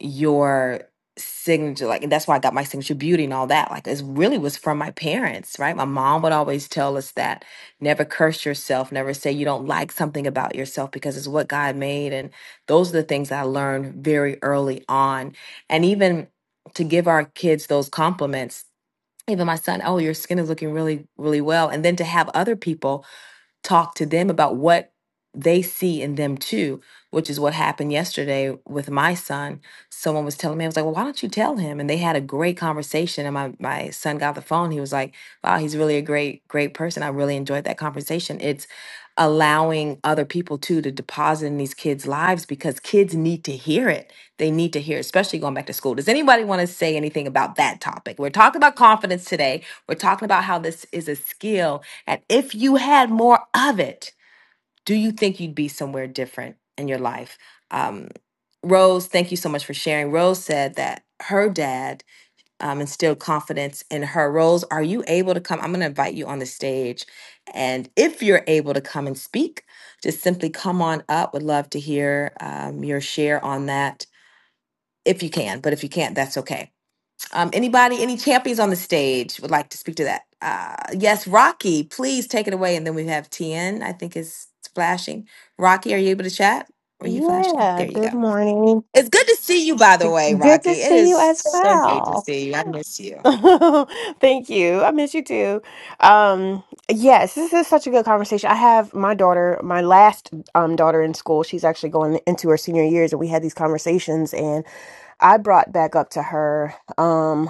your signature like and that's why i got my signature beauty and all that like it really was from my parents right my mom would always tell us that never curse yourself never say you don't like something about yourself because it's what god made and those are the things i learned very early on and even to give our kids those compliments even my son oh your skin is looking really really well and then to have other people talk to them about what they see in them too, which is what happened yesterday with my son. Someone was telling me, I was like, well, why don't you tell him? And they had a great conversation. And my, my son got the phone. He was like, wow, he's really a great, great person. I really enjoyed that conversation. It's allowing other people too to deposit in these kids' lives because kids need to hear it. They need to hear, it, especially going back to school. Does anybody want to say anything about that topic? We're talking about confidence today. We're talking about how this is a skill and if you had more of it, do you think you'd be somewhere different in your life? Um, Rose, thank you so much for sharing. Rose said that her dad um, instilled confidence in her. Rose, are you able to come? I'm going to invite you on the stage. And if you're able to come and speak, just simply come on up. Would love to hear um, your share on that if you can. But if you can't, that's okay. Um, anybody, any champions on the stage would like to speak to that? Uh, yes, Rocky, please take it away. And then we have TN, I think is flashing. Rocky, are you able to chat? Are you flashing?
Yeah,
There you go.
good morning.
It's good to see you, by the way,
Good to
Rocky. It
see
is
you as
so great to
well.
see you. I miss you.
Thank you. I miss you too. Um, yes, this is such a good conversation. I have my daughter, my last um daughter in school. She's actually going into her senior years, and we had these conversations. And I brought back up to her. Um,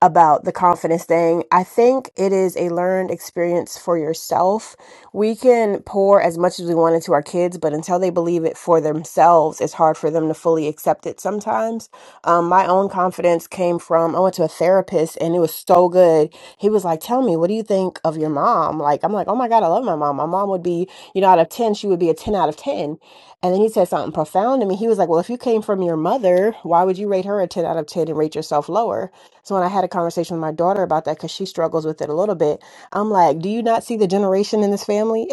about the confidence thing. I think it is a learned experience for yourself. We can pour as much as we want into our kids, but until they believe it for themselves, it's hard for them to fully accept it sometimes. Um, my own confidence came from I went to a therapist and it was so good. He was like, Tell me, what do you think of your mom? Like, I'm like, Oh my God, I love my mom. My mom would be, you know, out of 10, she would be a 10 out of 10." And then he said something profound to me. He was like, Well, if you came from your mother, why would you rate her a 10 out of 10 and rate yourself lower? So when I had a conversation with my daughter about that, because she struggles with it a little bit, I'm like, Do you not see the generation in this family?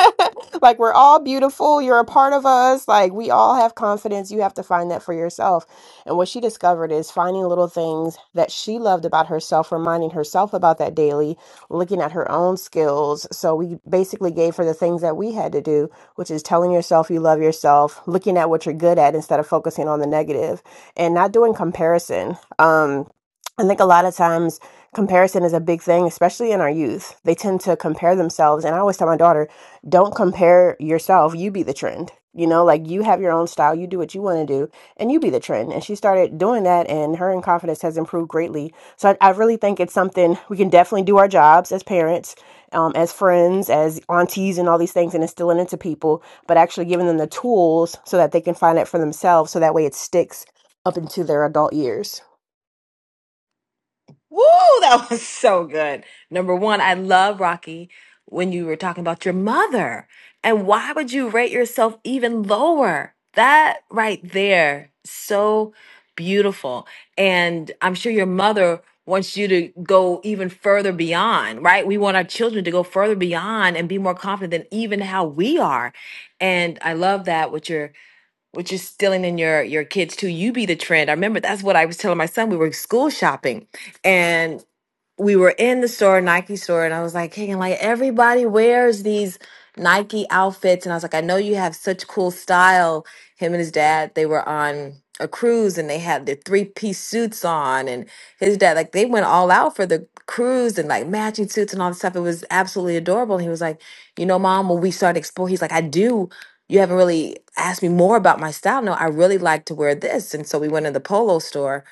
like, we're all beautiful. You're a part of us. Like, we all have confidence. You have to find that for yourself. And what she discovered is finding little things that she loved about herself, reminding herself about that daily looking at her own skills. So we basically gave her the things that we had to do, which is telling yourself you love yourself, looking at what you're good at instead of focusing on the negative, and not doing comparison. Um, I think a lot of times comparison is a big thing, especially in our youth. They tend to compare themselves. And I always tell my daughter, don't compare yourself. You be the trend. You know, like you have your own style, you do what you want to do, and you be the trend. And she started doing that, and her in confidence has improved greatly so I, I really think it's something we can definitely do our jobs as parents, um, as friends, as aunties, and all these things, and instilling into people, but actually giving them the tools so that they can find it for themselves. So that way it sticks up into their adult years.
Woo, that was so good. Number one, I love Rocky when you were talking about your mother. And why would you rate yourself even lower? That right there, so beautiful. And I'm sure your mother wants you to go even further beyond, right? We want our children to go further beyond and be more confident than even how we are. And I love that with your which is stealing in your your kids too. You be the trend. I remember that's what I was telling my son. We were school shopping, and we were in the store, Nike store, and I was like, hey, and like everybody wears these Nike outfits. And I was like, I know you have such cool style. Him and his dad, they were on a cruise and they had their three piece suits on. And his dad, like, they went all out for the cruise and like matching suits and all this stuff. It was absolutely adorable. And he was like, you know, mom, when we started exploring, he's like, I do. You haven't really asked me more about my style. No, I really like to wear this. And so we went in the polo store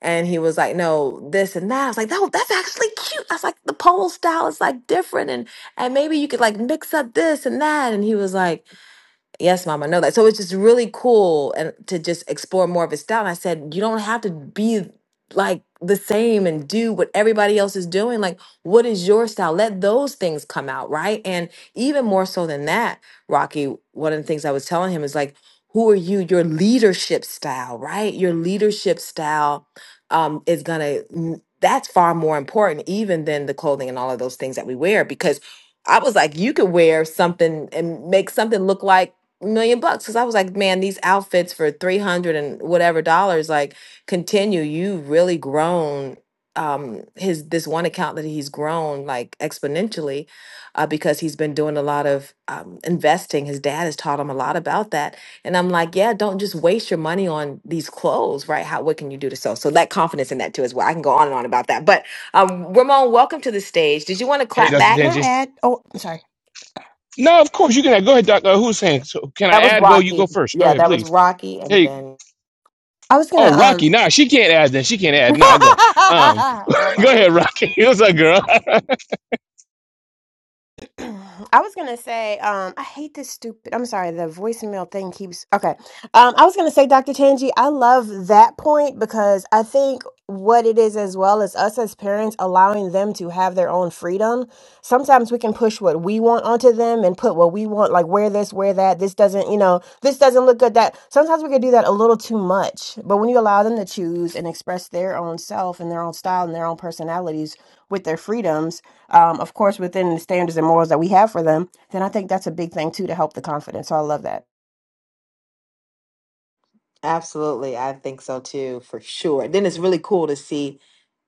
and he was like, no, this and that. I was like, no, that's actually cute. I was like, the pole style is like different. And and maybe you could like mix up this and that. And he was like, Yes, mom, I know that. So it's just really cool and to just explore more of his style. And I said, you don't have to be like the same and do what everybody else is doing. Like, what is your style? Let those things come out, right? And even more so than that, Rocky, one of the things I was telling him is like, who are you? Your leadership style, right? Your leadership style um, is gonna mm, that's far more important even than the clothing and all of those things that we wear because I was like, you could wear something and make something look like million bucks because I was like, man, these outfits for three hundred and whatever dollars, like, continue. You really grown. Um, his this one account that he's grown like exponentially, uh, because he's been doing a lot of um, investing. His dad has taught him a lot about that, and I'm like, yeah, don't just waste your money on these clothes, right? How what can you do to sell? So that confidence in that too as well. I can go on and on about that, but um, Ramon, welcome to the stage. Did you want to
Hey,
clap
Dr.
Can
back?
I
Tanji.
add? Oh, I'm sorry.
No, of course you can. Go ahead, Dr. Hussein. So can I
That was
add? Go, you go
Rocky.
first. Go
Yeah,
ahead,
that was
please.
Rocky, and
Hey,
then
I was
oh,
gonna um,
Rocky. Nah, she can't add. Then she can't add. Nah, I go. Um, go
Ramon.
ahead, Rocky. What's up, girl?
I was gonna say, um, I hate this stupid. I'm sorry, the voicemail thing keeps. Okay, um, I was gonna say, Dr. Tangi, I love that point because I think what it is, as well as us as parents, allowing them to have their own freedom. Sometimes we can push what we want onto them and put what we want, like wear this, wear that. This doesn't, you know, this doesn't look good. That sometimes we can do that a little too much. But when you allow them to choose and express their own self and their own style and their own personalities with their freedoms um, of course, within the standards and morals that we have for them, then I think that's a big thing too to help the confidence. So I love that.
Absolutely. I think so too, for sure. Then it's really cool to see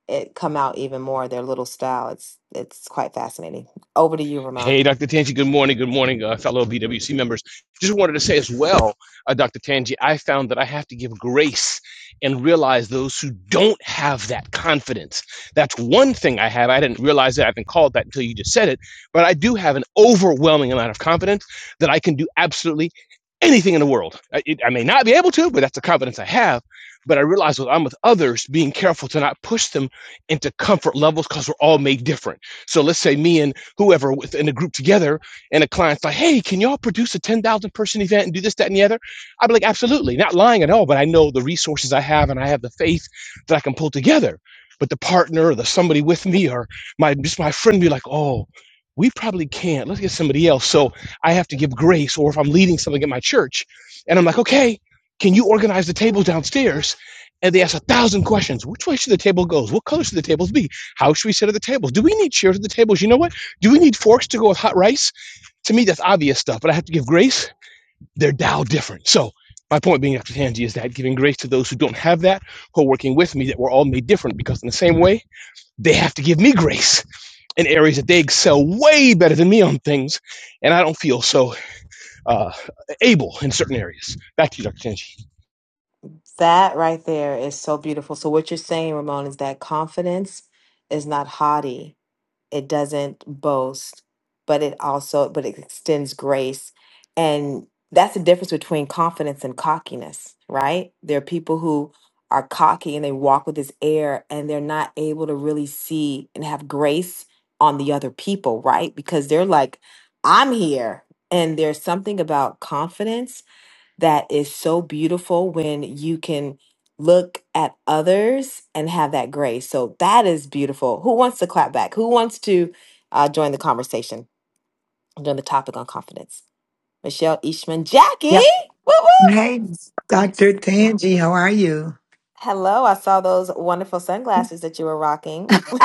it come out even more, their little style. It's it's quite fascinating. Over to you, Ramon.
Hey, Dr. Tanji, good morning. Good morning, uh, fellow BWC members. Just wanted to say as well, uh, Dr. Tanji, I found that I have to give grace and realize those who don't have that confidence. That's one thing I have. I didn't realize that. I haven't called that until you just said it. But I do have an overwhelming amount of confidence that I can do absolutely anything in the world. I, it, I may not be able to, but that's the confidence I have. But I realize when I'm with others, being careful to not push them into comfort levels because we're all made different. So let's say me and whoever within a group together, and a client's like, "Hey, can y'all produce a ten thousand person event and do this, that, and the other?" I'd be like, "Absolutely, not lying at all." But I know the resources I have, and I have the faith that I can pull together. But the partner, or the somebody with me, or my just my friend, be like, "Oh." We probably can't. Let's get somebody else. So I have to give grace, or if I'm leading something at my church, and I'm like, okay, can you organize the table downstairs? and they ask a thousand questions. Which way should the table goes? What color should the tables be? How should we sit at the tables? Do we need chairs at the tables? You know what? Do we need forks to go with hot rice? To me, that's obvious stuff, but I have to give grace. They're Tao different. So, my point being, Dr. Tanji, is that giving grace to those who don't have that, who are working with me, that we're all made different because, in the same way, they have to give me grace in areas that they excel way better than me on things, and I don't feel so uh, able in certain areas. Back to you, Dr. Tanji.
That right there is so beautiful. So what you're saying, Ramon, is that confidence is not haughty. it doesn't boast but it also but it extends grace and that's the difference between confidence and cockiness right there are people who are cocky and they walk with this air and they're not able to really see and have grace on the other people right because they're like i'm here and there's something about confidence that is so beautiful when you can look at others and have that grace. So that is beautiful. Who wants to clap back? Who wants to uh, join the conversation join the topic on confidence? Michelle Eastman, Jackie,
Yeah.
woo
Hey,
woo.
Dr. Tangi, how are you?
Hello, I saw those wonderful sunglasses that you were rocking.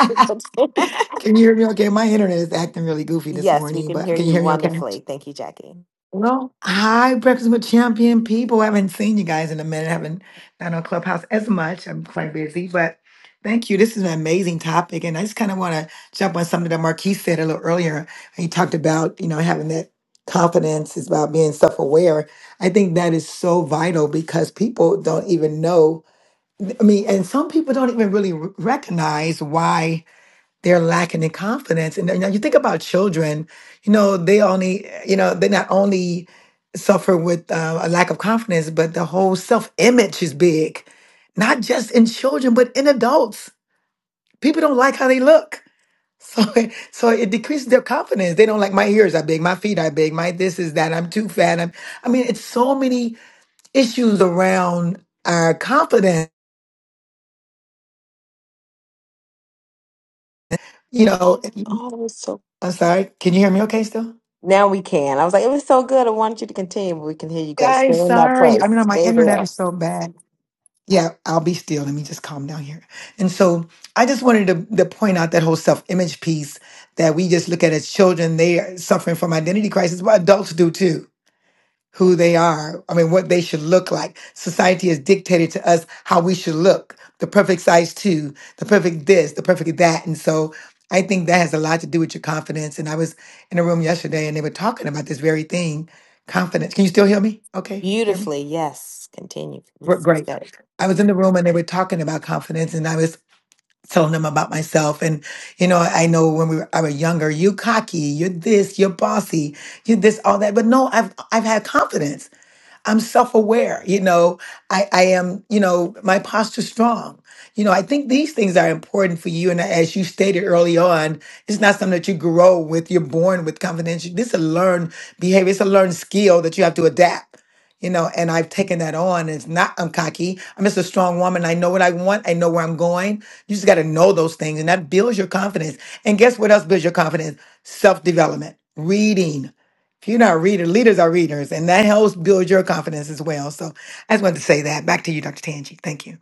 can you hear me okay? My internet is acting really goofy this
yes, we
morning,
can
but
hear
can you
you
hear me okay?
wonderfully. Thank you, Jackie.
Well, hi, Breakfast with Champion people. I haven't seen you guys in a minute. I haven't done on Clubhouse as much. I'm quite busy, but thank you. This is an amazing topic. And I just kind of want to jump on something that Marquise said a little earlier. He talked about, you know, having that confidence is about being self aware. I think that is so vital because people don't even know. I mean, and some people don't even really r- recognize why they're lacking in confidence. And then, you know, you think about children, you know, they only, you know, they not only suffer with uh, a lack of confidence, but the whole self image is big, not just in children, but in adults. People don't like how they look. So, it- so it decreases their confidence. They don't like my ears are big, my feet are big, my this is that. I'm too fat. I'm, I mean, it's so many issues around our confidence you know
Oh, that was so.
I'm sorry. Can you hear me okay still?
Now we can. I was like, it was so good. I wanted you to continue, but we can hear you great.
I'm
Stay in that
sorry. I
place.
mean, my
Stay there.
internet is so bad. Yeah, I'll be still. Let me just calm down here. And so I just wanted to, to point out that whole self image piece that we just look at as children. They are suffering from identity crisis, but adults do too. who they are. I mean, what they should look like. Society has dictated to us how we should look. The perfect size two, the perfect this, the perfect that. And so I think that has a lot to do with your confidence. And I was in a room yesterday and they were talking about this very thing, confidence. Can you still hear me? Okay, hear me?
Beautifully, yes. Continue.
We're
please, sis.
great.
That-
I was in the room and they were talking about confidence and I was telling them about myself. And, you know, I know when we were, I was younger, you cocky, you're this, you're bossy, you're this, all that. But no, I've, I've had confidence. I'm self-aware. You know, I, I am, you know, my posture's strong. You know, I think these things are important for you. And as you stated early on, it's not something that you grow with. You're born with confidence. This is a learned behavior. It's a learned skill that you have to adapt. You know, and I've taken that on. It's not I'm cocky. I'm just a strong woman. I know what I want. I know where I'm going. You just got to know those things, and that builds your confidence. And guess what else builds your confidence? Self development, reading, if you're not readers, leaders are readers, and that helps build your confidence as well. So I just wanted to say that. Back to you, Dr. Tangi. Thank you.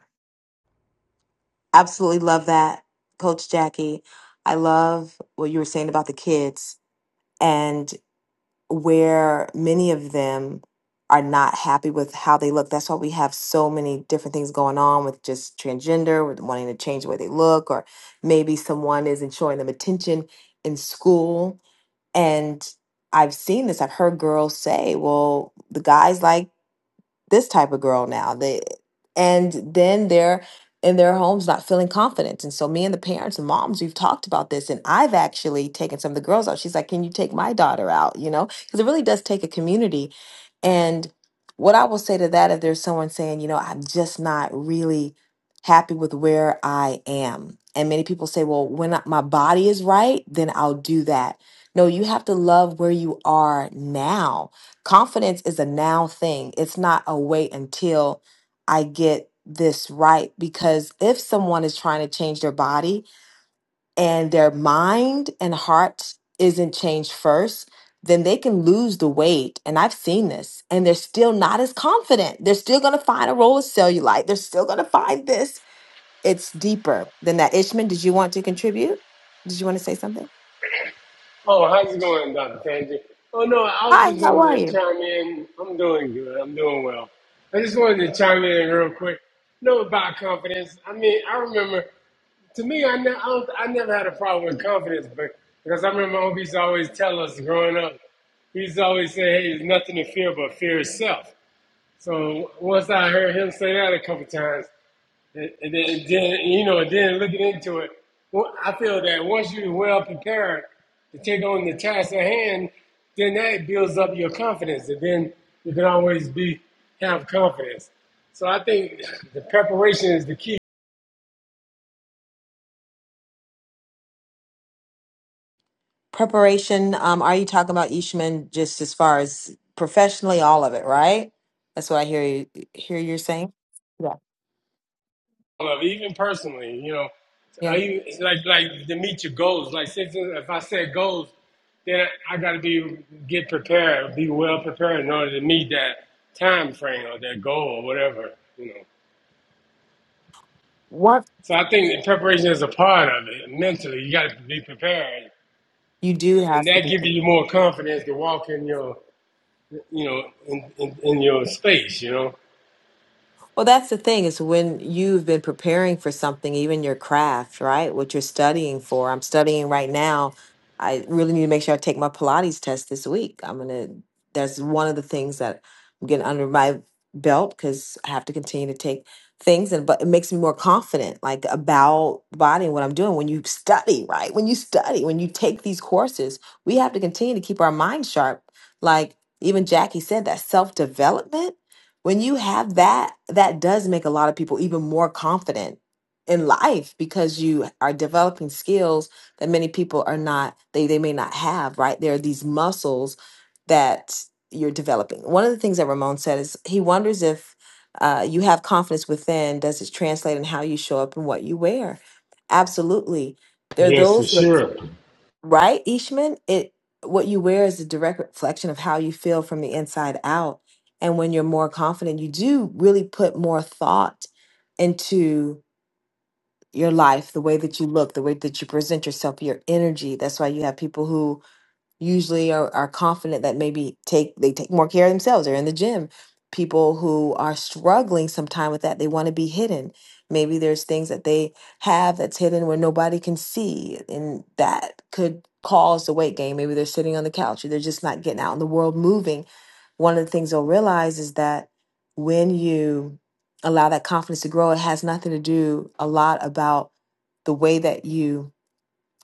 Absolutely love that, Coach Jackie. I love what you were saying about the kids and where many of them are not happy with how they look. That's why we have so many different things going on with just transgender, with wanting to change the way they look, or maybe someone isn't showing them attention in school. And I've seen this, I've heard girls say, well, the guys like, this type of girl now they and then they're in their homes not feeling confident and so me and the parents and moms we've talked about this and i've actually taken some of the girls out she's like can you take my daughter out you know because it really does take a community and what i will say to that if there's someone saying you know i'm just not really happy with where i am and many people say well when I- my body is right then i'll do that no you have to love where you are now confidence is a now thing. It's not a wait until I get this right. Because if someone is trying to change their body and their mind and heart isn't changed first, then they can lose the weight. And I've seen this, and they're still not as confident. They're still going to find a roll of cellulite, they're still going to find this. It's deeper than that. Ishman, did you want to contribute? Did you want to say something?
Oh, how's it going, Dr. Tanji? Oh, no, I was
Hi,
just
how
wanting
are
to
you?
chime in. I'm doing good. I'm doing well. I just wanted to chime in real quick. No, about confidence. I mean, I remember, to me, I, ne- I, don't, I never had a problem with confidence, but because I remember Obie's always tell us growing up, he's always say, hey, there's nothing to fear but fear itself. So once I heard him say that a couple times, and then, then you know, then looking into it, well, I feel that once you're well prepared to take on the task at hand, then that builds up your confidence, and then you can always be have confidence. So I think the preparation is the key.
Preparation, um, are you talking about Ishman just as far as professionally, all of it, right? That's what I hear you hear you're saying. Yeah.
of it, even personally, you know, I
Yeah.
even, it's like like to meet your goals. Like since if I set goals, then I got to be get prepared, be well prepared in order to meet that time frame or that goal or whatever, you know.
What
So I think that preparation is a part of it. Mentally, you got to be prepared,
you do
and
has
that
to be
gives you
prepared.
more confidence to walk in your, you know, in, in, in your space, you know.
Well, that's the thing is when you've been preparing for something, even your craft, right? What you're studying for. I'm studying right now. I really need to make sure I take my Pilates test this week. I'm going to, that's one of the things that I'm getting under my belt because I have to continue to take things and but it makes me more confident like about body and what I'm doing when you study right when you study when you take these courses we have to continue to keep our mind sharp like even Jackie said that self development when you have that that does make a lot of people even more confident in life because you are developing skills that many people are not they they may not have right there are these muscles that you're developing one of the things that ramon said is he wonders if uh, you have confidence within does it translate in how you show up and what you wear absolutely there are
Yes, for
those
sure.
right ishman it what you wear is a direct reflection of how you feel from the inside out and when you're more confident you do really put more thought into your life the way that you look the way that you present yourself your energy that's why you have people who usually are, are confident that maybe take they take more care of themselves they're in the gym people who are struggling sometime with that they want to be hidden maybe there's things that they have that's hidden where nobody can see and that could cause the weight gain maybe they're sitting on the couch or they're just not getting out in the world moving one of the things they'll realize is that when you allow that confidence to grow it has nothing to do a lot about the way that you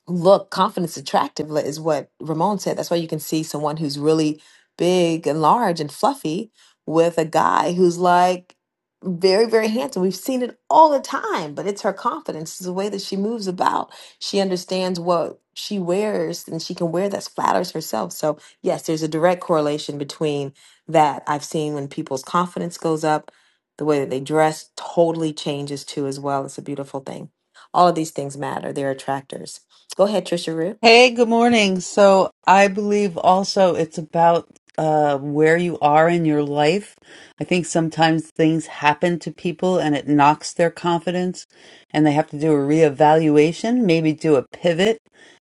look confidence attractive li- is what ramon said that's why you can see someone who's really big and large and fluffy with a guy who's like very very handsome we've seen it all the time but it's her confidence it's the way that she moves about she understands what she wears and she can wear that flatters herself so yes there's a direct correlation between that i've seen when people's confidence goes up the way that they dress totally changes too as well it's a beautiful thing all of these things matter they're attractors Go ahead, Trisha Rue.
Hey, good morning. So I believe also it's about uh, where you are in your life. I think sometimes things happen to people and it knocks their confidence, and they have to do a reevaluation, maybe do a pivot,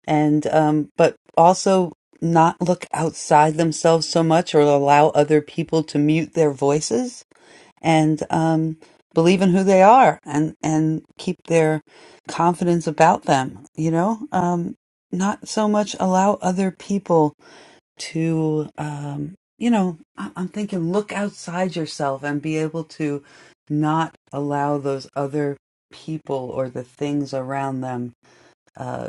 and um, but also not look outside themselves so much or allow other people to mute their voices and um, believe in who they are and and keep their confidence about them you know um, not so much allow other people to um, you know I- i'm thinking look outside yourself and be able to not allow those other people or the things around them uh,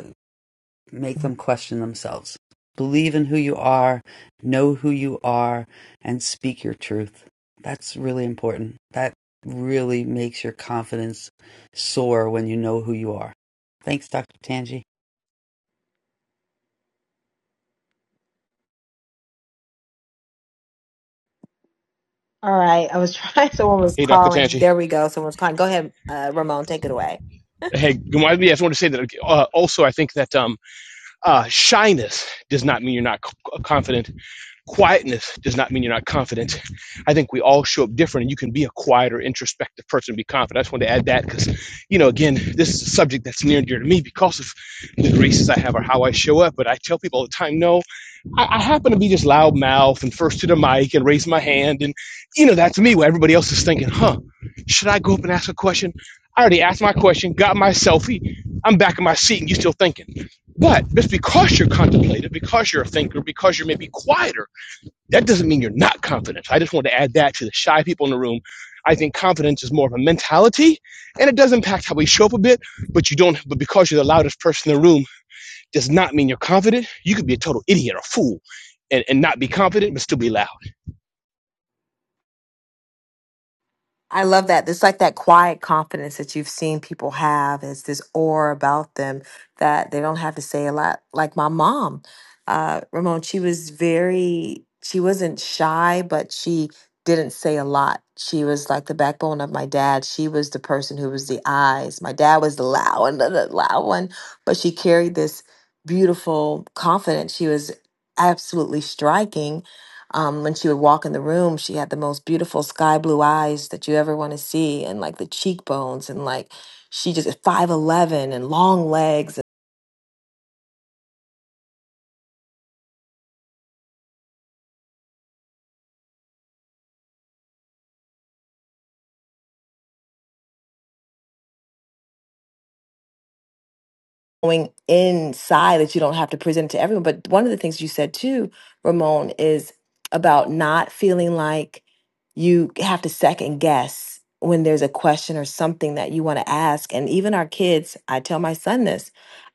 make them question themselves. Believe in who you are, know who you are, and speak your truth. That's really important. That really makes your confidence soar when you know who you are. Thanks, Dr. Tangi.
All right. I was trying. Someone was
Hey, Dr.
calling.
Tanji.
There we go. Someone's calling. Go ahead, uh, Ramon. Take it away.
Hey, good morning. Yes, I just want to say that uh, also, I think that um, uh, shyness does not mean you're not c- confident quietness does not mean you're not confident. I think we all show up different, and you can be a quieter, introspective person and be confident. I just wanted to add that because, you know, again, this is a subject that's near and dear to me because of the graces I have or how I show up. But I tell people all the time, no, I, I happen to be just loud mouth and first to the mic and raise my hand, and you know, that's me. Where everybody else is thinking, huh, should I go up and ask a question? I already asked my question, got my selfie. I'm back in my seat, and you are still thinking. But just because you're contemplative, because you're a thinker, because you're maybe quieter that doesn't mean you're not confident. I just want to add that to the shy people in the room. I think confidence is more of a mentality and it does impact how we show up a bit, but you don't, but because you're the loudest person in the room does not mean you're confident. You could be a total idiot or fool and, and not be confident, but still be loud.
I love that. It's like that quiet confidence that you've seen people have. It's this aura about them that they don't have to say a lot. Like my mom, uh, Ramon, she was very, she wasn't shy, but she didn't say a lot. She was like the backbone of my dad. She was the person who was the eyes. My dad was the loud and the the loud one, but she carried this beautiful confidence. She was absolutely striking um, when she would walk in the room, she had the most beautiful sky blue eyes that you ever want to see, and like the cheekbones, and like she just five eleven and long legs, going inside that you don't have to present it to everyone. But one of the things you said too, Ramon, is about not feeling like you have to second guess when there's a question or something that you want to ask. And even our kids, I tell my son this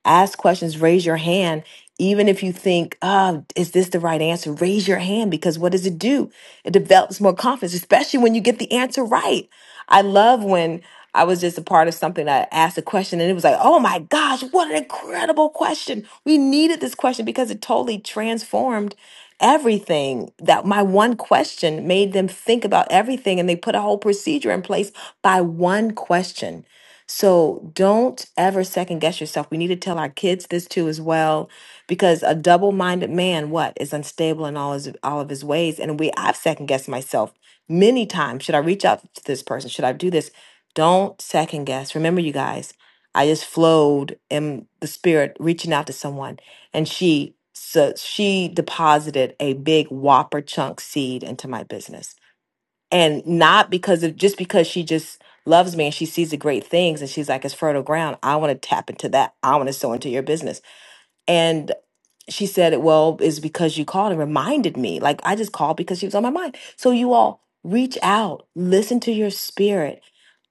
ask questions, raise your hand. Even if you think, oh, is this the right answer? Raise your hand because what does it do? It develops more confidence, especially when you get the answer right. I love when I was just a part of something. I asked a question and it was like, oh my gosh, what an incredible question. We needed this question because it totally transformed everything. That my one question made them think about everything and they put a whole procedure in place by one question. So don't ever second guess yourself. We need to tell our kids this too as well because a double-minded man what is unstable in all his all of his ways and we I've second guessed myself many times should i reach out to this person should i do this don't second guess remember you guys i just flowed in the spirit reaching out to someone and she so she deposited a big whopper chunk seed into my business and not because of just because she just loves me and she sees the great things and she's like it's fertile ground i want to tap into that i want to sow into your business and she said, Well, it's because you called and reminded me. Like, I just called because she was on my mind. So, you all reach out, listen to your spirit.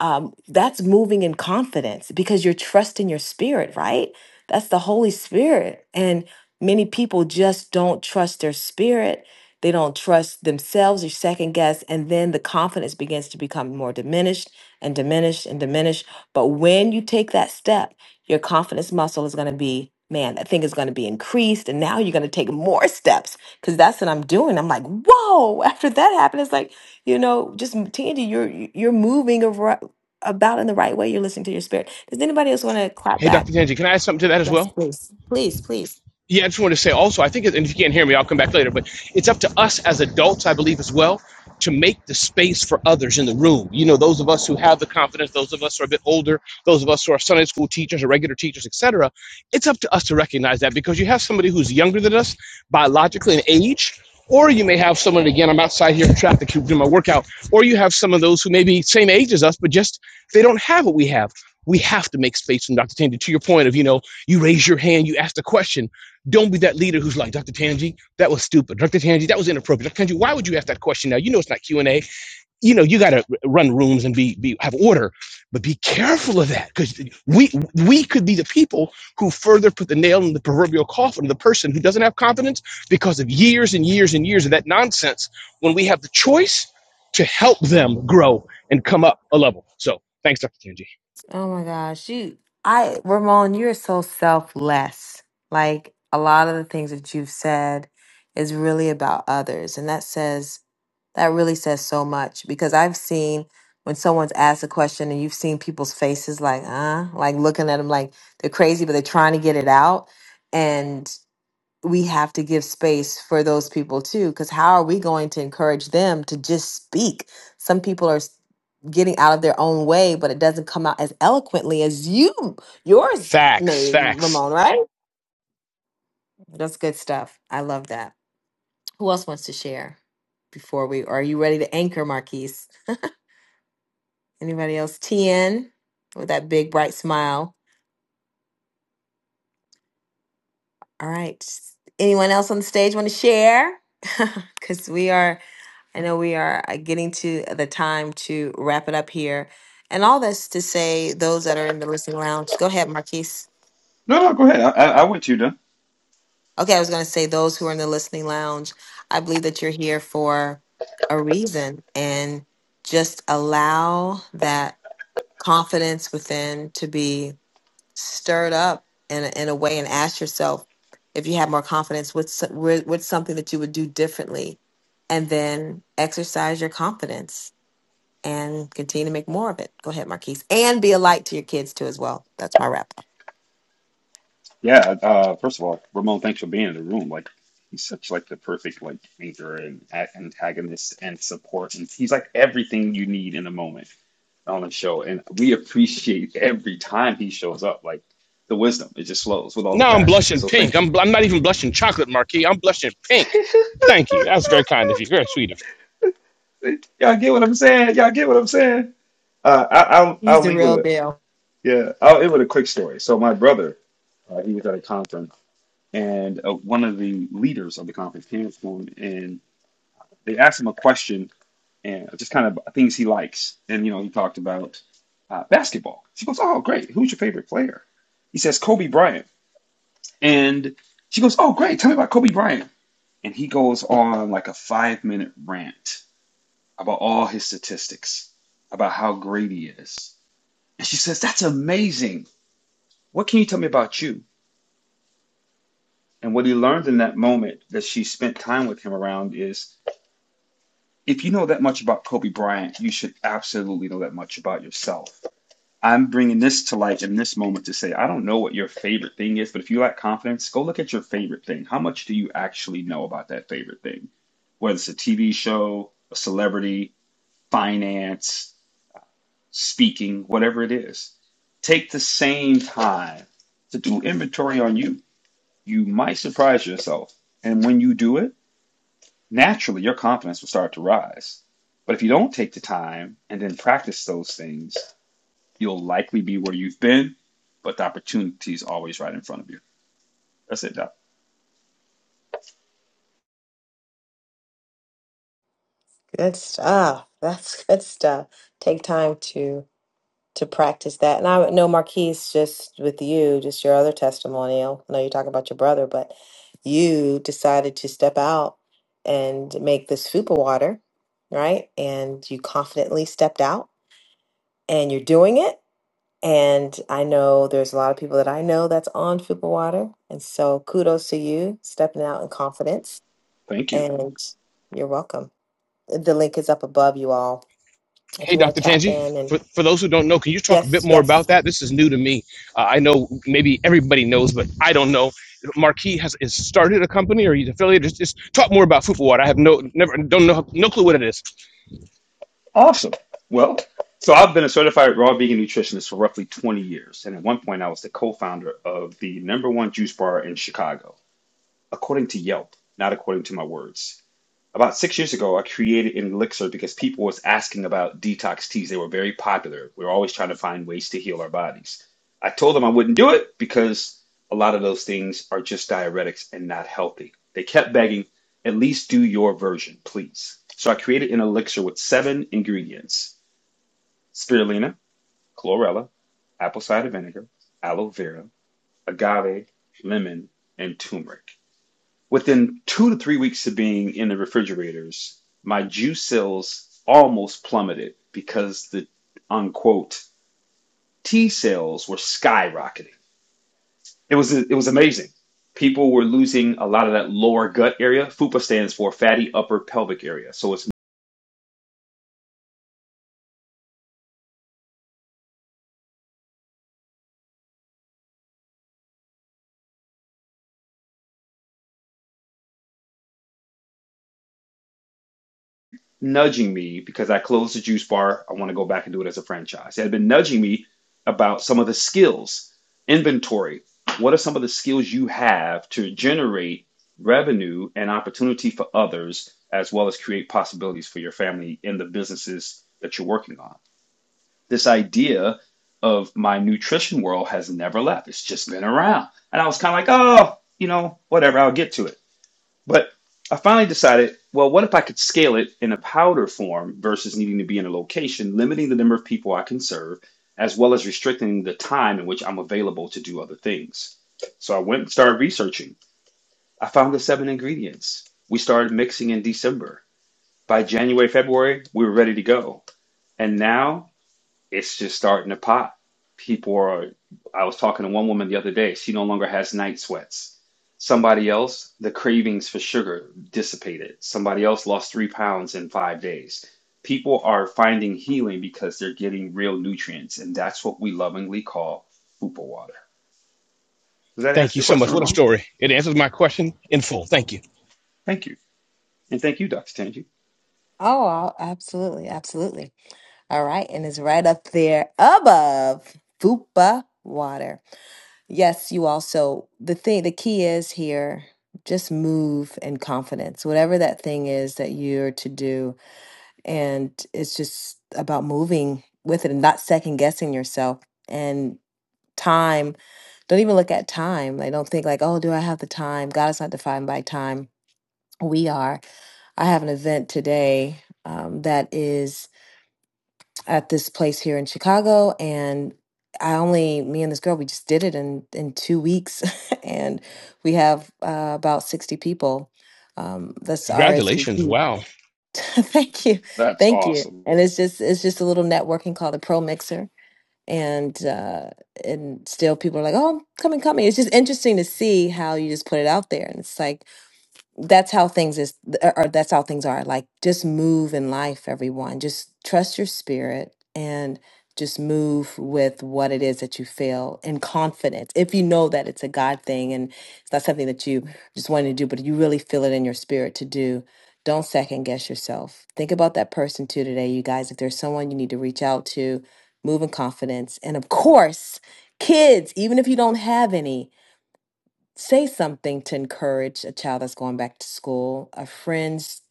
Um, that's moving in confidence because you're trusting your spirit, right? That's the Holy Spirit. And many people just don't trust their spirit. They don't trust themselves or second guess. And then the confidence begins to become more diminished and diminished and diminished. But when you take that step, your confidence muscle is going to be, man, that thing is going to be increased. And now you're going to take more steps because that's what I'm doing. I'm like, whoa, after that happened, it's like, you know, just Tandy, you're, you're moving ar- about in the right way. You're listening to your spirit. Does anybody else want to clap
Hey, Dr.
back?
Tanji, can I add something to that as
Yes,
well?
please. Please, please.
yeah, I just want to say also, I think, and if you can't hear me, I'll come back later, but it's up to us as adults, I believe, as well, to make the space for others in the room. You know, those of us who have the confidence, those of us who are a bit older, those of us who are Sunday school teachers or regular teachers, etc. It's up to us to recognize that because you have somebody who's younger than us biologically in age, or you may have someone, again, I'm outside here in traffic doing my workout, or you have some of those who may be same age as us, but just they don't have what we have we have to make space from Dr. Tanji. To your point of, you know, you raise your hand, you ask the question. Don't be that leader who's like, Dr. Tanji, that was stupid. Dr. Tanji, that was inappropriate. Dr. Tanji, why would you ask that question now? You know it's not Q and A. You know you got to run rooms and be be have order, but be careful of that because we we could be the people who further put the nail in the proverbial coffin of the person who doesn't have confidence because of years and years and years of that nonsense. When we have the choice to help them grow and come up a level, so thanks, Dr. Tanji.
Oh my gosh, you I Ramon, you're so selfless. Like a lot of the things that you've said is really about others. And that says That really says so much because I've seen when someone's asked a question and you've seen people's faces like, uh, like looking at them like they're crazy, but they're trying to get it out. And we have to give space for those people too, because how are we going to encourage them to just speak? Some people are s- getting out of their own way, but it doesn't come out as eloquently as you yours
Facts,
may,
facts.
Ramon, right? That's good stuff. I love that. Who else wants to share before we are you ready to anchor, Marquise? Anybody else? TN with that big bright smile. All right. Anyone else on the stage want to share? Because we are, I know we are uh, getting to the time to wrap it up here. And all this to say, those that are in the listening lounge, go ahead, Marquise.
No, no, go ahead. I, I, I went to you, Don.
Okay, I was going to say, those who are in the listening lounge, I believe that you're here for a reason and just allow that confidence within to be stirred up in a, in a way and ask yourself if you had more confidence what's with, what's something that you would do differently and then exercise your confidence and continue to make more of it go ahead marquise and be a light to your kids too as well that's my wrap up
Yeah. Uh, first of all, Ramon, thanks for being in the room. Like, he's such like the perfect like anchor and a- antagonist and support, and he's like everything you need in a moment on the show. And we appreciate every time he shows up. Like the wisdom, it just flows with all the
Now I'm
passion.
blushing
So
pink.
thank you.
I'm, bl- I'm not even blushing chocolate, Marquis. I'm blushing pink. Thank you. That was very kind of you. Very sweet of you.
Y'all get what I'm saying? Y'all get what I'm saying? Uh, I, I'll
he's
I'll
the
leave with
real
a
deal
yeah. I'll end with a quick story. So my brother, uh, he was at a conference, and uh, one of the leaders of the conference came up to him, and they asked him a question, and just kind of things he likes, and you know he talked about uh, basketball. She goes, "Oh, great. Who's your favorite player?" He says, "Kobe Bryant," and she goes, "Oh, great. Tell me about Kobe Bryant." And he goes on like a five minute rant about all his statistics, about how great he is. And she says, That's amazing. What can you tell me about you? And what he learned in that moment that she spent time with him around is if you know that much about Kobe Bryant, you should absolutely know that much about yourself. I'm bringing this to light in this moment to say, I don't know what your favorite thing is, but if you lack confidence, go look at your favorite thing. How much do you actually know about that favorite thing? Whether it's a TV show, a celebrity, finance, speaking, whatever it is. Take the same time to do inventory on you. You might surprise yourself. And when you do it, naturally your confidence will start to rise. But if you don't take the time and then practice those things, you'll likely be where you've been, but the opportunity is always right in front of you. That's it, Doc.
Good stuff. That's good stuff. Take time to to practice that. And I know Marquise, just with you, just your other testimonial. I know you talk about your brother, but you decided to step out and make this fupa water, right? And you confidently stepped out and you're doing it. And I know there's a lot of people that I know that's on fupa water. And so kudos to you stepping out in confidence.
Thank you.
And you're welcome. The link is up above you all if
Hey,
you want
Dr.
to tap
Tanji,
in and
for, for those who don't know, can you talk a bit
yes,
more
yes.
about that? This is new to me. Uh, I know maybe everybody knows, but I don't know. Marquis has is started a company or he's affiliated. Just, just talk more about Fupa Water. I have no never don't know no clue what it is.
Awesome. Well, so I've been a certified raw vegan nutritionist for roughly 20 years. And at one point, I was the co founder of the number one juice bar in Chicago. according to Yelp, not according to my words. About six years ago, I created an elixir because people was asking about detox teas. They were very popular. We were always trying to find ways to heal our bodies. I told them I wouldn't do it because a lot of those things are just diuretics and not healthy. They kept begging, at least do your version, please. So I created an elixir with seven ingredients spirulina, chlorella, apple cider vinegar, aloe vera, agave, lemon, and turmeric. Within two to three weeks of being in the refrigerators, my juice sales almost plummeted because the unquote T sales were skyrocketing. It was it was amazing. People were losing a lot of that lower gut area. FUPA stands for fatty upper pelvic area. So it's nudging me because I closed the juice bar. I want to go back and do it as a franchise. It had been nudging me about some of the skills, inventory. What are some of the skills you have to generate revenue and opportunity for others, as well as create possibilities for your family in the businesses that you're working on? This idea of my nutrition world has never left. It's just been around. And I was kind of like, oh, you know, whatever, I'll get to it. But I finally decided, well, what if I could scale it in a powder form versus needing to be in a location, limiting the number of people I can serve, as well as restricting the time in which I'm available to do other things. So I went and started researching. I found the seven ingredients. We started mixing in December. By January, February, we were ready to go. And now it's just starting to pop. People are, I was talking to one woman the other day, she no longer has night sweats. Somebody else, the cravings for sugar dissipated. Somebody else lost three pounds in five days. People are finding healing because they're getting real nutrients, and that's what we lovingly call fupa water. Does that
Thank
answer
you
your
so
question,
much. What a
Ramon?
story. It answers my question in full. Thank you.
Thank you. And thank you, Dr. Tanji.
Oh, I'll- absolutely, absolutely. All right, and it's right up there above Fupa water. Yes, you also the thing the key is here just move in confidence. Whatever that thing is that you're to do and it's just about moving with it and not second guessing yourself and time don't even look at time. I don't think like, oh, do I have the time? God is not defined by time. We are. I have an event today um, that is at this place here in Chicago, and I only me and this girl we just did it in in two weeks, and we have uh, about sixty people. Um, that's
Congratulations.
RSVP.
Wow.
thank you,
That's
thank you.
awesome.
And it's just it's just a little networking called a Pro Mixer, and uh, and still people are like, oh, come and come. It's just interesting to see how you just put it out there, and it's like that's how things is or or that's how things are like just move in life everyone just trust your spirit and just move with what it is that you feel in confidence if you know that it's a god thing and it's not something that you just wanted to do but you really feel it in your spirit to do don't second guess yourself think about that person too today you guys if there's someone you need to reach out to move in confidence and of course kids even if you don't have any say something to encourage a child that's going back to school, a friend's,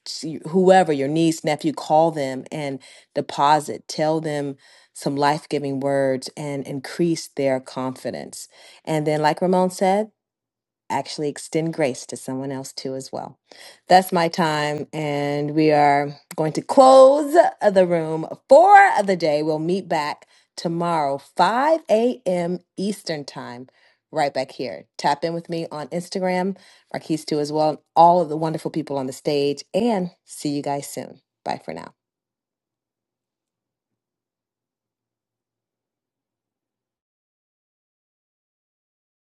whoever, your niece, nephew, call them and deposit, tell them some life giving words and increase their confidence. And then, like Ramon said, actually extend grace to someone else too as well. That's my time and we are going to close the room for the day. We'll meet back tomorrow 5 a.m. Eastern time right back here. Tap in with me on Instagram, Marquise too as well, and all of the wonderful people on the stage and see you guys soon. Bye for now.